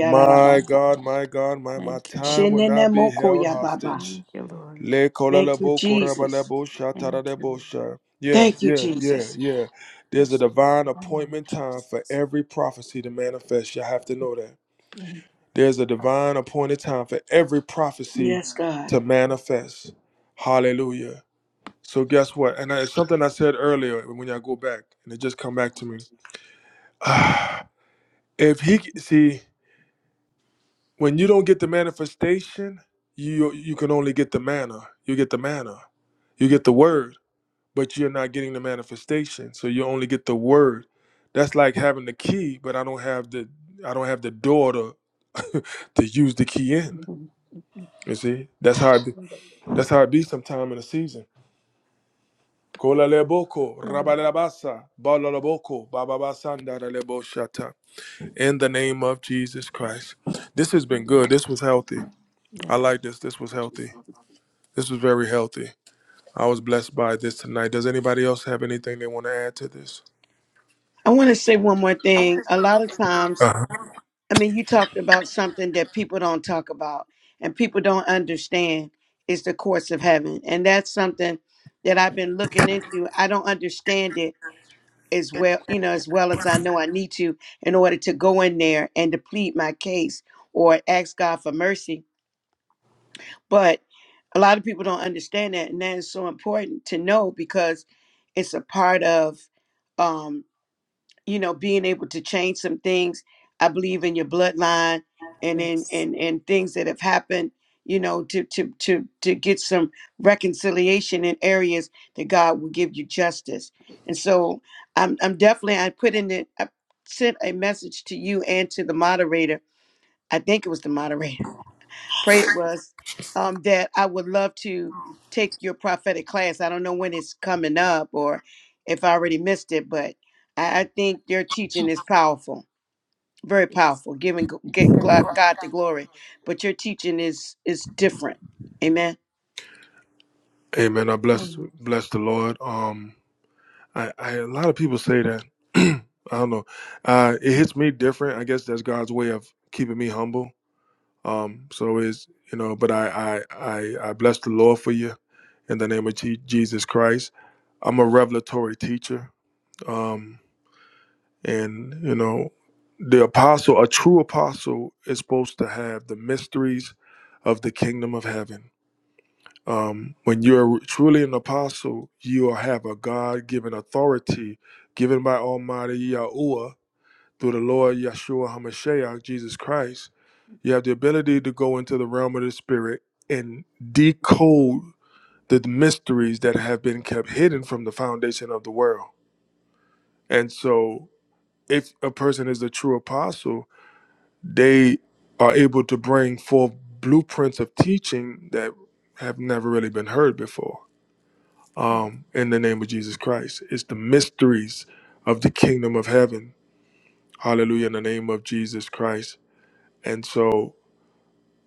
My God, my God, my, my Thank you, Lord. time will not be held Shenenemokoyababa. hostage. Thank you, Lord. Le Thank you, kolalebo Jesus. korabalebo Thank you, shataralebo Lord. sha. Yeah, Thank you, yeah, yeah, Jesus. yeah. There's a Bless you, divine Lord appointment time for Jesus. every prophecy to manifest. You have to know that. Mhm. There's a divine appointed time for every prophecy Yes, God. to manifest. Hallelujah. So guess what? And I- it's something I said earlier when I go back, and it just come back to me. if he see. When you don't get the manifestation, you you can only get the manna. You get the manna. You get the word, but you're not getting the manifestation. So you only get the word. That's like having the key, but I don't have the I don't have the door to to use the key in. Mhm. You see? That's how it be, that's how it be sometime in the season. Kola leboko, rabalabasa, balalaboko, bababasanda leboshata. In the name of Jesus Christ. This has been good. This was healthy. I Yeah. like this. This was healthy. This was very healthy. I was blessed by this tonight. Does anybody else have anything they want to add to this? I want to say one more thing. A lot of times, Uh-huh. I mean, you talked about something that people don't talk about and people don't understand is the courts of heaven. And that's something that I've been looking into. I don't understand it as well, you know, as well as I know I need to in order to go in there and to plead my case or ask God for mercy. But a lot of people don't understand that, and that is so important to know because it's a part of um, you know being able to change some things i believe in your bloodline and in Yes. and and things that have happened you know to to to to get some reconciliation in areas that god will give you justice and so i'm i'm definitely i put in the i sent a message to you and to the moderator i think it was the moderator prayed was um, that I would love to take your prophetic class. I don't know when it's coming up or if I already missed it, but I, I think your teaching is powerful, very Yes. powerful, giving g- get glo- God the glory. But your teaching is is different. Amen. Amen. I bless Mhm. bless the Lord. Um, I, I a lot of people say that. I don't know. Uh, it hits me different. I guess that's God's way of keeping me humble. Um, so is you know, but I I I, I bless the Lord for you in the name of Je- Jesus Christ. I'm a revelatory teacher. Um. And, you know, the apostle, a true apostle, is supposed to have the mysteries of the kingdom of heaven. Um, when you're truly an apostle, you have a God given authority given by Almighty Yahuwah through the Lord Yeshua HaMashiach, Jesus Christ. You have the ability to go into the realm of the spirit and decode the mysteries that have been kept hidden from the foundation of the world. And so, if a person is a true apostle, they are able to bring forth blueprints of teaching that have never really been heard before um, in the name of Jesus Christ. It's the mysteries of the kingdom of heaven. Hallelujah, in the name of Jesus Christ. And so,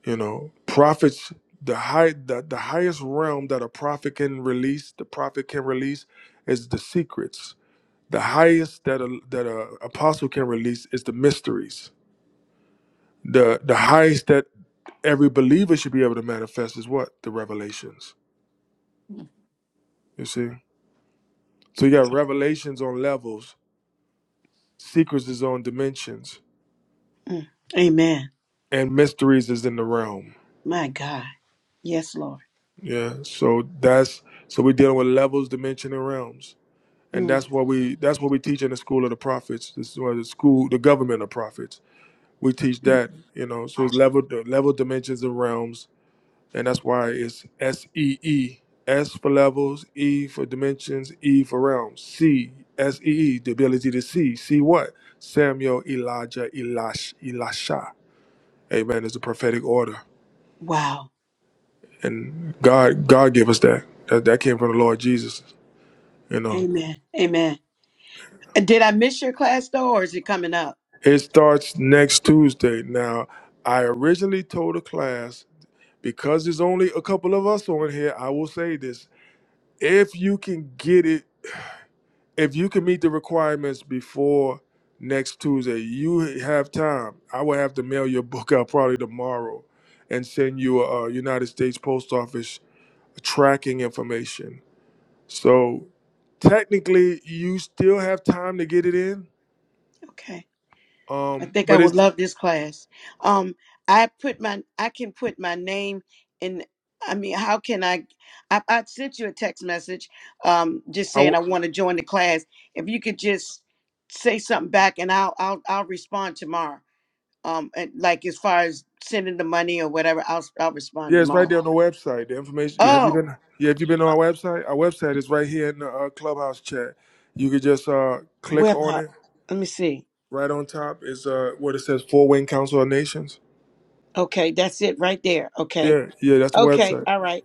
you know, prophets, the high the, the highest realm that a prophet can release, the prophet can release is the secrets. The highest that a that a apostle can release is the mysteries The the highest that every believer should be able to manifest is what? The revelations. You see? So you got revelations on levels, secrets is on dimensions, Mm. Amen. and mysteries is in the realm. My God. Yes, Lord. Yeah. So that's so we're dealing with levels, dimension, and realms. And Mm. that's what we that's what we teach in the school of the prophets. This is what the school, the government of prophets. We teach that, you know. So it's level level dimensions and realms and that's why it's S E E. S for levels, E for dimensions, E for realms, C S E E, the ability to see. See what? Samuel, Elijah, Elash, Elisha. Amen. It's a prophetic order, Wow. and God, God gave us that. That that came from the Lord Jesus. You know, Amen. Amen. And Did I miss your class though, or is it coming up? it starts next Tuesday. Now, I originally told the class because there's only a couple of us on here. I will say this: if you can get it if you can meet the requirements before next Tuesday, you have time. I will have to mail your book out probably tomorrow and send you a, uh United States Post Office tracking information. So technically, you still have time to get it in. Okay. I Um, think I but would it's love this class. Um, I put my I can put my name in. I mean, how can I? I, I sent you a text message, um, just I saying w- I want to join the class. If you could just say something back, and I'll I'll I'll respond tomorrow. Um, and like as far as sending the money or whatever, I'll I'll respond yeah, it's right tomorrow. there on the website. The information. Have you Oh, been? Yeah, have you been on our website? Our website is right here in the uh, clubhouse chat. You could just uh, click web on hub. it Let me see. right on top. Is uh, what it says: Four Wing Council of Nations. Okay, that's it right there. Okay, Yeah, yeah, that's the okay, website. all right.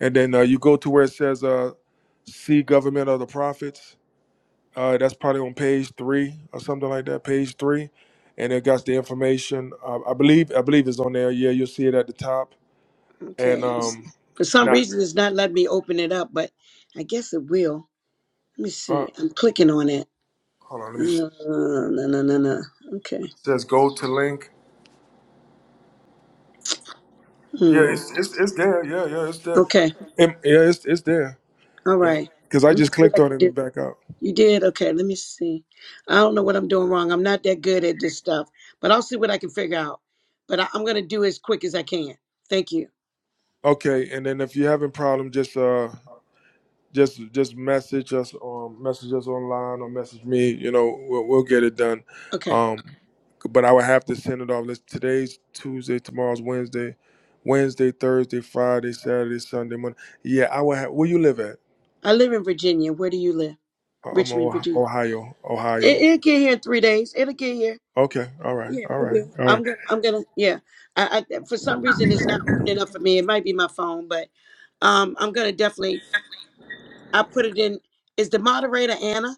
And then uh, you go to where it says uh, "See Government of the Prophets." Uh, that's probably on page three or something like that. Page three, and it got the information. Uh, I believe I believe it's on there. Yeah, you'll see it at the top. And Okay. It's- um, For some now, reason, it's not letting me open it up, but I guess it will. Let me uh, see. I'm clicking on it. hold on, let me. Uh, no, no, no, no. Okay. It says go to link. Yeah, Hmm. it's it's, it's there. Yeah, yeah, it's there. Okay. Em- yeah, it's it's there. All right. Because I Let me just see what clicked I on can it do. and back out. You did? Okay. Let me see. I don't know what I'm doing wrong. I'm not that good at this stuff, but I'll see what I can figure out. But I, I'm going to do as quick as I can. Thank you. Okay, and then if you're having problem, just uh just just message us um message us online or message me you know we'll, we'll get it done Okay. um but i would have to send it off Let's, today's tuesday tomorrow's wednesday wednesday thursday friday saturday sunday monday yeah i would have where you live at I live in Virginia. Where do you live? Uh, i'm Richmond, Virginia. ohio It, ohio it'll get here in three days. It'll get here. okay all right Yeah, all it right will. all I'm gonna. right I'm gonna. Yeah. I, I for some reason it's not opening up for me. It might be my phone, but um, I'm gonna definitely. I put it in. Is the moderator Anna?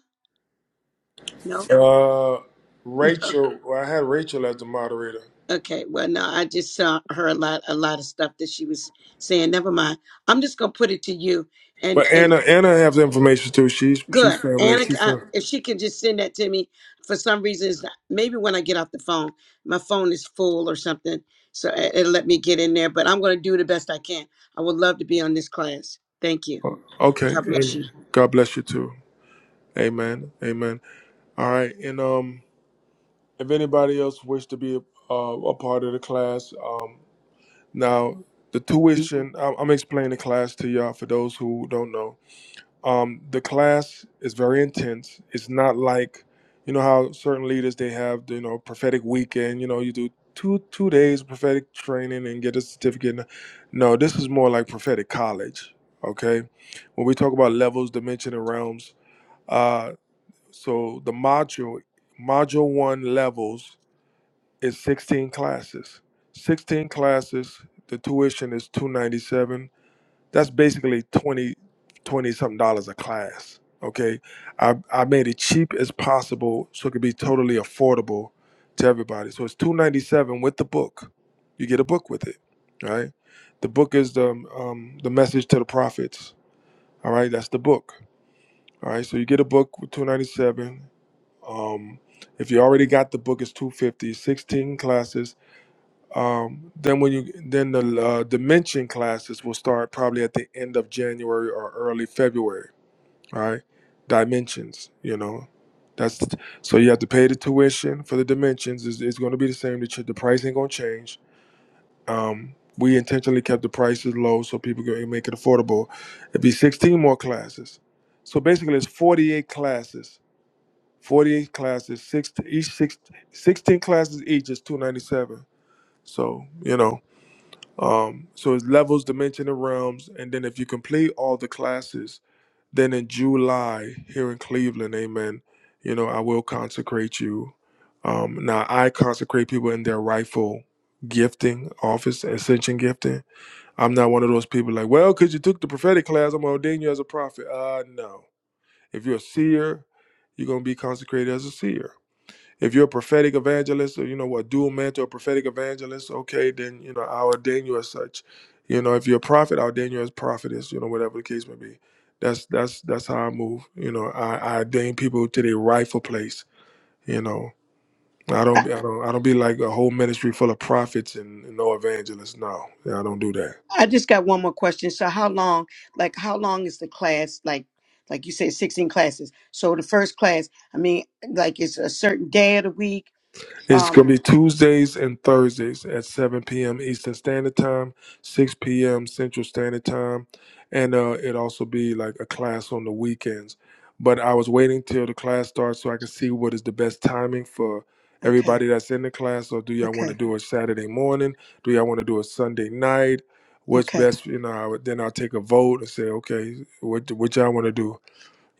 No. uh rachel well, i had rachel as the moderator Okay. Well, no. I just saw her a lot. A lot of stuff that she was saying. Never mind. I'm just gonna put it to you, and but and anna anna has information too she's she's Good. family Anna, c- she's uh, fam- if she could just send that to me, for some reason, it's not, maybe when I get off the phone, my phone is full or something, so it, it'll let me get in there. But I'm going to do the best I can. I would love to be on this class. Thank you. okay God bless you. amen god bless you too Amen. Amen. All right. And um, if anybody else wish to be a, uh, a part of the class, um, now the tuition, I'm, I'm explaining the class to y'all for those who don't know. Um, the class is very intense. It's not like, you know, how certain leaders they have, you know, prophetic weekend. You know, you do two two days prophetic training and get a certificate. No, no, this is more like prophetic college. Okay, when we talk about levels, dimension, and realms. uh, so the module module one levels is 16 classes. 16 classes, the tuition is 297. That's basically 20 20 something dollars a class. Okay. I, I made it cheap as possible so it could be totally affordable to everybody. So it's 297 with the book. You get a book with it, right? The book is the um, the message to the prophets. All right, that's the book. All right, so you get a book with 297. Um, if you already got the book, it's 250, 16 classes. Um, then when you then the uh, dimension classes will start probably at the end of January or early February. All right, dimensions. You know, that's so you have to pay the tuition for the dimensions. It's, it's going to be the same. The, ch- the price ain't going to change. Um, we intentionally kept the prices low so people can make it affordable. It'd be 16 more classes. So basically, it's 48 classes 48 classes, six each six, 16 classes each is 297. So, you know, um, so it's levels, dimension, and realms. And then if you complete all the classes, then in July here in Cleveland, amen, you know, I will consecrate you. Um, now I consecrate people in their rightful gifting, office, ascension gifting. I'm not one of those people like, well, because you took the prophetic class, I'm gonna ordain you as a prophet. Uh no. If you're a seer, you're gonna be consecrated as a seer if you're a prophetic evangelist or you know what dual mentor a prophetic evangelist okay then you know i'll ordain you as such you know if you're a prophet i'll ordain you as prophetess you know whatever the case may be that's that's that's how i move you know i, I ordain people to their rightful place you know i don't I, i don't i don't be like a whole ministry full of prophets and, and no evangelists no i don't do that I just got one more question. So, how long? Like, how long is the class? Like, like you said, 16 classes. So, the first class. I mean, like, it's a certain day of the week. It's going Um. to be Tuesdays and Thursdays at 7 p.m. Eastern Standard Time, 6 p.m. Central Standard Time, and uh, it also be like a class on the weekends. But I was waiting till the class starts so I can see what is the best timing for Okay. everybody that's in the class. Or do y'all want to Okay. do it Saturday morning? Do y'all want to do it Sunday night? What's Okay. best? You know, I would- then I'll take a vote and say, okay, what what y'all want to do?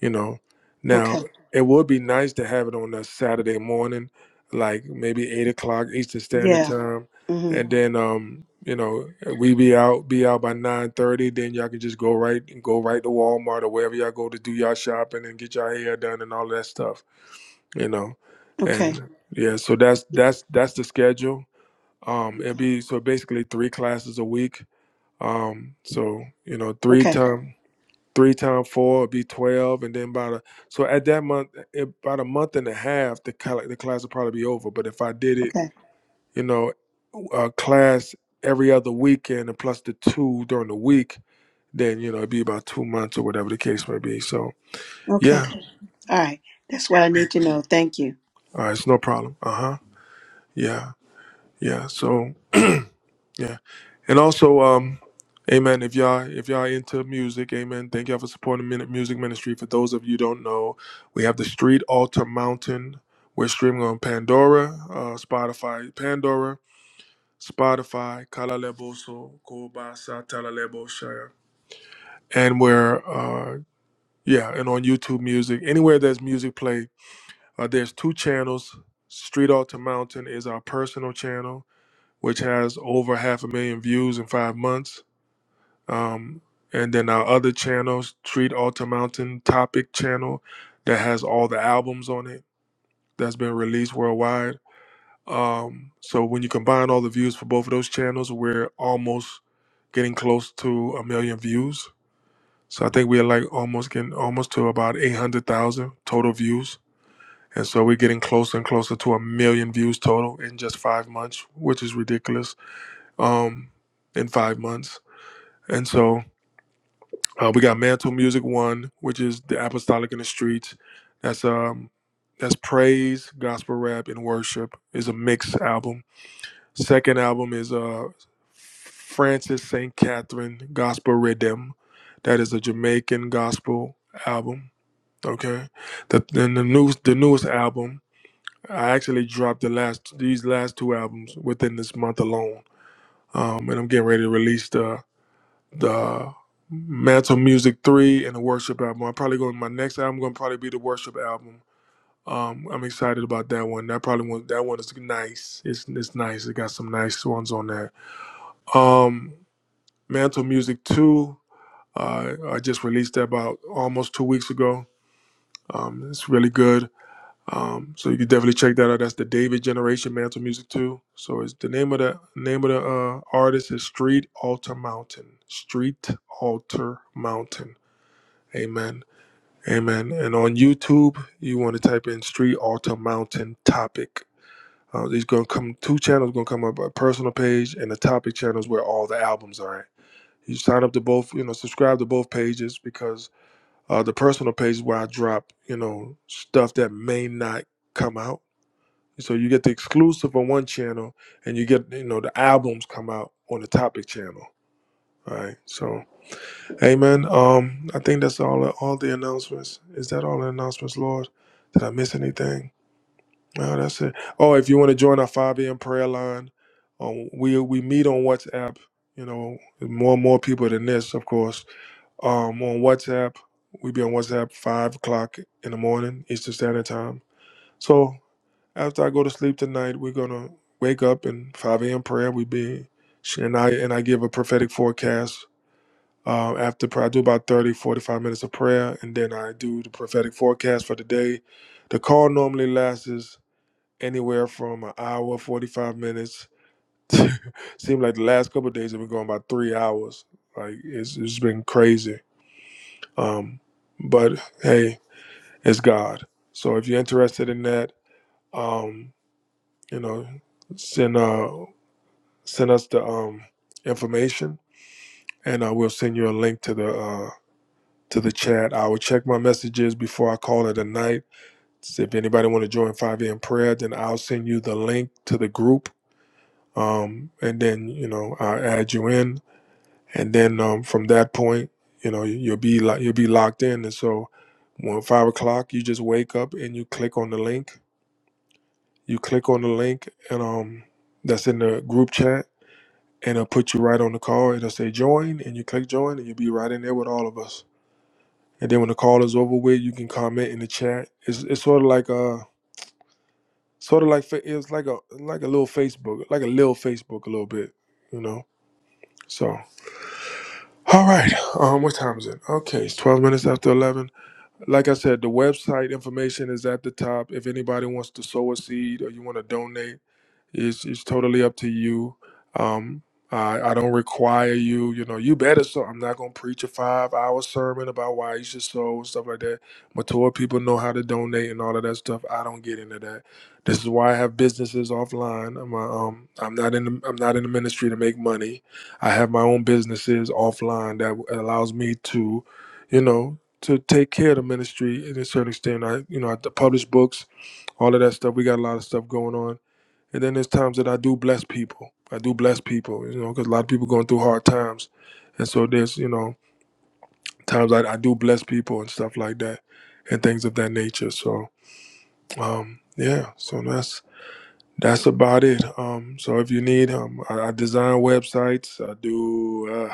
you know now Okay. it would be nice to have it on a saturday morning like maybe eight o'clock eastern standard Yeah. time hmm and then um you know we be out be out by nine thirty. then y'all can just go right go right to walmart or wherever y'all go to do y'all shopping and get your hair done and all that stuff you know Okay. and yeah so that's that's that's the schedule um it'd Okay. be so basically three classes a week um so you know three Okay. time three times four would be twelve, and then by the so at that month, about a month and a half, the col- the class would probably be over. But if I did it, Okay. you know, uh, class every other weekend and plus the two during the week, then you know it'd be about two months or whatever the case may be. So Okay. yeah, All right. That's what I need to know. Thank you. uh, it's no problem. Uh huh. Yeah, yeah. So. Yeah. And also, um, Amen. If y'all if y'all into music, Amen. Thank y'all for supporting Minute Music Ministry. For those of you who don't know, we have the Street Altar Mountain. We're streaming on Pandora, uh, Spotify, Pandora, Spotify, Kalaleboso, Kobasa, Talaleboshire. And we're uh yeah, and on YouTube music. Anywhere there's music play, uh, there's two channels. Street Altar Mountain is our personal channel, which has over half a million views in five months Um, and then our other channels, Treat Alter Mountain Topic channel, that has all the albums on it that's been released worldwide. Um, so when you combine all the views for both of those channels, we're almost getting close to a million views. So I think we're like almost getting almost to about 800,000 total views. And so we're getting closer and closer to a million views total in just five months, which is ridiculous. Um, in five months. And so Uh, we got Mantle Music One, which is the Apostolic in the Streets. That's um that's praise, gospel rap, and worship. is a mixed album. Second album is uh Francis St. Catherine Gospel Rhythm. That is a Jamaican gospel album. Okay. The then the new the newest album. I actually dropped the last these last two albums within this month alone. Um, and I'm getting ready to release the the Mantle Music Three and the Worship album. I'm probably going my next album going to probably be the Worship album. Um, I'm excited about that one. That probably one that one is nice. It's it's nice. It got some nice ones on that. Um, Mantle Music Two. Uh, I just released that about almost two weeks ago. Um, it's really good. Um, so you can definitely check that out. That's the David Generation Mantle Music Two. So it's the name of the name of the uh, artist is Street Alter Mountain. Street Alter Mountain Amen. Amen. And on YouTube, you want to type in Street Altar Mountain Topic. Uh, these gonna come two channels gonna come up a personal page and the topic channels where all the albums are at. You sign up to both, you know, subscribe to both pages because uh, the personal page is where I drop, you know, stuff that may not come out. So you get the exclusive on one channel and you get, you know, the albums come out on the topic channel. All right. so. Amen. Um, I think that's all all the announcements. Is that all the announcements, Lord? Did I miss anything? No, that's it. Oh, if you want to join our 5 a.m. prayer line, um, we we meet on WhatsApp. You know, more and more people than this, of course. Um, on WhatsApp, we be on WhatsApp five o'clock in the morning Eastern Standard Time. So after I go to sleep tonight, we're gonna wake up in 5 a.m. prayer. We be and I and I give a prophetic forecast uh, after prayer, I do about 30, 45 minutes of prayer, and then I do the prophetic forecast for the day. The call normally lasts anywhere from an hour, 45 minutes. Seemed like the last couple of days have been going about three hours. Like it's, it's been crazy. Um, but hey, it's God. So if you're interested in that, um, you know, send uh, send us the um, information, and uh, we'll send you a link to the uh, to the chat. I will check my messages before I call it a night. So if anybody want to join 5 a.m. prayer, then I'll send you the link to the group. Um, and then, you know, I'll add you in. And then um, from that point, you know, you'll be like, you'll be locked in. And so when five o'clock, you just wake up and you click on the link, you click on the link and um, that's in the group chat and it'll put you right on the call. It'll say join and you click join and you'll be right in there with all of us. And then when the call is over with, you can comment in the chat. It's it's sort of like a sort of like fa- it's like a like a little Facebook, like a little Facebook a little bit, you know. So all right, um, what time is it? Okay, it's twelve minutes after eleven. Like I said, the website information is at the top. If anybody wants to sow a seed or you want to donate It's, it's totally up to you. Um, I, I don't require you, you know, you better. So I'm not going to preach a five hour sermon about why you should sow and stuff like that. Mature people know how to donate and all of that stuff. I don't get into that. This is why I have businesses offline. I'm, a, um, I'm not in the, I'm not in the ministry to make money. I have my own businesses offline that allows me to, you know, to take care of the ministry in a certain extent. I, you know, I publish books, all of that stuff. We got a lot of stuff going on and then there's times that I do bless people. I do bless people, you know, because a lot of people going through hard times, and so there's you know times I, I do bless people and stuff like that, and things of that nature. So um, yeah, so that's that's about it. Um, so if you need, um, I, I design websites. I do uh,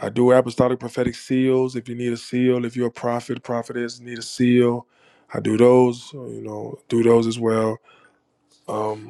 I do apostolic prophetic seals. If you need a seal, if you're a prophet, prophetess, need a seal. I do those, you know, do those as well. Um,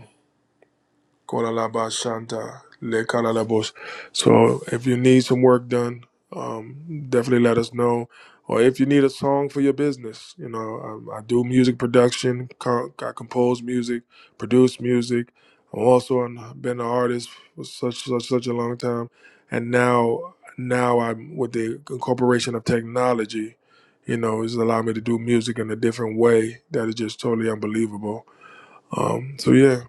Kolalabashanta, lekanalabos. So if you need some work done, um, definitely let us know. Or if you need a song for your business, you know, um, I do music production. co- I compose music, produce music. I'm also an, been an artist for such such such a long time, and now now I'm with the incorporation of technology. You know, it's allowed me to do music in a different way that is just totally unbelievable. Um, so yeah,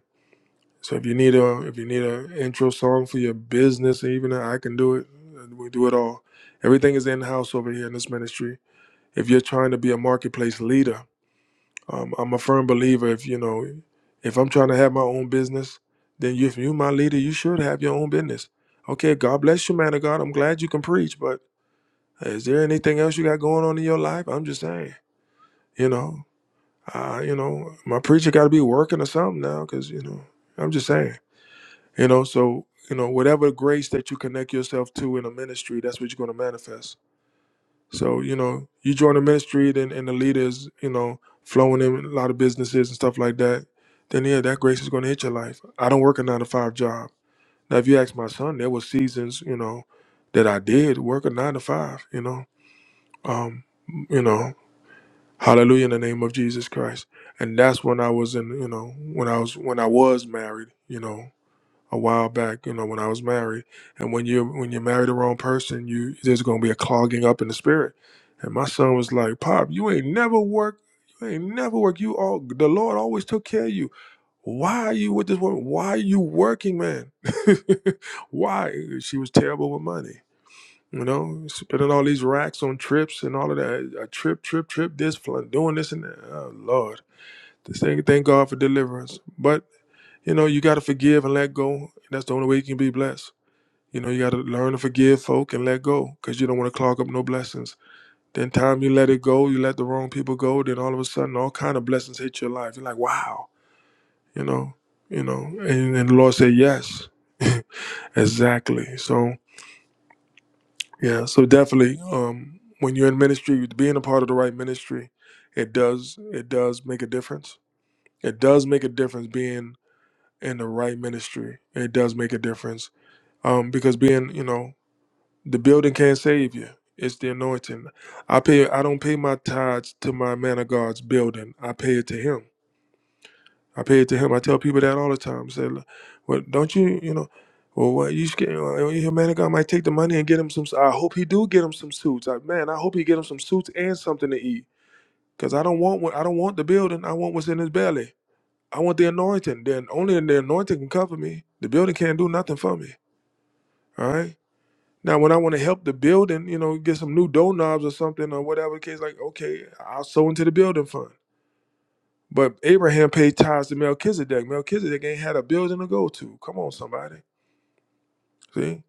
so if you need a if you need an intro song for your business, even I can do it. We do it all. Everything is in house over here in this ministry. If you're trying to be a marketplace leader, um, I'm a firm believer. If you know, if I'm trying to have my own business, then you, if you're my leader, you should have your own business. Okay, God bless you, man of God. I'm glad you can preach, but is there anything else you got going on in your life? I'm just saying, you know, uh, you know, my preacher got to be working or something now, because you know, I'm just saying. You know, so you know, whatever grace that you connect yourself to in a ministry, that's what you're gonna manifest. So, you know, you join a ministry then and the leaders, you know, flowing in a lot of businesses and stuff like that, then yeah, that grace is gonna hit your life. I don't work a nine to five job. Now if you ask my son, there was seasons, you know, that I did work a nine to five, you know. Um, you know, hallelujah in the name of Jesus Christ. And that's when I was in, you know, when I was when I was married, you know, a while back, you know, when I was married. And when you when you marry the wrong person, you there's gonna be a clogging up in the spirit. And my son was like, Pop, you ain't never work. You ain't never work. You all the Lord always took care of you. Why are you with this woman? Why are you working, man? Why? She was terrible with money. You know, spending all these racks on trips and all of that. A trip, trip, trip, this, fl- doing this and that. Oh, Lord. Just Thank, thank God for deliverance. but. You know, you got to forgive and let go. That's the only way you can be blessed. You know, you got to learn to forgive folk and let go because you don't want to clog up no blessings. Then time you let it go, you let the wrong people go, then all of a sudden all kind of blessings hit your life. You're like, wow, you know, you know, and, and the Lord said yes. exactly. So, yeah, so definitely um, when you're in ministry, being a part of the right ministry, it does, it does make a difference. It does make a difference being in the right ministry. It does make a difference um, because being you know the building can't save you it's the anointing i pay i don't pay my tithes to my man of god's building i pay it to him i pay it to him i tell people that all the time I say "Look, well don't you you know well what you scared well, well, your man of god might take the money and get him some I hope he do get him some suits I, man i hope he get him some suits and something to eat because i don't want what i don't want the building i want what's in his belly i want the anointing then only the anointing can cover me the building can't do nothing for me all right Now, when I want to help the building, you know, get some new doorknobs or something or whatever the case, like, okay, I'll sow into the building fund. But Abraham paid tithes to Melchizedek. Melchizedek ain't had a building to go to. Come on, somebody. See?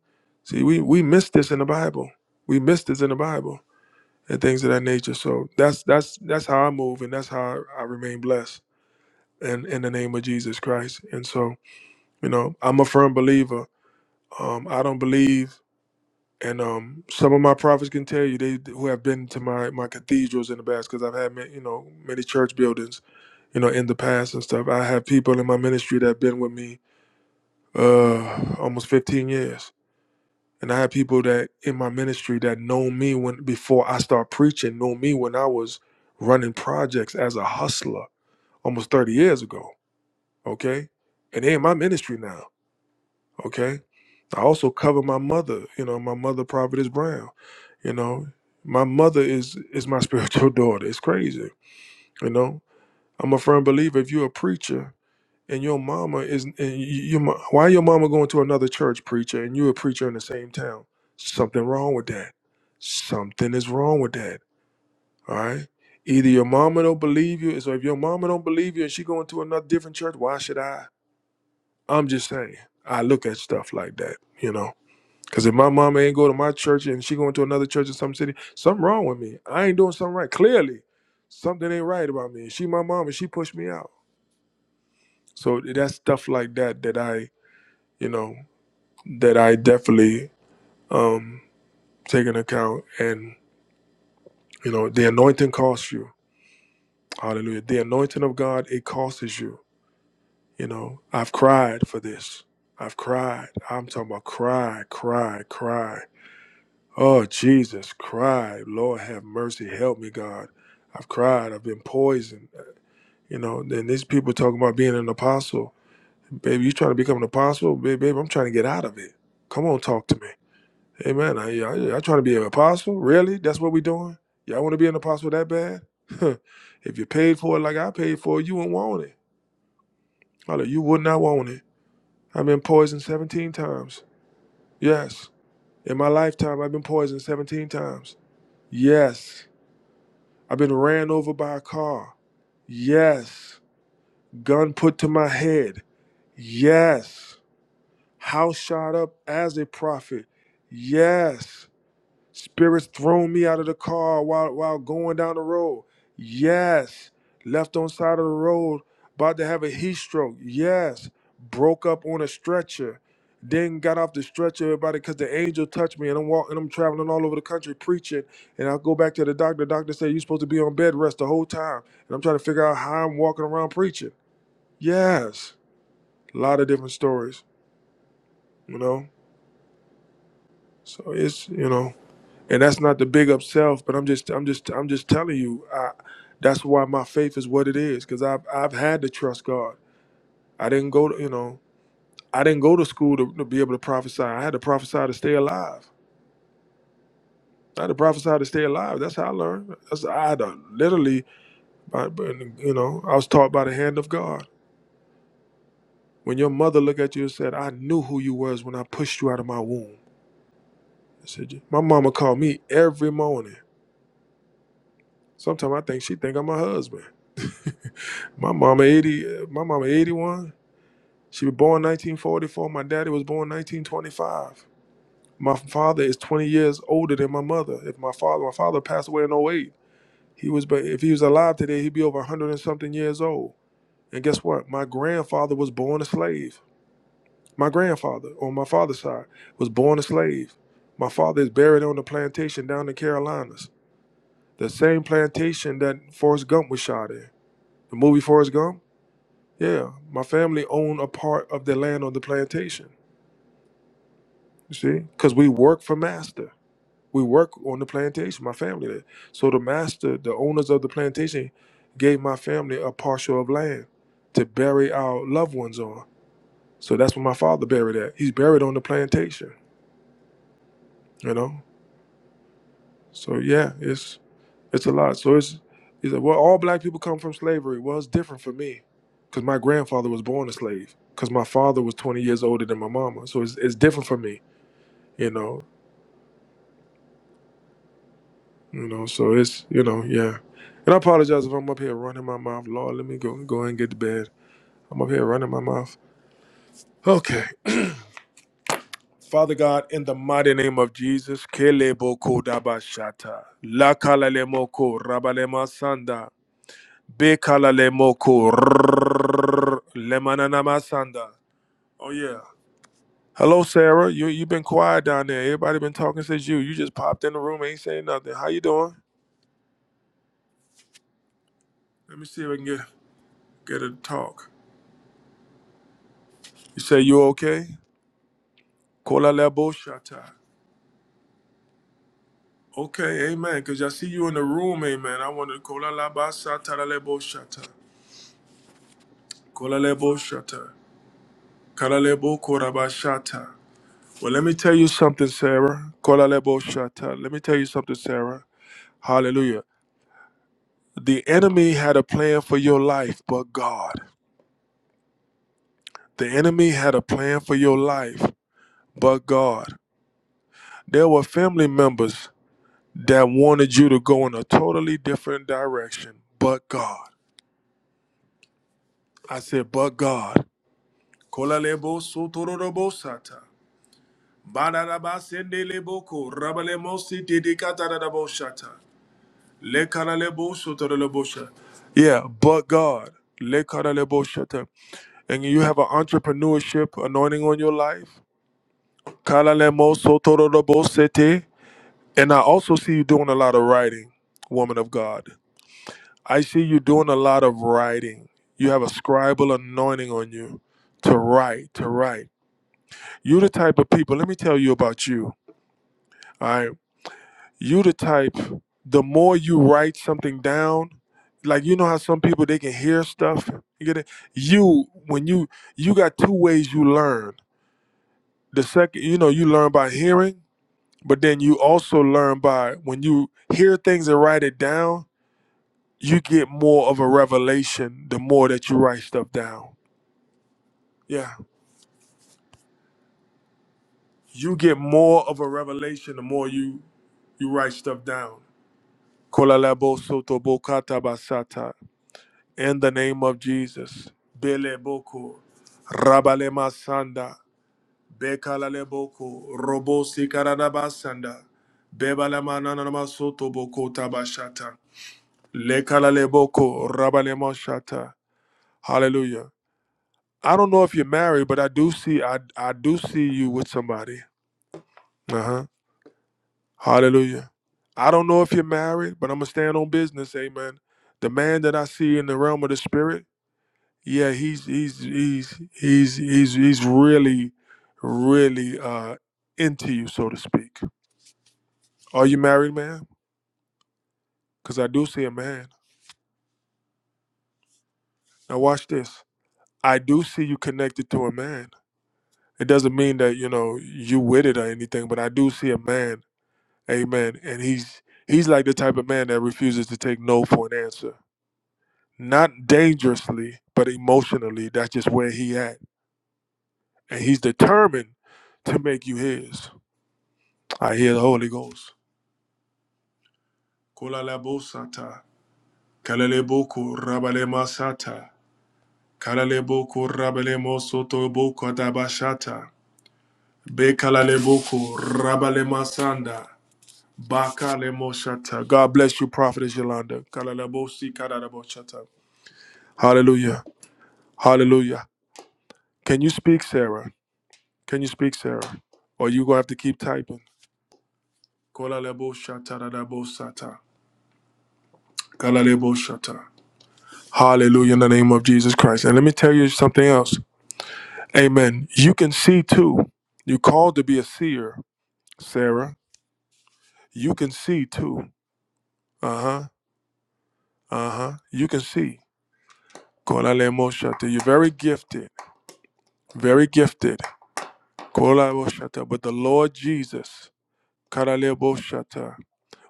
See, we we miss this in the Bible. We miss this in the Bible and things of that nature. So that's that's that's how I move and that's how I, remain blessed in, in the name of Jesus Christ. And so, you know, I'm a firm believer. Um, I don't believe And um, some of my prophets can tell you they who have been to my my cathedrals in the past because I've had ma- you know many church buildings you know in the past and stuff. I have people in my ministry that have been with me uh almost 15 years, and I have people that in my ministry that know me when before I start preaching, know me when I was running projects as a hustler almost 30 years ago. Okay, and they in my ministry now. Okay, I also cover my mother, you know, my mother Providence Brown. You know, my mother is is my spiritual daughter. It's crazy. You know, I'm a firm believer. If you're a preacher and your mama is, and you, you, mo- why your mama going to another church preacher and you're a preacher in the same town? Something wrong with that. Something is wrong with that. All right. Either your mama don't believe you, so if your mama don't believe you and she going to another different church, why should I? I'm just saying. I look at stuff like that. You know. Cause if my mama ain't go to my church and she going to another church in some city, something wrong with me. I ain't doing something right. Clearly, something ain't right about me. She my mama. she pushed me out. So that's stuff like that that I, you know, that I definitely um take into account. And you know, the anointing costs you. Hallelujah. The anointing of God it costs you. You know, I've cried for this. I've cried. I'm talking about cry, cry, cry. Oh, Jesus, cried. Lord, have mercy. Help me, God. I've cried. I've been poisoned. You know, then these people talking about being an apostle. Baby, you trying to become an apostle? Baby, baby I'm trying to get out of it. Come on, talk to me. Amen. I, I, I trying to be an apostle? Really? That's what we doing? Y'all want to be an apostle that bad? if you paid for it like I paid for it, you wouldn't want it. Father, you would not want it. I've been poisoned 17 times. Yes. In my lifetime, I've been poisoned 17 times. Yes. I've been ran over by a car. Yes. Gun put to my head. Yes. House shot up as a prophet. Yes. Spirits thrown me out of the car while while going down the road. Yes. Left on side of the road, about to have a heat stroke. Yes. Broke up on a stretcher. Then got off the stretcher, everybody, because the angel touched me, and I'm walking, I'm traveling all over the country preaching. And I go back to the doctor. The doctor said you're supposed to be on bed rest the whole time. And I'm trying to figure out how I'm walking around preaching. Yes, a lot of different stories, you know. So it's you know and that's not the big up self but i'm just i'm just i'm just telling you I, that's why my faith is what it is because i've i've had to trust god i didn't go to you know i didn't go to school to, to be able to prophesy i had to prophesy to stay alive I had to prophesy to stay alive. That's how I learned. That's I had literally, by- you know, I was taught by the hand of God. When your mother looked at you and said, "I knew who you was when I pushed you out of my womb," I said, "My mama called me every morning. Sometimes I think she think I'm her husband." My mama 80, uh, my mama 81. She was born 1944. My daddy was born 1925. My father is 20 years older than my mother. If my father, my father passed away in oh eight. He was, but if he was alive today, he'd be over 100 and something years old. And guess what? My grandfather was born a slave. My grandfather on my father's side was born a slave. My father is buried on the plantation down in the Carolinas, the same plantation that Forrest Gump was shot in. The movie Forrest Gump Yeah, my family own a part of the land on the plantation. You see, because we work for master. We work on the plantation. My family did. So the master, the owners of the plantation, gave my family a parcel of land to bury our loved ones on. So that's where my father buried at. He's buried on the plantation. You know. So yeah, it's it's a lot. So it's he said, well, all black people come from slavery. Well, it's different for me, because my grandfather was born a slave. Because my father was 20 years older than my mama. So it's, it's different for me you know, you know. So it's you know, yeah. And I apologize if I'm up here running my mouth. Lord, let me go go and get to bed. I'm up here running my mouth. Okay. Father God, in the mighty name of Jesus, Keleboko Dabashata. La Kalalemoko Rabalema Sanda. Be Kalalemoko Lemananama Sanda. Oh yeah. Hello, Sarah. You you been quiet down there. Everybody been talking since you. You just popped in the room, ain't saying nothing. How you doing? Let me see if I can get get her to talk. You say you okay? Kola la shata. Okay, amen. Because I see you in the room, amen. I want to kola la sata la shata. Kola le shata. Kala le bo kora ba shata. Well, let me tell you something, Sarah. Kola le shata. Let me tell you something, Sarah. Hallelujah. The enemy had a plan for your life, but God. The enemy had a plan for your life, but God. There were family members that wanted you to go in a totally different direction, but God. I said, but God. Yeah, but God. And you have an entrepreneurship anointing on your life. And I also see you doing a lot of writing, woman of God. I see you doing a lot of writing. You have a scribal anointing on you to write, to write. You are the type of people, let me tell you about you. All right. You you're the type, the more you write something down, like you know how some people they can hear stuff. You get it? You, when you you got two ways you learn. The second, you know, you learn by hearing, but then you also learn by when you hear things and write it down, you get more of a revelation the more that you write stuff down Yeah, you get more of a revelation the more you you write stuff down. Kolalabo soto bokata basata. In the name of Jesus. Bele boko. Rabale masanda. Bekalale boko. Robo sikarana basanda. Bebala manana masoto boko tabashata. Lekalale boko. Rabale mashata. Hallelujah. I don't know if you're married, but I do see I I do see you with somebody. Uh-huh. Hallelujah. I don't know if you're married, but I'm gonna stand on business. Amen. The man that I see in the realm of the spirit, yeah, he's he's he's he's he's he's really, really uh into you, so to speak. Are you married, man? Because I do see a man. Now watch this. I do see you connected to a man. It doesn't mean that you know you with it or anything, but I do see a man. Amen. And he's he's like the type of man that refuses to take no for an answer. not dangerously, but emotionally. That's just where he at, and he's determined to make you his. I hear the Holy Ghost. Kulalabosata, kalaleboko rabalemasata, kalaleboko rabalemosoto boko dabashata, bekalaleboko rabalemasanda, bakalemoshata. God bless you, Prophetess Yolanda. Kalalabosi kadadaboshata. Hallelujah. Hallelujah. Can you speak, Sarah? Can you speak, Sarah? Or you gonna have to keep typing. Kolalebo shatarabo sata. Kalalebo shata. Hallelujah in the name of Jesus Christ. And let me tell you something else. Amen. You can see too. You called to be a seer, Sarah. You can see too. Uh-huh. Uh-huh. You can see. Kolalemo shata. You're very gifted. Very gifted. Kolalebo shata. But the Lord Jesus, Kalalebo shata,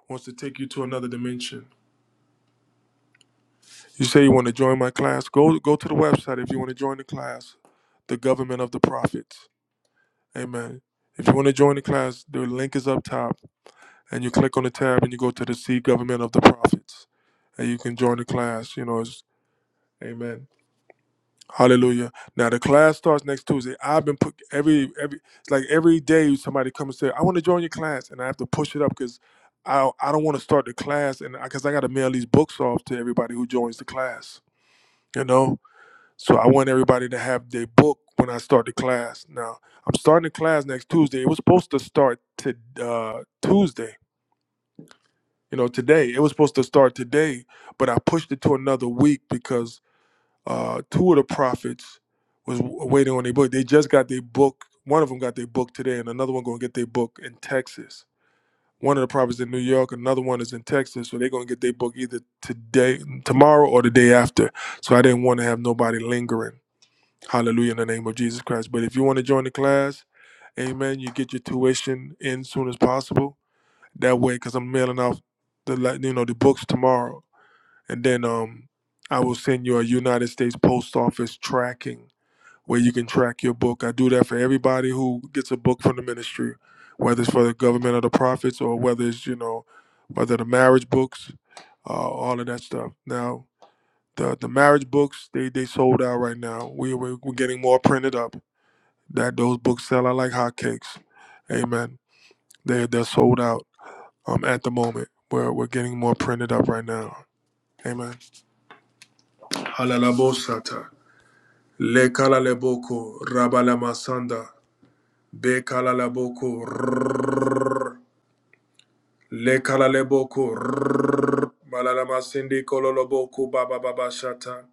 wants to take you to another dimension. You say you want to join my class? Go go to the website if you want to join the class, the government of the prophets. Amen. If you want to join the class, the link is up top, and you click on the tab and you go to the see government of the prophets, and you can join the class. You know, it's, Amen. Hallelujah. Now the class starts next Tuesday. I've been put every every it's like every day somebody comes and say I want to join your class, and I have to push it up because. I, I don't want to start the class and because I I got to mail these books off to everybody who joins the class, you know. So I want everybody to have their book when I start the class. Now I'm starting the class next Tuesday. It was supposed to start to uh, Tuesday. You know, today it was supposed to start today, but I pushed it to another week because uh, two of the prophets was w- waiting on their book. They just got their book. One of them got their book today, and another one gonna get their book in Texas. One of the prophets in New York, another one is in Texas, so they're gonna get their book either today, tomorrow, or the day after. So I didn't want to have nobody lingering. Hallelujah in the name of Jesus Christ. But if you want to join the class, amen, you get your tuition in soon as possible. That way, because I'm mailing out the like, you know the books tomorrow, and then um I will send you a United States Post Office tracking where you can track your book. I do that for everybody who gets a book from the ministry, whether it's for the government or the prophets, or whether it's you know whether the marriage books, uh, all of that stuff. Now the the marriage books they they sold out right now. We we we're getting more printed up that those books sell out like hotcakes. Amen. They they're sold out um at the moment. We're we're getting more printed up right now. Amen. Halalabosata. Lekalaleboko rabalamasanda. Bekalalaboko. rrrr. Lekalaleboko. rrrr. Malalamasindi kololoboko baba baba shata.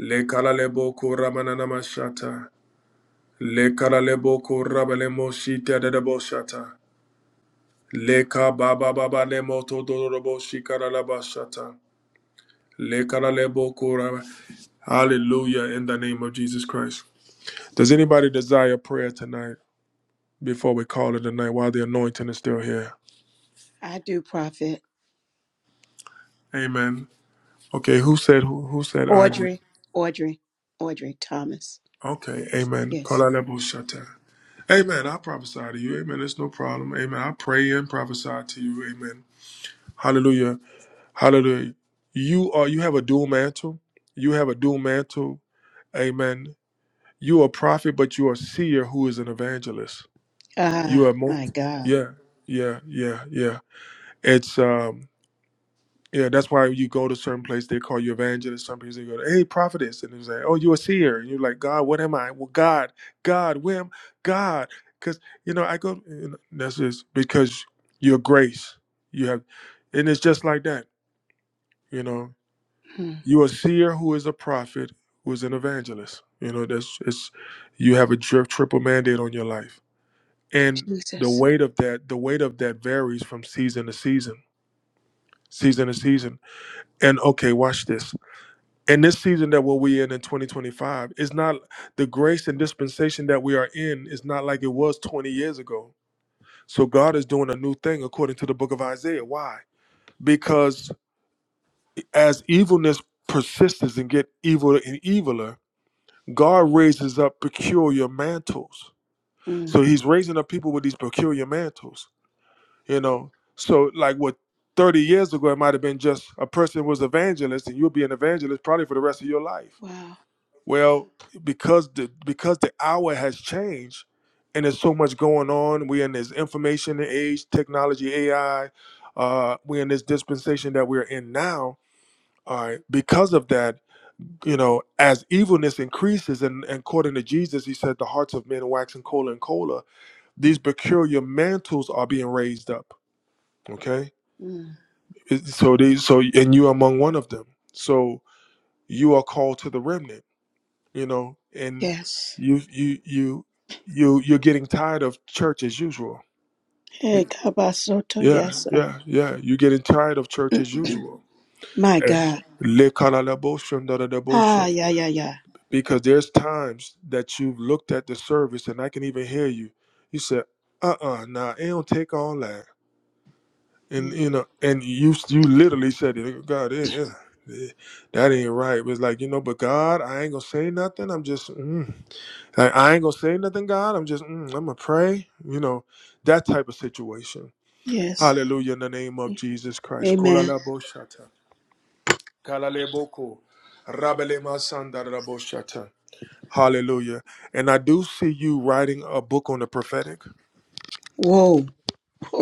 Lekalaleboko ramananamashata. Lekalaleboko rabalemoshita dadabosata. Leka baba baba nemo todorobo shikaralaba Lekaralebo kura. Hallelujah in the name of Jesus Christ. Does anybody desire prayer tonight before we call it a night while the anointing is still here? I do, Prophet. Amen. Okay, who said who, who said I do? Audrey. Audrey. Audrey Thomas. Okay, amen. Yes. Kalalebo shata. Amen. I prophesy to you. Amen. It's no problem. Amen. I pray and prophesy to you. Amen. Hallelujah. Hallelujah. You are you have a dual mantle. You have a dual mantle. Amen. You are a prophet, but you are a seer who is an evangelist. You Ah, are mo- my God. yeah, yeah, yeah, yeah. It's um yeah, that's why you go to certain place they call you evangelist. Some people they go, hey, prophetess, and they say, oh, you a seer, and you're like, God, what am I? Well, God, God, wham, God, because you know I go. And that's just because your grace, you have, and it's just like that. You know, Mm. you are a seer who is a prophet who is an evangelist. You know, that's it's you have a dri- triple mandate on your life and the Jesus. weight of that the weight of that varies from season to season season to season and okay watch this and this season that we're we in in 2025 is not the grace and dispensation that we are in is not like it was 20 years ago so god is doing a new thing according to the book of isaiah why because as evilness persists and get evil and eviler god raises up peculiar mantles so Mm. he's raising up people with these peculiar mantles you know so like what 30 years ago it might have been just a person was evangelist and you'll be an evangelist probably for the rest of your life Wow. well because the because the hour has changed and there's so much going on we're in this information age technology ai uh we're in this dispensation that we're in now all right because of that you know as evilness increases and, and according to jesus he said the hearts of men waxing colder and colder these peculiar mantles are being raised up okay Mm. It- so they so and you are among one of them so you are called to the remnant you know and Yes. you you you you you're getting tired of church as usual Hey, Kabasoto. yeah Yes. sir. yeah yeah you're getting tired of church as usual My And- God. Ah, Lekalaboshundadadabosh- yeah, yeah, yeah. because there's times that you've looked at the service and i can even hear you you said uh-uh nah it don't take all that and Mm. you know, and you you literally said it. "Oh, God, it, it- it- that ain't right. It was like you know, but God, I ain't gonna say nothing. I'm just mm. like I ain't gonna say nothing. God, I'm just mm, I'm gonna pray. You know, that type of situation. Yes. Hallelujah in the name of Jesus Christ. Amen. Kolalaboshata, kalaleboko, rabelemasandarabosata. Hallelujah. And I do see you writing a book on the prophetic. Whoa.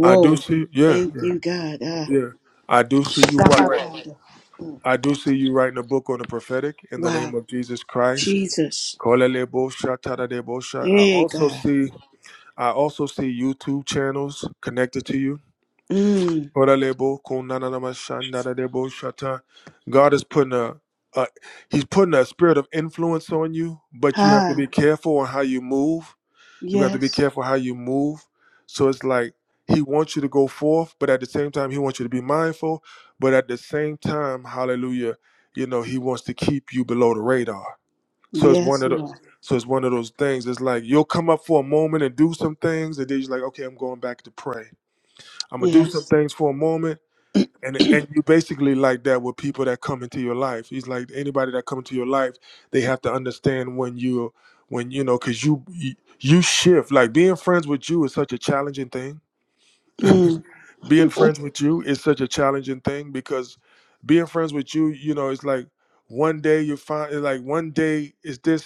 I do see, yeah, Thank yeah, you, God. Ah, yeah. I do see you. Right, You're right. welcome. I do see you writing a book on the prophetic in the wow. name of Jesus Christ. Jesus. Kolelebosha, tadadebosha. I Hey, also God. see I also see YouTube channels connected to you. Mm. Kolelebo, konananamasha, nadadebosha ta. God is putting a, a He's putting a spirit of influence on you, but you have to Ah, be careful on how you move you have to be yes. careful how you move. So it's like he wants you to go forth, but at the same time, he wants you to be mindful. But at the same time, hallelujah, you know, he wants to keep you below the radar. So it's one Yes, of the Lord. so it's one of those things. It's like you'll come up for a moment and do some things, and then you're like, okay, I'm going back to pray. I'm gonna do some Yes. things for a moment, and and you basically like that with people that come into your life he's like anybody that come into your life they have to understand when you when you know because you you shift like being friends with you is such a challenging thing Mm. being friends with you is such a challenging thing because being friends with you you know it's like one day you find it's like one day is this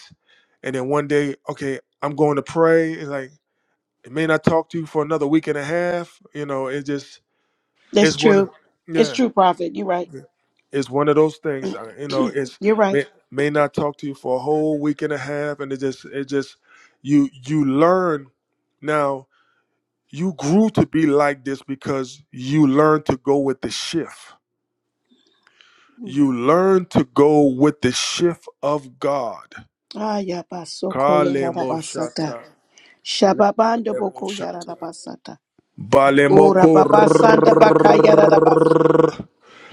and then one day okay i'm going to pray it's like it may not talk to you for another week and a half you know it just That's it's true. one It's yeah true, prophet. You're right. it's one of those things, uh, you know. It's You're right. may, may not talk to you for a whole week and a half, and it just it just you you learn. Now you grew to be like this because you learned to go with the shift. You learn to go with the shift of God. Ah, yabasoko Kalemo yarabasata. shata. Shababando Kalemo boko shata. yarabasata. Ora Balemoko babasanda baka yarabasu.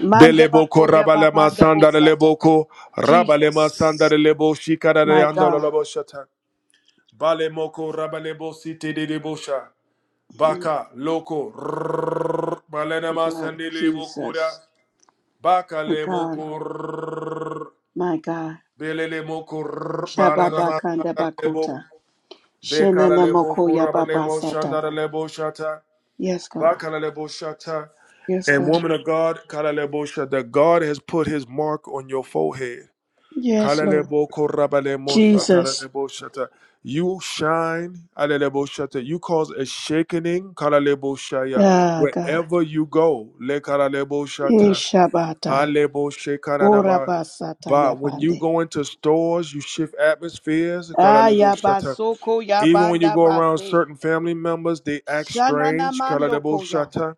Mande beleboko bako rabalema yababanda bosata. sandaleboko rabalema Jesus. sandarelebo My God. shikarareandololobo shata. Bale rabalebo site de Mm, Baka loko rrrr. balena God. masandele bokura. Jesus. Baka My le God. rrrr. My God. belele moko rrrr. balana Shababa Kanda masandele Bakota. Bekara Shenana le boko Mokoya Baba Sata. shandara le shata. Yes, God. Baka le shata. Yes, And God. woman of God, kala le shata, God has put his mark on your forehead. Yes, Lord. Kalalebo korabalemo Jesus. satarebo shata. You shine, alelebo shata. you cause a shakening, kalalebo shaya. Ah, God. wherever you go. le kalalebo shata, Ishabata. alebo Ora shekananama. Basata But when you Yabande. go into stores, you shift atmospheres, Ah, kalalebo shata. Yabasoko even when you Yabanda go around Base. certain family members, they act Shanana strange. Mando kalalebo Koya. shata.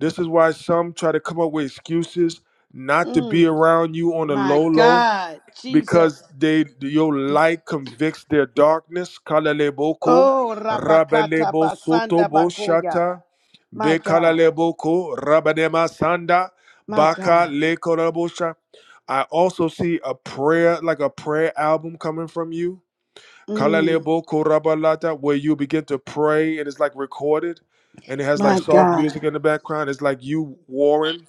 This is why some try to come up with excuses not to Mm, be around you on a my low low God. Jesus. because they your light convicts their darkness. Kalaleboko, Oh, Rabakata rabalebo soto Basanda bo Bakoya. My God. bekalaleboko, rabanema sanda, My baka God. lekorabosha. I also see a prayer, like a prayer album coming from you. Mm, Kalaleboko rabalata, where you begin to pray and it's like recorded and it has like my soft God. music in the background. It's like you, warring.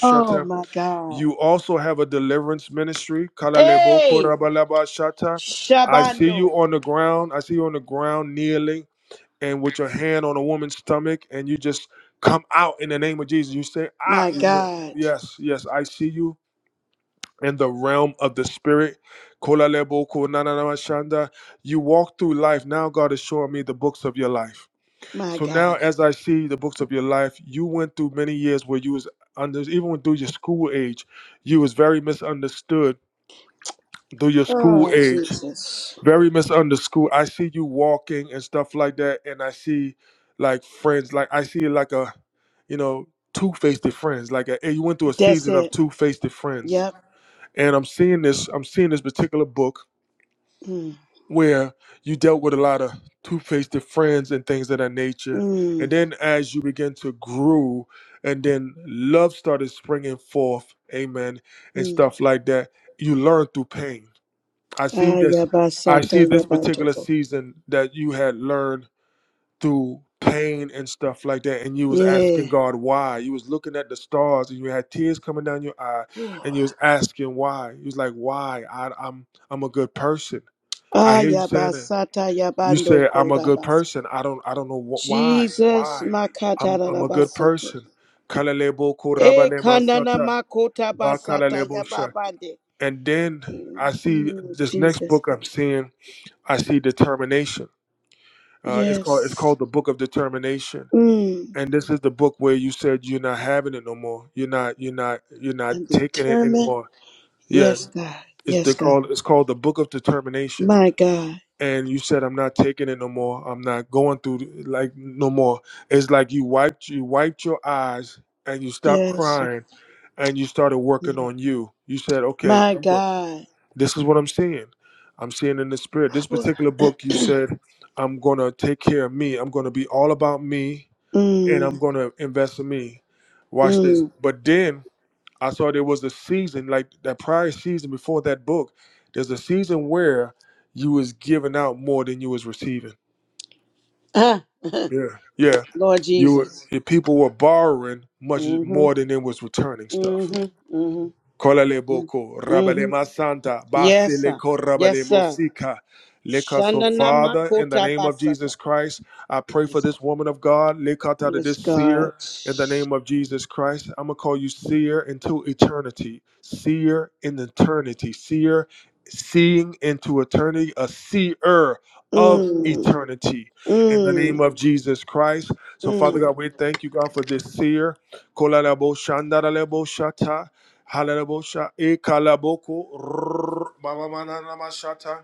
Oh my God. you also have a deliverance ministry. Kalalebo Hey, korabalaba shata. I see you Shabando. on the ground. I see you on the ground kneeling and with your hand on a woman's stomach, and you just come out in the name of Jesus. You say, Ah, My you know, God. yes, yes, I see you in the realm of the spirit. Kolalebo konanana You walk through life. Now God is showing me the books of your life. My So now, God. as I see the books of your life, you went through many years where you was under, even through your school age, you was very misunderstood through your school Oh, age, Jesus. very misunderstood. I see you walking and stuff like that, and I see like friends, like I see like a, you know, two-faced friends. Like a, you went through a That's season of it. two-faced friends, Yep. and I'm seeing this. I'm seeing this particular book Mm. where you dealt with a lot of two-faced friends and things of that nature and Mm. then as you begin to grow and then love started springing forth amen and Mm. stuff like that you learn through pain i see Ah, this i yabasata see this particular yabatoko. season that you had learned through pain and stuff like that and you was asking Yeah. god why you was looking at the stars and you had tears coming down your eye and you was asking why you was like why I, i'm i'm a good person i Ah, hear you saying that yabasata you yabando said I'm a good kodabasa. person. I don't I don't know wh- why Jesus why makata I'm I'm a good rabasoto. person. Kalalebo E korabane kanana masata makota basata bakalalebo sha. yababande. And then I see Mm. this next Jesus. book I'm seeing. I see determination. Uh, it's called it's Yes. called the Book of Determination. Mm. And this is the book where you said you're not having it no more. You're not you're not you're not I'm taking it determined. anymore. Yeah, Yes, God. it's Yes, the God. called it's called the Book of Determination My God. and you said i'm not taking it no more i'm not going through th- like no more it's like you wiped you wiped your eyes and you stopped Yes. crying and you started working on you you said okay My i'm going God. this is what i'm seeing i'm seeing in the spirit this Whew. particular book you said i'm going to take care of me i'm going to be all about me and i'm mm, going to invest in me watch this mm. but then I saw there was a season like that prior season before that book. There's a season where you was giving out more than you was receiving. Ah, Yeah, yeah. Lord You were Jesus. if people were borrowing much Mm-hmm. more than they was returning stuff. Mm-hmm. Mm-hmm. Kolale boko, rabale Mm-hmm. masanta, Yes, basile sir. ko Yes, rabale sir. mosika. Lika, so Shananama Father, in the kota name of basata. Jesus Christ, I pray for Yes, God. this woman of God, Likata to Yes, this God. seer, in the name of Jesus Christ. I'm gonna call you seer into eternity, seer in eternity, seer, seeing into eternity, a seer of Mm, eternity, in the name mm, of Jesus Christ. So Father mm. God, we thank you, God, for this seer. Kolalebo shandaralebo shata. Halalabosha ekalaboko rrrr, mamamanamasata,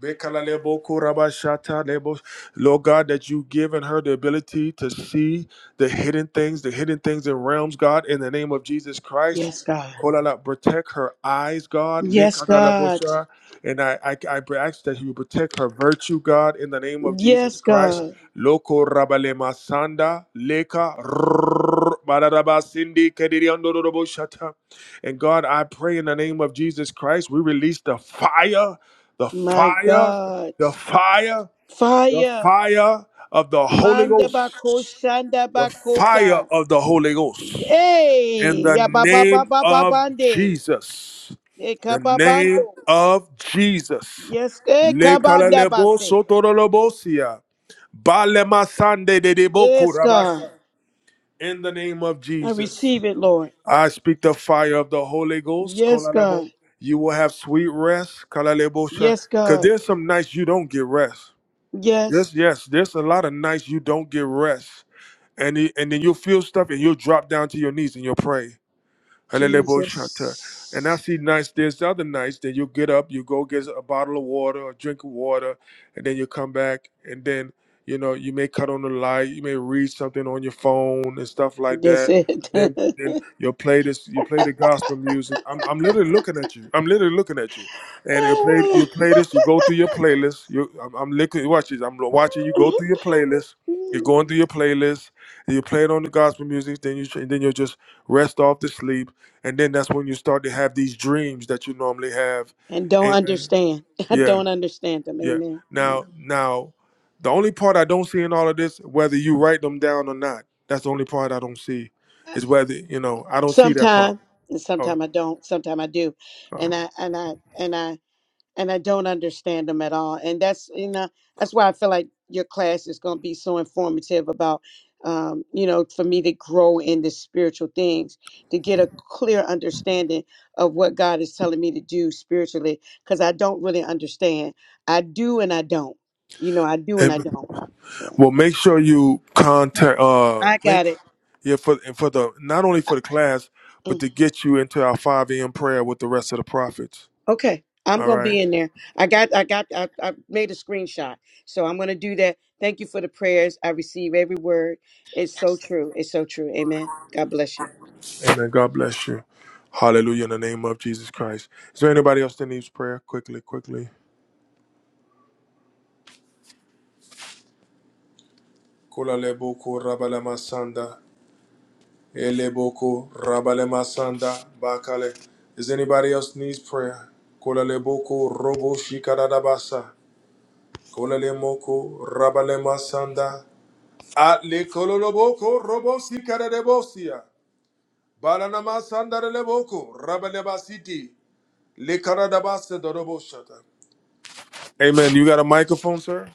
bekalaleboko rabashata lebo. Lord God, that you've given her the ability to see the hidden things, the hidden things in realms, God, in the name of Jesus Christ. Yes, God. Kolala, protect her eyes, God. Yes, God. Lekadalabosha. And I, I, I ask that you protect her virtue, God, in the name of Jesus Yes, Christ. God. Loko rabale masanda leka rrrr, badarabasindi kediriandorobosata. And God, I pray in the name of Jesus Christ, we release the fire, the My fire, God. the fire, the Fire. fire of the Holy Manda Ghost, bako shanda the fire bakota. of the Holy Ghost. In Hey, the ya ba ba ba name ba ba of bande. Jesus, E the kababando. name of Jesus. Yes, e Le kabanda kalalebo base. sotorolobosia. Balema sande de debo Yes, kurabasa. God. In the name of I Jesus. receive it, Lord. I speak the fire of the Holy Ghost. Yes, Kolalebo. God. You will have sweet rest. Yes, Because God. there's some nights you don't get rest. Yes, Yes, yes. There's a lot of nights you don't get rest. And, it- and then you'll feel stuff and you'll drop down to your knees and you'll pray. Halelebo shata. And I Jesus. see nights, there's other nights that you get up, you go get a bottle of water or drink of water, and then you come back, and then, you know, you may cut on the light, you may read something on your phone and stuff like That's that. it. Then then you'll play this, you play the gospel music. I'm, I'm literally looking at you. I'm literally looking at you. And you play you play this, you go through your playlist. You I'm, I'm looking, watch this, I'm watching you go through your playlist. You're going through your playlist. You play it on the gospel music, then you then you'll just rest off to sleep, and then that's when you start to have these dreams that you normally have. and don't Amen. understand. I Yeah, don't understand them. yeah. Amen. Yeah. Now, now, the only part I don't see in all of this, whether you write them down or not, that's the only part I don't see, is whether you know I don't see that part. sometime and Oh, sometime i don't sometime i do uh, and i and i and i and i don't understand them at all and that's you know that's why i feel like your class is going to be so informative about um, you know for me to grow in the spiritual things to get a clear understanding of what god is telling me to do spiritually because i don't really understand i do and i don't you know i do and i amen. don't yeah. Well, make sure you contact. Uh, i make got it yeah for and for the not only for the class, but to get you into our five a.m. prayer with the rest of the prophets. Okay, I'm All gonna right. be in there. I got, I got, I, I made a screenshot, so I'm gonna do that. Thank you for the prayers. I receive every word. It's so true. It's so true. Amen. God bless you. Amen. God bless you. Hallelujah in the name of Jesus Christ. Is there anybody else that needs prayer? Quickly, quickly. Kula leboko rabalemasanda. Eleboko rabalemasanda. Bakale. Is anybody else needs prayer? Kula leboko robo shikaradabasa. Kula lemoko rabalemasanda. Atle kololoboko robo shikaradebosia. Balanamasanda leboko rabalebasiti. Lekaradabasa doroboshata. Amen. You got a microphone, sir?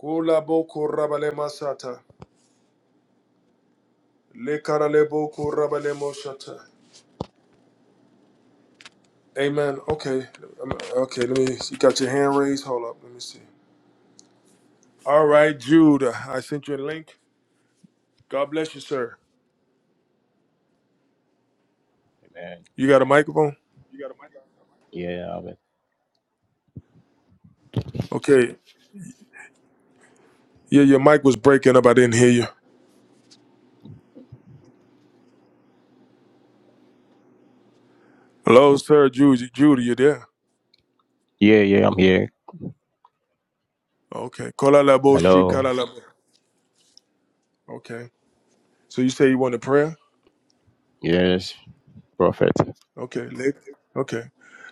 Kula boku rabale masata. le Lekara leboku rabale moshata. Amen. Okay. Um, Okay, let me you got your hand raised. Hold up. Let me see. All right, Jude. I sent you a link. God bless you, sir. Amen. You got a microphone? You got a mic? Yeah, Amen. Okay. Yeah, your mic was breaking up. I didn't hear you. Hello, sir. Jude, Jude, you there? Yeah, yeah, I'm here. Okay. Kola lebo, Hello. shikala lebo. Okay. So you say you want a prayer? Yes, prophet. Okay. Le- okay.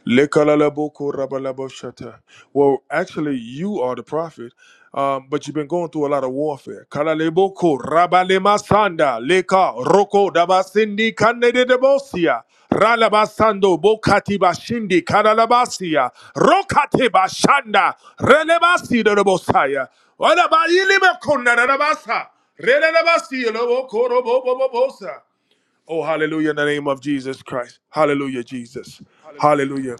Lekalalabo korabalabo shata. Well, actually, you are the prophet, um, but you've been going through a lot of warfare. Kalalebo korabalema sanda, leka roko dabasindi kanededebosia, ralabasando bokati bashindi kadalabasia, rokate bashanda, relebasi debosaya. What about you, Lima Kunda Rabasa? Relebasi, Lobo Korobo Bobosa. Oh, hallelujah, in the name of Jesus Christ. Hallelujah, Jesus. Hallelujah.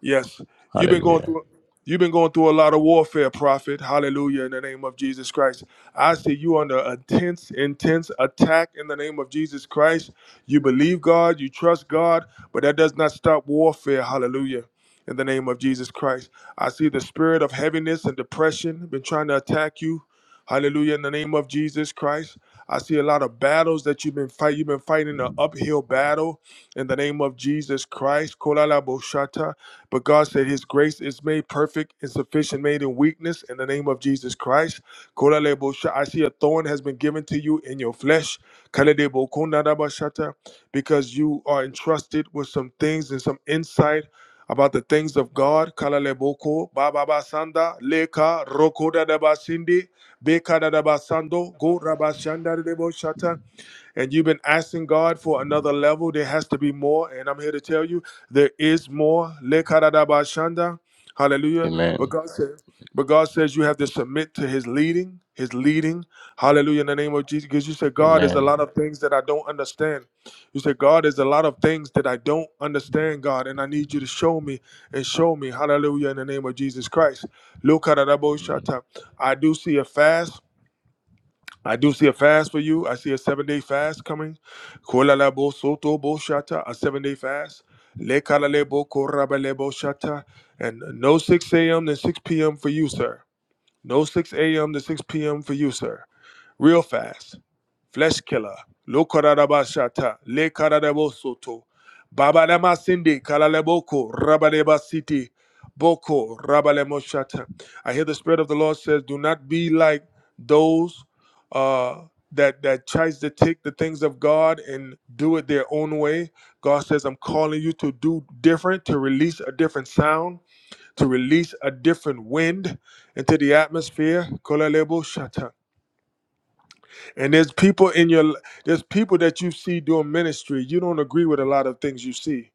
Yes. You've been going Hallelujah. through you've been going through a lot of warfare, prophet. Hallelujah, in the name of Jesus Christ. I see you under intense, intense attack in the name of Jesus Christ. You believe God, you trust God, but that does not stop warfare. Hallelujah. In the name of Jesus Christ. I see the spirit of heaviness and depression been trying to attack you. Hallelujah, in the name of Jesus Christ. I see a lot of battles that you've been fight. You've been fighting an uphill battle in the name of Jesus Christ. Kolala boshata. But God said His grace is made perfect and sufficient, made in weakness. In the name of Jesus Christ. Kolala bosha- I see a thorn has been given to you in your flesh. Kalede bokonada boshata, Because you are entrusted with some things and some insight about the things of God. Kalaleboko, Baba Basanda, Leka, Rokoda Bekadadabasando, go rabashandareboshata. And you've been asking God for another level. There has to be more. And I'm here to tell you there is more. Lekadadabashanda. Hallelujah. But Amen. God said, but God says you have to submit to his leading, his leading. Hallelujah. In the name of Jesus. Because you said, God, there's a Amen. lot of things that I don't understand. You said, God, there's a lot of things that I don't understand, God, and I need you to show me and show me. Hallelujah. In the name of Jesus Christ. Amen. Lekadadaboshata. I do see a fast. I do see a fast for you. I see a seven day fast coming. Kolala bo soto bo shata, a seven day fast. Le kalale bo korabale bo shata. And no 6 a.m. to 6 p.m. for you, sir. No 6 a.m. to 6 p.m. for you, sir real fast. Flesh killer. Lokoradabashata. Le Karadabo soto. Baba lema sindi kalaleboko rabaleba siti boko rabalemo I hear the spirit of the Lord says, "Do not be like those uh, that that tries to take the things of God and do it their own way." God says, "I'm calling you to do different, to release a different sound, to release a different wind into the atmosphere." Kolalebo shata. And there's people in your there's people that you see doing ministry. You don't agree with a lot of things you see.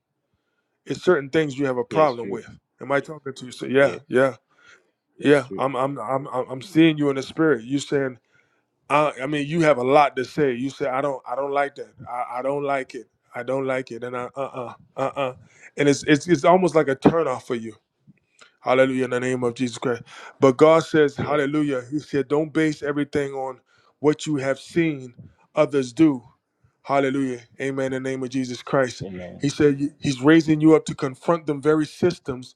It's certain things you have a Yes, problem true. with. Am I talking to you? So yeah, Yes. yeah, Yes, yeah. true. I'm I'm I'm I'm I'm seeing you in the spirit. You saying I I mean you have a lot to say. You say I don't I don't like that. I, I don't like it. I don't like it. And I uh uh uh uh. And it's it's it's almost like a turnoff for you. Hallelujah in the name of Jesus Christ. But God says Yeah. Hallelujah. He said don't base everything on what you have seen others do Hallelujah. Amen. In the name of Jesus Christ. Amen. He said he's raising you up to confront them very systems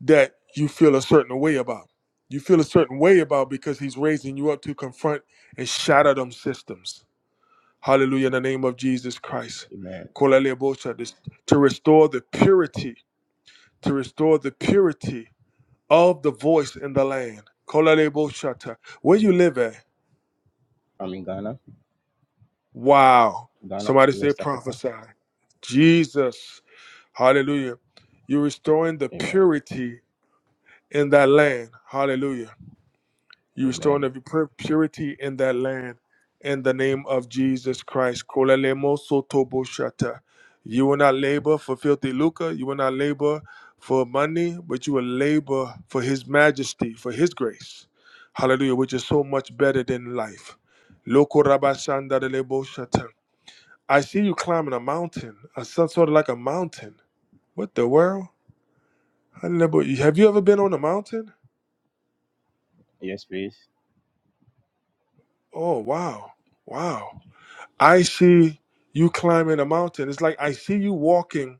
that you feel a certain way about. You feel a certain way about because he's raising you up to confront and shatter them systems. Hallelujah. In the name of Jesus Christ. Amen. Kolalebosha, this- To restore the purity, to restore the purity of the voice in the land. Kolaleboshata. Where you live at? I'm in Ghana. Wow. Ghana, Somebody say West Africa. prophesy. Jesus. Hallelujah. You're restoring the Amen. purity in that land. Hallelujah. You're restoring Amen. the pu- purity in that land in the name of Jesus Christ. Kolalemo sotoboshata. You will not labor for filthy lucre. You will not labor for money, but you will labor for his majesty, for his grace. Hallelujah, which is so much better than life. Loko rabashandaleboshata. I see you climbing a mountain, a some sort of like a mountain. What the world? I never. Have you ever been on a mountain? Yes, please. Oh wow, wow. I see you climbing a mountain. It's like I see you walking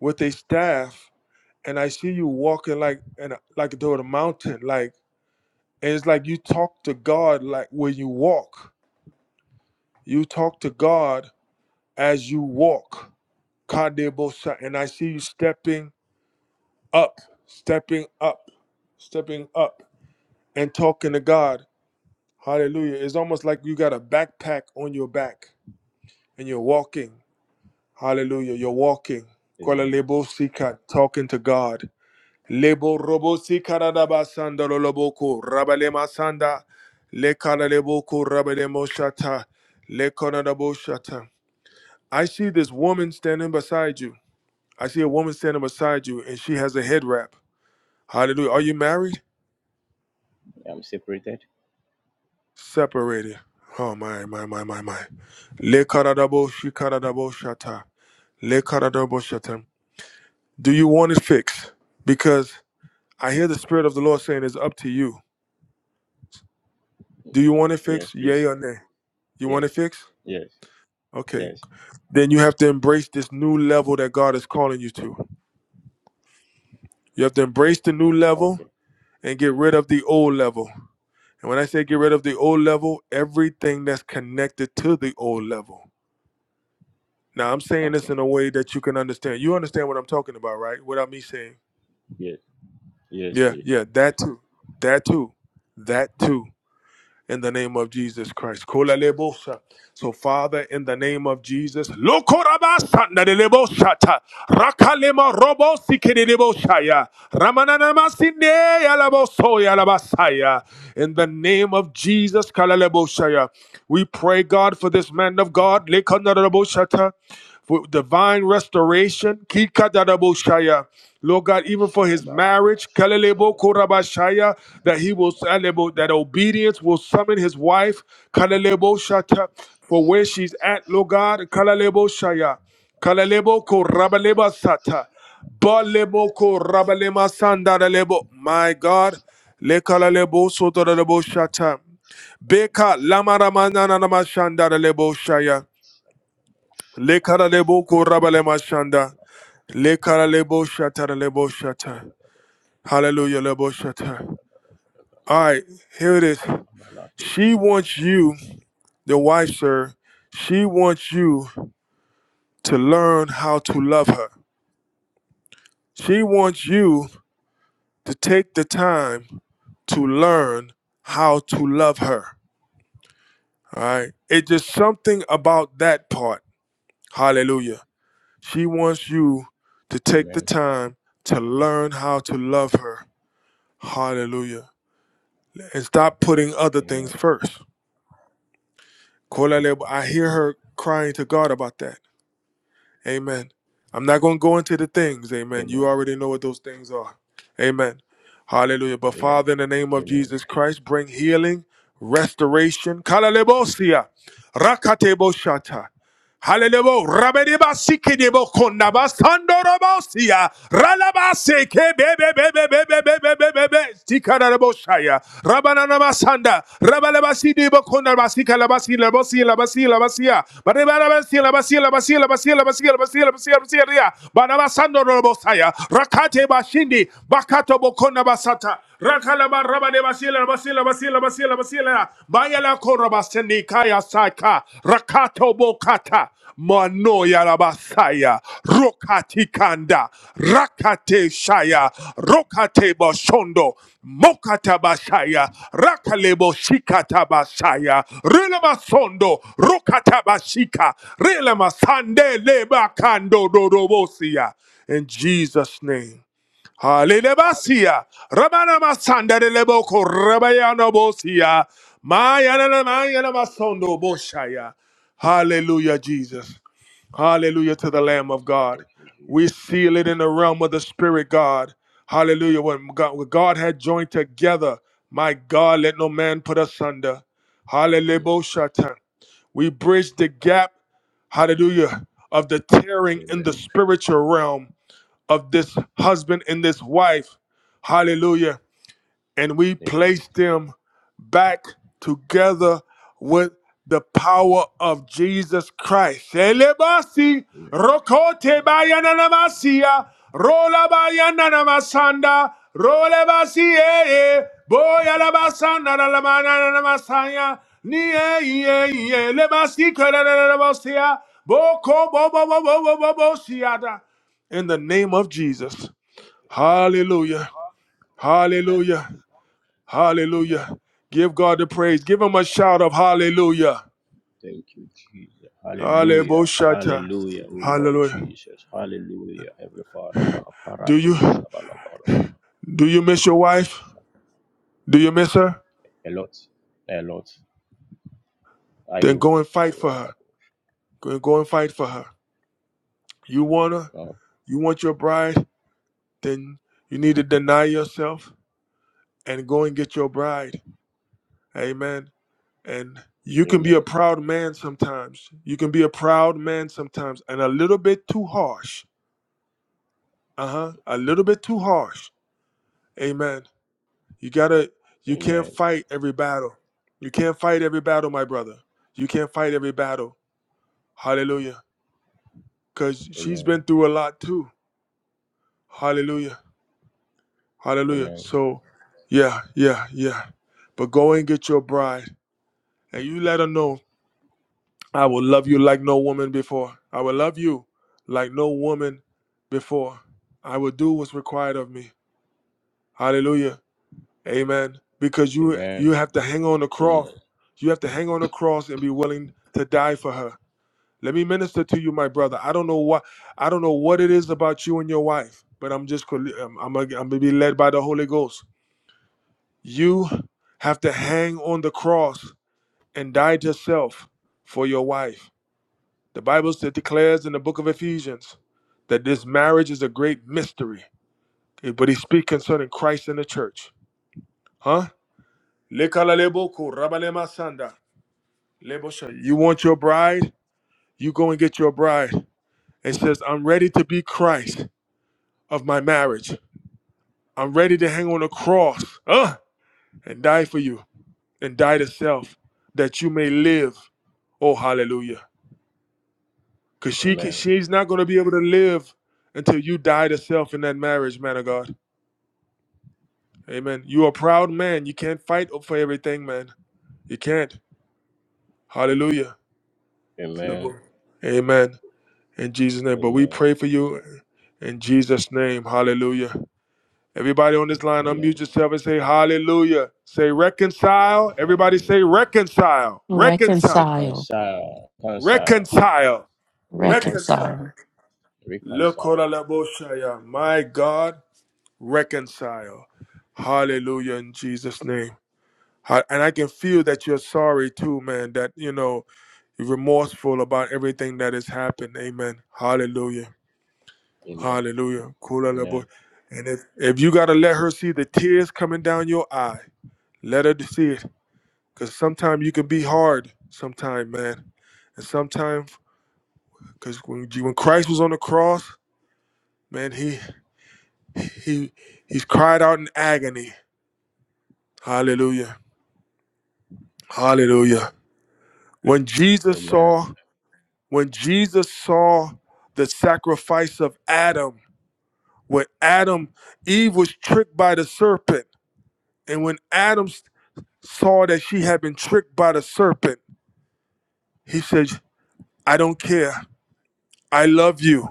with a staff, and I see you walking like and like toward a mountain. Like and it's like you talk to God like when you walk. You talk to God as you walk. Kadebosa, and I see you stepping up, stepping up, stepping up. and talking to God. Hallelujah. It's almost like you got a backpack on your back and you're walking. Hallelujah. You're walking. Kola Amen. lebo sika, Talking to God. Lebo robo sika da sanda lo lo boko, raba le ma sanda, le kala le boko, raba shata, le kona shata. I see this woman standing beside you. I see a woman standing beside you and she has a head wrap. Hallelujah. Are you married? I'm separated. separated. Oh my my my my my. Le karadabo shi karadabo shata. Le karadabo shata. Do you want it fixed? Because I hear the spirit of the Lord saying it's up to you. Do you want it Yes, fixed? Yay please. or nay? You want Yes. it fixed? Yes. Okay. Yes. Then you have to embrace this new level that God is calling you to. You have to embrace the new level Okay. and get rid of the old level. And when I say get rid of the old level, everything that's connected to the old level. Now I'm saying this Okay. in a way that you can understand. You understand what I'm talking about, right? Without me saying, Yes. Yes, yeah, please. yeah, that too, that too, that too. In the name of Jesus Christ, Kola lebosa. So, Father, in the name of Jesus, lokorabasa na de lebosata, rakalema robo sikede lebosa. Ramananamasinde yalaboso yalabasaya. In the name of Jesus, kalaleboshaya. we pray, God, for this man of God, lekanaraboshata, for divine restoration, kikadaraboshaya. Lord God, even for his marriage, kalalebokorabashaya, that he will that obedience will summon his wife, kalaleboshata, for where she's at, Lord God, kalaleboshaya. Kalalebo korabaleba Balemoko rabalema sandarelebo. My God. Lekalalebo sotarelebo shata. Beka lamaramanana namashandarelebo shaya. Lekalalebo korabalema shanda. Lekalalebo shatarelebo shata. Hallelujah lebo shata. All right, here it is. She wants you, the wife, sir. She wants you to learn how to love her. She wants you to take the time to learn how to love her. All right. It's just something about that part. Hallelujah. She wants you to take the Amen. time to learn how to love her. Hallelujah. And stop putting other things Amen. first. Kolele- I hear her crying to God about that. Amen. I'm not going to go into the things. Amen. You Amen. already know what those things are. Amen. Hallelujah. But Yeah. Father, in the name of Amen. Jesus Christ, bring healing, restoration. Kalelebosia. Rakateboshata. Hallelujah. Rabedeba sikedebo kondaba sandorobosia. Ralabase kebebebebebebebebebebe. Sikarabosaya. Rabananamasanda. Rabalabasidebo kondabasika labasi labasi labasi labasia. Barebarabasi labasi labasi labasi labasi labasi labasi labasi labasi. Banabasandorobosaya. Rakate bashindi. Bakato bokondabasata. Rakalaba rabade basila basila basila basila basila bayala korabaseni kaya saka rakato bokata mano yarabasaya rokati kanda rakate shaya rokate boshondo mokata basaya rakalebo shikata basaya relema sondo rokata bashika relema sande leba kando dorobosia in Jesus name Halilebasia, Ramana Masanda de Leboko, Rabayana Bosia, Mayana Mayana Masondo Boshaya. Hallelujah, Jesus. Hallelujah to the Thank Lamb you. of God. Thank you, We Jesus. seal it Thank in the you, realm of Jesus. the Spirit, God. Hallelujah. When God, when God had joined together, my God, let no man put asunder. Hallelujah. Amen. Boshatan. We bridge the gap, hallelujah, of the tearing in the Amen. spiritual realm of this husband and this wife. Hallelujah and we Amen. place them back together with the power of Jesus Christ. Elebasi, Amen. rokote bayananamasia, rola bayanamasanda, role eh, eh, lamananamasaya, ni eh, eh, eh, lebasi karananamosia, boko bo bo bo bo bo bo siada. In the name of Jesus. Hallelujah. Amen. Hallelujah. Amen. Hallelujah. Give God the praise. Give him Amen. a shout of hallelujah. Thank you, Jesus. Hallelujah. Hallelujah. Hallelujah, O Lord Hallelujah. Jesus. Hallelujah, Heavenly Father. Do Kaparatu you shabalabalaba. do you miss your wife? Do you miss her? A lot. A lot. I Then do. go and fight for her. Rabba. Go and go and fight for her. You want her? Oh, You want your bride? Then you need to deny yourself and go and get your bride. Amen. And you can be a amen. proud man sometimes. You can be a proud man sometimes and a little bit too harsh. Uh-huh. A little bit too harsh. Amen You gotta you can't Amen. fight every battle. You can't fight every battle, my brother. You can't fight every battle. Hallelujah. Cause she's Amen. been through a lot too. Hallelujah. Hallelujah. Amen. So yeah, yeah, yeah. But go and get your bride and you let her know I will love you like no woman before. I will love you like no woman before. I will do what's required of me. Hallelujah. Amen. Because you Amen. you have to hang on the cross. Amen. You have to hang on the cross and be willing to die for her. Let me minister to you, my brother. I don't know what I don't know what it is about you and your wife, but I'm just col- I'm I'm, I'm gonna be led by the Holy Ghost. You have to hang on the cross and die to self for your wife. The Bible said declares in the book of Ephesians that this marriage is a great mystery. eh, But he speaks concerning Christ and the church. Huh? Lekalalebo kurabalema sanda. Lebosha, you want your bride? You go and get your bride. It says, I'm ready to be Christ of my marriage. I'm ready to hang on a cross uh, and die for you and die to self that you may live. Oh, hallelujah. Because she can, Amen. she's not going to be able to live until you die to self in that marriage, man of God. Amen. You're a proud man. You can't fight for everything, man. You can't. Hallelujah. Amen. Amen. in Jesus' name. But we Amen. pray for you in Jesus' name. Hallelujah. Everybody on this line, Amen. unmute yourself and say hallelujah. Say reconcile. Everybody say Hallelujah. reconcile. Reconcile. Reconcile. Reconcile. Reconcile. Reconcile. Reconcile. Reconcile. Reconcile. Reconcile. Lekoralaboshaya. My God, reconcile. Hallelujah in Jesus' name. Ha- And I can feel that you're sorry too, man, that, you know, you're remorseful about everything that has happened. Amen. Hallelujah. Amen. Hallelujah. Kula la boy. Amen. And if, if you gotta let her see the tears coming down your eye, let her see it. Cause sometimes you can be hard Sometimes, man. And sometimes cause when, G- when Christ was on the cross, man, he he he's cried out in agony. Hallelujah. Hallelujah. Amen. When Jesus Amen. saw, when Jesus saw the sacrifice of Adam, when Adam, Eve was tricked by the serpent. And when Adam saw that she had been tricked by the serpent, he said, I don't care. I love you.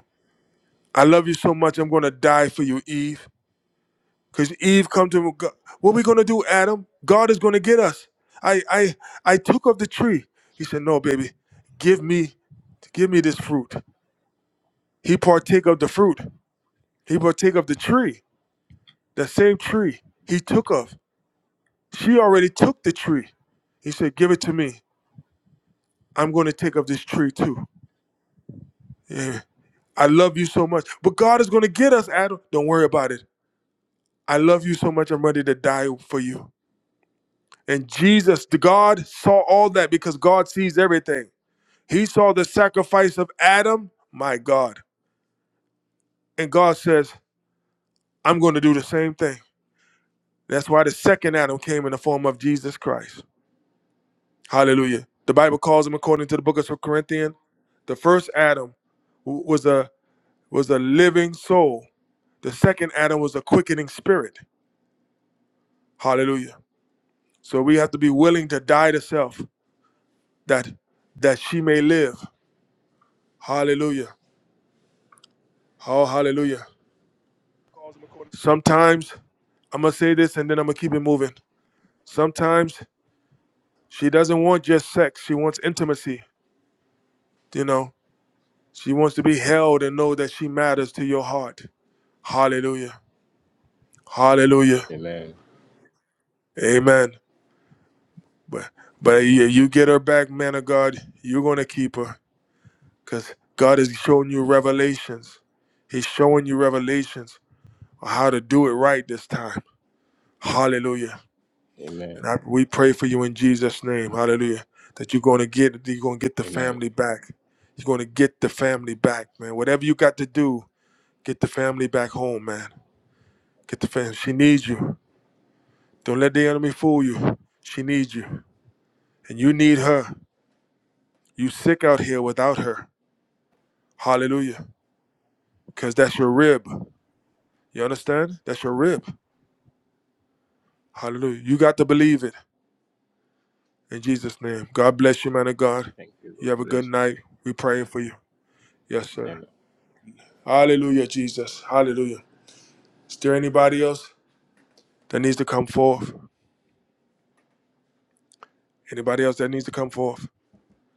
I love you so much. I'm going to die for you, Eve. Because Eve come to him, with "God, what are we going to do, Adam? God is going to get us. I, I, I took of the tree. He said, no, baby, give me, give me this fruit. He partake of the fruit. He partake of the tree, the same tree he took of. She already took the tree. He said, give it to me. I'm going to take of this tree too. Yeah." I love you so much. But God is going to get us, Adam. Don't worry about it. I love you so much. I'm ready to die for you. And Jesus, the God saw all that because God sees everything. He saw the sacrifice of Adam, my God. And God says, I'm going to do the same thing. That's why the second Adam came in the form of Jesus Christ. Hallelujah. The Bible calls him, according to the book of Second Corinthians, the first Adam w- was a was a living soul. The second Adam was a quickening spirit. Hallelujah. So we have to be willing to die to self that that she may live. Hallelujah. Oh hallelujah. Sometimes I'm gonna say this and then I'm gonna keep it moving. Sometimes she doesn't want just sex, she wants intimacy, you know. She wants to be held and know that she matters to your heart. Hallelujah. Hallelujah. Amen. Amen. But but Amen. you, you get her back, man of God, you're gonna keep her. Cause God is showing you revelations. He's showing you revelations or how to do it right this time. Hallelujah. Amen. And I, we pray for you in Jesus' name. Hallelujah. That you're going to get you're going to get the Amen. family back. You're going to get the family back, man. Whatever you got to do, get the family back home, man. Get the family. She needs you. Don't let the enemy fool you. She needs you, and you need her. You sick out here without her. Hallelujah. Because that's your rib. You understand? That's your rib. Hallelujah. You got to believe it. In Jesus' name. God bless you, man of God. Thank you. You have God a good bless you night. too. we are praying for you. Yes, Amen. sir. Hallelujah, Jesus. Hallelujah. Is there anybody else that needs to come forth? Anybody else that needs to come forth?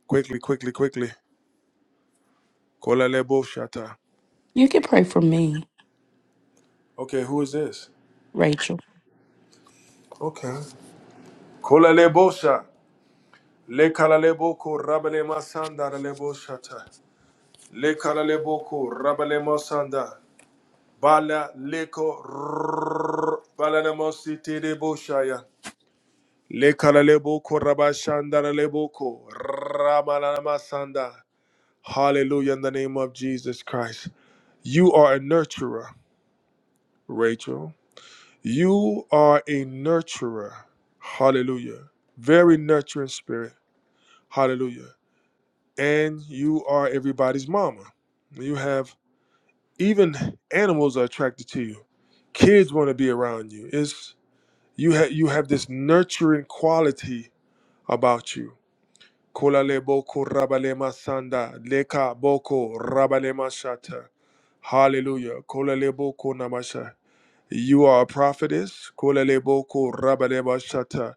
Quickly, quickly, quickly. Kola lebo shata. You can pray for me, Okay, who is this? Rachel. Okay. Kola lebo sha. Le kala lebo ko rabale masanda da lebo shata. Le kala lebo ko rabale masanda. Bala leko rrrr. Bala nemo siti lebo shaya. Lekaralebo korabashandaraleboko ramalanamasanda. Hallelujah in the name of Jesus Christ. You are a nurturer, Rachel. You are a nurturer. Hallelujah. Very nurturing spirit. Hallelujah. And you are everybody's mama. You have even animals are attracted to you. Kids want to be around you. It's you have you have this nurturing quality about you. Kolale boko rabale masanda leka boko rabale mashata. Hallelujah. Kolale boko namasha. You are a prophetess. Kolale boko rabale mashata.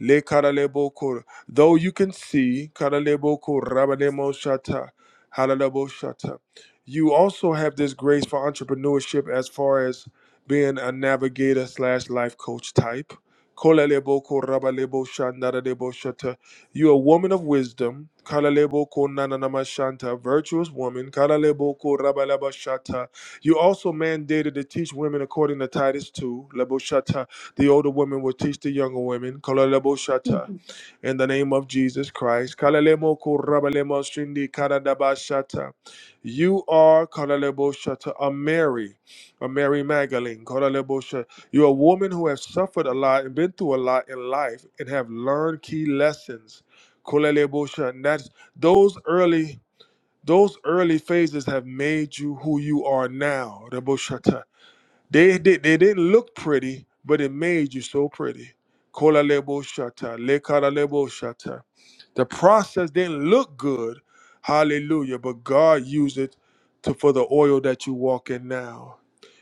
Le karalebo kor. Though you can see, karalebo kor rabanemo shata, halalebo shata. You also have this grace for entrepreneurship as far as being a navigator slash life coach type. Kolalebo kor rabalebo shandaralebo shata. You're a woman of wisdom. Kalalebo kor nananama shanta, virtuous woman. Kalalebo kor rabalaba shata. You also mandated to teach women according to Titus 2, lebo shata. The older women will teach the younger women. Kalalebo shata. Mhm. In the name of Jesus Christ. Kalalemo korabalemo shindi karadaba shata. You are kalalebo shata, a Mary, a Mary Magdalene. Kalalebo shata. You're a woman who has suffered a lot and been through a lot in life and have learned key lessons. Kalalebo shata. And that's those early those early phases have made you who you are now. Rebo shata. They, they they didn't look pretty, but it made you so pretty. Kola lebo shata, le kala lebo shata. The process didn't look good, hallelujah, but God used it to for the oil that you walk in now.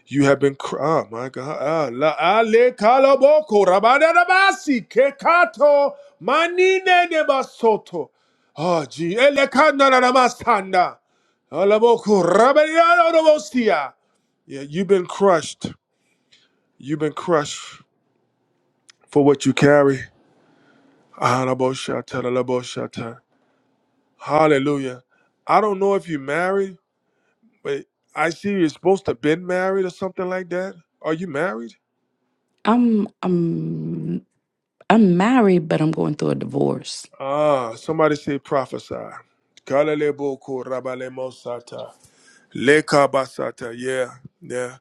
You have been, cr- oh my God, ah, la ah, le kala boko, rabada da basi, ke kato, manine ne basoto. Oh, gee, ele kanda na na masanda. Ala boko, rabada da da bosia. Yeah, you've been crushed. You've been crushed for what you carry. Ahanaboshata, Hallelujah. I don't know if you are married, but I see you're supposed to have been married or something like that. Are you married? I'm I'm I'm married, but I'm going through a divorce. Ah, somebody say prophesy. Kalaleboko rabalemosata. Lekabasata, yeah, yeah.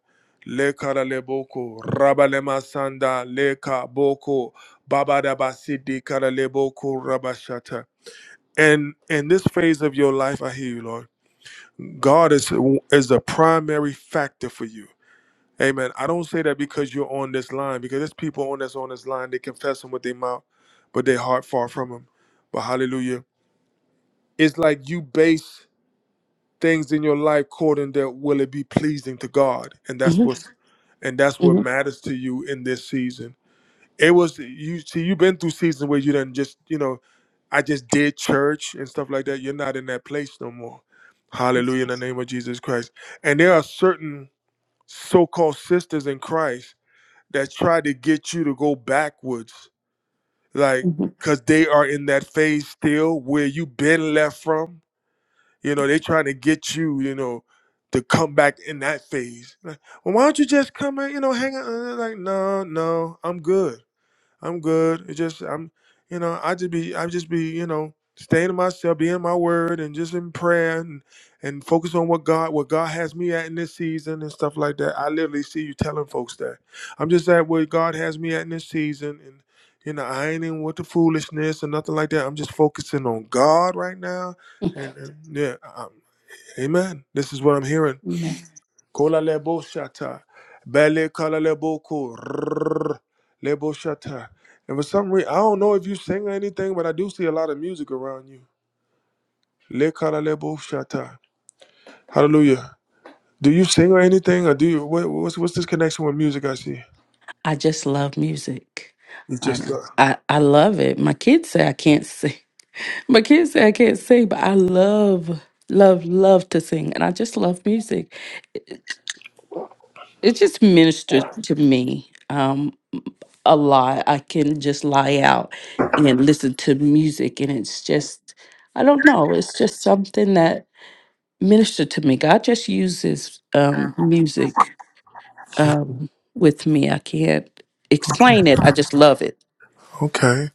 Lekaraleboko rabalemasanda lekaboko babadabasidi karaleboko rabashata. And in this phase of your life, I hear you, Lord. God is is the primary factor for you. Amen. I don't say that because you're on this line, because there's people on that's on this line. They confess Him with their mouth, but their heart far from Him. But Hallelujah! It's like you base things in your life according to will it be pleasing to God, and that's hmm what and that's what hmm matters to you in this season. It was you see you've been through seasons where you didn't just you know I just did church and stuff like that. You're not in that place no more. Hallelujah in the name of Jesus Christ. And there are certain so called sisters in Christ that try to get you to go backwards, like, hmm because they are in that phase still where you've been left from. You know, they trying to get you, you know, to come back in that phase. Like, well, why don't you just come and, you know, hang out? Uh, Like, no, no, I'm good. I'm good. It just I'm you know, I just be I just be, you know, staying to myself, being my word and just in prayer and, and focus on what God what God has me at in this season and stuff like that. I literally see you telling folks that. I'm just at where God has me at in this season and you know, I ain't in with the foolishness and nothing like that. I'm just focusing on God right now. And, and yeah, um, amen. This is what I'm hearing. Miss- Kola lebo shata. Bele kala lebo ko. Rrrr. Lebo shata. And for some reason, I don't know if you sing or anything, but I do see a lot of music around you. Le kala lebo shata. Hallelujah. Do you sing or anything, or do you? What, what's what's this connection with music? I see. I just love music. It's I, just uh, I I love it. My kids say I can't sing. My kids say I can't sing, but I love love love to sing, and I just love music. It just ministered to me um, a lot. I can just lie out and listen to music, and it's just, I don't know, it's just something that ministered to me. God just uses um, music um, with me. I can't okay. explain it. I just love it. Okay.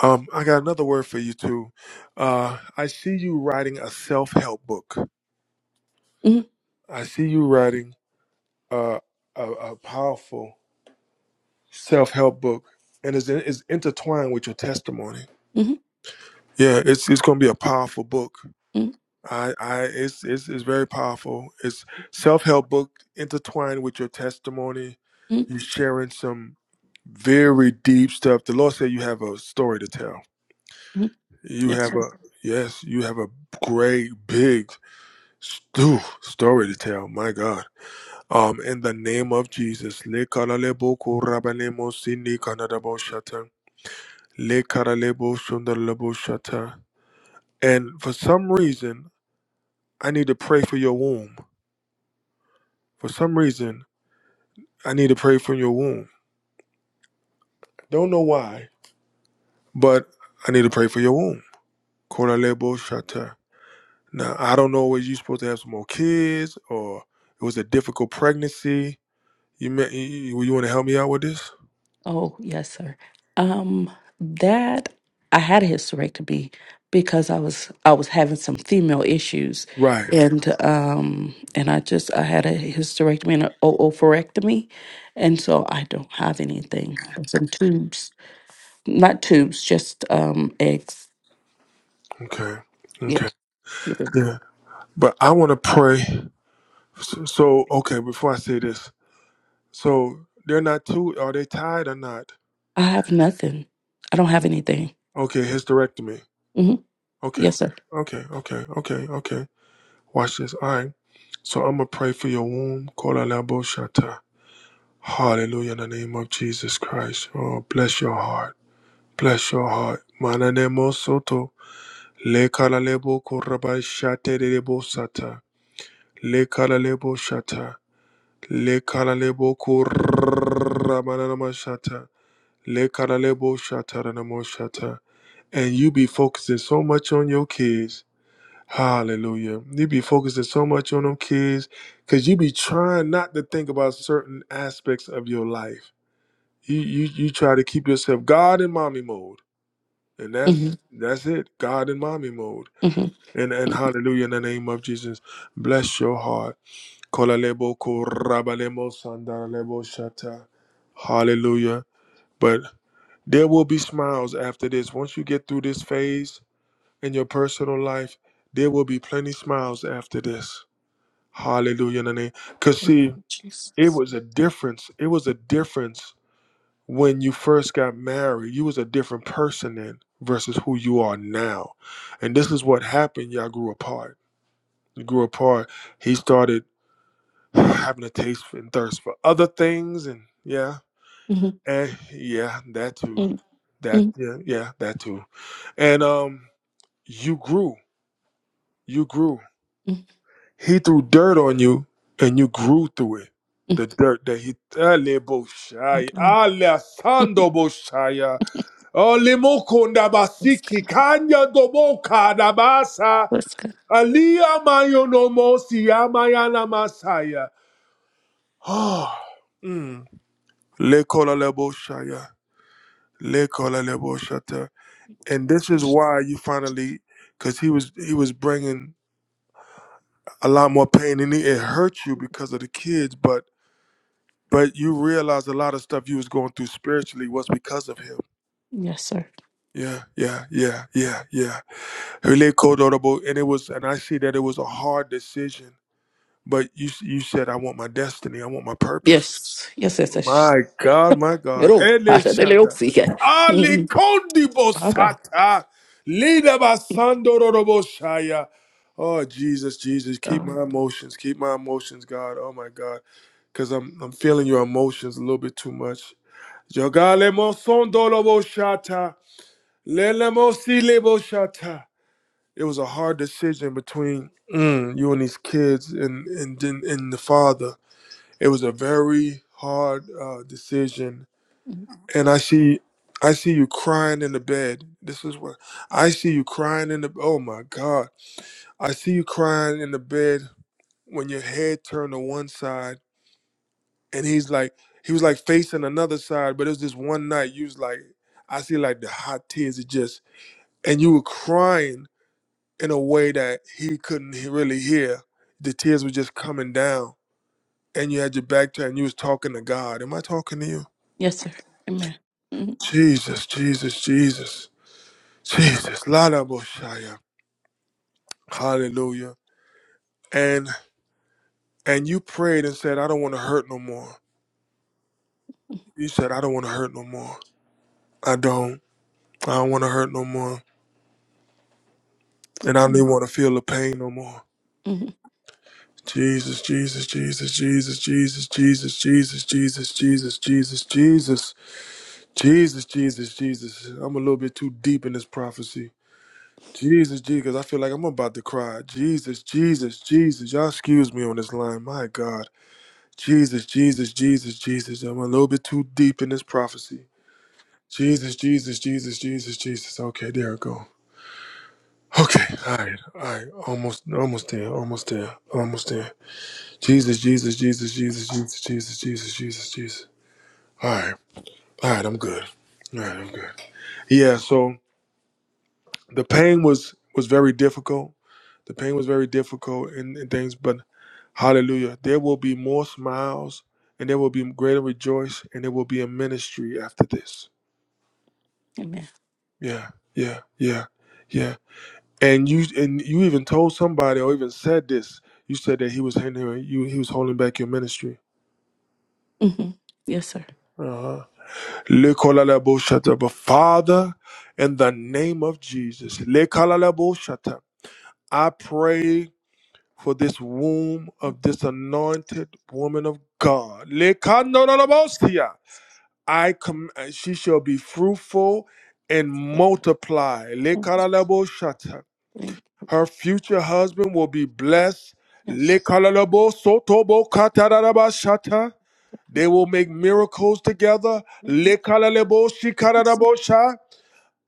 Um, I got another word for you too. Uh, I see you writing a self help book. Mm-hmm, I see you writing uh, a, a powerful. self help book, and is is intertwined with your testimony. mm-hmm, Yeah, it's it's going to be a powerful book. mm-hmm, I I it's it's, it's very powerful. It's self help book intertwined with your testimony. You sharing some very deep stuff. The Lord said you have a story to tell. mm-hmm. You Yes, have a yes, you have a great big stu- story to tell. My God. Um, in the name of Jesus. Le karalebo sundarlebo shata. And for some reason, I need to pray for your womb. For some reason, I need to pray for your womb. Don't know why, but I need to pray for your womb. Koralebo shata. Now, I don't know whether you're supposed to have some more kids or it was a difficult pregnancy. You, may, you, you want to help me out with this? Oh, yes, sir. Um, that I had a hysterectomy because I was I was having some female issues, Right. and um, and I just I had a hysterectomy and an oophorectomy, and so I don't have anything. Some tubes, not tubes, just um eggs. Okay. Yeah, Okay. Mhm. Yeah. But I want to pray. So, so, okay, before I say this, so they're not too, are they tied or not? I have nothing. I don't have anything. Okay, hysterectomy. hmm Okay, Yes, sir. okay, okay, okay, okay. Watch this. All right. So I'm gonna pray for your womb. Kola labo shata. Hallelujah in the name of Jesus Christ. Oh, bless your heart. Bless your heart. Mananemo soto. Le kala lebo korabai shate de lebo sata. Le kala lebo shata. Le kala lebo korabananama shata. Le kala lebo shata ranamo shata. And you be focusing so much on your kids Hallelujah. You be focusing so much on them kids because you be trying not to think about certain aspects of your life. You, you you try to keep yourself God and mommy mode. And hmm that's that's it. God and mommy mode. hmm And and hallelujah in the name of Jesus. Bless your heart. Kolalebo korabalemo sandaralebo shata. Hallelujah. But there will be smiles after this. Once you get through this phase in your personal life, there will be plenty smiles after this. Hallelujah. Because see, it Jesus. was a difference. It was a difference when you first got married. You was a different person then versus who you are now. And this is what happened. Y'all grew apart. You grew apart. He started having a taste and thirst for other things and yeah. hmm And yeah, that too. hmm That hmm yeah, yeah, that too. And um you grew. You grew. hmm He threw dirt on you and you grew through it. The dirt that he Ale I Boshai, know. Ale Sando Boshaya, Ole Mokonda Let's Basiki, go. Kanya Doboka Dabasa, Let's go. Alia Mayono Mosi, Amayana Masaya. Oh, mm. Le Kola Le Boshaya, Le Kola Le Boshata. And this is why you finally, because he was he was bringing a lot more pain and it it hurt you because of the kids, but but you realize a lot of stuff you was going through spiritually was because of him. Yes, sir. Yeah, yeah, yeah, yeah, yeah. Really cold and it was, and I see that it was a hard decision. But you, you said, I want my destiny, I want my purpose. Yes. Yes, yes, yes. My God, my God, It'll. My Ele Shanta, Ali Kondi God. Bosata, Lida Basando Robo Shaya. Oh Jesus, Jesus, keep Um, my emotions, keep my emotions, God. Oh my God, because I'm I'm feeling your emotions a little bit too much. Jogale mo sondolo Lele mo sile It was a hard decision between mm, you and these kids and, and then- and the father. It was a very hard uh, decision. mhm. And I see I see you crying in the bed. This is what I see you crying in the oh my God. I see you crying in the bed when your head turned to one side and he's like he was like facing another side but it was this one night you was like i see like the hot tears it just and you were crying in a way that he couldn't he- really hear the tears were just coming down and you had your back turned and you was talking to god am i talking to you yes, sir. Amen. Mhm, jesus jesus jesus jesus Lada Boshaya. hallelujah and and you prayed and said i don't want to hurt no more you said i don't want to hurt no more i don't i don't want to hurt no more And I mhm, didn't want to feel the pain no more. mhm, Jesus, Jesus, Jesus, Jesus, Jesus, Jesus, Jesus, Jesus, Jesus, Jesus, Jesus, Jesus, Jesus, Jesus. I'm a little bit too deep in this prophecy. Jesus, Jesus, I feel like I'm about to cry. Jesus, Jesus, Jesus. Y'all excuse me on this line. My God. Jesus, Jesus, Jesus, Jesus. I'm a little bit too deep in this prophecy. Jesus, Jesus, Jesus, Jesus, Jesus. Okay, there I go. Okay, all right, all right. Almost, almost there, almost there, almost there. Jesus, Jesus, Jesus, Jesus, Jesus, Jesus, Jesus, Jesus, Jesus. All right, all right, I'm good. All right, I'm good. Yeah, so the pain was was very difficult. The pain was very difficult and, and things, but hallelujah, there will be more smiles and there will be greater rejoice and there will be a ministry after this. Amen. Yeah, yeah, yeah, yeah. And you and you even told somebody or even said this. You said that he was hindering you. He was holding back your ministry. hmm Yes, sir. Uh huh. Lekolalabo But Father, in the name of Jesus, lekolalabo I pray for this womb of this anointed woman of God. Lekanolalabostia. I com- she shall be fruitful and Yeah. multiply. Yes. Lekolalabo Thank you. Her future husband will be blessed. Yes. Lekolalabo sotobo katarabashata. They will make miracles together. Yes.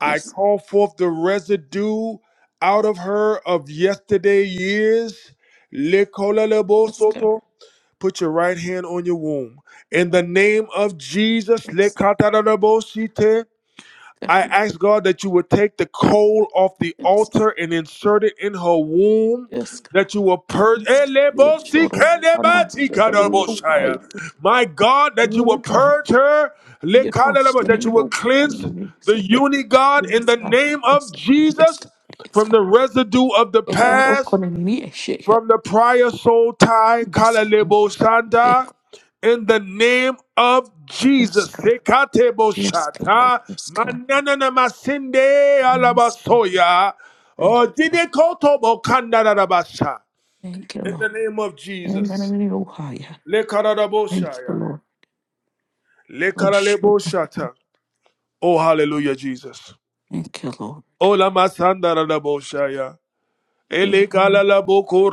I Yes. Yes. call forth the residue out of her of yesterday years. Yes. God. Put your right hand on your womb. In the name of Jesus, Yes. God. I ask God that you would take the coal off the Yes. altar and insert it in her womb, Yes. God. that you will purge. Yes. My Yeah, Choro. Ana. Chedabrio. I. God, that you Yeah, will God. purge her, yes, oh, that you Slim, will oh, I mean, cleanse you the say, uni God in Yes, the God. name Yes, of God. Yes, Jesus God. Yes, from the God. residue of the Lord, past open me a shake. from the prior soul tie, Yes, God. Kalalebo Santa, in the name of Yes, Jesus. God. Sekatebo Yes, God. Shata, Yes, God. Manana Masinde Yes, God. Alabasoya, Thank or you, Lord. Didekotobo Kandarabasha, Thank you, in Lord. the name of And then I'm Jesus. going to go higher. Thank you, Lekaradaboshaya, Lord. Lord, shoot. Lekaralebo Shata. Oh, hallelujah, Jesus. Thank you, Lord. Ola Masandaraboshaya. Thank you, Elekala Lord. la boko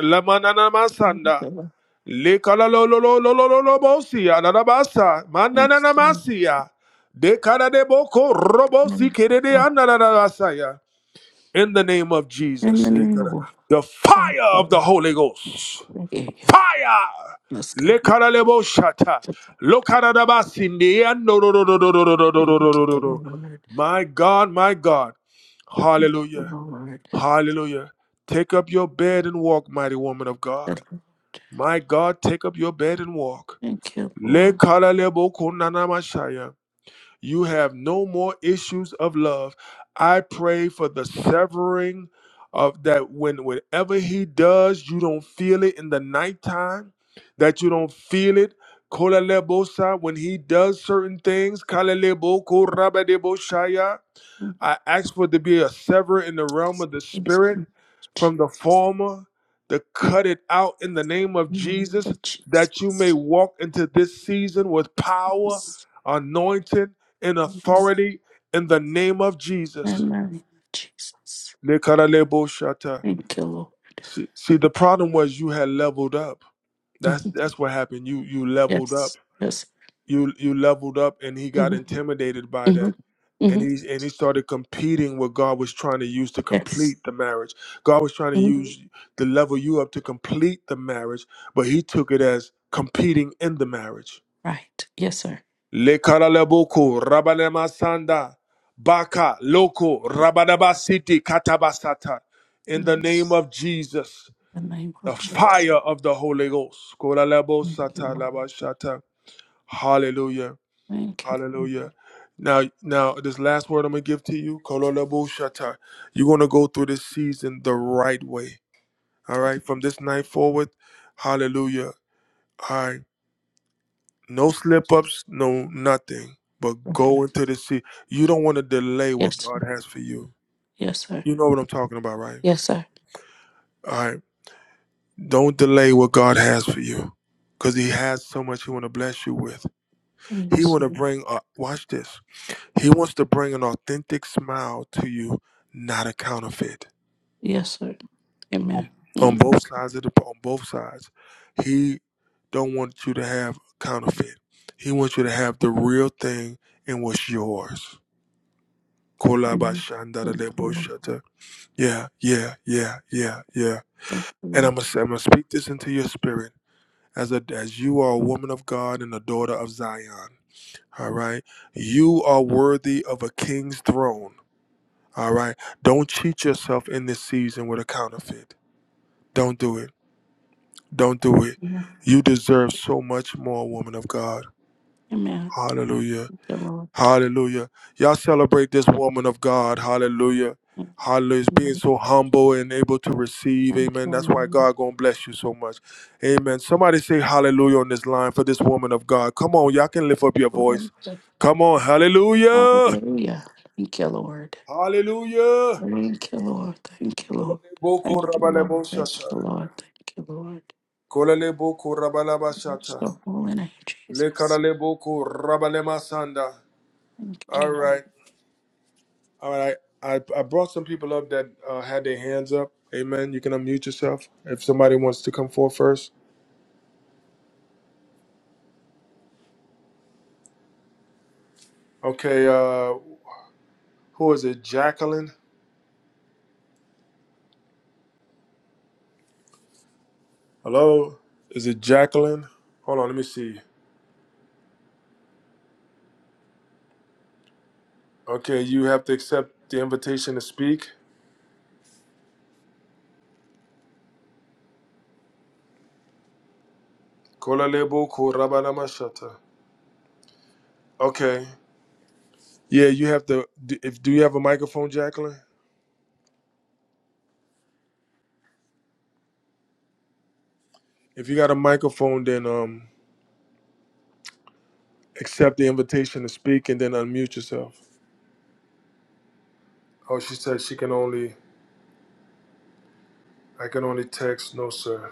la manana Thank you, masanda. Lord. Lekala lo lo lo lo lo lo lo bosia la basa Thank manana na you, De cara de boko robosi kere de Lord. anda basaya. In the name of And Jesus, then I'm going to lekala. go. the Thank fire you, of the Lord. Holy Ghost, Thank you. Yeah, fire. Let's go. Lekala le boshata, lokara da basindi ando ro ro ro ro ro ro ro ro Thank ro ro you, ro. Lord. My God, my God, Thank you, Hallelujah. Lord. Hallelujah. Take up your bed and walk, mighty woman of God. My God, take up your bed and walk. Thank you, Le Lord. kala le bo ko na You have no more issues of love. I pray for the severing of that when whenever he does, you don't feel it in the nighttime, that you don't feel it. Kola le bo When he does certain things, kala le bo ko raba de bo I ask for to be a sever in the realm of the Thank spirit you, Lord. from the former, to cut it out in the name of In name Jesus, of that you may Jesus. walk into this season with power, Yes. anointing, and Yes. authority in the name of Jesus. In the name of Jesus. Lekaraleboshata. Thank you, Lord. See, see, the problem was you had leveled up. That's Mhm. that's what happened. You you leveled up. Yes. Yes. You you leveled up, and he got Mhm. intimidated by that Mhm. and Mhm. he and he started competing what God was trying to use to Yes. complete the marriage. God was trying to Mhm. use to level you up to complete the marriage, but he took it as competing in the marriage. Right. Yes, sir. Le karaleboko rabalemasanda baka loko rabadabasiti katabasata. In the Yes. name of Jesus, In the name the of Jesus. fire of the Holy Ghost. Thank you, Koralebosata Lord. labashata. Hallelujah. Thank you, Lord. Hallelujah. Now, now, this last word I'm gonna give to you, Kololabo Shata. You're gonna go through this season the right way. All right, from this night forward, Hallelujah. All right, no slip ups, no nothing, but go Right. into the sea. You don't want to delay Yes, what sir. God has for you. Yes, sir. You know what I'm talking about, right? Yes, sir. All right, don't delay what God has for you, because He has so much He want to bless you with. He Yes, want to sir. bring. A, watch this. He wants to bring an authentic smile to you, not a counterfeit. Yes, sir. On, Amen. on Mhm. both sides of the on both sides, he don't want you to have counterfeit. He wants you to have the real thing and what's yours. Mhm. Thank you, Lord. Kolabashandareleboshata. Yeah, yeah, yeah, yeah, yeah. Thank you, And Lord. I'm gonna I'm gonna speak this into your spirit as a as you are a woman of God and a daughter of Zion. All right, you are worthy of a king's throne. All right. Don't cheat yourself in this season with a counterfeit. Don't do it. Don't do it. Amen. You deserve so much more, woman of God. Amen. Hallelujah. Thank you, Lord. Hallelujah. Y'all celebrate this woman of God. Hallelujah. Thank Hallelujah. you. Being Amen. so humble and able to receive. Thank you, Amen. That's why Lord. God gonna bless you so much. Amen. Somebody say hallelujah on this line for this woman of God. Come on, y'all can lift up your voice. Hallelujah. Come on, hallelujah. Thank you, Lord. Hallelujah. Thank you, Lord. Thank you, Lord. Thank you, Lord. Thank you, Lord. Thank you, Lord. Kolalebo korabalaba Bless shata. the holy name, Jesus. Lekaralebo korabalema sanda. Thank you. All Lord. right. All right. I, I brought some people up that uh, had their hands up. Amen. You can unmute yourself if somebody wants to come forward first. Okay. Uh, who is it? Jacqueline? Hello? Is it Jacqueline? Hold on. Let me see. Okay. You have to accept the invitation to speak. Kolalebo korabalama shata. Okay. Yeah, you have to. do- If do you have a microphone, Jacqueline? If you got a microphone, then um, accept the invitation to speak and then unmute yourself. Oh, she said she can only, I can only text, no sir.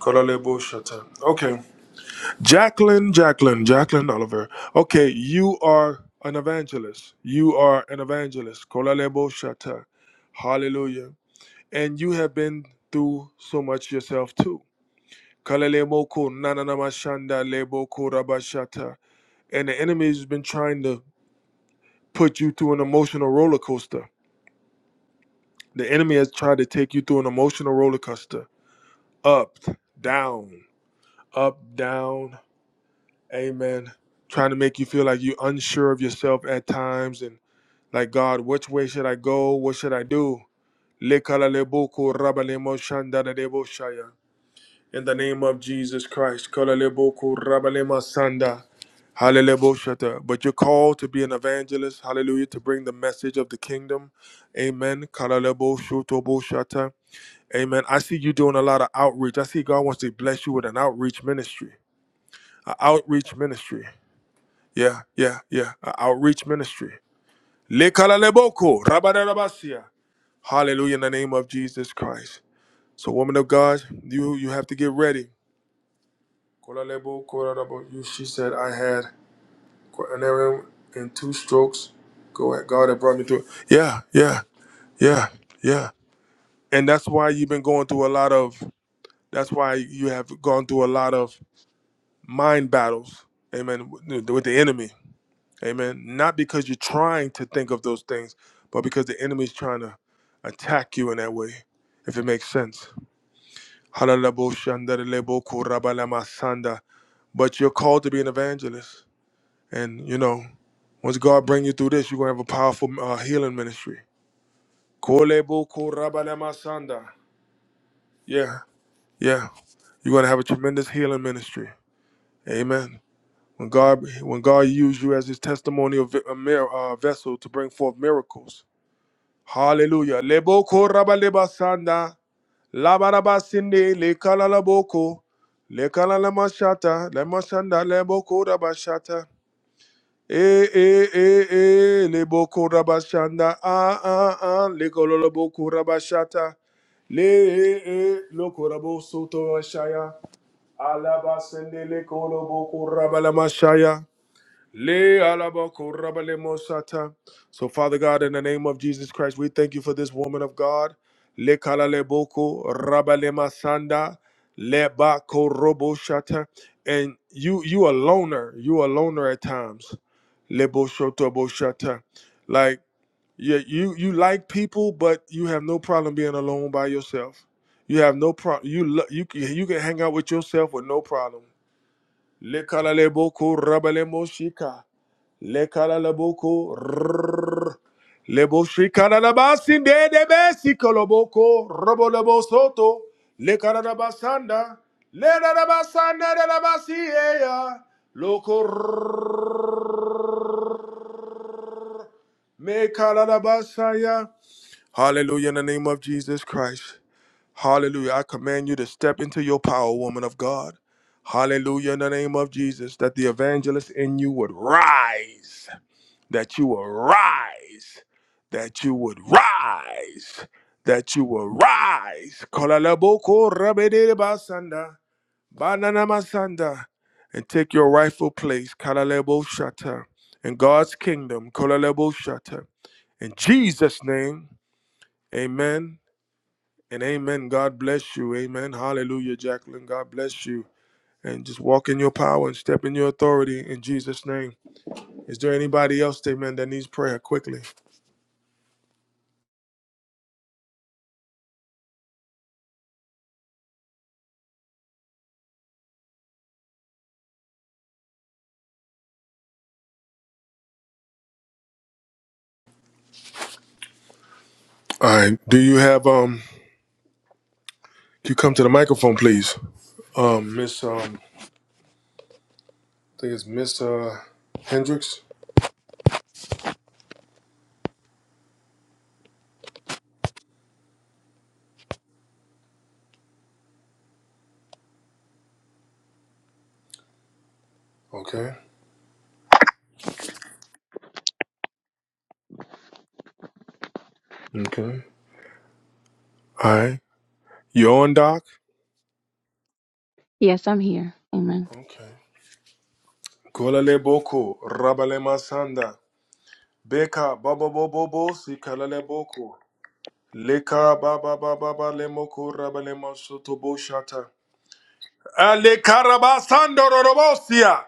Kolale Bushata. Okay. Jacqueline, Jacqueline, Jacqueline Oliver. Okay, you are an evangelist. You are an evangelist. Kolale Bushata. Hallelujah. And you have been through so much yourself too. Kalele Moko, Nananamashanda, Lebo Korabashata. And the enemy has been trying to put you through an emotional roller coaster The enemy has tried to take you through an emotional roller coaster up, down, up, down. Amen. Trying to make you feel like you're unsure of yourself at times and like, God, which way should I go? What should I do? Lekalaleboku rabalemo shandadadebo shaya. In the name of Jesus Christ. kalaleboku rabalema sanda, halelebo shata. But you're called to be an evangelist, hallelujah, to bring the message of the kingdom. Amen. Kalalebo shotobo shata. Amen. I see you doing a lot of outreach. I see God wants to bless you with an outreach ministry. An outreach ministry. Yeah, yeah, yeah. An outreach ministry. Lekalaleboko, rabadarabasia. Hallelujah in the name of Jesus Christ. So, woman of God, you you have to get ready. Kolalebo, kolarabo. You- She said, I had an error and two strokes. Go ahead. God had brought me through. Yeah, yeah, yeah, yeah. And that's why you've been going through a lot of, that's why you have gone through a lot of mind battles, amen, with with the enemy, amen. Not because you're trying to think of those things, but because the enemy's trying to attack you in that way, if it makes sense. Halalaboshandarelebokorabalasanda. But you're called to be an evangelist, and you know, once God bring you through this, you're gonna have a powerful uh, healing ministry. Kolebokorabalasanda. Yeah, yeah, you're gonna have a tremendous healing ministry, amen. When God, when God used you as His testimonial vi- a mir- uh, vessel to bring forth miracles. Hallelujah. Lebo koraba sanda. Labarabasinde, lekalalaboko, lekalalamasata, lemashanda, leboko rabashata. Eh, eh, eh, eh, leboko rabashanda, ah, ah, ah, lekololoboko rabashata. Le, eh, eh, lokorabosoto rashaya, alabasinde, lekoloboko rabalamashaya. Le alaba koraba mosata. So, Father God, in the name of Jesus Christ, we thank you for this woman of God. Le kala boko, raba masanda, le ba korobo shata. And you, you a loner. You a loner at times. Le bo shoto Like you, you, you like people, but you have no problem being alone by yourself. You have no problem. You, lo- you, can- you can hang out with yourself with no problem. Lekalaleboko rabalemoshika. Lekalaleboko rrrr. Leboshikanalabasinde debesikoloboko robolebosoto. Lekanalabasanda. Lelalabasanda lelabasiyeya. Loko rrrr. Mekalalabasaya. Hallelujah in the name of Jesus Christ. Hallelujah. I command you to step into your power, woman of God. Hallelujah in the name of Jesus, that the evangelist in you would rise. that you will rise, that you would rise, that you will rise. Kolalaboko rabedele basanda, banana masanda, and take your rightful place, Kalalebo Shata, in God's kingdom, Kolalebo Shata. In Jesus' name, amen and amen. God bless you. Amen. Hallelujah, Jacqueline. God bless you. And just walk in your power and step in your authority in Jesus' name. Is there anybody else, amen, that needs prayer quickly? All right. Do you have um? Can you come to the microphone, please? Um, Miss um, I think it's Miss uh Hendricks. Okay. Okay. All right. You on, Doc? Yes, I'm here. Amen. Okay. Kolale boku rabale masanda beka baba bobo bo si kalale boku leka baba baba baba lemoku rabale masoto bo shata ale karabasando rorobosia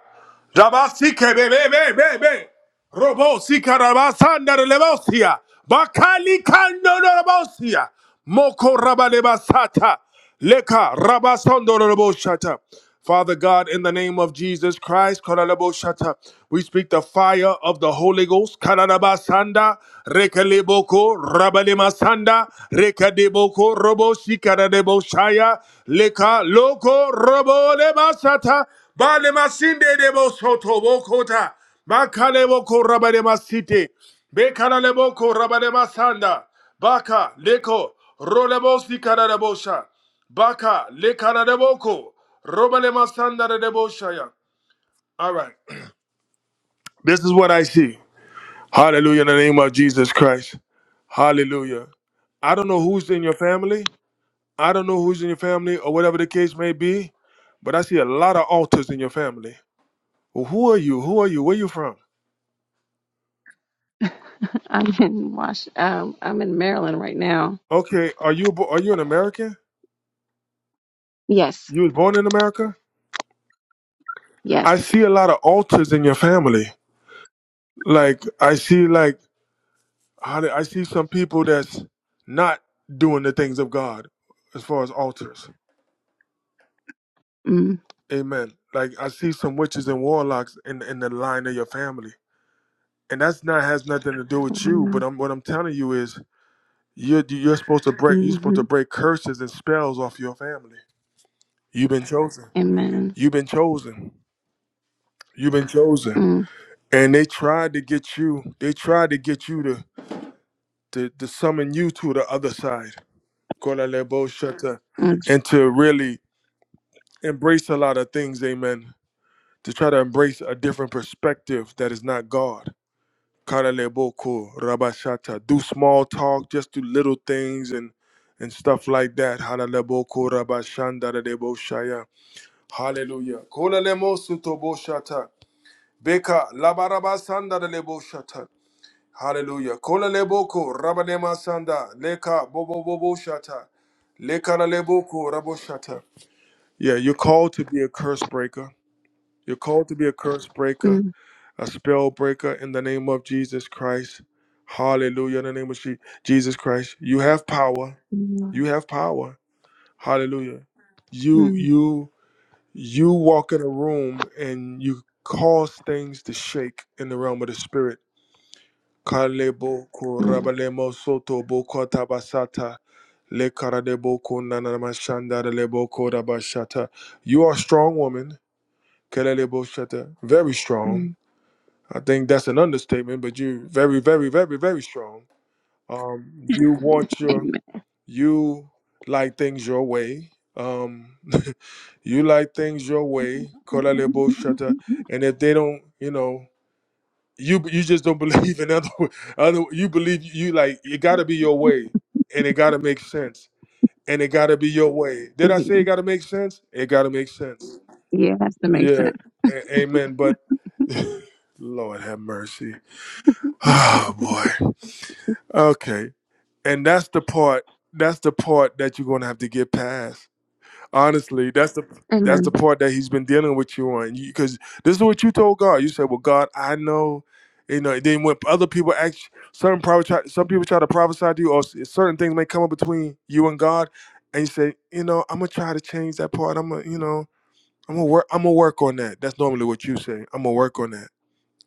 rabasi kebebe Robo sikarabasanda lebosia. Bakali kando lebosia. Moko rabalebasata. Leka rabasondo leboshata. Father God, in the name of Jesus Christ, karaleboshata, we speak the fire of the Holy Ghost. Karalabasanda, rekaleboko, rabalemasanda, rekadeboko, robo shikaradeboshaya, leka loko, robo lebasata, balemasinde debosotobokota. Makaleboko Rabarema City. Bekanaleboko Rabarema Sanda. Baka Leko Rolebosi Kanadebosha. Baka Lekanadeboko Robalema Sanda Deboshaya. All right. This is what I see. Hallelujah in the name of Jesus Christ. Hallelujah. I don't know who's in your family. I don't know who's in your family or whatever the case may be, but I see a lot of altars in your family. Well, who are you? Who are you? Where you from? I'm in Wash. Um, I'm in Maryland right now. Okay, are you are you an American? Yes. You was born in America? Yes. I see a lot of altars in your family. Like I see like how do- I see some people that's not doing the things of God as far as altars. Mm. Amen. Like I see some witches and warlocks in in the line of your family. And that's not has nothing to do with you, but I'm what I'm telling you is you're you're supposed to break you're supposed Mm-hmm. to break curses and spells off your family. You've been chosen. Amen. You've been chosen. You've been chosen. Mm. And they tried to get you. They tried to get you to. to, to summon you to the other side. kola Kolalebo shata. Mm. And to really embrace a lot of things, amen. To try to embrace a different perspective that is not God. Kolalebo ko rabashata. Do small talk, just do little things and and stuff like that. Halalebo ko rabashanda dadebo shaya. Hallelujah. Kolalemo sutobo shata. Beka labarabasanda dadebo shata. Hallelujah. Kola leboko rabanema sanda leka bobo bobo shata leka la leboko rabo shata. Yeah, you're called to be a curse breaker. You're called to be a curse breaker, Mm. a spell breaker in the name of Jesus Christ. Hallelujah. In the name of Je- Jesus Christ, you have power. Mm. You have power. Hallelujah. You Mm. you you walk in a room and you cause things to shake in the realm of the spirit Kalebo Mm. kurabalemo soto boko tabasata. Le karadeboko nanamashanda leboko rabashata. You are a strong woman. Kelelebo shata. Very strong. Mm. I think that's an understatement, but you very, very, very, very strong. Um, you want your Amen. you like things your way. Um, you like things your way. Kalalebo shata. And if they don't, you know you you just don't believe in other other you believe you like it got to be your way and it got to make sense and it got to be your way did i say it got to make sense it got to make sense Yeah, it has to make yeah sense. a- amen but lord have mercy oh boy okay and that's the part that's the part that you're going to have to get past Honestly, that's the that's the Amen. part that he's been dealing with you on. Because this is what you told God. You said, "Well, God, I know." You know. And Then when other people ask, certain prophets, try, some people try to prophesy to you, or s- certain things may come up between you and God, and you say, "You know, I'm gonna try to change that part. I'm gonna, you know, I'm gonna work. I'm gonna work on that." That's normally what you say. I'm gonna work on that,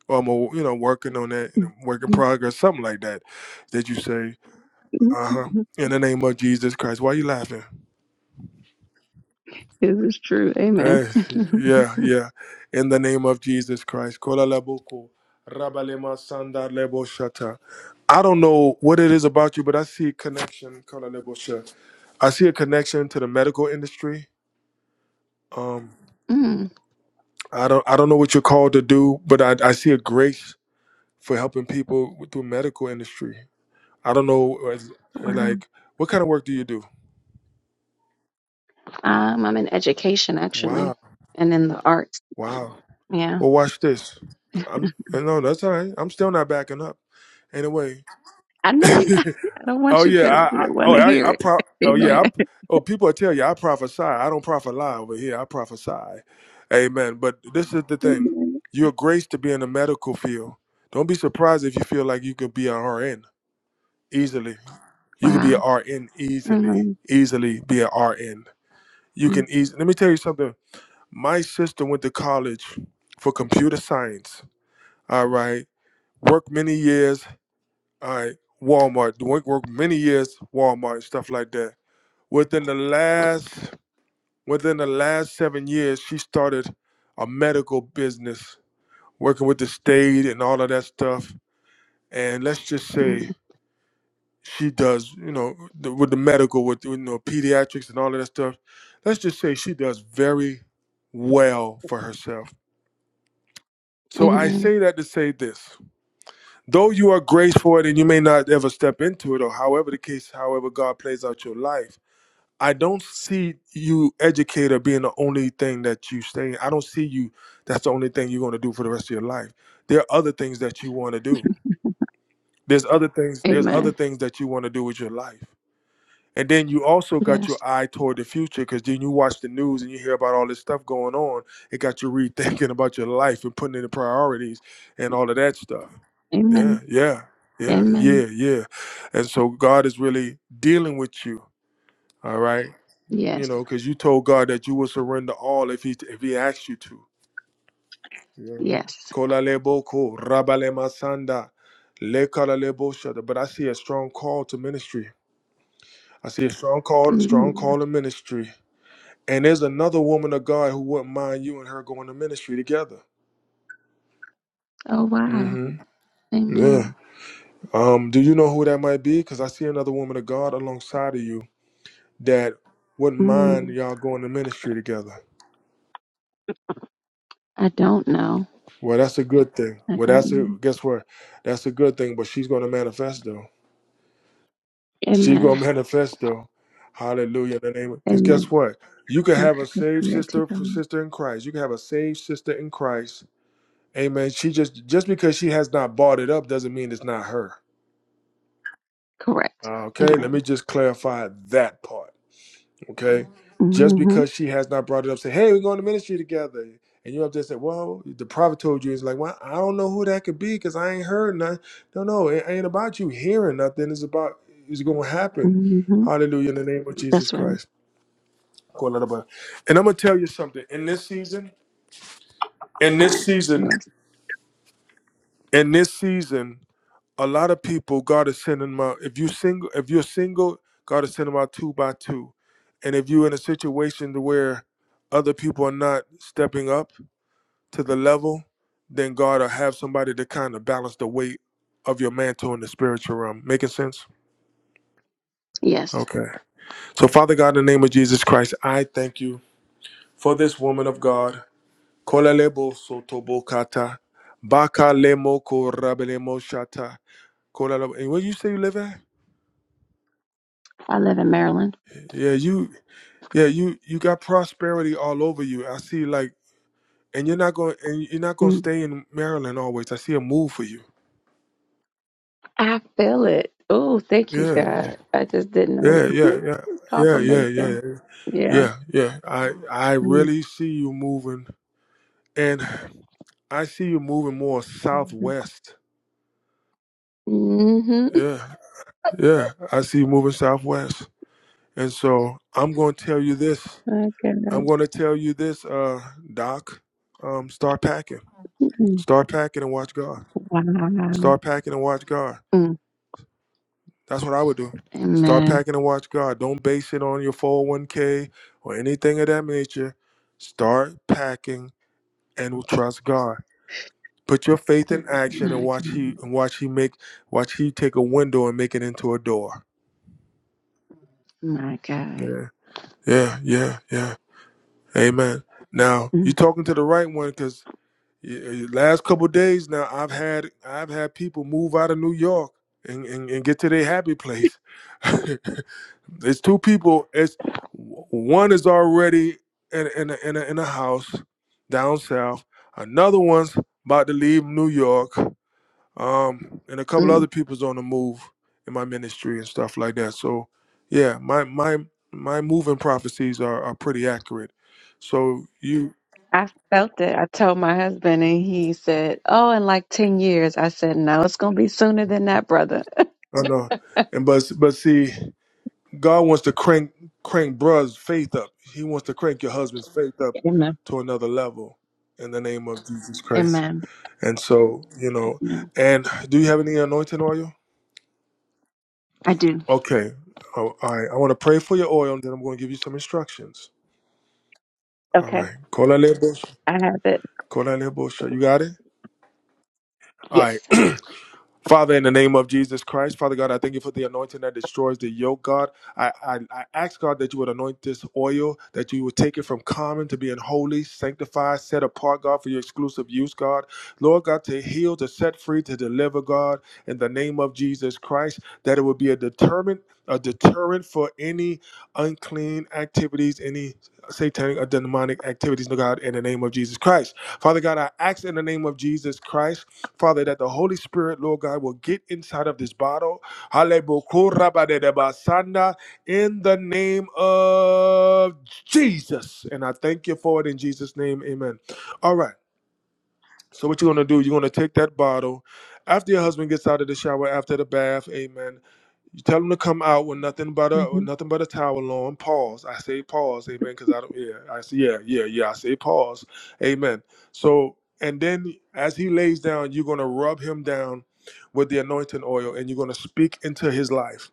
or I'm gonna, you know, working on that, you know, work in progress, something like that, that you say, "Uh huh." In the name of Jesus Christ, why are you laughing? This is true. Amen. Eh, yeah, yeah. In the name of Jesus Christ. Kola laboko, rabalema sanda lebo shata. I don't know what it is about you, but I see a connection. Kola lebo sha. I see a connection to the medical industry. Um, Mm. I don't, I don't know what you're called to do, but I, I see a grace for helping people with- through medical industry. I don't know, as- Wow. like, what kind of work do you do? Um, I'm in education actually, Wow, and in the arts. wow. Yeah. Well, watch this. I'm no, that's all right. I'm still not backing up. Anyway. I know you got it. I don't Oh want you yeah, to, to I, I want oh to I, hear I it. pro, oh Amen. yeah, I, oh people will tell you I prophesy. I don't prophet lie over here. I prophesy, amen. But this is the thing: Amen. you're graced to be in the medical field. Don't be surprised if you feel like you could be an RN easily. You could be an Wow. RN easily, Amen. easily be an RN. You can easily. Let me tell you something. My sister went to college for computer science. All right, worked many years. All right, Walmart. Worked worked many years Walmart and stuff like that Within the last within the last seven years, she started a medical business, working with the state and all of that stuff. And let's just Mm. say she does, you know, the, with the medical, with you know, pediatrics and all of that stuff. Let's just say she does very well for herself. So I Amen. say that to say this: though you are graced for it, and you may not ever step into it, or however the case, however God plays out your life I don't see you educator being the only thing that you stay. I don't see you. That's the only thing you're going to do for the rest of your life. There are other things that you want to do. There's other things. There's other Amen. things that you want to do with your life. And then you also got your Yes. eye toward the future because then you watch the news and you hear about all this stuff going on. It got you rethinking about your life and putting in the priorities and all of that stuff. Yeah, Amen. yeah, yeah, Amen. yeah, yeah. And so God is really dealing with you. All right you Yes. know, because you told God that you would surrender all if He if He asked you to. Mhm. Yes. Kola lebo ko, rabale masanda, le lebo shada. But I see a strong call to ministry. I see a strong call, strong Mm. call to ministry. And there's another woman of God who wouldn't mind you and her going to ministry together. Oh, wow. hmm Yeah. Amen. Um. Do you know who that might be? Because I see another woman of God alongside of you that wouldn't mind Mm. y'all going to ministry together. I don't know. Well, that's a good thing. I Well, don't that's a know. guess what? That's a good thing. But she's going to manifest though. She's going Amen. to manifest though. Hallelujah! In the name, because guess Amen. what? You can Thank have a you for saved clarity. sister, God. sister in Christ. You can have a saved sister in Christ. Amen. She just just because she has not bought it up doesn't mean it's not her. Correct. Okay, let Amen. me just clarify that part. Okay. Just Mm-hmm. because she has not brought it up, say, hey, we're going to ministry together. And you up there say, well, the prophet told you. It's like, well, I don't know who that could be because I ain't heard nothing. No, no, it ain't about you hearing nothing. It's about, it's going to happen. Mm-hmm. Hallelujah in the name of Jesus That's right. Christ. Go a little bit. And I'm going to tell you something. In this season, in this season, Yes. in this season, a lot of people god is sending them out if you single if you're single god is sending them out two by two and if you're in a situation to where other people are not stepping up to the level then god will have somebody to kind of balance the weight of your mantle in the spiritual realm making sense Yes. okay so father god in the name of jesus christ i thank you for this woman of god Kolalebo sotobokata, bakalemo korabelemo shata, kolala- and where you say you live at I live in Maryland. yeah you Yeah, you you got prosperity all over you. I see like and you're not going and you're not going Mm-hmm. to stay in Maryland always. I see a move for you. I feel it. Oh, thank you, Yeah. God. I just didn't know. Yeah, yeah, yeah. Yeah, yeah, Confirmation. yeah. Yeah. Yeah, yeah. I I really see you moving and I see you moving more Mm-hmm. southwest. Mm-hmm. Yeah. Yeah, I see you moving southwest. And so I'm going to tell you this. My I'm God. going to tell you this uh doc. Um start packing. Mm. Start packing and watch God. Wow. Start packing and watch God. Mm. That's what I would do. Start Amen. packing and watch God. Don't base it on your 401k or anything of that nature. Start packing and will trust God. Put your faith in action and My watch he God. and watch he make watch he take a window and make it into a door. My God. Yeah. Yeah, yeah, yeah. Amen. Now, you Mm. are talking to the right one cause. Yeah, uh, last couple of days now i've had i've had people move out of new york and, and, and get to their happy place it's two people it's one is already in, in, a, in, a, in a house down south another one's about to leave new york um and a couple other Mm. people's on the move in my ministry and stuff like that so yeah my my my moving prophecies are, are pretty accurate so you I felt it. I told my husband, and he said, Oh, in like 10 years. I said, No, it's going to be sooner than that, brother. i know and but but see God wants to crank crank bruh's faith up. He wants to crank your husband's faith up Amen. to another level in the name of Jesus Christ. Amen. And so, you know, Amen. and do you have any anointing oil? I do. Okay. Oh, all right. I want to pray for your oil and then I'm going to give you some instructions. All Okay. right. Kola lebo- I have it. kola lebo- You got it? All Yes. right. Father, in the name of Jesus Christ, Father God, I thank you for the anointing that destroys the yoke, God. I, I, I ask, God, that you would anoint this oil, that you would take it from common to being holy, sanctified, set apart, God, for your exclusive use, God. Lord God, to heal, to set free, to deliver, God, in the name of Jesus Christ, that it would be a deterrent, a deterrent for any unclean activities, any satanic or demonic activities, no God, in the name of Jesus Christ. Father God, I ask in the name of Jesus Christ. Father, that the Holy Spirit, Lord God, will get inside of this bottle. Halebukurabadedebasanda, In the name of Jesus. And I thank you for it in Jesus' name. Amen. All right. So, what you're going to do, you're going to take that bottle after your husband gets out of the shower, after the bath. Amen. You tell them to come out with nothing but a hmm nothing but a towel on. Pause. I say pause. Amen. Because I don't. Yeah. I say yeah. Yeah. Yeah. I say pause. Amen. So and then as he lays down, you're gonna rub him down with the anointing oil, and you're gonna speak into his life.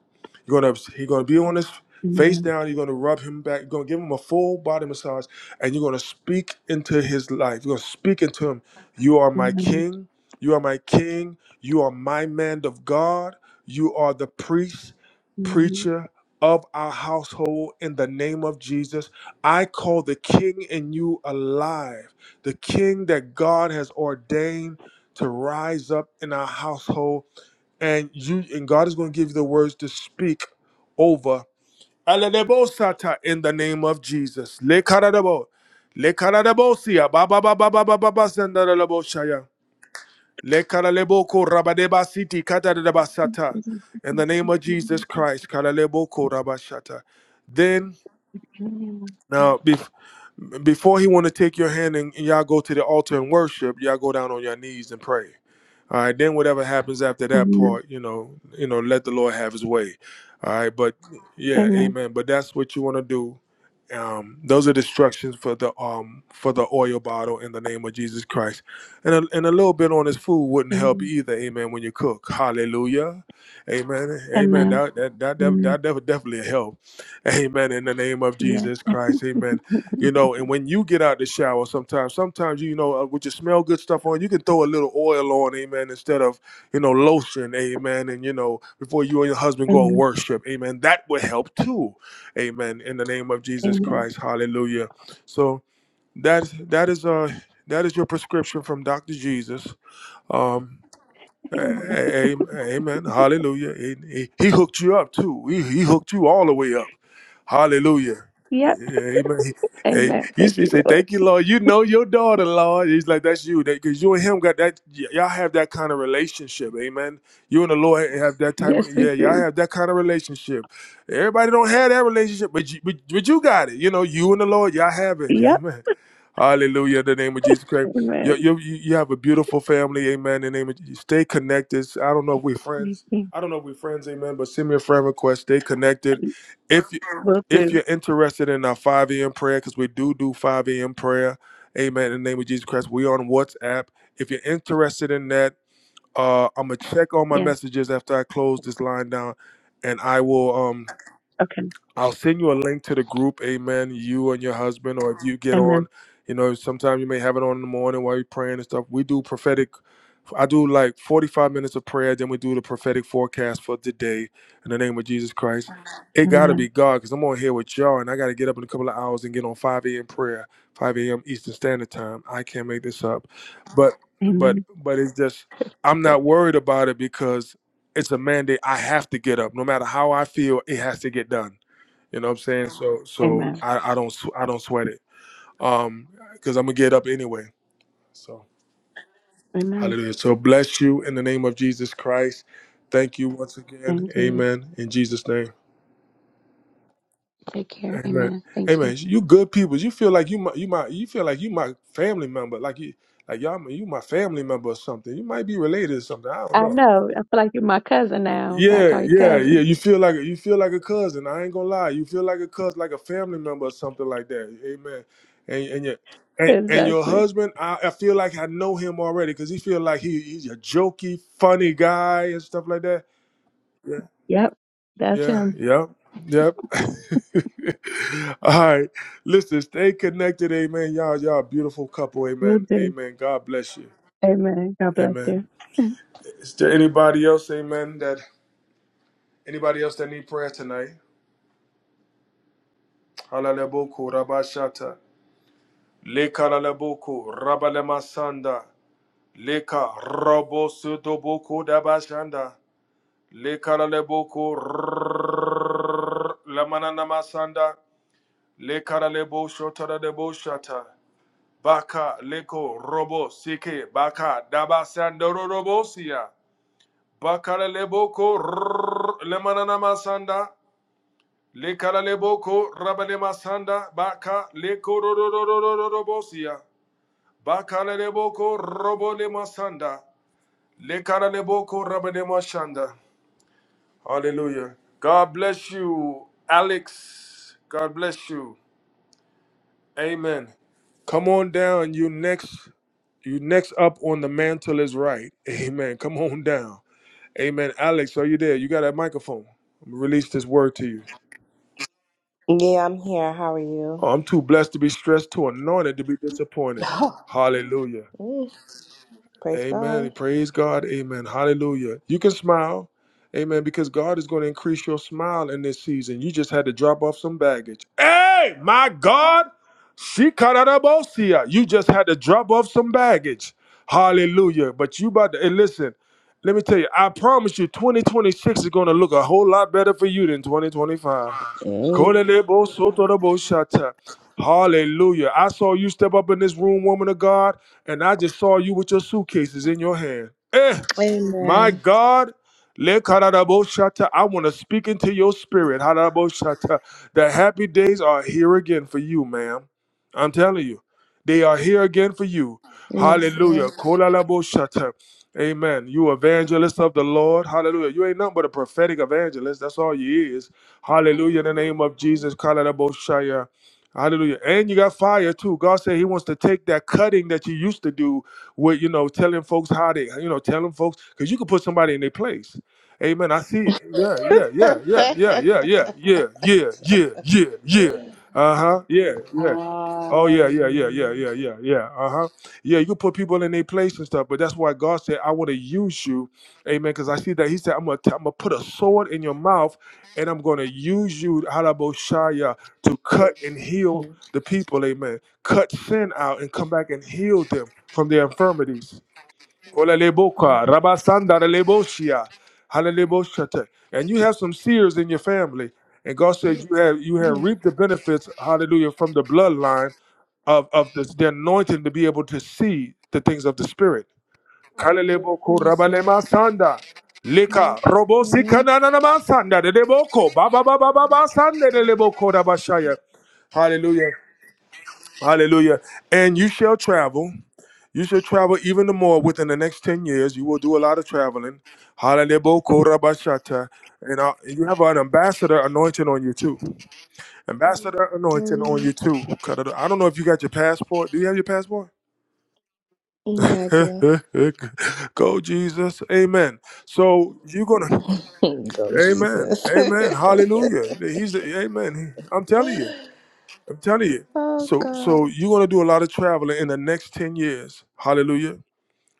You're gonna he's gonna be on his face Amen. down. You're gonna rub him back. You're gonna give him a full body massage, and you're gonna speak into his life. You're gonna speak into him. You are my Amen. king. You are my king. You are my man of God. You are the priest, Mm-hmm. preacher of our household in the name of Jesus. I call the king in you alive, the king that God has ordained to rise up in our household. And you and God is going to give you the words to speak over. Alalebosata In the name of Jesus. Le karadabo. Le karadabosia. Ba ba ba ba ba ba ba ba sandalabo Le karaleboko rabadeba siti katadadabasata. Amen. In the name of Jesus Christ. karaleboko rabashata. Then, now, bef- before he want to take your hand and y'all go to the altar and worship, y'all go down on your knees and pray. All right. Then whatever happens after that Amen. part, you know, you know, let the Lord have His way. All right. But yeah, Amen. Amen. But that's what you want to do. Um, those are destructions for the um for the oil bottle in the name of Jesus Christ, and a, and a little bit on his food wouldn't help either. Amen. When you cook, Hallelujah, Amen, Amen. Amen. That that that that, Amen. that def- definitely help, Amen. In the name of Yeah. Jesus Christ, Amen. You know, and when you get out the shower, sometimes sometimes you know uh, with your smell good stuff on, you can throw a little oil on, Amen, instead of you know lotion, Amen. And you know before you and your husband go and Amen. worship, Amen. That would help too Amen. In the name of Jesus Amen. Christ. Hallelujah. So that that is uh that is your prescription from Dr. Jesus. Um a- Amen. a- Amen. Hallelujah. He, he- he hooked you up too. He, he hooked you all the way up. Hallelujah. Yep. Yeah, Amen. He, hey, Amen. he, Thank he you, say, Lord. "Thank you, Lord. You know your daughter, Lord." He's like, "That's you, because you and him got that. y- y'all have that kind of relationship, Amen. You and the Lord have that type of Yes, we yeah. Y'all do. have that kind of relationship. Everybody don't have that relationship, but you, but, but you got it. You know, you and the Lord, y'all have it, Yep. Amen. Hallelujah. In the name of Jesus Christ. You, Amen. you, you you have a beautiful family. Amen. In the name of Jesus. Stay connected. I don't know if we're We friends. can- I don't know if we're friends. Amen. But send me a friend request. Stay connected. If you, Will if do. you're interested in our 5 a.m. prayer, because we do do 5 a.m. prayer. Amen. In the name of Jesus Christ. We on WhatsApp. If you're interested in that, uh, I'm gonna check all my Yes. messages after I close this line down, and I will. Um, Okay. I'll send you a link to the group, amen, you and your husband, or if you get on, Amen. you know, sometimes you may have it on in the morning while you're praying and stuff. We do prophetic, I do like 45 minutes of prayer, then we do the prophetic forecast for today in the name of Jesus Christ. It got to be Amen. God because I'm on here with y'all and I got to get up in a couple of hours and get on 5 a.m. prayer, 5 a.m. Eastern Standard Time. I can't make this up. But, but, Amen. but it's just, I'm not worried about it because it's a mandate. I have to get up. No matter how I feel, it has to get done you know what I'm saying? So so Amen. I, I don't sw- I don't sweat it. Um because I'm gonna get up anyway. So Amen. hallelujah. So bless you in the name of Jesus Christ. Thank you once Same again. to you. Amen. In Jesus' name. Take care. Amen. Amen. Thank you. Amen. You good people. You feel like you my you my you feel like you my family member. Like you like y'all you my family member or something. You might be related or something. I don't I know. know. I feel like you're my cousin now. God Yeah, call you yeah, yeah. cousin. You feel like you feel like a cousin. I ain't gonna lie. You feel like a cousin, like a family member or something like that. Amen. And and your and, and your exactly. husband, I, I feel like I know him already because he feel like he he's a jokey, funny guy and stuff like that. Yeah, Yep. That's yeah, him. yep, yep. All right, listen, stay connected, amen. Y'all, y'all a beautiful couple, Will amen, do. amen. God bless you, Amen. God bless amen. you. Is there anybody else, amen? That anybody else that need prayer tonight? Halaleboko rabashata. Leka laleboko rabalemasanda. Leka robo sudoboko dabashanda. Leka laleboko lamananamasanda. Leka lalebo shota lalebo shata. Baka leko robo sike baka dabasanda robosia. Baka laleboko lamananamasanda. Lekaraleboko Rabanemasanda Baka Lekororororororobosia Bakaleboko Robonemasanda Lekaraleboko Rabanemashanda. Hallelujah. God bless you, Alex. God bless you. Amen. Come on down. You next you next up on the mantle is right. Amen. Come on down. Amen. Alex, are you there? You got that microphone. I'm gonna release this word to you. Yeah, I'm here. How are you? Oh, I'm too blessed to be stressed, too anointed to be disappointed. Hallelujah. Mm, praise God. Amen. Praise God. Amen. Hallelujah. You can smile. Amen. Because God is going to increase your smile in this season. You just had to drop off some baggage. Hey, my God. Shikarabosia. You just had to drop off some baggage. Hallelujah. But you about to, and listen, let me tell you, I promise you 2026 is going to look a whole lot better for you than 2025. am- Kolelebo sotorobo shata. Hallelujah. I saw you step up in this room, woman of God and I just saw you with your suitcases in your hand. Eh, my Amen. God, Lekaradaboshata, I want to speak into your spirit. Hadadaboshata. The happy days are here again for you, ma'am. I'm telling you, they are here again for you. Yes, Lord. Hallelujah. Kolalaboshata. Amen. You evangelist of the Lord. Hallelujah. You ain't nothing but a prophetic evangelist. That's all you is. Hallelujah. In the name of Jesus. Kolalaboshaya. Hallelujah. And you got fire too. God said he wants to take that cutting that you used to do with you know telling folks how they you know telling folks because you can put somebody in their place. Amen. I see it. Yeah, yeah, yeah, yeah, yeah, yeah, yeah, yeah, yeah, yeah, yeah, yeah. Uh huh. Yeah, yeah. Oh yeah, yeah, yeah, yeah, Um, yeah, yeah, yeah. Uh huh. Yeah, you can put people in their place and stuff, but that's why God said, "I want to use you." Amen. Because I see that He said, "I'm gonna, t- I'm gonna put a sword in your mouth, and I'm gonna use you, Halaboshaya, to cut and heal Mhm, the people." Amen. Cut sin out and come back and heal them from their infirmities. Ola mhm. leboka, rabasanda leboshia, halaleboshate. And you have some seers in your family. And God said you have you have reaped the benefits, hallelujah, from the bloodline of, of this, the anointing to be able to see the things of the spirit. Kalaleboko yes, Lord. rabalema sanda. Lika robo Mhm, sikananama sanda de deboko. Baba baba baba sanda de leboko rabashaya. Hallelujah. Hallelujah. And you shall travel. You shall travel even the more within the next 10 years. You will do a lot of traveling. Hallelujah. Korabashata. And uh, you have an ambassador anointing on you too. Ambassador anointing on you mhm. too. Kadada- I don't know if you got your passport. Do you have your passport? Yeah, I do. Go, Jesus. Amen. So you're going to, Go, amen. Jesus. Amen. Hallelujah. He's, amen. I'm telling you. I'm telling you. oh, So God. so you're gonna do a lot of traveling in the next 10 years. Hallelujah.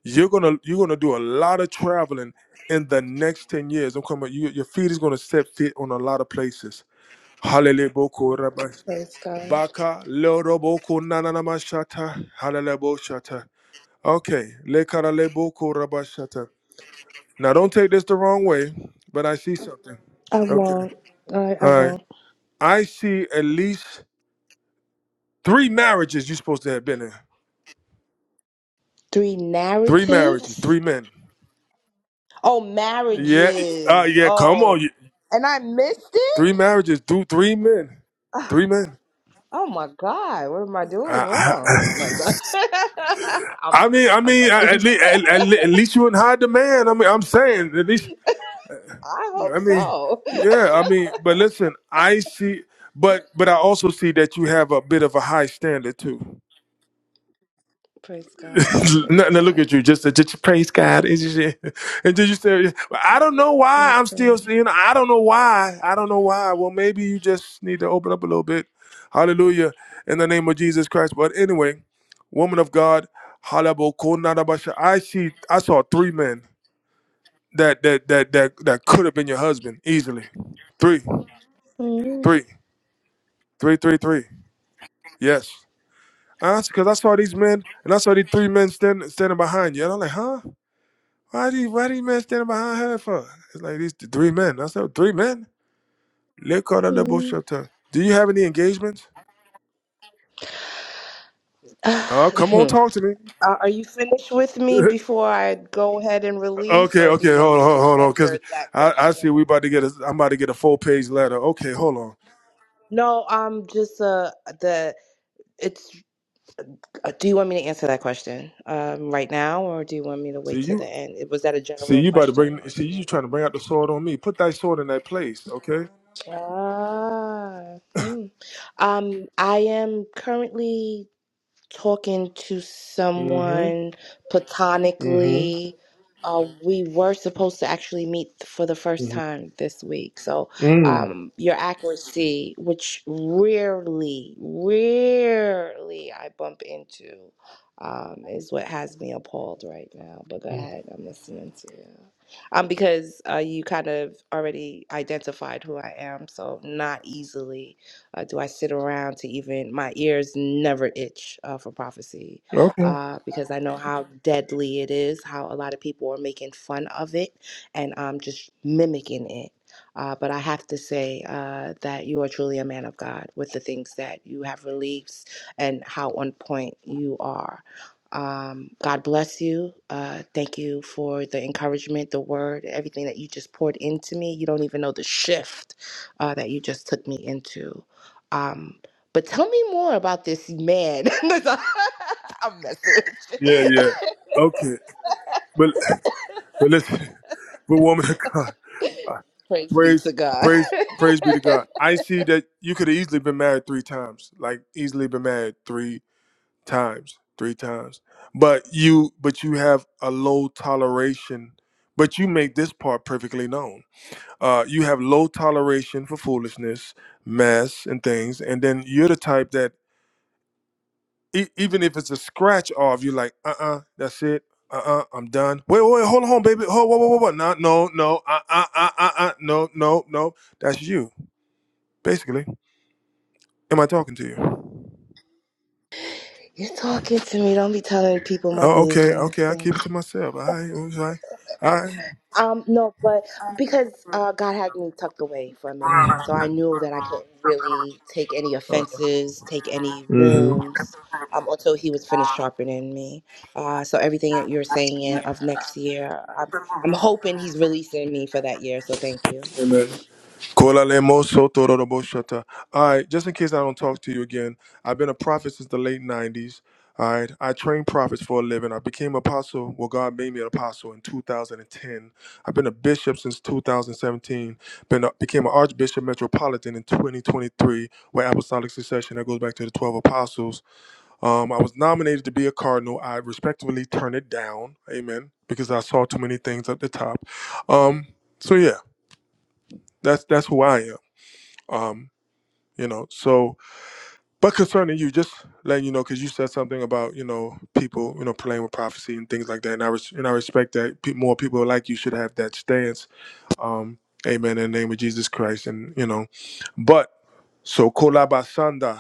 You're gonna you're gonna do a lot of traveling in the next 10 years. I'm coming, you, your feet is gonna set fit on a lot of places. Hallelujah. Boko rabas- Praise God. Baka loro boko nanana mashata. Hallelujah. bo shata. Okay. Lekara leboko rabashata. Now don't take this the wrong way, but I see something. I Okay. won't. I, All I right. won't. I see at least three marriages you're supposed to have been in. Three Three marriages, narratives. three men. Oh, Yeah, uh, marriages. yeah. Come Oh, on, you- and I missed it. three marriages, do three men, Ah, three men. Oh my God, what am I doing I, wrong? No, I, I'm sorry. I'm I mean, I I'm mean, messing at, with at, le- you. at, at le- at least you in high demand. I mean, I'm saying at least. I hope I mean, so. yeah. I mean, but listen, I see, but but I also see that you have a bit of a high standard too. Praise God. Praise Nothing to look God. at you. Just, just praise God. It's just- yeah. And did you say, I don't know why Praise I'm still God. seeing. I don't know why. I don't know why. Well, maybe you just need to open up a little bit. Hallelujah. In the name of Jesus Christ. But anyway, woman of God, halabokonadabasha. I see, I saw three men that, that, that, that, that could have been your husband easily. Three, Mhm. three, three, three, three. Yes. Because I saw these men and I saw these three men standing standing behind you. And I'm like, huh? Why do you, why do you men standing behind her for? It's like these th- three men. I said, three men? Look call that little Mhm. shelter. Do you have any engagements? Oh, come on, Uh, talk to me. Are you finished with me before I go ahead and release, okay, or do you okay, want me hold to on, just hold on, answer because that I, I question? see we about to get a, I'm about to get a full page letter. Okay, hold on. No, um, just uh, the it's Uh, do you want me to answer that question um, right now, or do you want me to See wait till you, the end? It- Was that a see general you about to bring, question, or do see you you want? trying to bring out the sword on me. Put that sword in that place, okay? Ah, hmm. um, I am currently. talking to Mm-hmm, someone mm-hmm, platonically. Uh, we were supposed to actually meet for the first mm-hmm, time this week. So, mm. um, your accuracy, which rarely, rarely I bump into, um, is what has me appalled right now. But go mm. ahead, I'm listening to you. Um, because uh, you kind of already identified who I am, so not easily uh, do I sit around to even, my ears never itch uh, for prophecy Okay. uh, because I know how deadly it is, how a lot of people are making fun of it and um, just mimicking it. Uh, but I have to say uh, that you are truly a man of God with the things that you have released and how on point you are. Um, God bless you. Uh, thank you for the encouragement, the word, everything that you just poured into me. You don't even know the shift uh, that you just took me into. Um, but tell me more about this man. I'm messing with you. Yeah, yeah. Okay, but but listen, but woman of God. Praise be Praise, to God. praise, praise be to God. I see that you could have easily been married three times, like easily been married three times, three times. But you, but you have a low toleration. But you make this part perfectly known. Uh, you have low toleration for foolishness, mess, and things. And then you're the type that, e- even if it's a scratch off, you're like, uh, uh that's it. Uh, uh I'm done. Wait, wait, hold on, baby. Hold, whoa, whoa, whoa, whoa. No, no, no. Uh, uh, uh, uh, uh. No, no, no. That's you Basically, am I talking to you? You're talking to me. Don't be telling people my Oh, okay, business. okay. I Thank keep you. it to myself. I it was like, I. Um, no, but because uh, God had me tucked away for a minute, so I knew that I couldn't really take any offenses, take any Mm-hmm. wounds. Um, until he was finished sharpening me. Uh, so everything that you're saying in of next year, I'm, I'm hoping he's releasing me for that year. So thank you. Amen. Kola lemo soto rodobo shata. All right, just in case I don't talk to you again, I've been a prophet since the late 90s. All right, I train prophets for a living. I became apostle, well, God made me an apostle in 2010. I've been a bishop since 2017. Been a, became an archbishop metropolitan in 2023 with apostolic succession that goes back to the 12 apostles. Um, I was nominated to be a cardinal. I respectfully turned it down, amen, because I saw too many things at the top. Um, so yeah, that's that's who I am. Um, you know so but concerning you just letting you know because you said something about you know people you know playing with prophecy and things like that and i, res- and I respect that pe- more people like you should have that stance um amen in the name of jesus christ and you know but so kolabasanda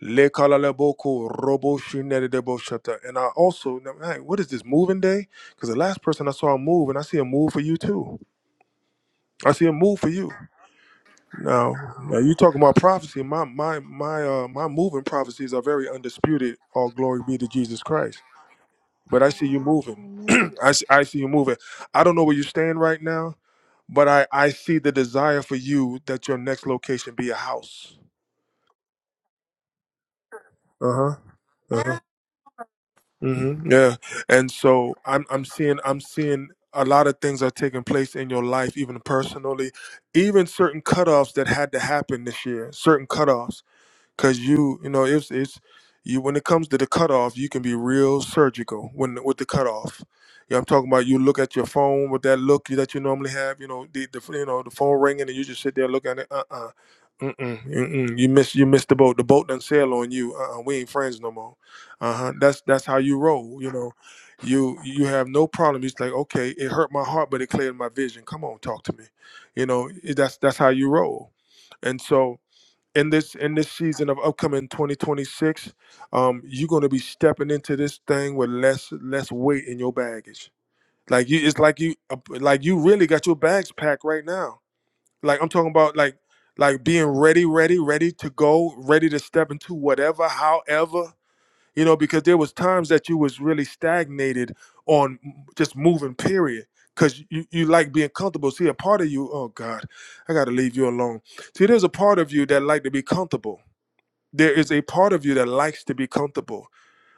le kalaleboko robo shinedebo shata. and i also now, hey, what is this moving day because the last person i saw move and i see a move for you too i see a move for you Now, now you talking about prophecy. My my my uh my moving prophecies are very undisputed. All glory be to Jesus Christ. But I see you moving. Amen. I see, I see you moving. I don't know where you stand right now, but I I see the desire for you that your next location be a house. Uh huh. Uh huh. Mm-hmm. Yeah. And so I'm I'm seeing I'm seeing a lot of things are taking place in your life, even personally, even certain cutoffs that had to happen this year. Certain cutoffs. because you you know it's it's you when it comes to the cutoff you can be real surgical when with the cutoff you know, i'm talking about you look at your phone with that look that you normally have you know the, the you know the phone ringing and you just sit there looking at it Uh uh-uh Mm-mm, mm-mm. You miss you missed the boat. The boat done sail on you. Uh, uh we ain't friends no more. Uh huh. That's that's how you roll. You know, you you have no problem. It's like okay, it hurt my heart, but it cleared my vision. Come on, talk to me. You know, it- that's that's how you roll. And so, in this in this season of upcoming 2026 um you're going to be stepping into this thing with less less weight in your baggage like you it's like you uh, like you really got your bags packed right now like i'm talking about like like being ready ready ready to go ready to step into whatever however you know because there was times that you was really stagnated on m- just moving period because you, you like being comfortable see a part of you oh god i gotta leave you alone see there's a part of you that like to be comfortable there is a part of you that likes to be comfortable.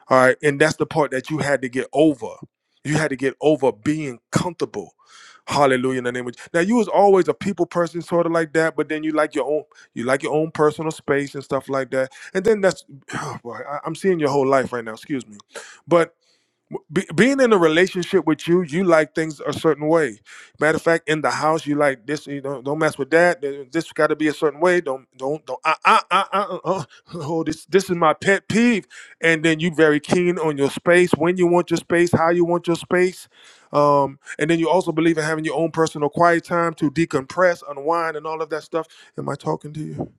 All right. And that's the part that you had to get over. You had to get over being comfortable. Hallelujah in the name of now you was always a people person sort of like that, but then you like your own you like your own personal space and stuff like that. And then that's boy, I, I'm seeing your whole life right now, excuse me. But be, being in a relationship with you, you like things a certain way. Matter of fact, in the house, you like this. You don't don't mess with that. th- This got to be a certain way. Don't don't don't. Uh, uh, uh, uh, uh, uh, uh, oh, this this is my pet peeve. And then you very keen on your space, when you want your space, how you want your space. Um, and then you also believe in having your own personal quiet time to decompress, unwind, and all of that stuff. Am I talking to you?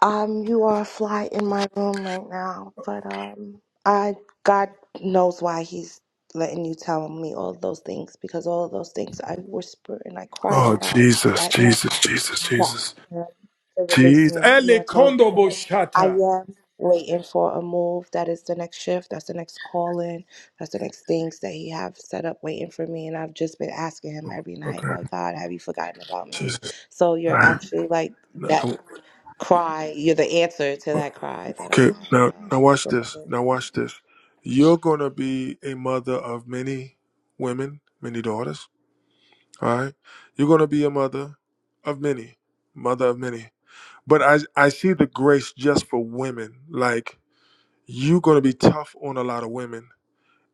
Um, you are a fly in my room right now, but um, I God knows why He's letting you tell me all of those things because all of those things I whisper and I cry Oh about Jesus, at night Jesus, Jesus, to Jesus, ask Him to release Jesus. me. You Ele are totally kondo right. I boshata. am waiting for a move. That is the next shift. That's the next call in. That's the next things that He have set up waiting for me. And I've just been asking Him every Okay. night, like God, have you forgotten about me? Jesus. So you're Now- actually like that now- cry. You're the answer to that cry that I Okay, had now um, now watch this. submitted. Now watch this. You're gonna be a mother of many women, many daughters. All right. You're gonna be a mother of many, mother of many. But I I see the grace just for women. Like you're gonna be tough on a lot of women.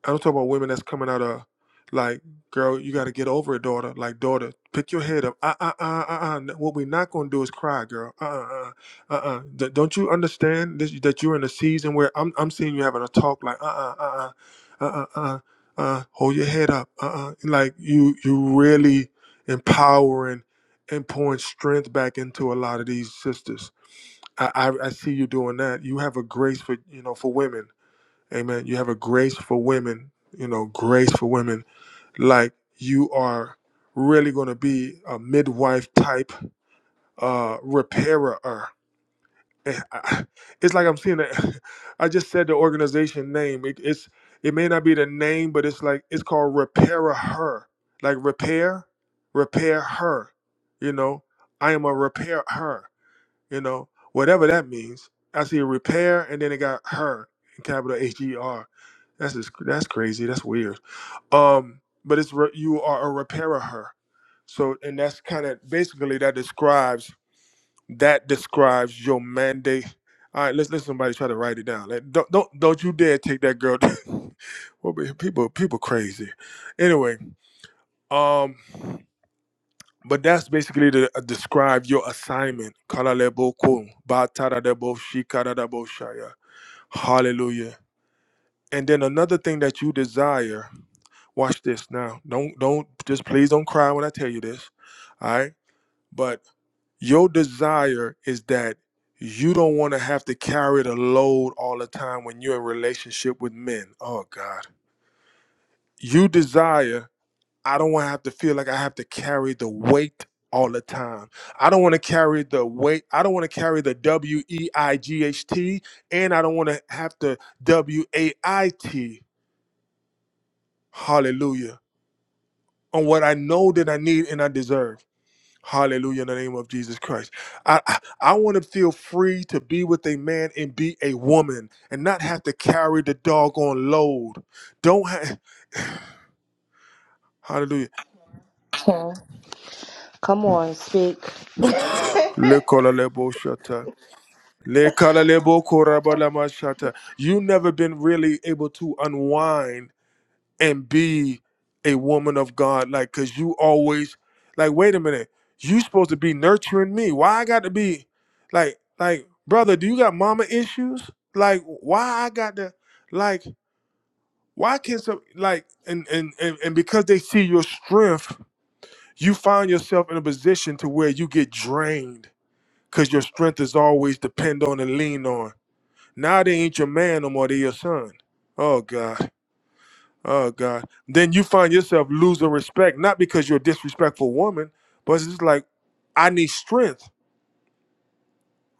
I don't talk about women that's coming out of like, girl, you got to get over it, daughter. Like, daughter, pick your head up. Uh, uh, uh, uh, uh. N- What we're not going to do is cry, girl. Uh, uh, uh, uh. uh. D- don't you understand this, that you're in a season where I'm, I'm seeing you having a talk like, uh, uh, uh, uh, uh, uh, uh. uh, Hold your head up. Uh, uh. Like, you, you really empowering and pouring strength back into a lot of these sisters. I, I, I see you doing that. You have a grace for, you know, for women Amen. You have a grace for women, you know, grace for women. Like you are really going to be a midwife type uh repairer. Eh, I- It's like I'm seeing that. I just said the organization name. It, it's it may not be the name, but it's like it's called Repairer Her. Like repair, repair her. You know, I am a repair her. You know, whatever that means. I see repair, and then it got her in capital H E R that's just, that's crazy. That's weird. Um, but it's re- you are a repairer her. So and that's kind of basically that describes that describes your mandate. All right, let's let somebody try to write it down. Like, don't don't don't you dare take that girl. well, we- people people crazy. Anyway, um, but that's basically to uh, describe your assignment. Kalaleboku, bataradebo, shikaradabo shaya. Hallelujah. And then another thing that you desire Watch this now. Don't don't just please don't cry when I tell you this. All right? But your desire is that you don't want to have to carry the load all the time when you're in relationship with men. Oh God. You desire, I don't want to have to feel like I have to carry the weight all the time. I don't want to carry the weight. I don't want to carry the W E I G H T and I don't want to have to W A I T. Hallelujah. On what I know that I need and I deserve. Hallelujah in the name of Jesus Christ. I, I, I want to feel free to be with a man and be a woman and not have to carry the doggone load. Don't have hallelujah. So come on, speak. Lekolaleboshata. Lekalalebokorabalamashata. You never been really able to unwind and be a woman of God. Like, cause you always like, wait a minute, you supposed to be nurturing me. Why I got to be like, like, brother, do you got mama issues? Like, why I got to like, why can't some like and and and, and because they see your strength, you find yourself in a position to where you get drained because your strength is always depend on and lean on. Now they ain't your man no more, they your son. Oh God. Oh God. Then you find yourself losing respect, not because you're a disrespectful woman, but it's just like, I need strength.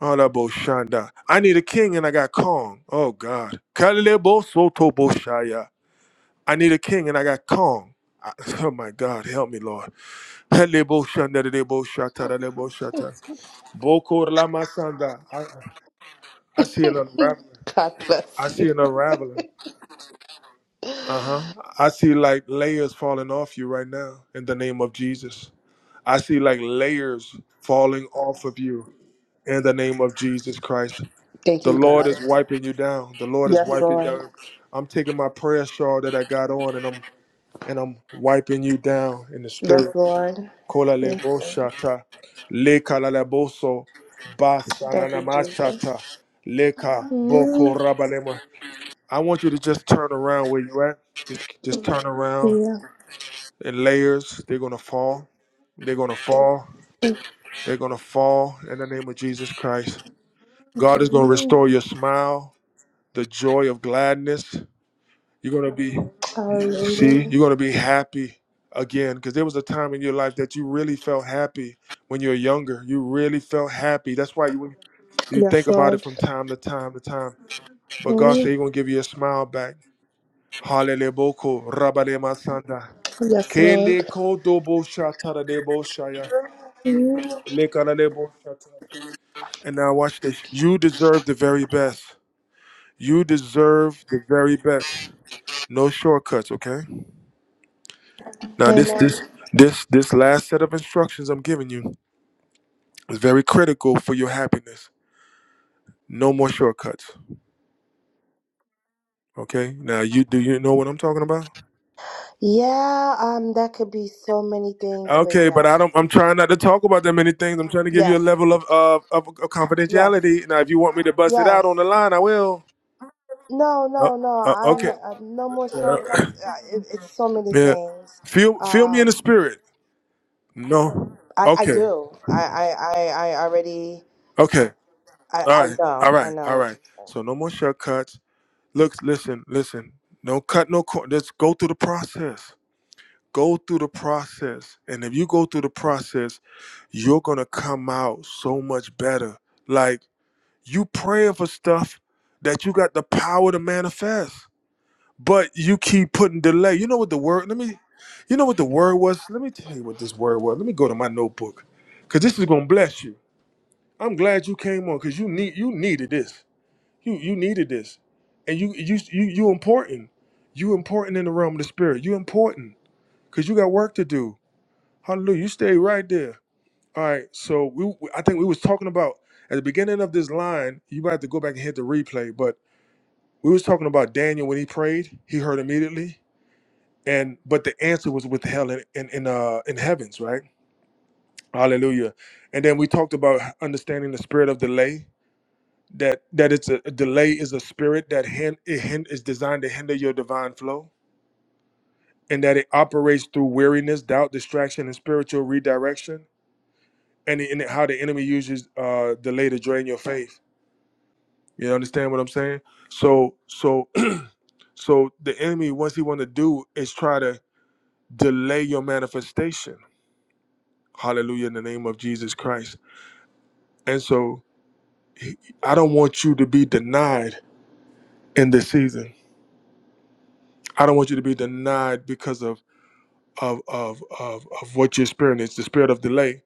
Oh that Shanda. I need a king and I got Kong. Oh God. Kalebo Soto Boshaya. I need a king and I got Kong. I- oh my God, help me, Lord. Helebo Shanda de Debo Shata de Debo Shata. Boko Lama Sanda. I I see an unraveling. God I bless see you. an unraveling. Uh-huh. I see like layers falling off you right now in the name of Jesus. I see like layers falling off of you in the name of Jesus Christ. Thank The you, Lord God. is wiping you down. The Lord is Yes, wiping Lord. down. I'm taking my prayer shawl that I got on and I'm and I'm wiping you down in the Yes, spirit. Lord. Kola Yes, lebo Lord. shata. Leka la lebo so. Basa na Thank na you, ma Jesus. shata. Leka boko Mm, raba lema. I want you to just turn around where you at. Just, just turn around Yeah. in layers. They're gonna fall. They're gonna fall. They're going to fall in the name of Jesus Christ. God is going to Mm, restore your smile, the joy of gladness. You're going to be, see, Hallelujah. you're going to be happy again because there was a time in your life that you really felt happy when you were younger. You really felt happy. That's why you, you think Yes, about it Lord. from time to time to time. But God said Mm, He's going to give you a smile back. Hallelujah. boko, rabale masanda. Yes, Kele Lord. kodo bo shatara de bo shaya. Mm, Lekana de bo shatara. And now watch this. You deserve the very best. You deserve the very best. No shortcuts, okay? Now this Amen. this this this last set of instructions I'm giving you is very critical for your happiness. No more shortcuts. Okay? Now you do you know what I'm talking about? Yeah, um, that could be so many things, but Okay, but I yes. don't I'm trying not to talk about that many things. I'm trying to give you a Yes. level of of, of, of Yes. confidentiality. Now if you want me to bust it out on the Yes. line, I will. No, Uh, no, no. uh, I'm okay. uh, no more Uh, shortcuts. Uh, It, it's so many yeah. things. Feel feel me in the Um, spirit. No. I I Okay. do. I I I, I already. Okay. I All I right. All know. I right. know All what right. you. So no more shortcuts. Look, listen, listen. No cut, no corner. Let's go through the process. Go through the process. And if you go through the process, you're gonna come out so much better. Like you praying for stuff that you got the power to manifest. But you keep putting delay. You know what the word, let me, you know what the word was? Let me tell you what this word was. Let me go to my notebook. Cause this is gonna bless you. I'm glad you came on because you need you needed this. You you needed this, and you you you you important. You important in the realm of the spirit. You important because you got work to do. Hallelujah. You stay right there. All right. So we I think we was talking about at the beginning of this line. You might have to go back and hit the replay, but we was talking about Daniel when he prayed. He heard immediately, and but the answer was withheld in in in, uh, in heavens, right? Hallelujah. And then we talked about understanding the spirit of delay that that it's a, a delay is a spirit that hin, it hin, is designed to hinder your divine flow and that it operates through weariness doubt distraction and spiritual redirection and, the, and how the enemy uses uh, delay to drain your faith you understand what i'm saying so so so the enemy what's he want to do is try to delay your manifestation hallelujah in the name of jesus christ and so he- i don't want you to be denied in this season i don't want you to be denied because of of of of of what you are experiencing, the spirit of delay.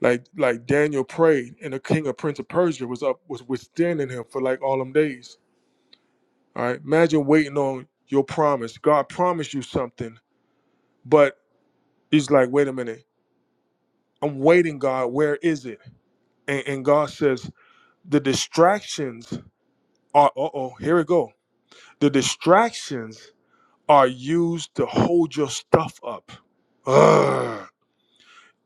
Like like Daniel prayed, and the king of Prince of Persia was up was withstanding him for like all them days. All right, imagine waiting on your promise. God promised you something, but he's like, wait a minute, I'm waiting, God. Where is it? And, and God says the distractions are. Uh oh, here we go. The distractions are used to hold your stuff up. Ugh.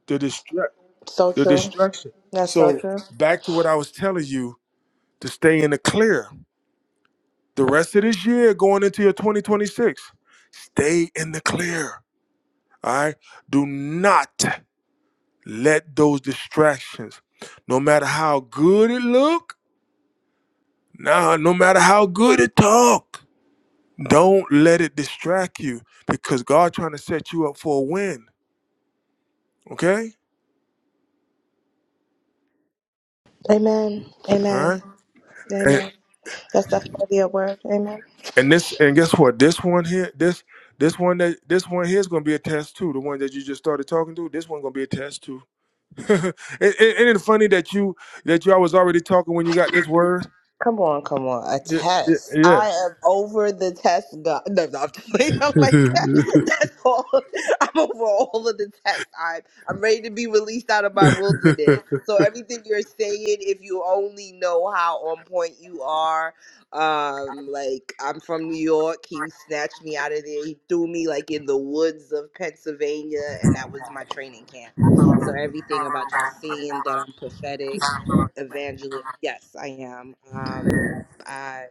The distract So the true. distraction. That's so So true. back to what I was telling you to stay in the clear. The rest of this year going into your 2026, stay in the clear. All right. Do not let those distractions, no matter how good it look, nah, no matter how good it talk, don't let it distract you because God trying to set you up for a win. Okay. Amen. Amen. All right. Amen. That's definitely a word. Amen. And this and guess what? This one here, this this one that this one here is gonna be a test too. The one that you just started talking to, this one gonna be a test too. Isn't it funny that you that you I was already talking when you got this word? Come on, come on. A Yeah, test. yeah. I am over the test. God. No, no, I'm just playing. I'm like, yeah. that's all. I'm over all of the tests. I'm, I'm ready to be released out of my uh, wilderness. So everything you're saying, if you only know how on point you are, um, like I'm from New York. He snatched me out of there. He threw me like in the woods of Pennsylvania, and that was my training camp. So everything about you saying that I'm prophetic evangelist. Yes, I am. Um, I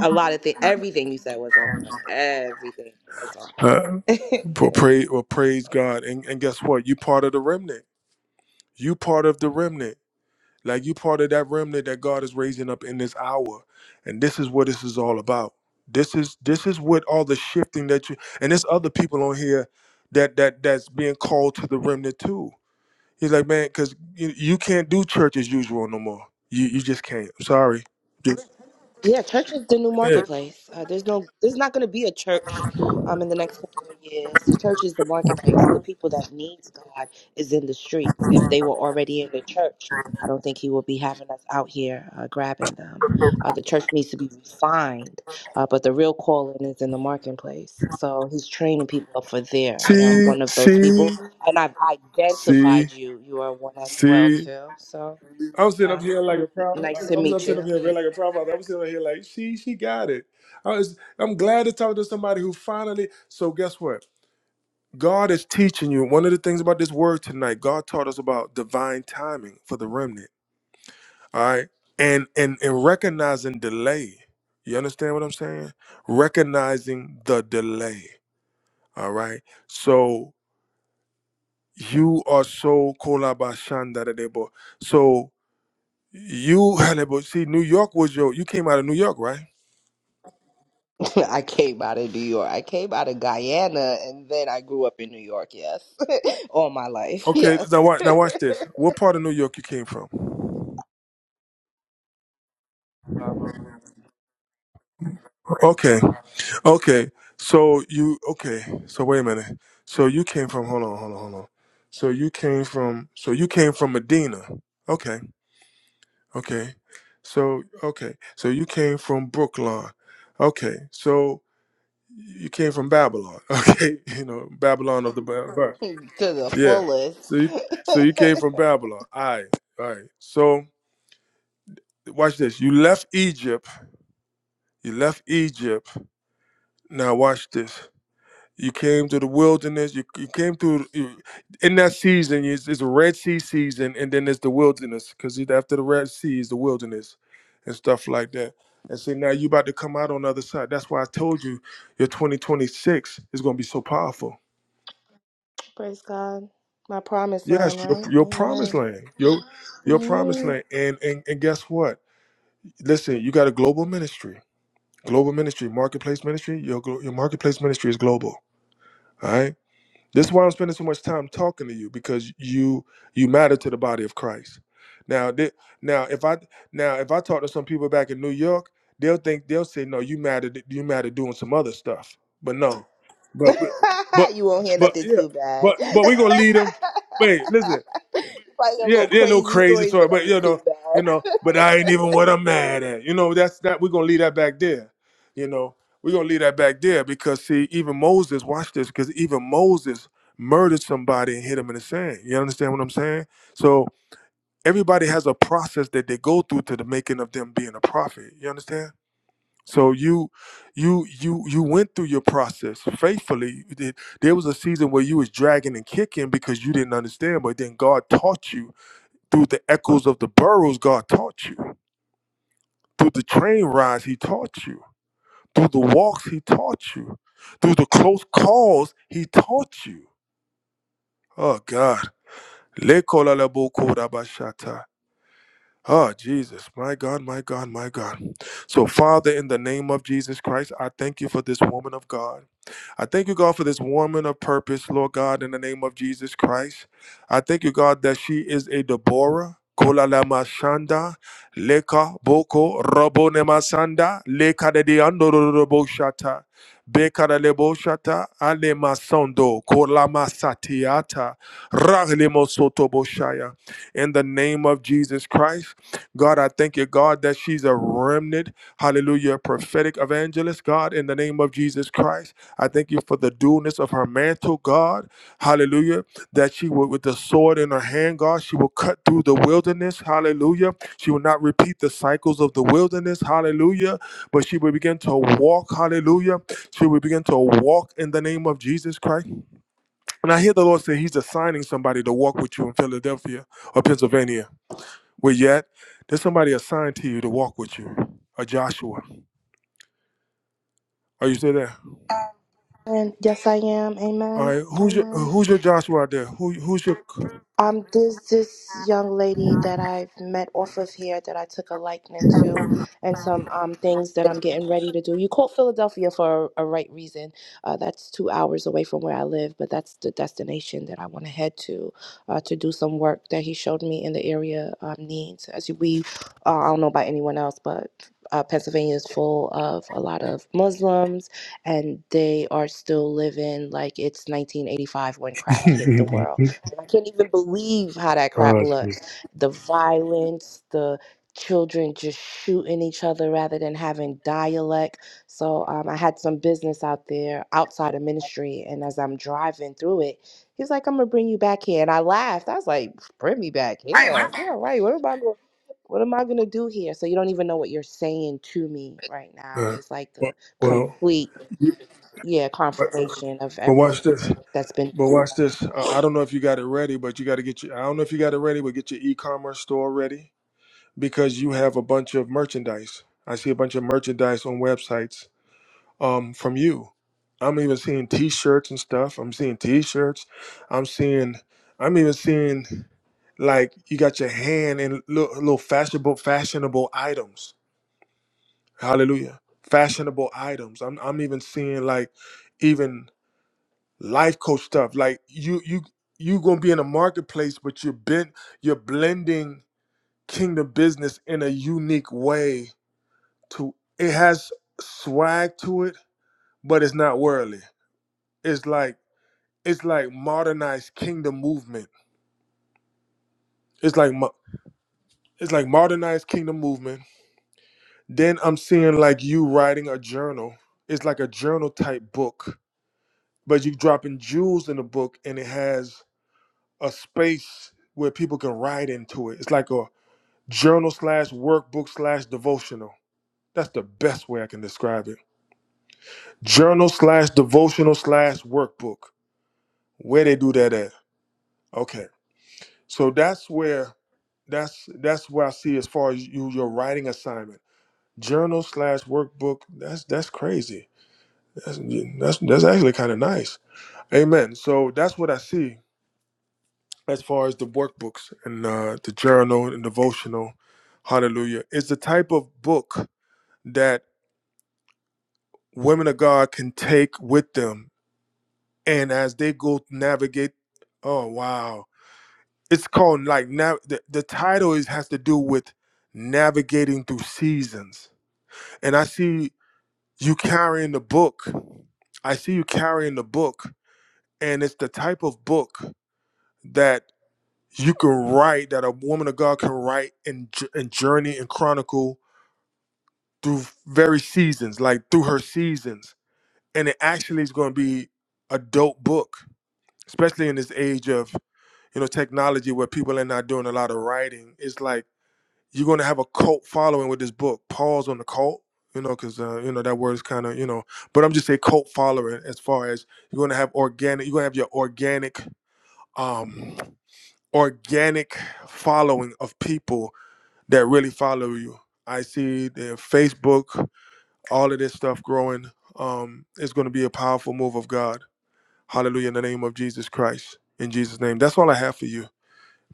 a lot of things. Everything you said was on point. Everything was on well, point. pray, well, praise God, and and guess what? You part of the remnant. You part of the remnant. Like you part of that remnant that God is raising up in this hour. And this is what this is all about. This is this is what all the shifting that you and there's other people on here that that that's being called to the remnant too. He's like, man, because you, you can't do church as usual no more. You you just can't. I'm sorry. Just- Yeah, church is the new yeah. marketplace. Uh, there's no, there's not going to be a church um, in the next couple of years. The church is the marketplace. The people that needs God is in the streets. If they were already in the church, I don't think He will be having us out here uh, grabbing them. Uh, the church needs to be refined, uh, but the real calling is in the marketplace. So He's training people up for there, and I'm See, one of those people. see, And I've see, identified you. You are one as well see. too. So I'm sitting up um, here like a proud. nice to I'm, I'm meet sitting up you. here real like a proud father. I'm sitting up here like she, she got it. I was, I'm glad to talk to somebody who finally. So guess what? God is teaching you. One of the things about this word tonight, God taught us about divine timing for the remnant. All right, and and and recognizing delay. You understand what I'm saying? Recognizing the delay. All right. So you are so kolabashandaradebo. So. You had it, but see, New York was your. You came out of New York, right? I came out of New York. I came out of Guyana and then I grew up in New York, yes. All my life, Okay. yes. Now watch. Now watch this. What part of New York you came from? Bravo. Okay. Okay. So you. Okay. So wait a minute. So you came from. Hold on. Hold on. Hold on. So you came from. So you came from Medina. Okay. Okay. So okay. So you came from Brooklyn. Okay. So you came from Babylon. Okay. You know Babylon of the. Bible. to the Yeah. fullest. So you, so you came from Babylon. All right. All right. So watch this. You left Egypt. You left Egypt. Now watch this. You came to the wilderness. You, you came through you, in that season. It's, it's a Red Sea season, and then there's the wilderness because after the Red Sea is the wilderness and stuff like that. And see, now you about to come out on the other side. That's why I told you your 2026 is going to be so powerful. Praise God. My promised Yes, land, your, right? your promised Amen. land, your your promised Mm. land, and and and guess what? Listen, you got a global ministry, global ministry, marketplace ministry. Your glo- your marketplace ministry is global. All right. This is why I'm spending so much time talking to you because you you matter to the body of Christ. Now, thi- now if I now if I talk to some people back in New York, they'll think they'll say, "No, you matter. You matter doing some other stuff." But no, but but but you won't hear but nothing yeah, too bad. but but we gonna lead them. Wait, listen Probably a yeah, little yeah, a little crazy crazy stories, story, but but nothing you know, too you know, bad. but I ain't even what I'm mad at. You know, that's that we're gonna leave that back there. You know, we're gonna leave that back there because see, even Moses, watch this, because even Moses murdered somebody and hit him in the sand. You understand what I'm saying? So everybody has a process that they go through to the making of them being a prophet. You understand? So you, you, you, you went through your process faithfully. You did- There was a season where you was dragging and kicking because you didn't understand, but then God taught you through the echoes of the burrows, God taught you. Through the train rides, He taught you. Through the walks, He taught you. Through the close calls, He taught you. Oh God. Le kola la bo koda ba shata. Oh, Jesus, my God, my God, my God. So, Father, in the name of Jesus Christ, I thank you for this woman of God. I thank you, God, for this woman of purpose, Lord God, in the name of Jesus Christ. I thank you, God, that she is a Deborah. Kola la mashanda, leka boko robo ne masanda, leka de diando robo shata, beka de lebo shata, ale masondo, kola masatiata, ragle mosoto boshaya. In the name of Jesus Christ. God, I thank you, God, that she's a remnant, hallelujah, prophetic evangelist, God, in the name of Jesus Christ. I thank you for the dualness of her mantle, God, hallelujah, that she will, with the sword in her hand, God, she will cut through the wilderness, hallelujah. She will not repeat the cycles of the wilderness, hallelujah, but she will begin to walk, hallelujah. She will begin to walk in the name of Jesus Christ. And I hear the Lord say, He's assigning somebody to walk with you in Philadelphia or Pennsylvania. Well, yet there's somebody assigned to you to walk with you, a Joshua. Are you still there? And yes, I am. All Amen. right, who's your Amen. who's your Joshua out there? Who who's your? Um, there's this young lady that I've met off of here that I took a liking to, and some um things that I'm getting ready to do. You call Philadelphia for a, a right reason. Uh, that's two hours away from where I live, but that's the destination that I want to head to, uh, to do some work that he showed me in the area um, needs. As we, uh, I don't know about anyone else, but. Uh, Pennsylvania is full of a lot of Muslims, and they are still living like it's 1985 when crack hit the world and I can't even believe how that crap oh, geez. looks. The violence, the children just shooting each other rather than having dialect. So um, I had some business out there outside of ministry. And as I'm driving through it, he's like, I'm going to bring you back here. And I laughed. I was like, bring me back Uh, here. Yeah, right. What am I going What am I gonna do here? So you don't even know what you're saying to me right now. well, It's like the well, complete, yeah, but, confirmation of but watch everything this. that's been But built. watch this. Uh, I don't know if you got it ready, but you got to get your. I don't know if you got it ready, but get your e-commerce store ready because you have a bunch of merchandise. I see a bunch of merchandise on websites um from you. I'm even seeing T-shirts and stuff. I'm seeing T-shirts. I'm seeing. I'm even seeing like you got your hand in little, little fashionable fashionable items. Hallelujah. Fashionable items. I'm I'm even seeing like even life coach stuff. Like you you you gonna be in a marketplace, but you're bent you're blending kingdom business in a unique way to it has swag to it, but it's not worldly. It's like it's like modernized kingdom movement. It's like mo- it's like modernized kingdom movement. Then I'm seeing like you writing a journal. It's like a journal type book, but you dropping jewels in the book, and it has a space where people can write into it. It's like a journal slash workbook slash devotional. That's the best way I can describe it. Journal slash devotional slash workbook. Where they do that at? Okay. So that's where that's that's where I see as far as you your writing assignment. Journal slash workbook. That's that's crazy. That's that's that's actually kind of nice. Amen. So that's what I see as far as the workbooks and uh, the journal and devotional. Hallelujah. It's the type of book that women of God can take with them and as they go navigate. Oh wow. it's called like nav- the, the title is has to do with navigating through seasons and i see you carrying the book i see you carrying the book and it's the type of book that you can write that a woman of god can write and, j- and journey and chronicle through very seasons like through her seasons and it actually is going to be a dope book especially in this age of you know technology where people are not doing a lot of writing it's like you're going to have a cult following with this book. Pause on the cult, you know, because uh, you know that word is kind of you know. But I'm just saying cult following as far as you're going to have organic. You're going to have your organic, um, organic following of people that really follow you. I see the Facebook, all of this stuff growing. Um, it's going to be a powerful move of God. Hallelujah in the name of Jesus Christ. In Jesus' name, that's all I have for you.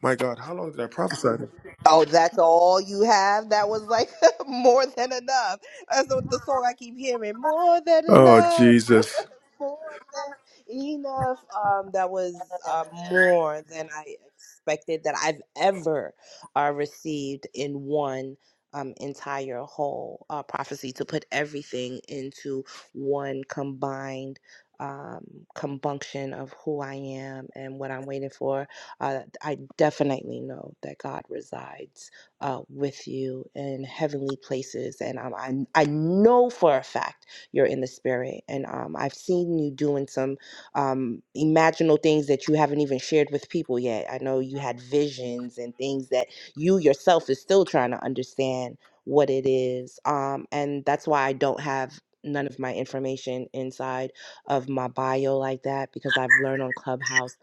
My God, how long did I prophesy? Oh, that's all you have? That was like more than enough. That's the the song I keep hearing. More than Oh enough. Jesus. more than enough. Um, that was uh, more than I expected that I've ever uh, received in one um, entire whole uh, prophecy to put everything into one combined. Um, combunction of who I am and what I'm waiting for. Uh, I definitely know that God resides uh, with you in heavenly places, and um, I I know for a fact you're in the spirit. And um, I've seen you doing some um, imaginal things that you haven't even shared with people yet. I know you had visions and things that you yourself is still trying to understand what it is. Um, and that's why I don't have none of my information inside of my bio like that because I've learned on Clubhouse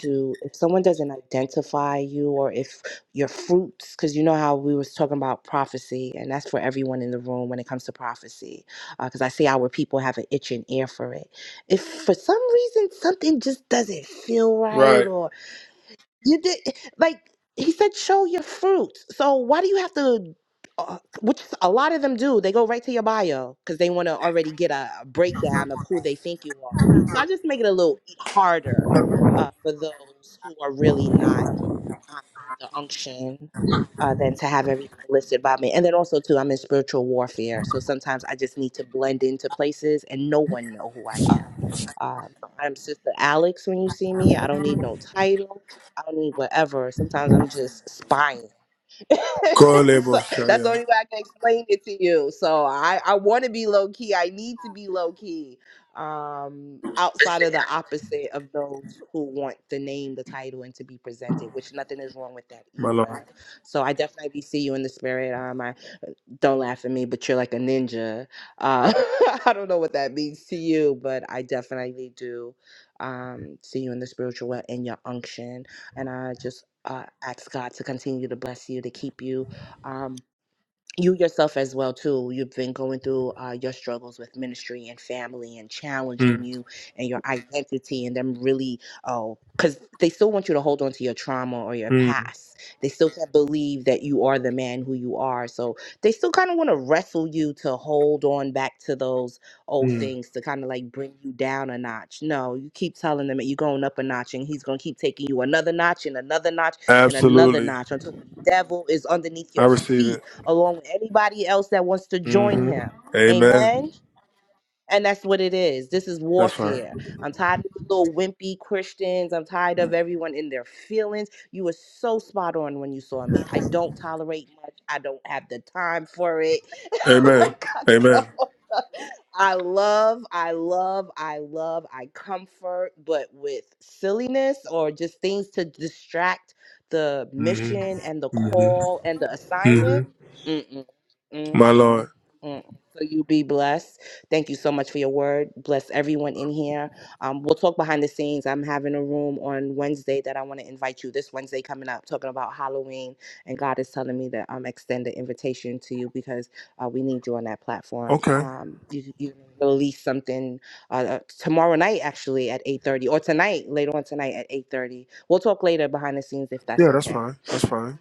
to if someone doesn't identify you or if your fruits because you know how we was talking about prophecy and that's for everyone in the room when it comes to prophecy because I see our people have an itching ear for it. If for some reason something just doesn't feel right, Right. or you did eh, like he said, show your fruits. So why do you have to? Uh, which a lot of them do. They go right to your bio because they want to already get a, a breakdown of who they think you are. So I just make it a little harder uh, for those who are really not um, in the unction uh, than to have everything listed by me. And then also too, I'm in spiritual warfare, so sometimes I just need to blend into places and no one know who I am. Um, I'm Sister Alex when you see me. I don't need no title. I don't need whatever. Sometimes I'm just spying. Kolebo so that's the Shaya. only way I can explain it to you. So I, I want to be low key. I need to be low key um, outside of the opposite of those who want the name, the title, and to be presented, which nothing is wrong with that My Lord. either. So I definitely see you in the spirit. Um, I don't laugh at me, but you're like a ninja. Uh, I don't know what that means to you, but I definitely do um, see you in the spiritual way in your unction. And I just uh, ask God to continue to bless you, to keep you. Um, you yourself as well too you've been going through uh, your struggles with ministry and family and challenging Mm, you and your identity and them really oh because they still want you to hold on to your trauma or your mm, past they still can't believe that you are the man who you are so they still kind of want to wrestle you to hold on back to those old mm. things to kind of like bring you down a notch no you keep telling them that you're going up a notch and he's going to keep taking you another notch and another notch and another Absolutely. notch until the devil is underneath I your receive feet it. along with anybody else that wants to join hmm him. Amen. Amen. And that's what it is. This is That's right. warfare. I'm tired of the little wimpy Christians. I'm tired of everyone in their feelings. You were so spot on when you saw me. I don't tolerate much. I don't have the time for it. Amen. like, I Amen. don't. I love, I love, I love, I comfort, but with silliness or just things to distract the hmm mission and the hmm call and the hmm assignment. Mm-mm, mm-mm, My Lord. mm-mm. So you be blessed. Thank you so much for your word. Bless everyone in here. Um, we'll talk behind the scenes. I'm having a room on Wednesday that I want to invite you. This Wednesday coming up, talking about Halloween, and God is telling me that I'm extend the invitation to you because uh, we need you on that platform. Okay. Um, you you release something uh, uh, tomorrow night, actually at eight thirty, or tonight later on tonight at eight thirty. We'll talk later behind the scenes if that's Yeah, that's okay. fine. That's fine.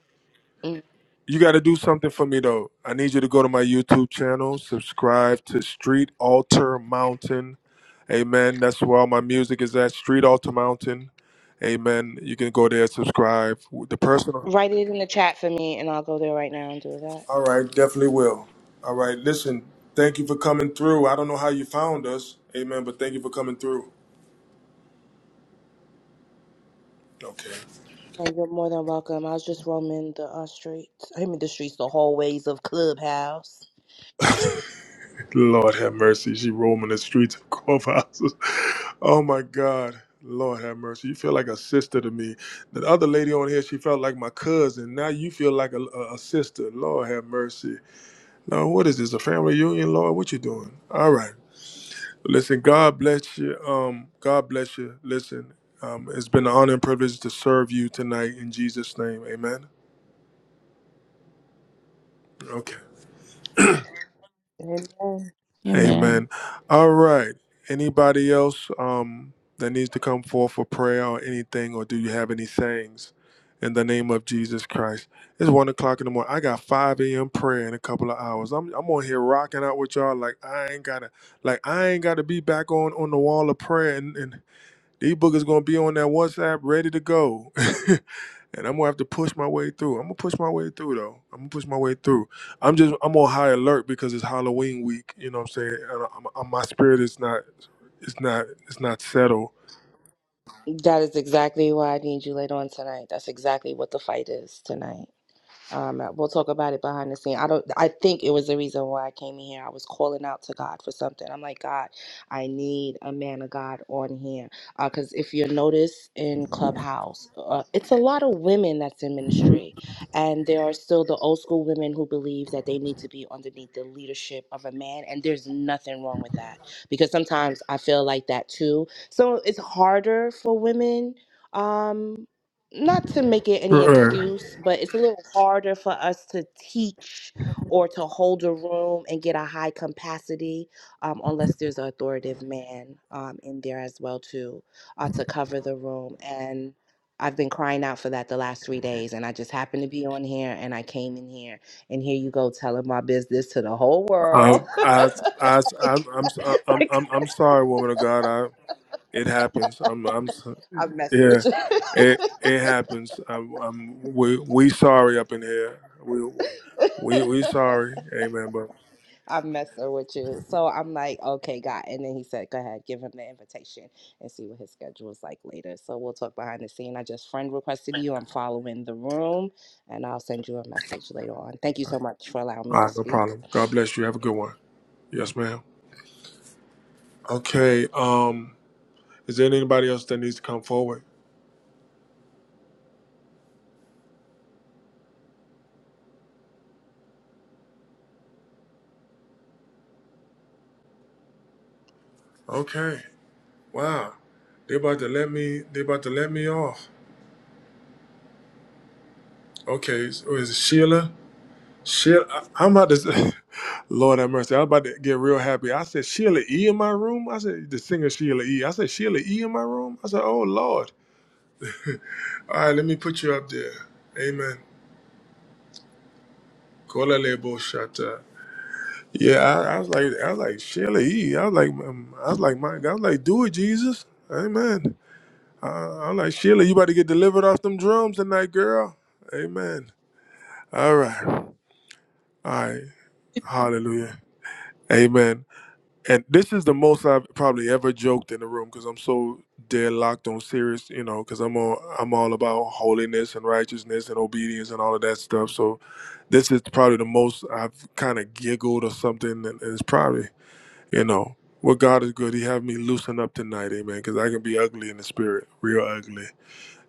Mm. You got to do something for me, though. I need you to go to my YouTube channel, subscribe to Street Altar Mountain Amen. That's where all my music is at. Street Altar Mountain. Amen. You can go there, subscribe. The personal. Write it in the chat for me, and I'll go there right now and do that. All right, definitely will. All right, listen, thank you for coming through. I don't know how you found us, amen, but thank you for coming through. Okay. And you're more than welcome. I was just roaming the uh, streets. I mean, the streets, the hallways of Clubhouse. Lord have mercy. She roaming the streets of clubhouses. Oh my God. Lord have mercy. You feel like a sister to me. The other lady on here, she felt like my cousin. Now you feel like a, a a sister. Lord have mercy. Now, what is this? A family reunion, Lord? What you doing? All right. Listen, God bless you. Um, God bless you. Listen, um, it's been an honor and privilege to serve you tonight in Jesus' name. Amen. Okay. Amen. Amen. Amen. All right. Anybody else um, that needs to come forth for prayer or anything, or do you have any sayings in the name of Jesus Christ? It's one o'clock in the morning. I got 5 a.m. prayer in a couple of hours. I'm, I'm on here rocking out with y'all like I ain't gotta like I ain't gotta be back on on the wall of prayer and. and these boogers gonna be on that WhatsApp ready to go. and I'm gonna have to push my way through. I'm gonna push my way through though. I'm gonna push my way through. I'm just I'm on high alert because it's Halloween week. You know what I'm saying? And i I'm- my spirit is not it's not it's not settled. That is exactly why I need you later on tonight. That's exactly what the fight is tonight. Um, uh, we'll talk about it behind the scene. I don't. I think it was the reason why I came in here. I was calling out to God for something. I'm like, God, I need a man of God on here. Because if you notice in Clubhouse, uh, it's a lot of women that's in ministry, and there are still the old school women who believe that they need to be underneath the leadership of a man, and there's nothing wrong with that. Because sometimes I feel like that too. So it's harder for women. Um, not to make it any Uh-uh. excuse, but it's a little harder for us to teach or to hold a room and get a high capacity um, unless there's an authoritative man um, in there as well too uh, to cover the room. And I've been crying out for that the last three days, and I just happened to be on here, and I came in here, and here you go telling my business to the whole world. Um, I, I, I, am I'm, I'm, like I'm, I'm sorry, woman of God. I, it happens. I'm, I'm, so- I'm messing with yeah, you. it, it happens. I'm, I'm, we, we sorry up in here. We, we, we sorry. Amen, bro. I'm messing with you. So I'm like, okay, God. And then he said, go ahead, give him the invitation and see what his schedule is like later. So we'll talk behind the scene. I just friend requested you. I'm following the room and I'll send you a message later on. Thank you so much for allowing me All to right, no speak. problem. God bless you. Have a good one. Yes, ma'am. Okay. Um, is there anybody else that needs to come forward? Okay. Wow. They about to let me. They about to let me off. Okay. So is it Sheila? Sheila. I- I'm about to. Lord have mercy. I'm about to get real happy. I said Sheila E in my room. I said the singer Sheila E. I said Sheila E in my room. I said, Oh Lord. All right. Let me put you up there. Amen. Kola lebo shata. Yeah, I, I was like, I was like, Shelly, E." I was like, um, I was like, my God, I was like, do it, Jesus, Amen. Uh, I was like, Sheila, you about to get delivered off them drums tonight, girl, Amen. All right, all right, Hallelujah, Amen. And this is the most I've probably ever joked in the room because I'm so deadlocked on serious, you know, because I'm all I'm all about holiness and righteousness and obedience and all of that stuff. So this is probably the most I've kind of giggled or something, and it's probably. You know, what God is good. He have me loosen up tonight, amen, because I can be ugly in the spirit, real ugly.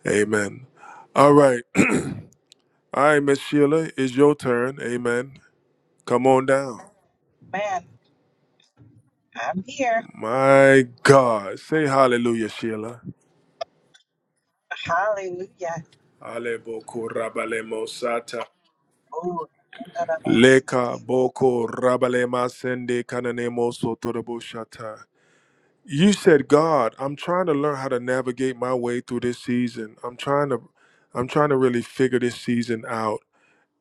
Amen. All right. All right, Miss Sheila, it's your turn. Amen. Come on down. Man, I'm here. My God. Say hallelujah, Sheila. Hallelujah. Ale boko rabale mosata. Oh, none of us. Leka boko rabale masende kanane moso torobo shata. You said, God, I'm trying to learn how to navigate my way through this season. I'm trying to I'm trying to really figure this season out.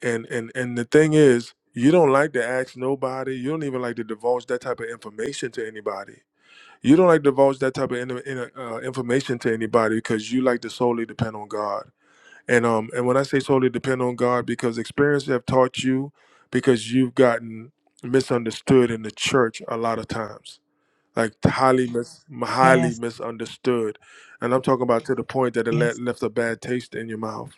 and and and the thing is you don't like to ask nobody you don't even like to divulge that type of information to anybody you don't like to divulge that type of in, in, uh, information to anybody because you like to solely depend on god and um and when i say solely depend on god because experience have taught you because you've gotten misunderstood in the church a lot of times like highly mis highly Yes, misunderstood, and I'm talking about to the point that it le- yes, left a bad taste in your mouth.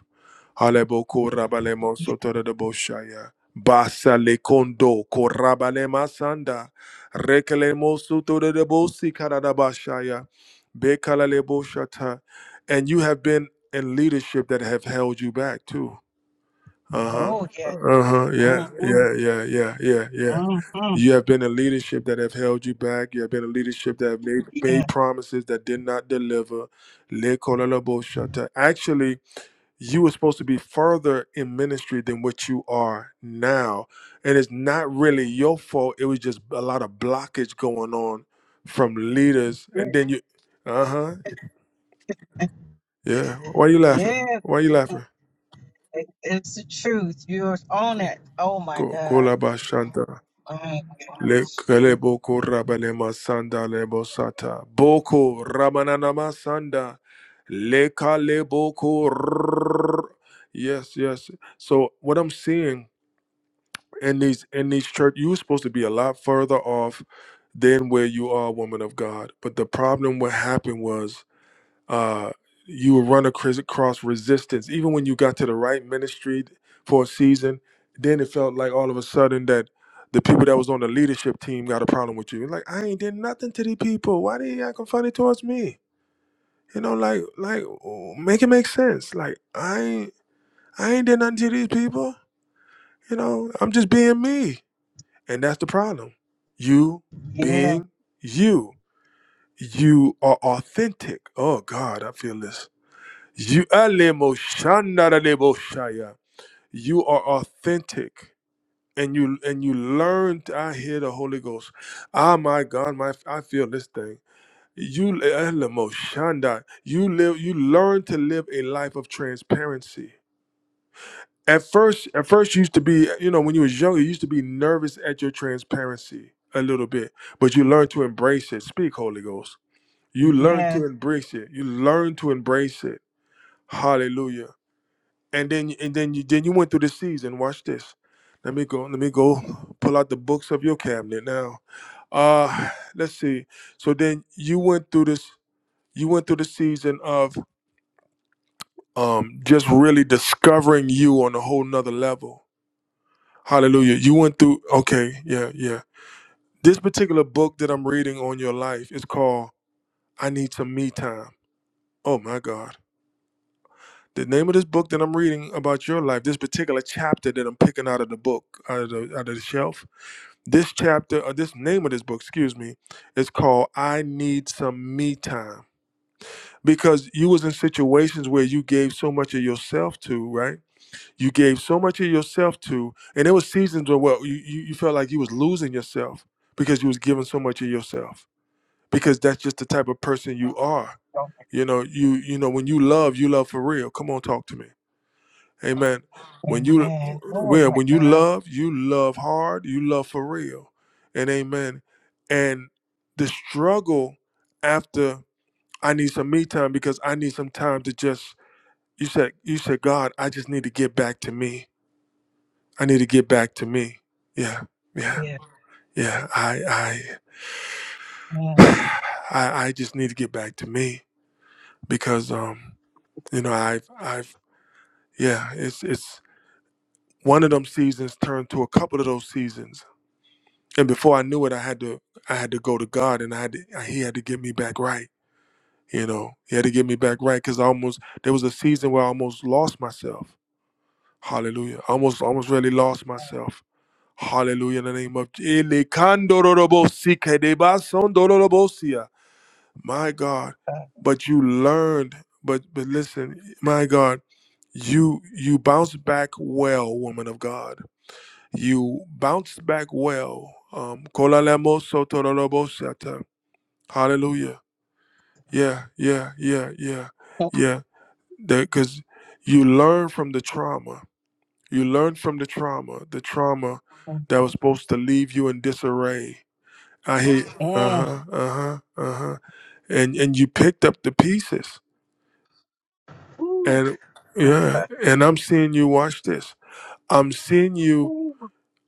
Alebo korabale yes. monsotora de boshaya. Basa le kondo korabale masanda. Rekele monsotora de bosi karada bashaya. Bekala le boshata. And you have been in leadership that have held you back too uh-huh. Oh, yeah. Uh-huh. Yeah. Mm-hmm, Yeah. Yeah. Yeah. Yeah. Yeah. mm-hmm. You have been in leadership that have held you back. You have been in leadership that have made, Yeah, made promises that did not deliver. Lekolalabosata. Actually, you were supposed to be further in ministry than what you are now. And it's not really your fault. It was just a lot of blockage going on from leaders. yeah. And then you, uh huh. Yeah. Why you laughing? yeah. Why you laughing? It, it's the truth. You're on it. Oh, my Ko- God. Kolabashanta. Oh, My God. Lekele Gee. boko rabale masanda le bosata. Boko ramanana masanda. Lekale boko. rrrr. Yes, yes. So what I'm seeing in these in these church, you're supposed to be a lot further off than where you are, woman of God. But the problem what happened was uh, you would run across across resistance. Even when you got to the right ministry for a season, then it felt like all of a sudden that the people that was on the leadership team got a problem with you. Like I ain't did nothing to these people. Why they acting funny towards me? You know, like like oh, make it make sense. Like I ain't I ain't did nothing to these people. You know, I'm just being me, and that's the problem. You Yeah, being you. You are authentic. Oh God, I feel this You alemo shandara lebo shaya. You are authentic. And you and you learn. I hear the Holy Ghost. Ah, my God, my I feel this thing. You alemo shanda. You live. You learn to live a life of transparency. At first, at first, you used to be. You know, when you was younger, you used to be nervous at your transparency a little bit. But you learn to embrace it. Speak, Holy Ghost. You learn yeah. to embrace it. You learn to embrace it. Hallelujah. and then and then you then you went through the season. Watch this. Let me go. Let me go pull out the books of your cabinet now. Uh, let's see. So then you went through this. You went through the season of um just really discovering you on a whole nother level. Hallelujah. You went through. Okay. Yeah. Yeah. This particular book that I'm reading on your life is called "I Need Some Me Time." Oh my God. The name of this book that I'm reading about your life, this particular chapter that I'm picking out of the book, out of the, out of the shelf, this chapter, or this name of this book, excuse me, is called I Need Some Me Time. Because you was in situations where you gave so much of yourself to, right? You gave so much of yourself to, and there was seasons where well, you, you, you felt like you was losing yourself because you was giving so much of yourself. Because that's just the type of person you are. Oh, You know, you you know when you love, you love for real. Come on, talk to me. Amen. When you amen. Oh, well, my when you God. love, you love hard, you love for real. And amen. And the struggle after I need some me time because I need some time to just you said you said God, I just need to get back to me. I need to get back to me. Yeah. Yeah. Yeah. Yeah. I I Mm, I, I just need to get back to me because um you know I've I've yeah, it's it's one of them seasons turned to a couple of those seasons and before I knew it, I had to I had to go to God, and I had to, He had to get me back right. You know, He had to get me back right because I almost there was a season where I almost lost myself. Hallelujah! I almost almost really lost myself. Hallelujah! In the name of Elekandorobosikedebasondorobosia. my God, uh, but you learned. But but listen, my God, you you bounce back well, woman of God you bounced back well. Um, kola lemo soto lolobo shata. Hallelujah. Yeah, yeah, yeah, yeah, mm, yeah. Because you learn from the trauma. You learn from the trauma. The trauma that was supposed to leave you in disarray. I hear. mm, Uh mm. huh. Uh huh. Uh huh. And and you picked up the pieces. Ooh, And my yeah. God. And I'm seeing you. Watch this. I'm seeing you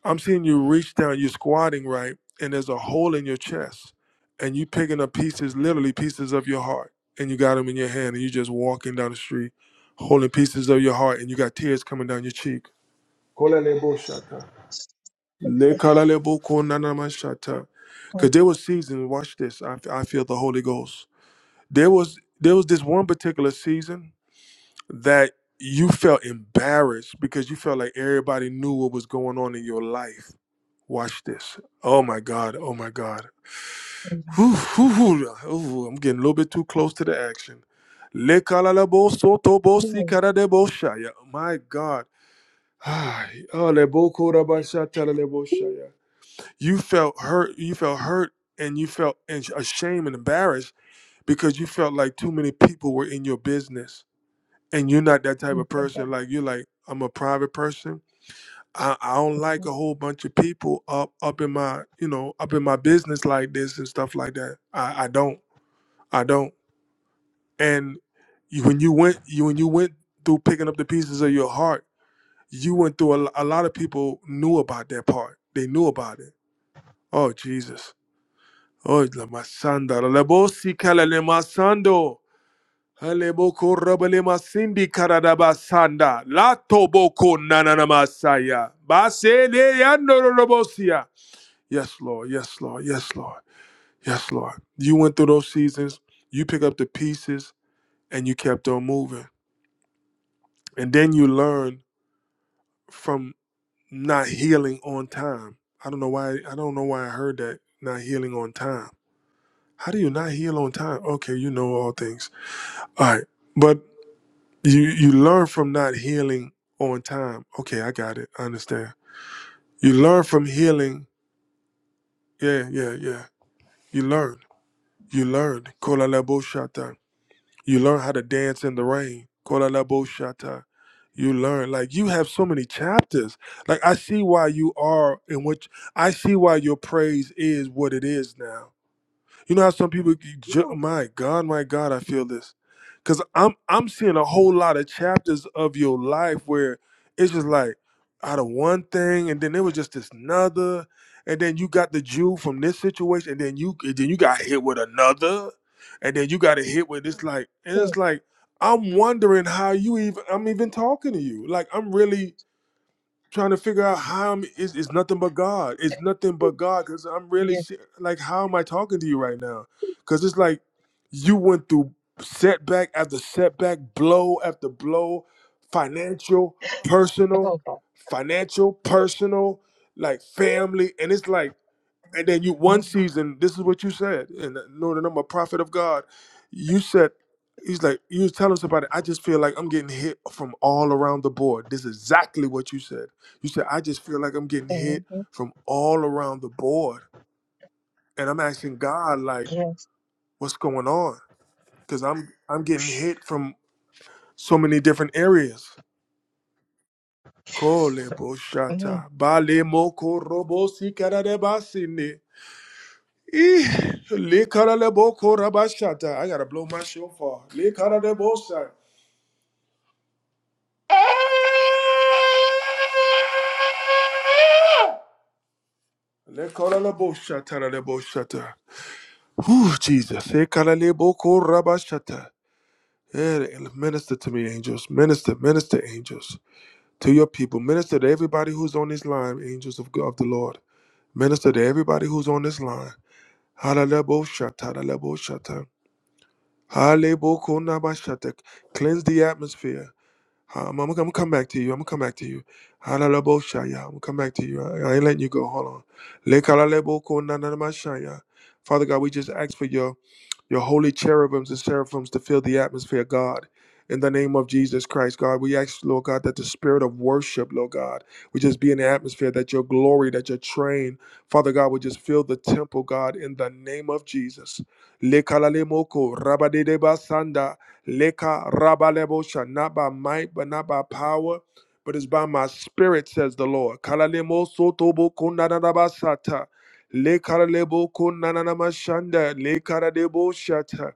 I'm seeing you reach down, you're squatting, right? And there's a hole in your chest. And you picking up pieces, literally pieces of your heart. And you got them in your hand and you just walking down the street holding pieces of your heart and you got tears coming down your cheek. Kolalebo shata. Lekalalebo konanama shata. Cause there was seasons, watch this. I, I feel the Holy Ghost. There was there was this one particular season that you felt embarrassed because you felt like everybody knew what was going on in your life Watch this. Oh my God. Oh my God. Whew, whew, whew. Ooh, I'm getting a little bit too close to the action. Lekalalabo sotobo sikaradebo shaya. My God. Ay, oh, leboko rabashata lelebo shaya. You felt hurt. You felt hurt and you felt and ashamed and embarrassed because you felt like too many people were in your business. And you're not that type of person. Like, you're like, I'm a private person. I, I don't like a whole bunch of people up up in my you know up in my business like this and stuff like that. I, I don't I don't. And you, when you went you when you went through picking up the pieces of your heart, you went through a, lo- a lot of people knew about that part. They knew about it. Oh Jesus. Oh la masanda la bosi kala le masando. Haleboko rabale masindi karadaba Lato boko nanana masaya. Basele yando Yes, Lord. Yes, Lord. Yes, Lord. Yes, Lord. You went through those seasons. You pick up the pieces and you kept on moving. And then you learn from not healing on time. I don't know why. I don't know why I heard that. Not healing on time. How do you not heal on time? Okay, you know all things. All right, but you you learn from not healing on time. Okay, I got it. I understand. You learn from healing. Yeah, yeah, yeah. You learn. You learned. You learn how to dance in the rain. Kolalabosata. You learn like you have so many chapters. Like I see why you are in which I see why your praise is what it is now you know how some people, ju- Ooh. my God, my God, I feel this, because I'm I'm seeing a whole lot of chapters of your life where it's just like out of one thing, and then there was just this another, and then you got the Jew from this situation, and then you and then you got hit with another, and then you got a hit with it's like and it's like I'm wondering how you even I'm even talking to you, like I'm really trying to figure out how I'm, it's, it's nothing but God. It's nothing but God because I'm really Yes, se- like, how am I talking to you right now? Because it's like you went through setback after setback, blow after blow, financial, personal, Lord. financial, personal, like family. And it's like, and then you one season, this is what you said, and know that I'm a prophet of God. You said, he's like, you was telling somebody, I just feel like I'm getting hit from all around the board. This is exactly what you said. You said, I just feel like I'm getting hit Mhm. from all around the board. And I'm asking God, like, Yes. what's going on? Because I'm I'm getting hit from so many different areas. Yes. Kole bo Mm, shata, bale mo korobo si karare basine. Eh, likaralebo korabashata. I gotta blow my shofar. Likaralebo sa- Likaralebo shataralebo shata. Whew, Jesus. Likaralebo korabashata. Eh, Minister to me, angels. Minister, minister, angels. To your people. Minister to everybody who's on this line, angels of, God, of the Lord. Minister to everybody who's on this line. Halalebo shata, lebo shata. Halebokunabashatek. Cleanse the atmosphere. Um, I'm, I'm gonna come back to you. I'm gonna come back to you. Halalaboshaya. I'm gonna come back to you. I, I ain't letting you go. Hold on. Lekalalabokunanamashaya. Father God, we just ask for your your holy cherubims and seraphims to fill the atmosphere, God. In the name of Jesus Christ, God, we ask, Lord God, that the spirit of worship, Lord God, would just be in the atmosphere, that your glory, that your train, Father God, would just fill the temple, God, in the name of Jesus. Leka la le moko, rabadedeba sanda, leka rabalebo Not by might, but not by power, but it's by my spirit, says the Lord. Kala le mo soto bo kunda na na ba Le karalebo kun nananama shanda. Le karadebo shata.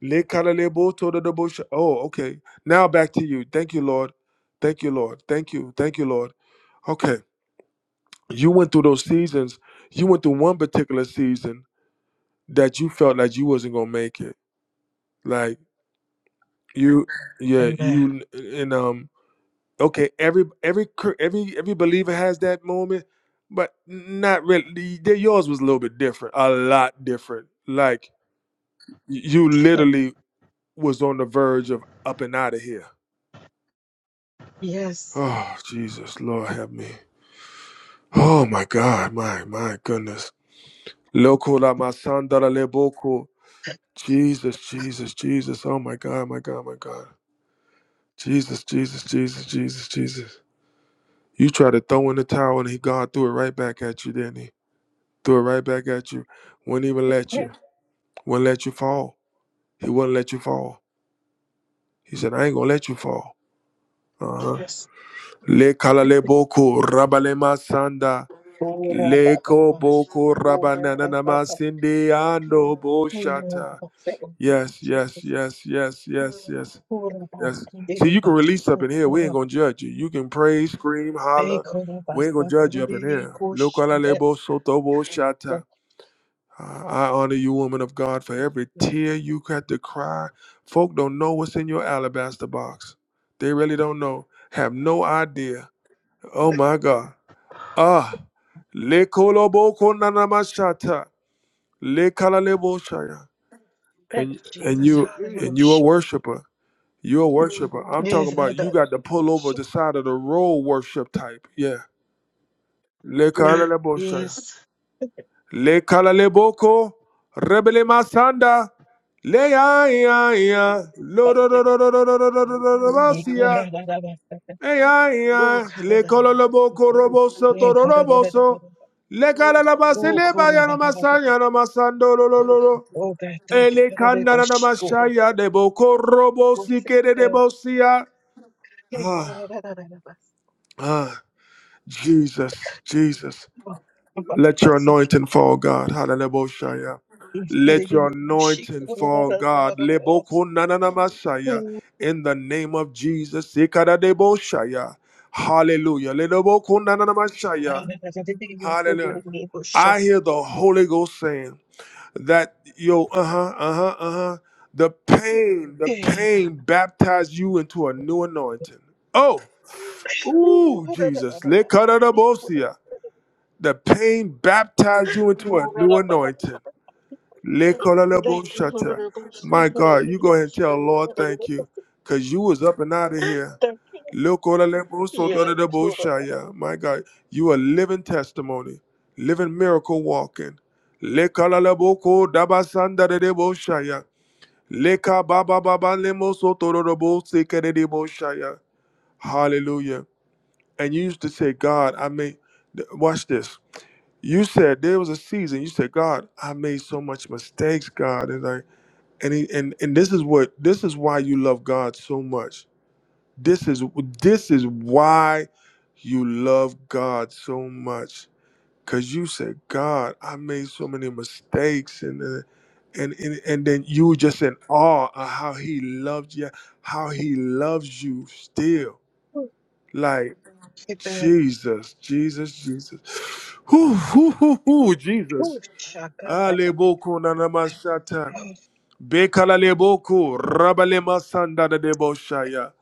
Le karalebo tododebo sh- Oh, okay. Now back to you. Thank you, Lord. Thank you, Lord. Thank you. Thank you, Lord. Okay. You went through those seasons. You went through one particular season that you felt like you wasn't gonna make it. Like you, yeah, Amen. you and um. Okay, every every cr- every every believer has that moment, but not really. Yours was a little bit different, a lot different. Like You literally was on the verge of up and out of here. Yes. Oh, Jesus, Lord, help me. Oh, my God, my, my goodness. Loco la masandara leboko. Jesus, Jesus, Jesus. Oh, my God, my God, my God. Jesus, Jesus, Jesus, Jesus, Jesus. You tried to throw in the towel and he God threw it right back at you, didn't he? Threw it right back at you. Wouldn't even let you. Wouldn't let you fall. He wouldn't let you fall. He said, I ain't gonna let you fall. Uh huh. Yes. Le kalale rabalema sanda. Ora baba Leko bashi. boko Ora baba rabananama ba. sindi ando Hey, Lord, boshata. I say, oh, Yes, yes, Jesus. yes, yes, yes, yes, Ora ba. yes. See, Diri you can release up bashu. in here. We ain't Ora gonna ba. judge you. You can praise, scream, Hey, holler. Ora We ain't gonna basa. judge you up in Diri here. Lo kosh. kalale Thank soto boshata. I I honor you, woman of God, for every you, tear you had to cry. Folk don't know what's in your alabaster box. They really don't know. Have no idea. Oh my God. Thank you, Jesus. Hallelujah. Yes, I did it. Yes. Makehora da da da da, Ay, ay, ay. Oka da Le da da colo lo da, boco roboso, toro Makehora da da da roboso. da, Le cara la base, le Okuora vaya da no da da da, masaya, no masando, lo, lo, lo, lo. O better Ele kara de canara no boshiko da baş kura da masaya, da, de boco robosi, que Oseke de kara debosia. Ah, Makehora da da da da, ah. Jesus, Jesus. O Let your Oseke anointing fall, God. Hallelujah. kara Let your de anointing boshiko da da fall, da da, God. Leboko nanana O Oka da masaya. da da da, Makehora da da da da, O In the name of Jesus. Sikadadeboshaya. Hallelujah. Leboko nanana masaya. better kara de boshiko da da da Hallelujah. da, O I hear the Holy Ghost saying that yo, uh-huh, uh-huh, uh-huh. The pain, the kara pain baptized you into a new anointing. Oh, ooh, Jesus. Lekadadabosia. The pain baptized you into a new baba anointing. baba. Lekolalebo Thank you, Lord, shata. I bless you, My Lord, I God, bless you go ahead and tell Lord you, thank Lord, I you, cause you was up and out of here. bless you. Lekolalebo Yeah. sotadadebo shaya. My God, you a living testimony, living miracle walking. Lekolalebo ko dabasandadadebo shaya. Leka baba baba lemo sotodadebo sekedebo shaya. Hallelujah. And you used to say, God, I mean, th- watch this you said there was a season you said god i made so much mistakes god and i and he, and and this is what this is why you love god so much this is this is why you love god so much because you said god i made so many mistakes and uh, and, and and then you were just in awe of how he loved you how he loves you still like jesus jesus jesus whoo, whoo, whoo, whoo, jesus Alebo nanamashata. Bekala leboko rabale masanda de deboshaya.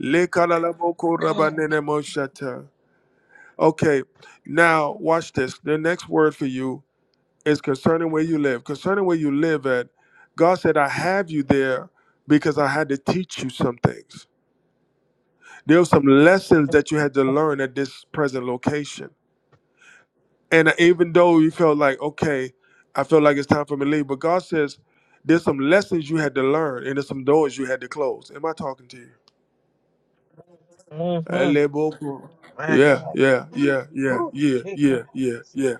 Lekala leboko rabanene moshata. Okay, now watch this. The next word for you is concerning where you live. Concerning where you live at, God said, I have you there because I had to teach you some things. There were some lessons that you had to learn at this present location. And even though you felt like, okay, I feel like it's time for me to leave, but God says there's some lessons you had to learn and there's some doors you had to close. Am I talking to you? Mm-hmm. Alebo- My Yeah, God. yeah, yeah, yeah, Ooh, yeah, shit. yeah, yeah, yeah.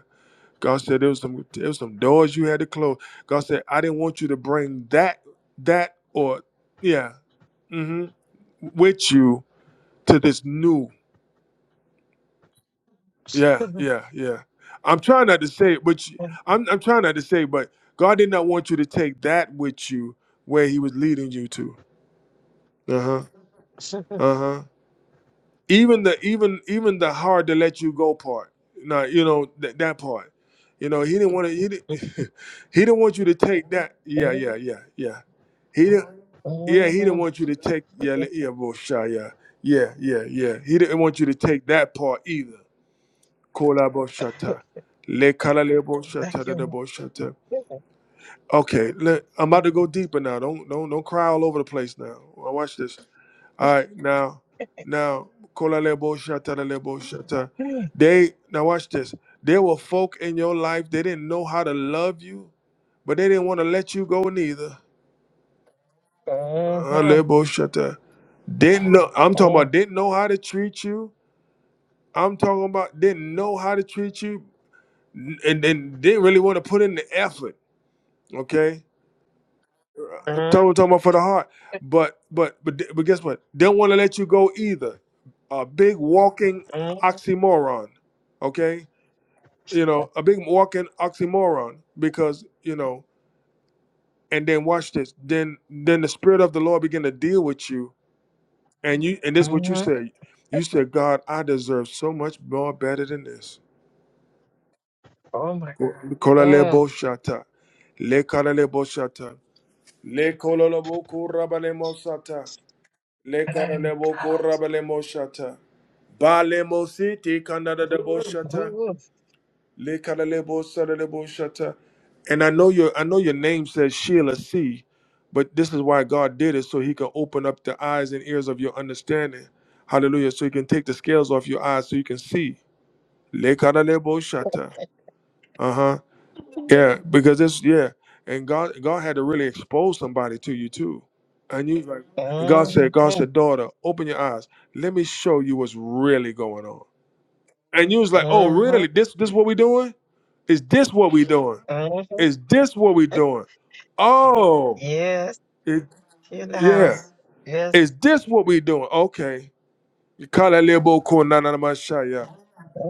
God said there was some there was some doors you had to close. God said I didn't want you to bring that that or yeah hmm with you to this new. Yeah, yeah, yeah. I'm trying not to say it, but you, I'm I'm trying not to say, but God did not want you to take that with you where He was leading you to. Uh huh. Uh huh. Even the even even the hard to let you go part. Now you know that that part. You know He didn't want to. He didn't, He didn't want you to take that. Yeah, yeah, Mhm. yeah, yeah. He didn't. Yeah, He didn't want you to take. Yeah, le- yeah, boy, yeah, yeah, yeah, yeah. He didn't want you to take that part either. Kola Boshata. Le Kala Le Boshata Thank de de you. Boshata. Okay, le, I'm about to go deeper now. Don't don't don't cry all over the place now. Well, watch this. All right, now now Kola Le Boshata de Le Boshata. They now watch this. There were folk in your life they didn't know how to love you, but they didn't want to let you go neither. Lord. Uh, Mhm. Le Boshata. Didn't know. I'm talking about Oh, didn't know how to treat you. I'm talking about didn't know how to treat you, and, and then didn't really want to put in the effort. Okay, I'm mhm. talking, talking about for the heart, but but but but guess what? They don't want to let you go either. A big walking Mhm. oxymoron. Okay, you know a big walking oxymoron because you know. And then watch this. Then then the spirit of the Lord begin to deal with you, and you and this is what you Mhm. said. You said, God, I deserve so much more better than this. Oh, my God. Mm. Kolalebo shata, le kalalebo shata, le kolalebo kurabale mosata. Le My karalebo God. korabalemo shata. Balemo siti kanada debo shata. Ooh. Le karalebo saralebo shata. And I know your I know your name says Sheila C, but this is why God did it so He can open up the eyes and ears of your understanding. Hallelujah! So He can take the scales off your eyes so you can see. Le karalebo shata. uh huh. Mhm. Yeah, because it's yeah, and God God had to really expose somebody to you too, and you like God said, God said, daughter, open your eyes, let me show you what's really going on. And you was like, oh really? Mhm. This this what we doing? Is this what we doing? Mhm. Is this what we doing? Oh, Yes. it, In the yeah. house. Is Yes. this what we doing? Okay. You call that little boy cool, na na na, ma, sha, yeah.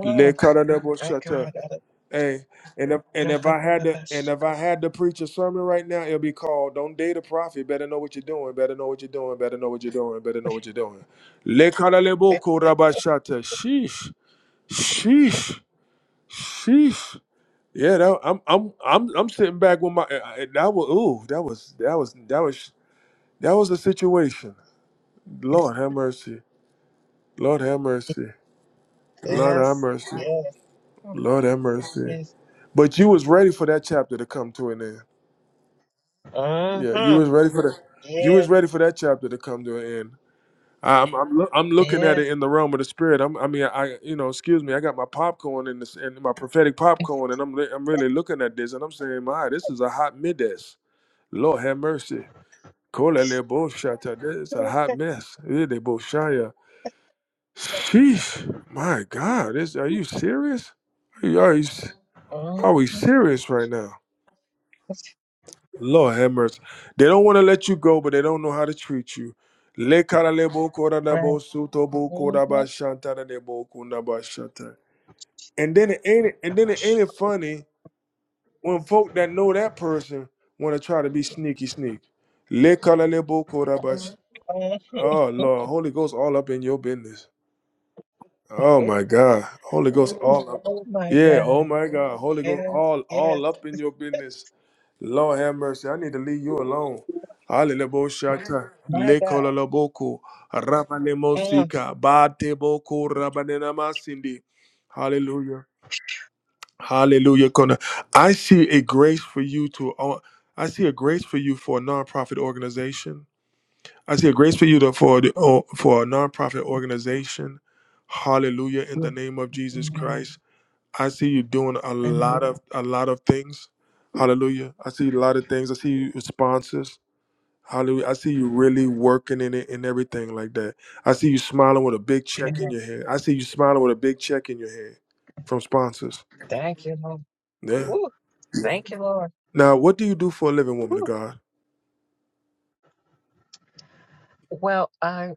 Le kara lebo I got shata. out Hey, and if and of if I had to and if I had to preach a sermon right now, it'll be called "Don't Date a Prophet." Better know what you're doing. Better know what you're doing. Better know what you're doing. Better know what you're doing. Lekaraleboko rabashata. Sheesh, sheesh, sheesh. Yeah, that, I'm I'm I'm I'm sitting back with my I- I- that was ooh that was that was that was that was the situation. Lord have mercy. Lord have mercy. Lord have Yes, mercy. yes, Lord have mercy. yes. But you was ready for that chapter to come to an end. Yeah, you Uh-huh. was ready for that. You was Yes, ready for that chapter to come to an end. I- I'm I'm, loo- I'm looking at yes. it in the realm of the spirit. I'm, I mean, I you know, excuse me, I got my popcorn and this and my prophetic popcorn, and I'm li- I'm really looking at this, and I'm saying, my, this is a hot midas. Lord have mercy. Kolele bo shata. This is a hot mess. Ele bo shaya. Sheesh, my God, this are you serious? Are you, are you s- Oh, are we serious right now? that's Lord have mercy. They don't want to let you go, but they don't know how to treat you. Le karalebo koranabo right. sutobo koraba Mhm. shantanebo kunaba shanta. And then it ain't and then it ain't it funny when folk that know that person want to try to be sneaky sneak. Le karalebo koraba. sh- Oh, Oh Lord, Holy Ghost all up in your business. Oh my God. Holy Ghost all up. oh my Yeah, oh God. my God. Holy Ghost Yes, all yes. all up in your business. Lord have mercy. I need to leave you alone. Alelebo shata. My God. Lekololoboko. Mm. Rabanemosika. Bateboko rabanenamasindi. Hallelujah. Hallelujah. Kona. I see a grace for you to uh, I see a grace for you for a nonprofit organization. I see a grace for you to, for the- oh, for a nonprofit organization. Hallelujah! In the Mm, name of Jesus mm, Christ, I see you doing a mm, lot of a lot of things. Hallelujah! I see a lot of things. I see you with sponsors. Hallelujah! I see you really working in it and everything like that. I see you smiling with a big check in mm. your hand. I see you smiling with a big check in your hand from sponsors. Thank you, Lord. Yeah. Woo, thank you, Lord. Now, what do you do for a living, woman of Woo. God? Well, I,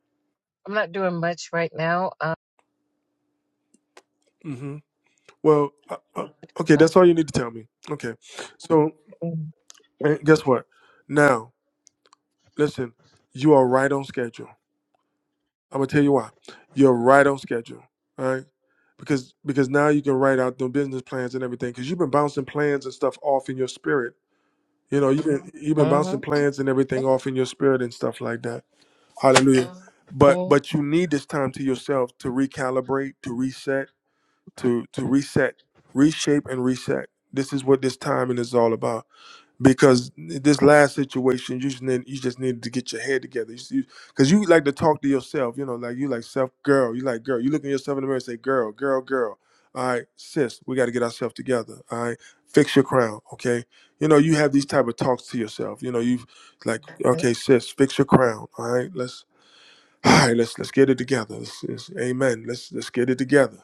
I'm not doing much right now. Uh, hmm Well, uh, uh, okay, uh, that's all you need to tell me. Okay, so. mm, And guess what? Now, listen, you are right on schedule. I'm gonna tell you why. You're right on schedule, all right? Because because now you can write out the business plans and everything. Because you've been bouncing plans and stuff off in your spirit. You know, you've been you've been bouncing mhm, plans and everything off in your spirit and stuff like that. Hallelujah. But mm, but you need this time to yourself to recalibrate, to reset, to to reset, reshape and reset. This is what this timing is all about because this last situation you just need, you just needed to get your head together because you, 'cause you like to talk to yourself you know like you like self girl you like girl you look at yourself in the mirror and say girl girl girl all right sis we got to get ourselves together all right fix your crown okay you know you have these type of talks to yourself you know you like mm. okay sis fix your crown all right let's all right, let's let's get it together. Let's- let's- amen. Let's let's get it together.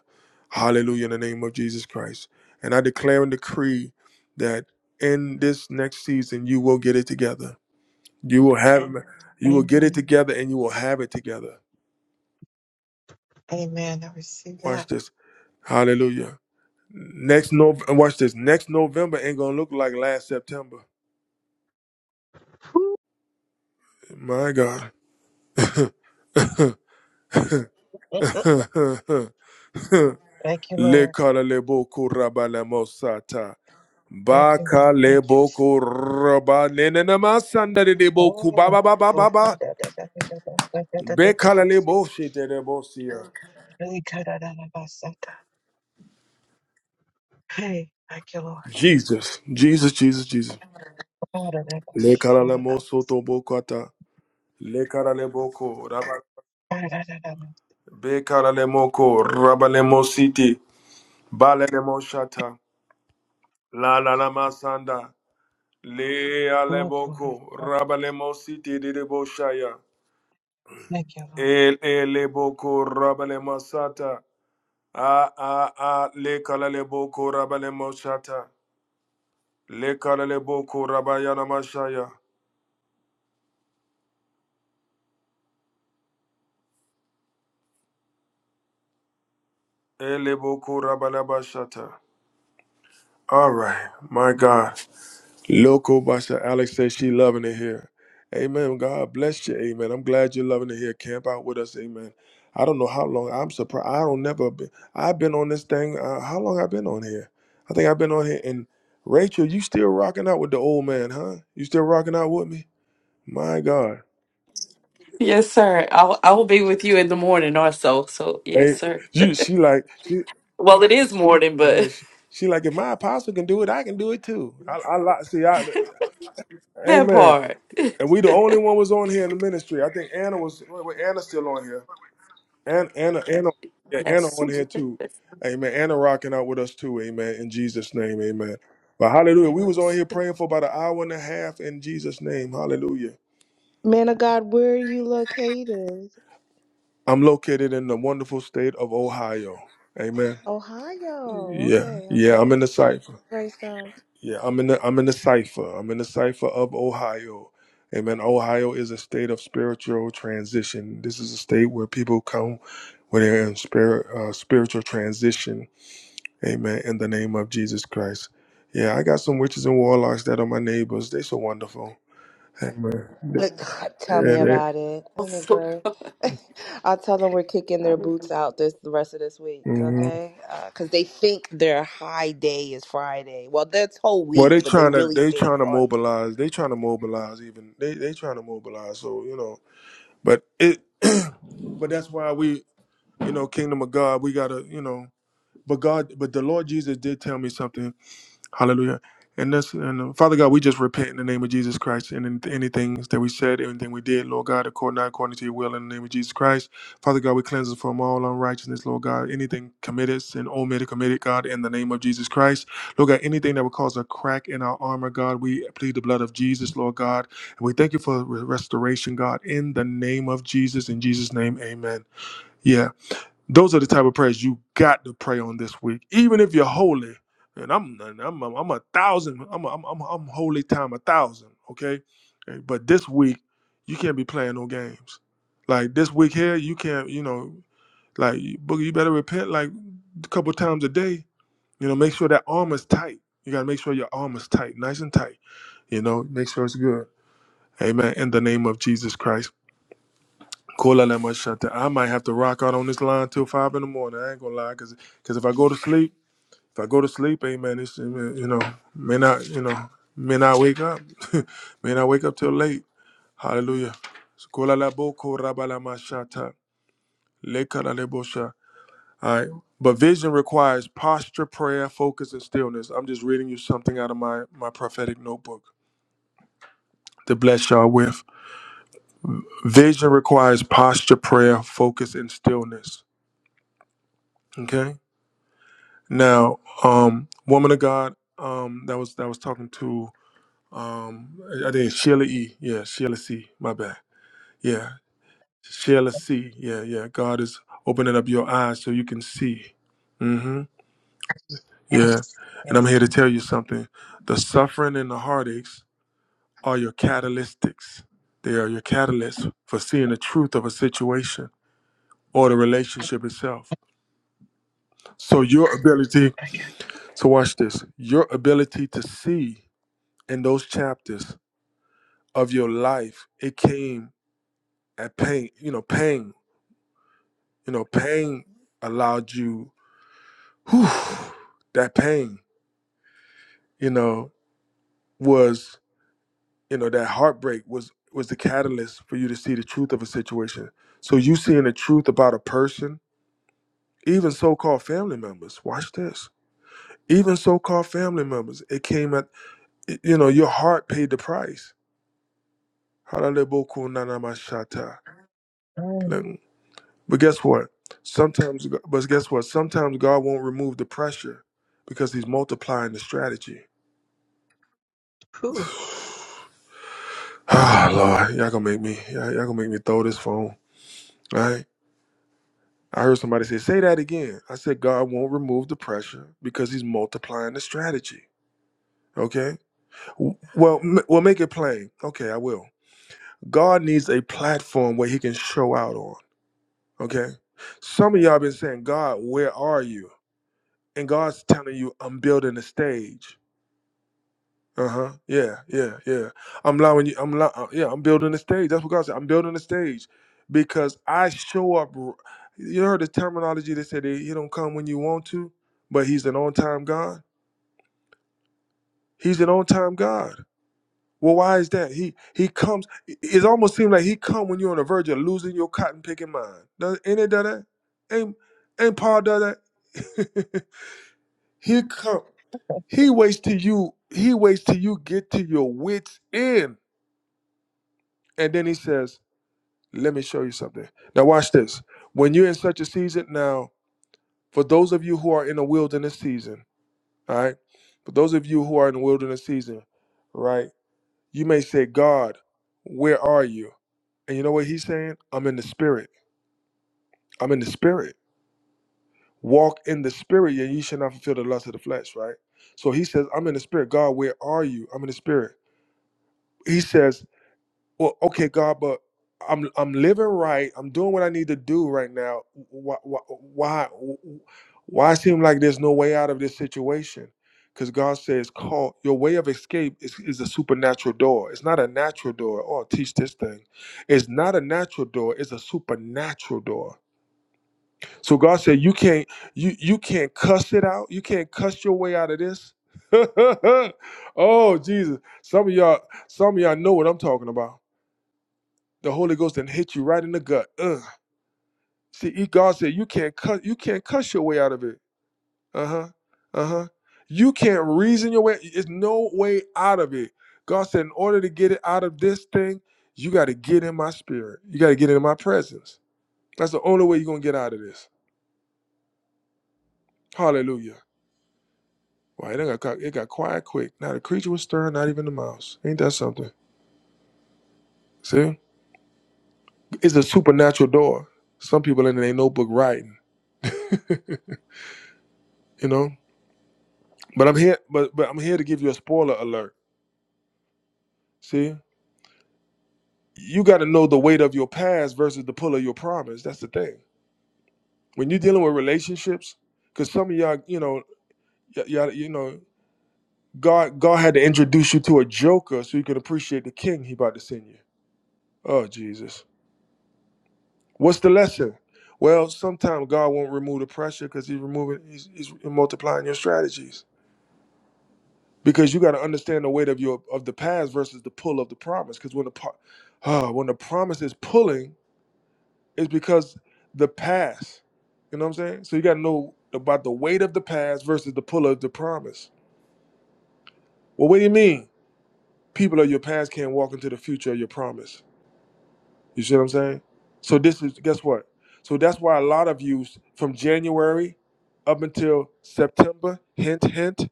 Hallelujah in the name of Jesus Christ. And I declare and decree that in this next season you will get it together. You will have Amen. you will get it Amen. together and you will have it together. Amen. I receive Watch that. this. Hallelujah. Next no watch this. Next November ain't gonna look like last September. Woo. My God. Thank you, Le Lord. kala le boku rabala mosata. Thank you, Lord. Baka Thank you. Jesus. leboko raba nenena masanda deboku ba Oh, ba ba oh, God, da, da, da, da, da, bus, da, da, da, da, da, Bekala bus. lebo shite lebo siya. Hey, God, da, da, da, bus, da, da. Hey, thank you, Lord. Jesus, Jesus, Jesus, Jesus. God, da, da, bus, Lekala God, da, lemo soto bokata. Lekala leboko raba. da, God, da, da, da, da. Bekala lemoko raba lemo siti. Bale lemo shata. La la la masanda. Le Oh, God, da, aleboko da, da. raba lemo siti debo shaya. Thank you, Lord. El eleboko raba lemo sata. Ah ah ah le kalale boko rabale moshata le kalale boko rabayana mashaya ele boko rabale bashata. All right, my God. Loco Basha Alex says she loving it here. Amen. God bless you. Amen. I'm glad you're loving it here. Camp out with us. Amen. I don't know how long. I'm surprised. I don't never. been. I've been on this thing. Uh, how long I've been on here? I think I've been on here. And Rachel, you still rocking out with the old man, huh? You still rocking out with me? My God. Yes, sir. I'll I'll be with you in the morning also. So yes, Hey, sir. you, she like she, Well, it is morning, amen. but She, she like if my apostle can do it, I can do it too. I, I like see, I, that amen. part. And we the only one was on here in the ministry. I think Anna was. Wait, wait, Anna's still on here. Anna, Anna, Anna, yeah, Anna Yes. on here too. Amen. Anna rocking out with us too. Amen. In Jesus' name, amen. But hallelujah, we was on yes. here praying for about an hour and a half in Jesus' name. Hallelujah. Man of God, where are you located? I'm located in the wonderful state of Ohio. Amen. Ohio. Yeah, Okay, yeah, I'm okay. in the cipher. Great stuff. Yeah, I'm in the I'm in the cipher. I'm in the cipher of Ohio. Amen. Ohio is a state of spiritual transition. This is a state where people come when they're in spirit uh, spiritual transition. Amen. In the name of Jesus Christ. Yeah, I got some witches and warlocks that are my neighbors. They so wonderful. Amen. Look, Tell Yeah, me they, about it. Isn't it great? I'll tell them we're kicking their boots out this the rest of this week, hmm okay? Because they think their high day is Friday. Well, that's whole Well, week, they but they trying to really they think trying to on. mobilize. They trying to mobilize. Even they they trying to mobilize. So you know, but it. but that's why we. you know, kingdom of God, we gotta, you know, but God, but the Lord Jesus did tell me something. Hallelujah. And that's and uh, Father God, we just repent in the name of Jesus Christ and in anything that we said, anything we did, Lord God, according not according to your will in the name of Jesus Christ. Father God, we cleanse us from all unrighteousness, Lord God. Anything committed and omitted, committed, God, in the name of Jesus Christ. Lord God, anything that would cause a crack in our armor, God, we plead the blood of Jesus, Lord God. And we thank you for restoration, God, in the name of Jesus. In Jesus' name, amen. Yeah. Those are the type of prayers you got to pray on this week, even if you're holy. And I'm I'm I'm, a thousand. I'm a, I'm I'm I'm holy time a thousand. Okay, Eh, but this week you can't be playing no games. Like this week here, you can't. You know, like boogie, you better repent like a couple times a day. You know, make sure that arm is tight. You gotta make sure your arm is tight, nice and tight. You know, make sure it's good. Amen. In the name of Jesus Christ. Cool, I let my shut down. I might have to rock out on this line till five in the morning. I ain't gonna lie, cause, 'cause if I go to sleep, if I go to sleep, hey man, it's, you know, may not, you know, may not wake up, may not wake up till late. Hallelujah. So, cool, I let bo- cool, rabba, let my shut down. Le kala le bo sha. All right, but vision requires posture, prayer, focus, and stillness. I'm just reading you something out of my my prophetic notebook to bless y'all with. Vision requires posture, prayer, focus, and stillness. Okay Now, um, woman of God, um, that was that was talking to um, I I think it's Sheila E. Yeah, Sheila C. My bad. Yeah, Sheila C. Yeah, yeah. God is opening up your eyes so you can see. Mm-hmm. Yeah, Yes, and I'm here to yes. tell you something. The suffering and the heartaches are your catalytics. They are your catalysts for seeing the truth of a situation or the relationship itself. So your ability Thank you. to watch this, your ability to see in those chapters of your life, it came at pain, you know, pain, you know, pain allowed you, whew, that pain, you know, was, you know, that heartbreak was was the catalyst for you to see the truth of a situation. So you seeing the truth about a person, even so-called family members, watch this. Even so-called family members, it came at, you know, your heart paid the price. Hallelujah. Mm. But guess what? Sometimes, but guess what? Sometimes God won't remove the pressure because He's multiplying the strategy. Whew. My God. Ah, Lord, y'all gonna make me, y'all, y'all gonna make me throw this phone. All right. I heard somebody say, "Say that again." I said, "God won't remove the pressure because He's multiplying the strategy." Okay. W- Well, m- we'll make it plain. Okay, I will. God needs a platform where He can show out on. Okay. Some of y'all been saying, "God, where are you?" And God's telling you, "I'm building a stage." Uh huh. Yeah. Yeah. Yeah. I'm allowing you. I'm allow, uh, Yeah. I'm building a stage. That's what God said. I'm building a stage because I show up. r- You heard the terminology that said he he don't come when you want to, but he's an on-time God. He's an on-time God. Well, why is that? He he comes. It it almost seems like he come when you're on the verge of losing your cotton picking mind. Does ain't it done that? Ain't ain't Paul done that? he come. He waits till you. He waits till you get to your wits end And then he says, Let me show you something. Now, watch this. When you're in such a season, now, for those of you who are in a wilderness season, all right, for those of you who are in a wilderness season, right, you may say, God, where are you? And you know what he's saying? I'm in the spirit. I'm in the spirit. Walk in the spirit, and you shall not fulfill the lust of the flesh, right? So he says, I'm in the spirit. God, where are you? I'm in the spirit. He says, well, okay, God, but I'm I'm living right. I'm doing what I need to do right now. Why why why, why seem like there's no way out of this situation? Because God says, "Call your way of escape is, is a supernatural door. It's not a natural door. Oh, teach this thing. It's not a natural door. It's a supernatural door. So God said, you can't you you can't cuss it out. You can't cuss your way out of this. oh Jesus, some of y'all some of y'all know what I'm talking about. The Holy Ghost then hit you right in the gut. Ugh. See, e- God said you can't cuss, you can't cuss your way out of it. Uh-huh. Uh-huh. You can't reason your way. There's no way out of it. God said, in order to get it out of this thing, you got to get in my spirit. You got to get in my presence. That's the only way you're gonna get out of this. Hallelujah. Wow, it, got, it got quiet quick. Not a creature was stirring, not even the mouse. Ain't that something? See? It's a supernatural door. Some people in there ain't no book writing, you know? But I'm here, but but I'm here to give you a spoiler alert. See, you got to know the weight of your past versus the pull of your promise. That's the thing. When you're dealing with relationships, because some of y'all, you know, y- y'all, you know, God, God had to introduce you to a joker so you could appreciate the king He about to send you. Oh Jesus, what's the lesson? Well, sometimes God won't remove the pressure because He's removing, he's, he's multiplying your strategies. Because you got to understand the weight of your of the past versus the pull of the promise. Because when the po- ah, when the promise is pulling It's because the past. You know what I'm saying? So you got to know about the weight of the past versus the pull of the promise. Well, what do you mean? People of your past can't walk into the future of your promise. You see what I'm saying? So this is guess what? So that's why a lot of you from January up until September, hint hint,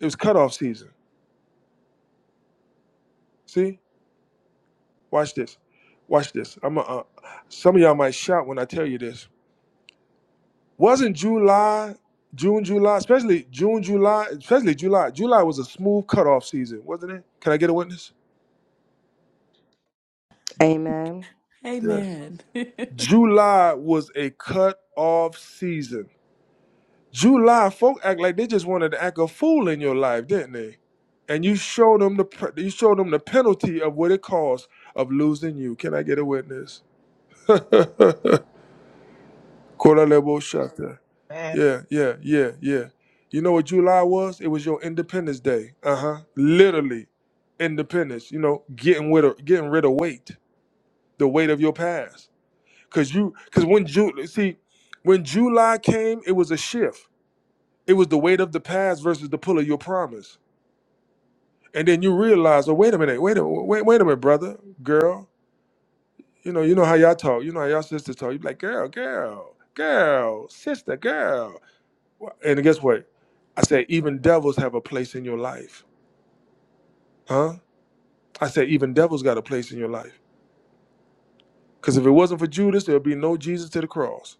it was cutoff season. See? Watch this. Watch this. I'm a, uh, some of y'all might shout when I tell you this Wasn't July, June, July, especially June, July, especially July. July was a smooth cutoff season, wasn't it? Can I get a witness? Amen. Yeah. Amen. July was a cutoff season. July, folk act like they just wanted to act a fool in your life, didn't they? And you showed them the pr- you showed them the penalty of what it costs of losing you. Can I get a witness? Kora lebo shata. Man, Yeah, yeah, yeah, yeah. You know what July was? It was your Independence Day. Uh huh. Literally, Independence. You know, getting rid of getting rid of weight, the weight of your past. Cause you, cause when Ju, see, when July came, it was a shift. It was the weight of the past versus the pull of your promise. And then you realize, oh wait a minute, wait a wait, wait a minute, brother, girl. You know, you know how y'all talk. You know how y'all sisters talk. You be like, girl, girl, girl, sister, girl. Well, And guess what? I said, even devils have a place in your life. Huh? I said, even devils got a place in your life. Because if it wasn't for Judas, there would be no Jesus to the cross.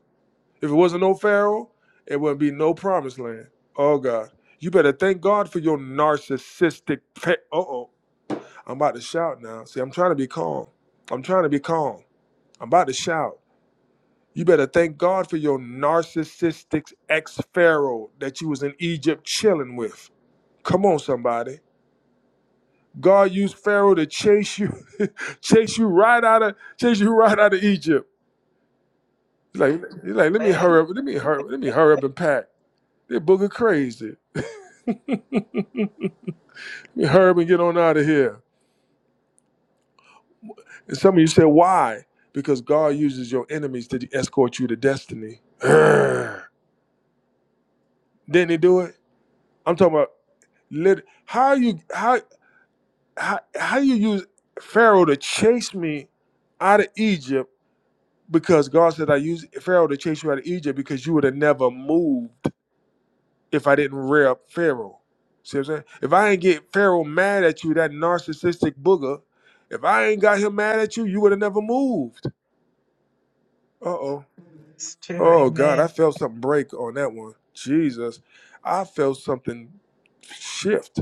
If it wasn't no Pharaoh, it wouldn't be no promised land. Oh, God. You better thank God for your narcissistic. Pe- uh oh. I'm about to shout now. See, I'm trying to be calm. I'm trying to be calm. I'm about to shout. You better thank God for your narcissistic ex Pharaoh that you was in Egypt chilling with. Come on, somebody. God used Pharaoh to chase you, chase you right out of chase you right out of Egypt. He's like, he's like, let me man. hurry up, let me hurry, let me hurry up and pack. They're booger crazy. Let me hurry up and get on out of here. And some of you say, why? Because God uses your enemies to escort you to destiny. Urgh. Didn't he do it? I'm talking about lit- how you how how how you use Pharaoh to chase me out of Egypt because God said I used Pharaoh to chase you out of Egypt because you would have never moved. if I didn't rear up Pharaoh. See what I'm saying? If I ain't get Pharaoh mad at you, that narcissistic booger, if I ain't got him mad at you, you would have never moved. Uh oh. It's true. Oh God, I Amen. felt something break on that one. Jesus. I felt something shift.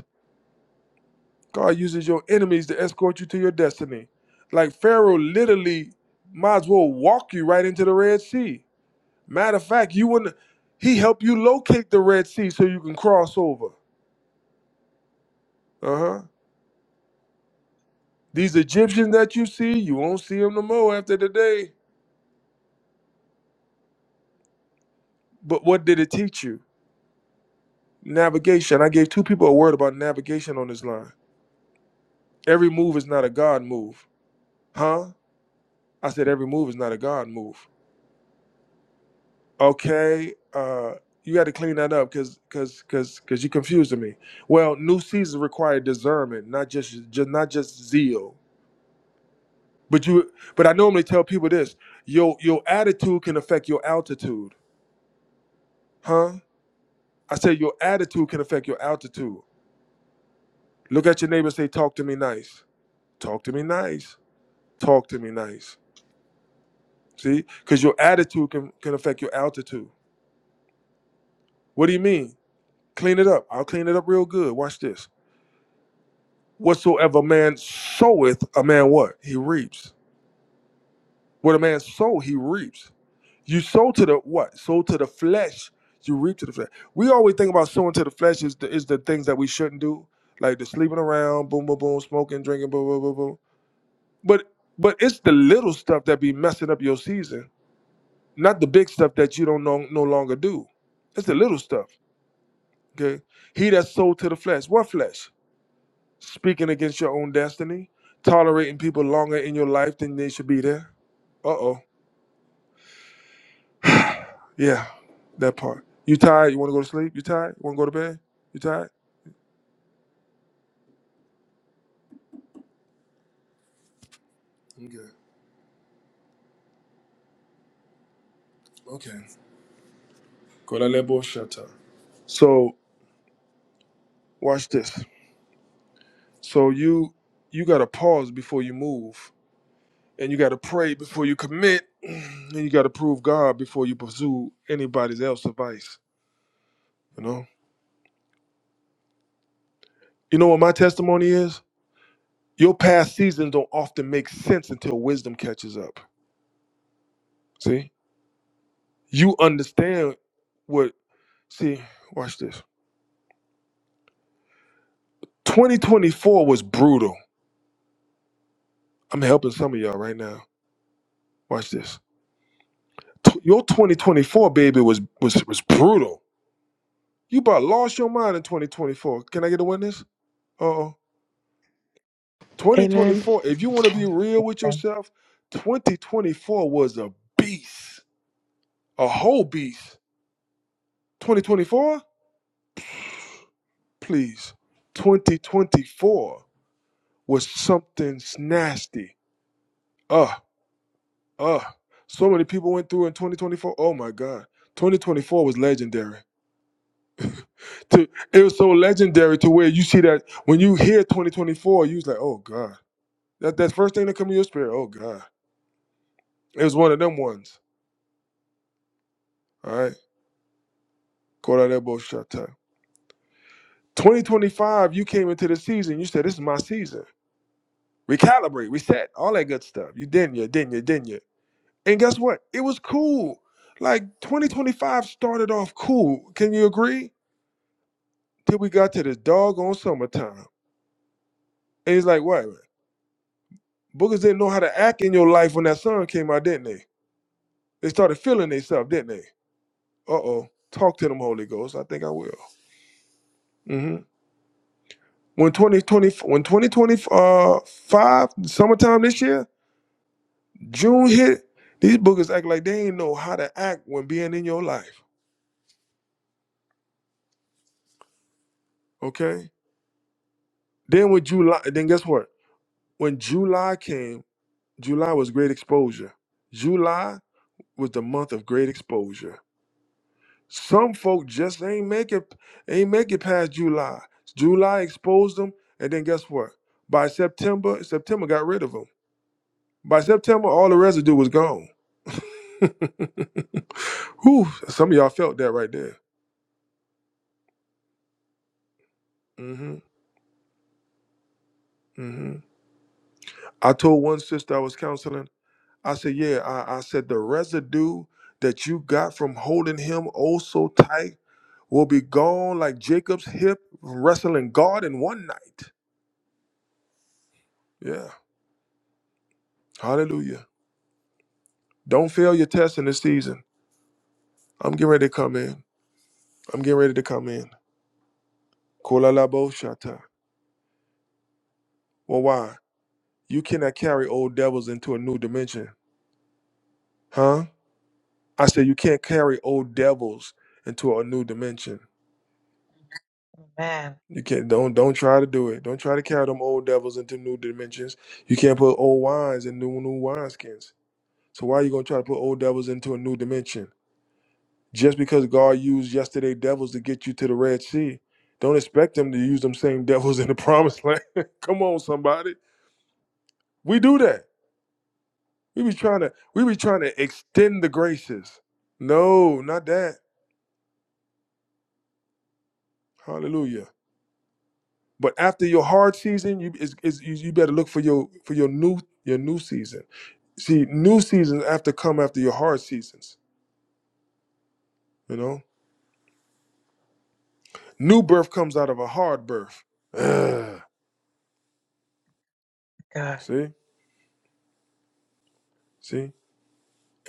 God uses your enemies to escort you to your destiny. Like Pharaoh literally might as well walk you right into the Red Sea. Matter of fact, you wouldn't he helped you locate the Red Sea so you can cross over. Uh-huh. These Egyptians that you see, you won't see them no more after today. But what did it teach you? Navigation. I gave two people a word about navigation on this line. Every move is not a God move. Huh? I said every move is not a God move. Okay, uh, you got to clean that up because because because because you confusing me. Well, new seasons require discernment, not just, just not just zeal. But you but I normally tell people this: your your attitude can affect your altitude. Huh? I said your attitude can affect your altitude. Look at your neighbor and say, Talk to me nice. Talk to me nice. Talk to me nice. See? Because your attitude can, can affect your altitude. What do you mean? Clean it up. I'll clean it up real good. Watch this. Whatsoever man soweth, a man what? He reaps. What a man sow, he reaps. You sow to the what? Sow to the flesh. You reap to the flesh. We always think about sowing to the flesh is the, is the things that we shouldn't do, like the sleeping around, boom, boom, boom, smoking, drinking, boom, boom, boom, boom. But but it's the little stuff that be messing up your season Not the big stuff that you don't no, no longer do. It's the little stuff. Okay. He that's sold to the flesh. What flesh? Speaking against your own destiny, tolerating people longer in your life than they should be there. Uh oh. Yeah, that part. You tired? You want to go to sleep? You tired? You want to go to bed? You tired? Okay. Okay. Kolalebo shata. So watch this. So you you gotta pause before you move and you got to pray before you commit, and you got to prove God before you pursue anybody's else advice. You know, you know what my testimony is. Your past seasons don't often make sense until wisdom catches up. See, you understand what? See, watch this. 2024 was brutal. I'm helping some of y'all right now. Watch this. T- your 2024 baby was was was brutal. You about lost your mind in 2024. Can I get a witness? Uh Amen. 2024, if you want to be real with Amen. yourself, 2024 was a beast, a whole beast. 2024, please. 2024 was something nasty. Uh, uh. So many people went through in 2024. Oh my God. 2024 was legendary. To, it was so legendary to where you see that when you hear 2024, you was like, oh God. That that first thing that come in your spirit, oh God. It was one of them ones. All right. Call out that bullshit shot 2025, you came into the season, you said, This is my season. Recalibrate, reset, all that good stuff. You didn't, you didn't, you didn't, you. And guess what? It was cool. Like 2025 started off cool. Can you agree? Till we got to this doggone summertime. And it's like, what? Bookers didn't know how to act in your life when that sun came out, didn't they? They started feeling themselves, didn't they? Uh oh. Talk to them, Holy Ghost. I think I will. hmm When 2020, when 2025, summertime this year, June hit, these boogers act like they ain't know how to act when being in your life. Okay. Then with July, then guess what? When July came, July was great exposure. July was the month of great exposure. Some folk just ain't make it, ain't make it past July. July exposed them, and then guess what? By September, September got rid of them. By September, all the residue was gone. Whew, some of y'all felt that right there. hmm hmm I told one sister I was counseling, I said, Yeah, I, I said, the residue that you got from holding him oh so tight will be gone like Jacob's hip wrestling God in one night. Yeah, hallelujah. Don't fail your test in this season. I'm getting ready to come in. I'm getting ready to come in. Kolalabo shata. Well, why? You cannot carry old devils into a new dimension, huh? I said, You can't carry old devils into a new dimension. Amen. You can't don't don't try to do it. Don't try to carry them old devils into new dimensions. You can't put old wines in new new wineskins. So why are you gonna try to put old devils into a new dimension? Just because God used yesterday devils to get you to the Red Sea, don't expect them to use them same devils in the promised land. Come on, somebody. We do that. We be trying to we be trying to extend the graces. No, not that. Hallelujah. But after your hard season, you is, is you, you better look for your for your new your new season See, new seasons have to come after your hard seasons. You know, new birth comes out of a hard birth. Ugh. God. See, see,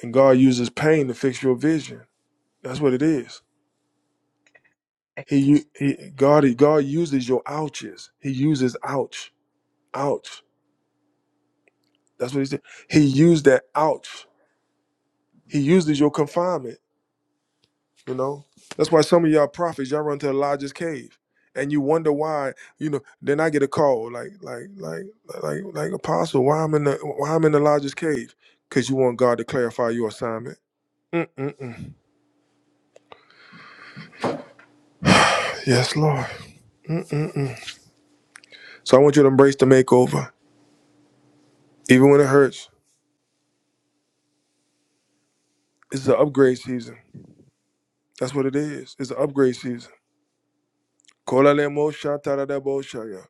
and God uses pain to fix your vision. That's what it is. Thank He, you. u- Jesus. he, God, God uses your ouches. He uses ouch, ouch. That's what he said. He used that ouch. He uses your confinement. You know, that's why some of y'all prophets y'all run to the largest cave, and you wonder why. You know, then I get a call like, like, like, like, like, apostle, why I'm in the why I'm in the largest cave? Cause you want God to clarify your assignment. Mm-mm-mm. Yes, Lord. Mm-mm-mm. So I want you to embrace the makeover, even when it hurts. It's the upgrade season. That's what it is. It's the upgrade season. Kolalemo shatarabo shaya.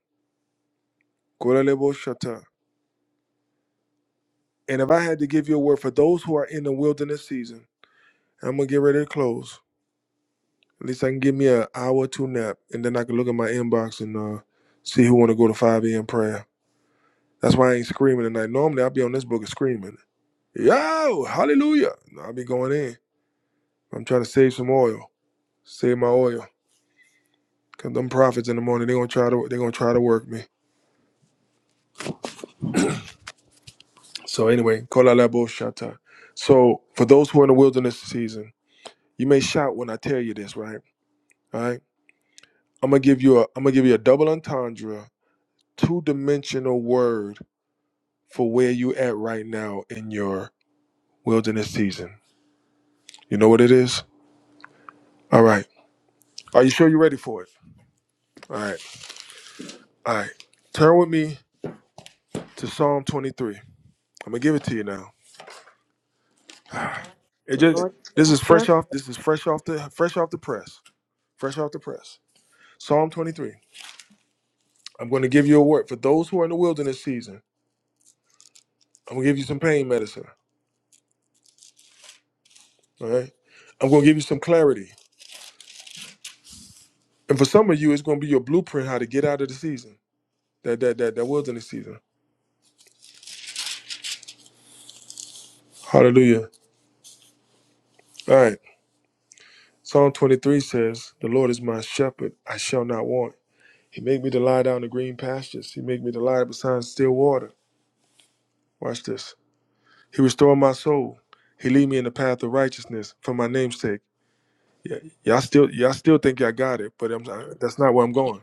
Kolalebo shata. And if I had to give you a word for those who are in the wilderness season, I'm gonna get ready to close. At least I can give me an hour or two nap, and then I can look at my inbox and uh, see who want to go to 5 a.m. prayer. That's why I ain't screaming tonight. Normally I'll be on this book and screaming, yo, hallelujah. No, I'll be going in. I'm trying to save some oil, save my oil. Cause them prophets in the morning, they gonna try to they gonna try to work me. So anyway, call out that bullshit. So for those who are in the wilderness season, you may shout when I tell you this, right? All right. I'm gonna give you a I'm gonna give you a double entendre, two dimensional word for where you at right now in your wilderness season. You know what it is? All right. Are you sure you're ready for it? All right. All right. Turn with me to Psalm 23. I'm gonna give it to you now. It The just Lord is this my is fresh shepherd. off this is fresh off the fresh off the press. Fresh off the press. Psalm 23. I'm gonna give you a word for those who are in the wilderness season. I'm gonna give you some pain medicine. All right. I'm gonna give you some clarity. And for some of you, it's gonna be your blueprint how to get out of the season. That that that that wilderness season. Hallelujah. All right. Psalm 23 says, The Lord is my shepherd, I shall not want. He made me to lie down in green pastures. He made me to lie beside still water. Watch this. He restored my soul. He lead me in the path of righteousness for my name's sake. Yeah, y'all still y'all still think y'all got it, but I'm, that's not where I'm going.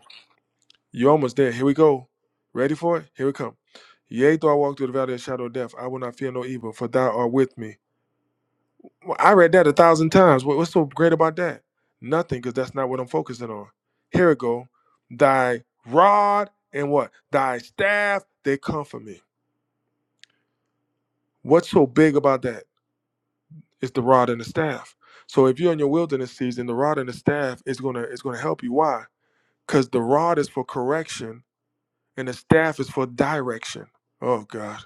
You're almost there. Here we go. Ready for it? Here we come. Yea, though I walk through the valley of the shadow of death, I will not fear no evil, for thou art with me. Well, I read that a thousand times. What, what's so great about that? Nothing, because that's not what I'm focusing on. Here it go. Thy rod and what? Thy staff, they comfort me. What's so big about that? It's the rod and the staff. So if you're in your wilderness season, the rod and the staff is gonna is gonna help you. Why? Because the rod is for correction and the staff is for direction. Oh God.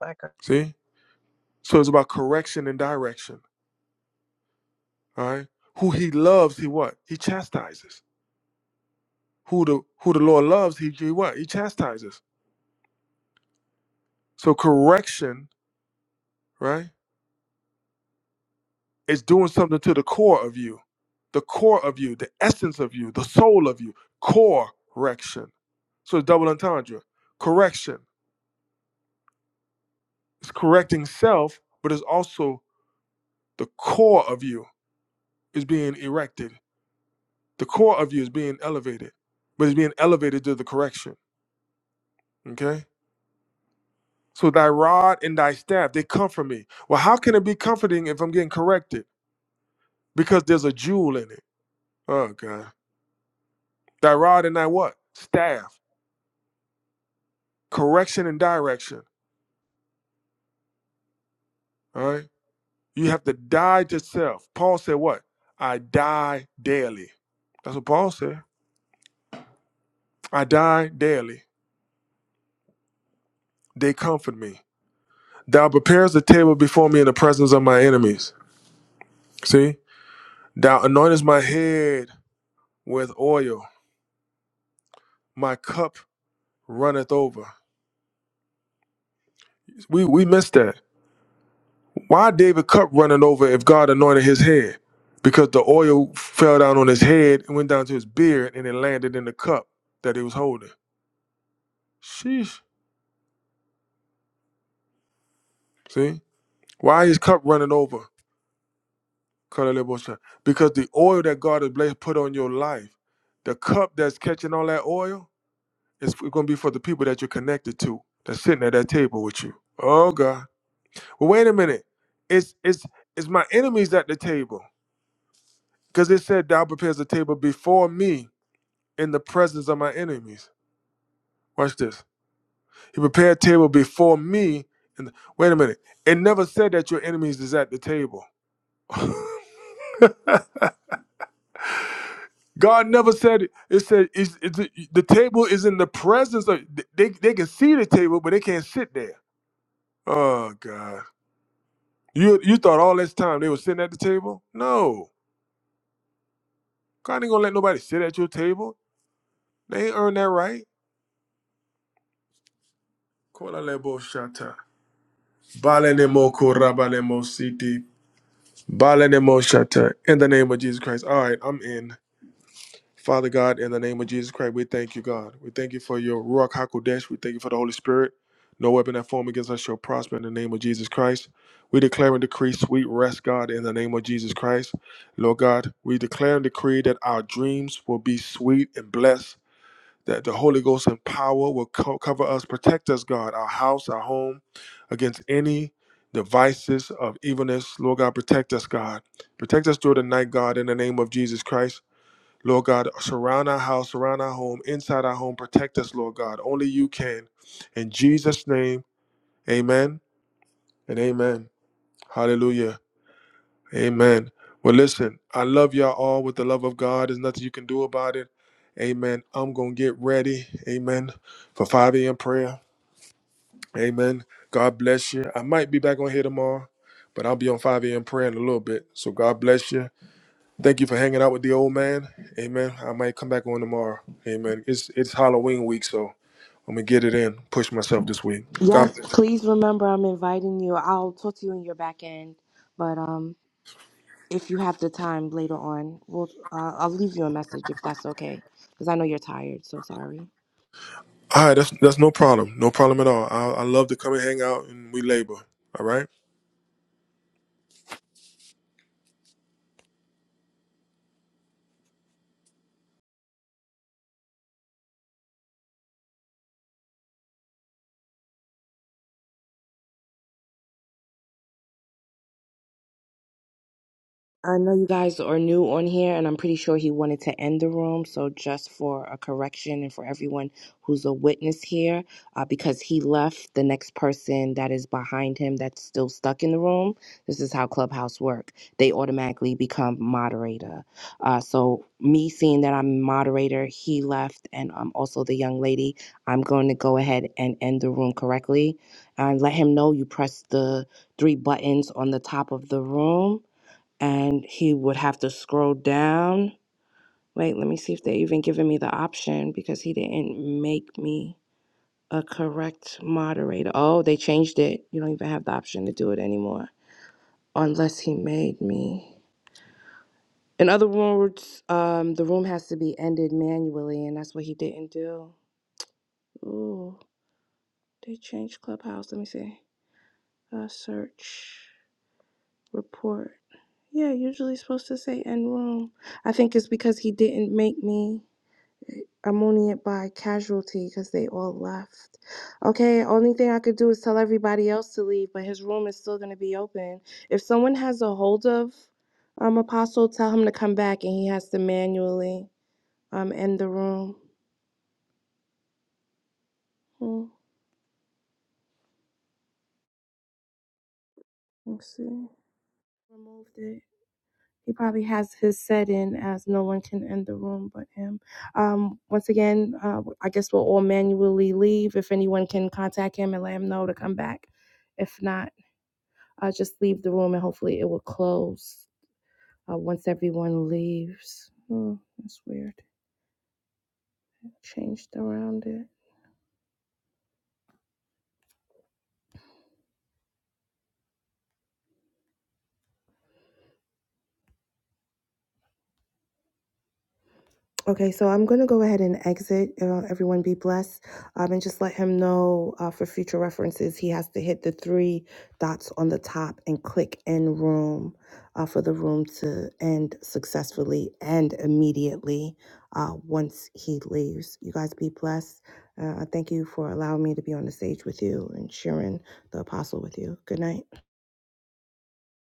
My God. See? So it's about correction and direction. All right. Who he loves, he what? He chastises. who the who the Lord loves, he, he what? He chastises. So correction, right, is doing something to the core of you, the core of you, the essence of you, the soul of you. Correction. So it's double entendre. Correction. It's correcting self, but it's also the core of you is being erected. The core of you is being elevated, but it's being elevated to the correction. Okay. So thy rod and thy staff, they comfort me. Well, how can it be comforting if I'm getting corrected? because there's a jewel in it. Oh God. Thy rod and thy what? Staff. Correction and direction. All right. You have to die to self. Paul said what? I die daily. That's what Paul said. I die daily. They comfort me. Thou preparest a table before me in the presence of my enemies. See? Thou anointest my head with oil. My cup runneth over. We we missed that. Why David cup running over if God anointed his head? Because the oil fell down on his head and went down to his beard and it landed in the cup that he was holding. Sheesh. See? Why his cup running over? Kalalebosha. Because the oil that God has blessed put on your life, the cup that's catching all that oil, is going to be for the people that you're connected to, that's sitting at that table with you. Oh God. Well, wait a minute. It's it's it's my enemies at the table. Because it said thou prepares the table before me in the presence of my enemies. Watch this. He prepared a table before me. And wait a minute. It never said that your enemies is at the table. God never said it. It said it's, it's, the table is in the presence of. They they can see the table, but they can't sit there. Oh God. You you thought all this time they were sitting at the table? No. God ain't gonna let nobody sit at your table. They ain't earned that right. Kola lebo shata. Bale nemo koraba lemo siti Balanemoshata, in the name of Jesus Christ. All right, I'm in. Father God, in the name of Jesus Christ, we thank you, God. We thank you for your Ruach HaKodesh. We thank you for the Holy Spirit. No weapon that form against us shall prosper in the name of Jesus Christ. We declare and decree sweet rest, God, in the name of Jesus Christ. Lord God, we declare and decree that our dreams will be sweet and blessed that the Holy Ghost and power will co- cover us, protect us, God, our house, our home, against any devices of evilness. Lord God, protect us, God. Protect us through the night, God, in the name of Jesus Christ. Lord God, surround our house, surround our home, inside our home. Protect us, Lord God. Only you can. In Jesus' name, amen and amen. Hallelujah. Amen. Well, listen, I love y'all all with the love of God. There's nothing you can do about it. Amen. I'm going to get ready. Amen. For 5 a.m. prayer. Amen. God bless you. I might be back on here tomorrow, but I'll be on 5 a.m. prayer in a little bit. So God bless you. Thank you for hanging out with the old man. Amen. I might come back on tomorrow. Amen. It's it's Halloween week, so I'm gonna get it in. Push myself this week. God Yes, bless. please remember I'm inviting you. I'll talk to you in your back end, but um. if you have the time later on, we'll uh, I'll leave you a message if that's okay, because I know you're tired. So sorry. All right, that's that's no problem. No problem at all. I, I love to come and hang out and we labor. All right. I know you guys are new on here, and I'm pretty sure he wanted to end the room. So, just for a correction and for everyone who's a witness here, uh, because he left, the next person that is behind him that's still stuck in the room, this is how Clubhouse work. They automatically become moderator. Uh, so, me seeing that I'm moderator, he left, and I'm also the young lady. I'm going to go ahead and end the room correctly, and let him know you press the three buttons on the top of the room and he would have to scroll down. Wait, let me see if they even giving me the option because he didn't make me a correct moderator. Oh, they changed it. You don't even have the option to do it anymore unless he made me. In other words, um, the room has to be ended manually, and that's what he didn't do. Ooh, they changed Clubhouse. Let me see. Uh, search report. Yeah, usually it's supposed to say end room. I think it's because he didn't make me. I'm only by casualty because they all left. Okay, only thing I could do is tell everybody else to leave, but his room is still going to be open. If someone has a hold of um, Apostle, tell him to come back and he has to manually um, end the room. Hmm, let's see. Removed it. He probably has his set in as no one can end the room but him. Um, once again, uh, I guess we'll all manually leave. If anyone can contact him and let him know to come back. If not, I'll just leave the room and hopefully it will close uh, once everyone leaves. Hmm, that's weird. Changed around it. Okay, so I'm going to go ahead and exit. Uh, everyone be blessed. Um, and just let him know uh, for future references, he has to hit the three dots on the top and click end room uh, for the room to end successfully and immediately uh, once he leaves. You guys be blessed. Uh, I thank you for allowing me to be on the stage with you and sharing the apostle with you. Good night.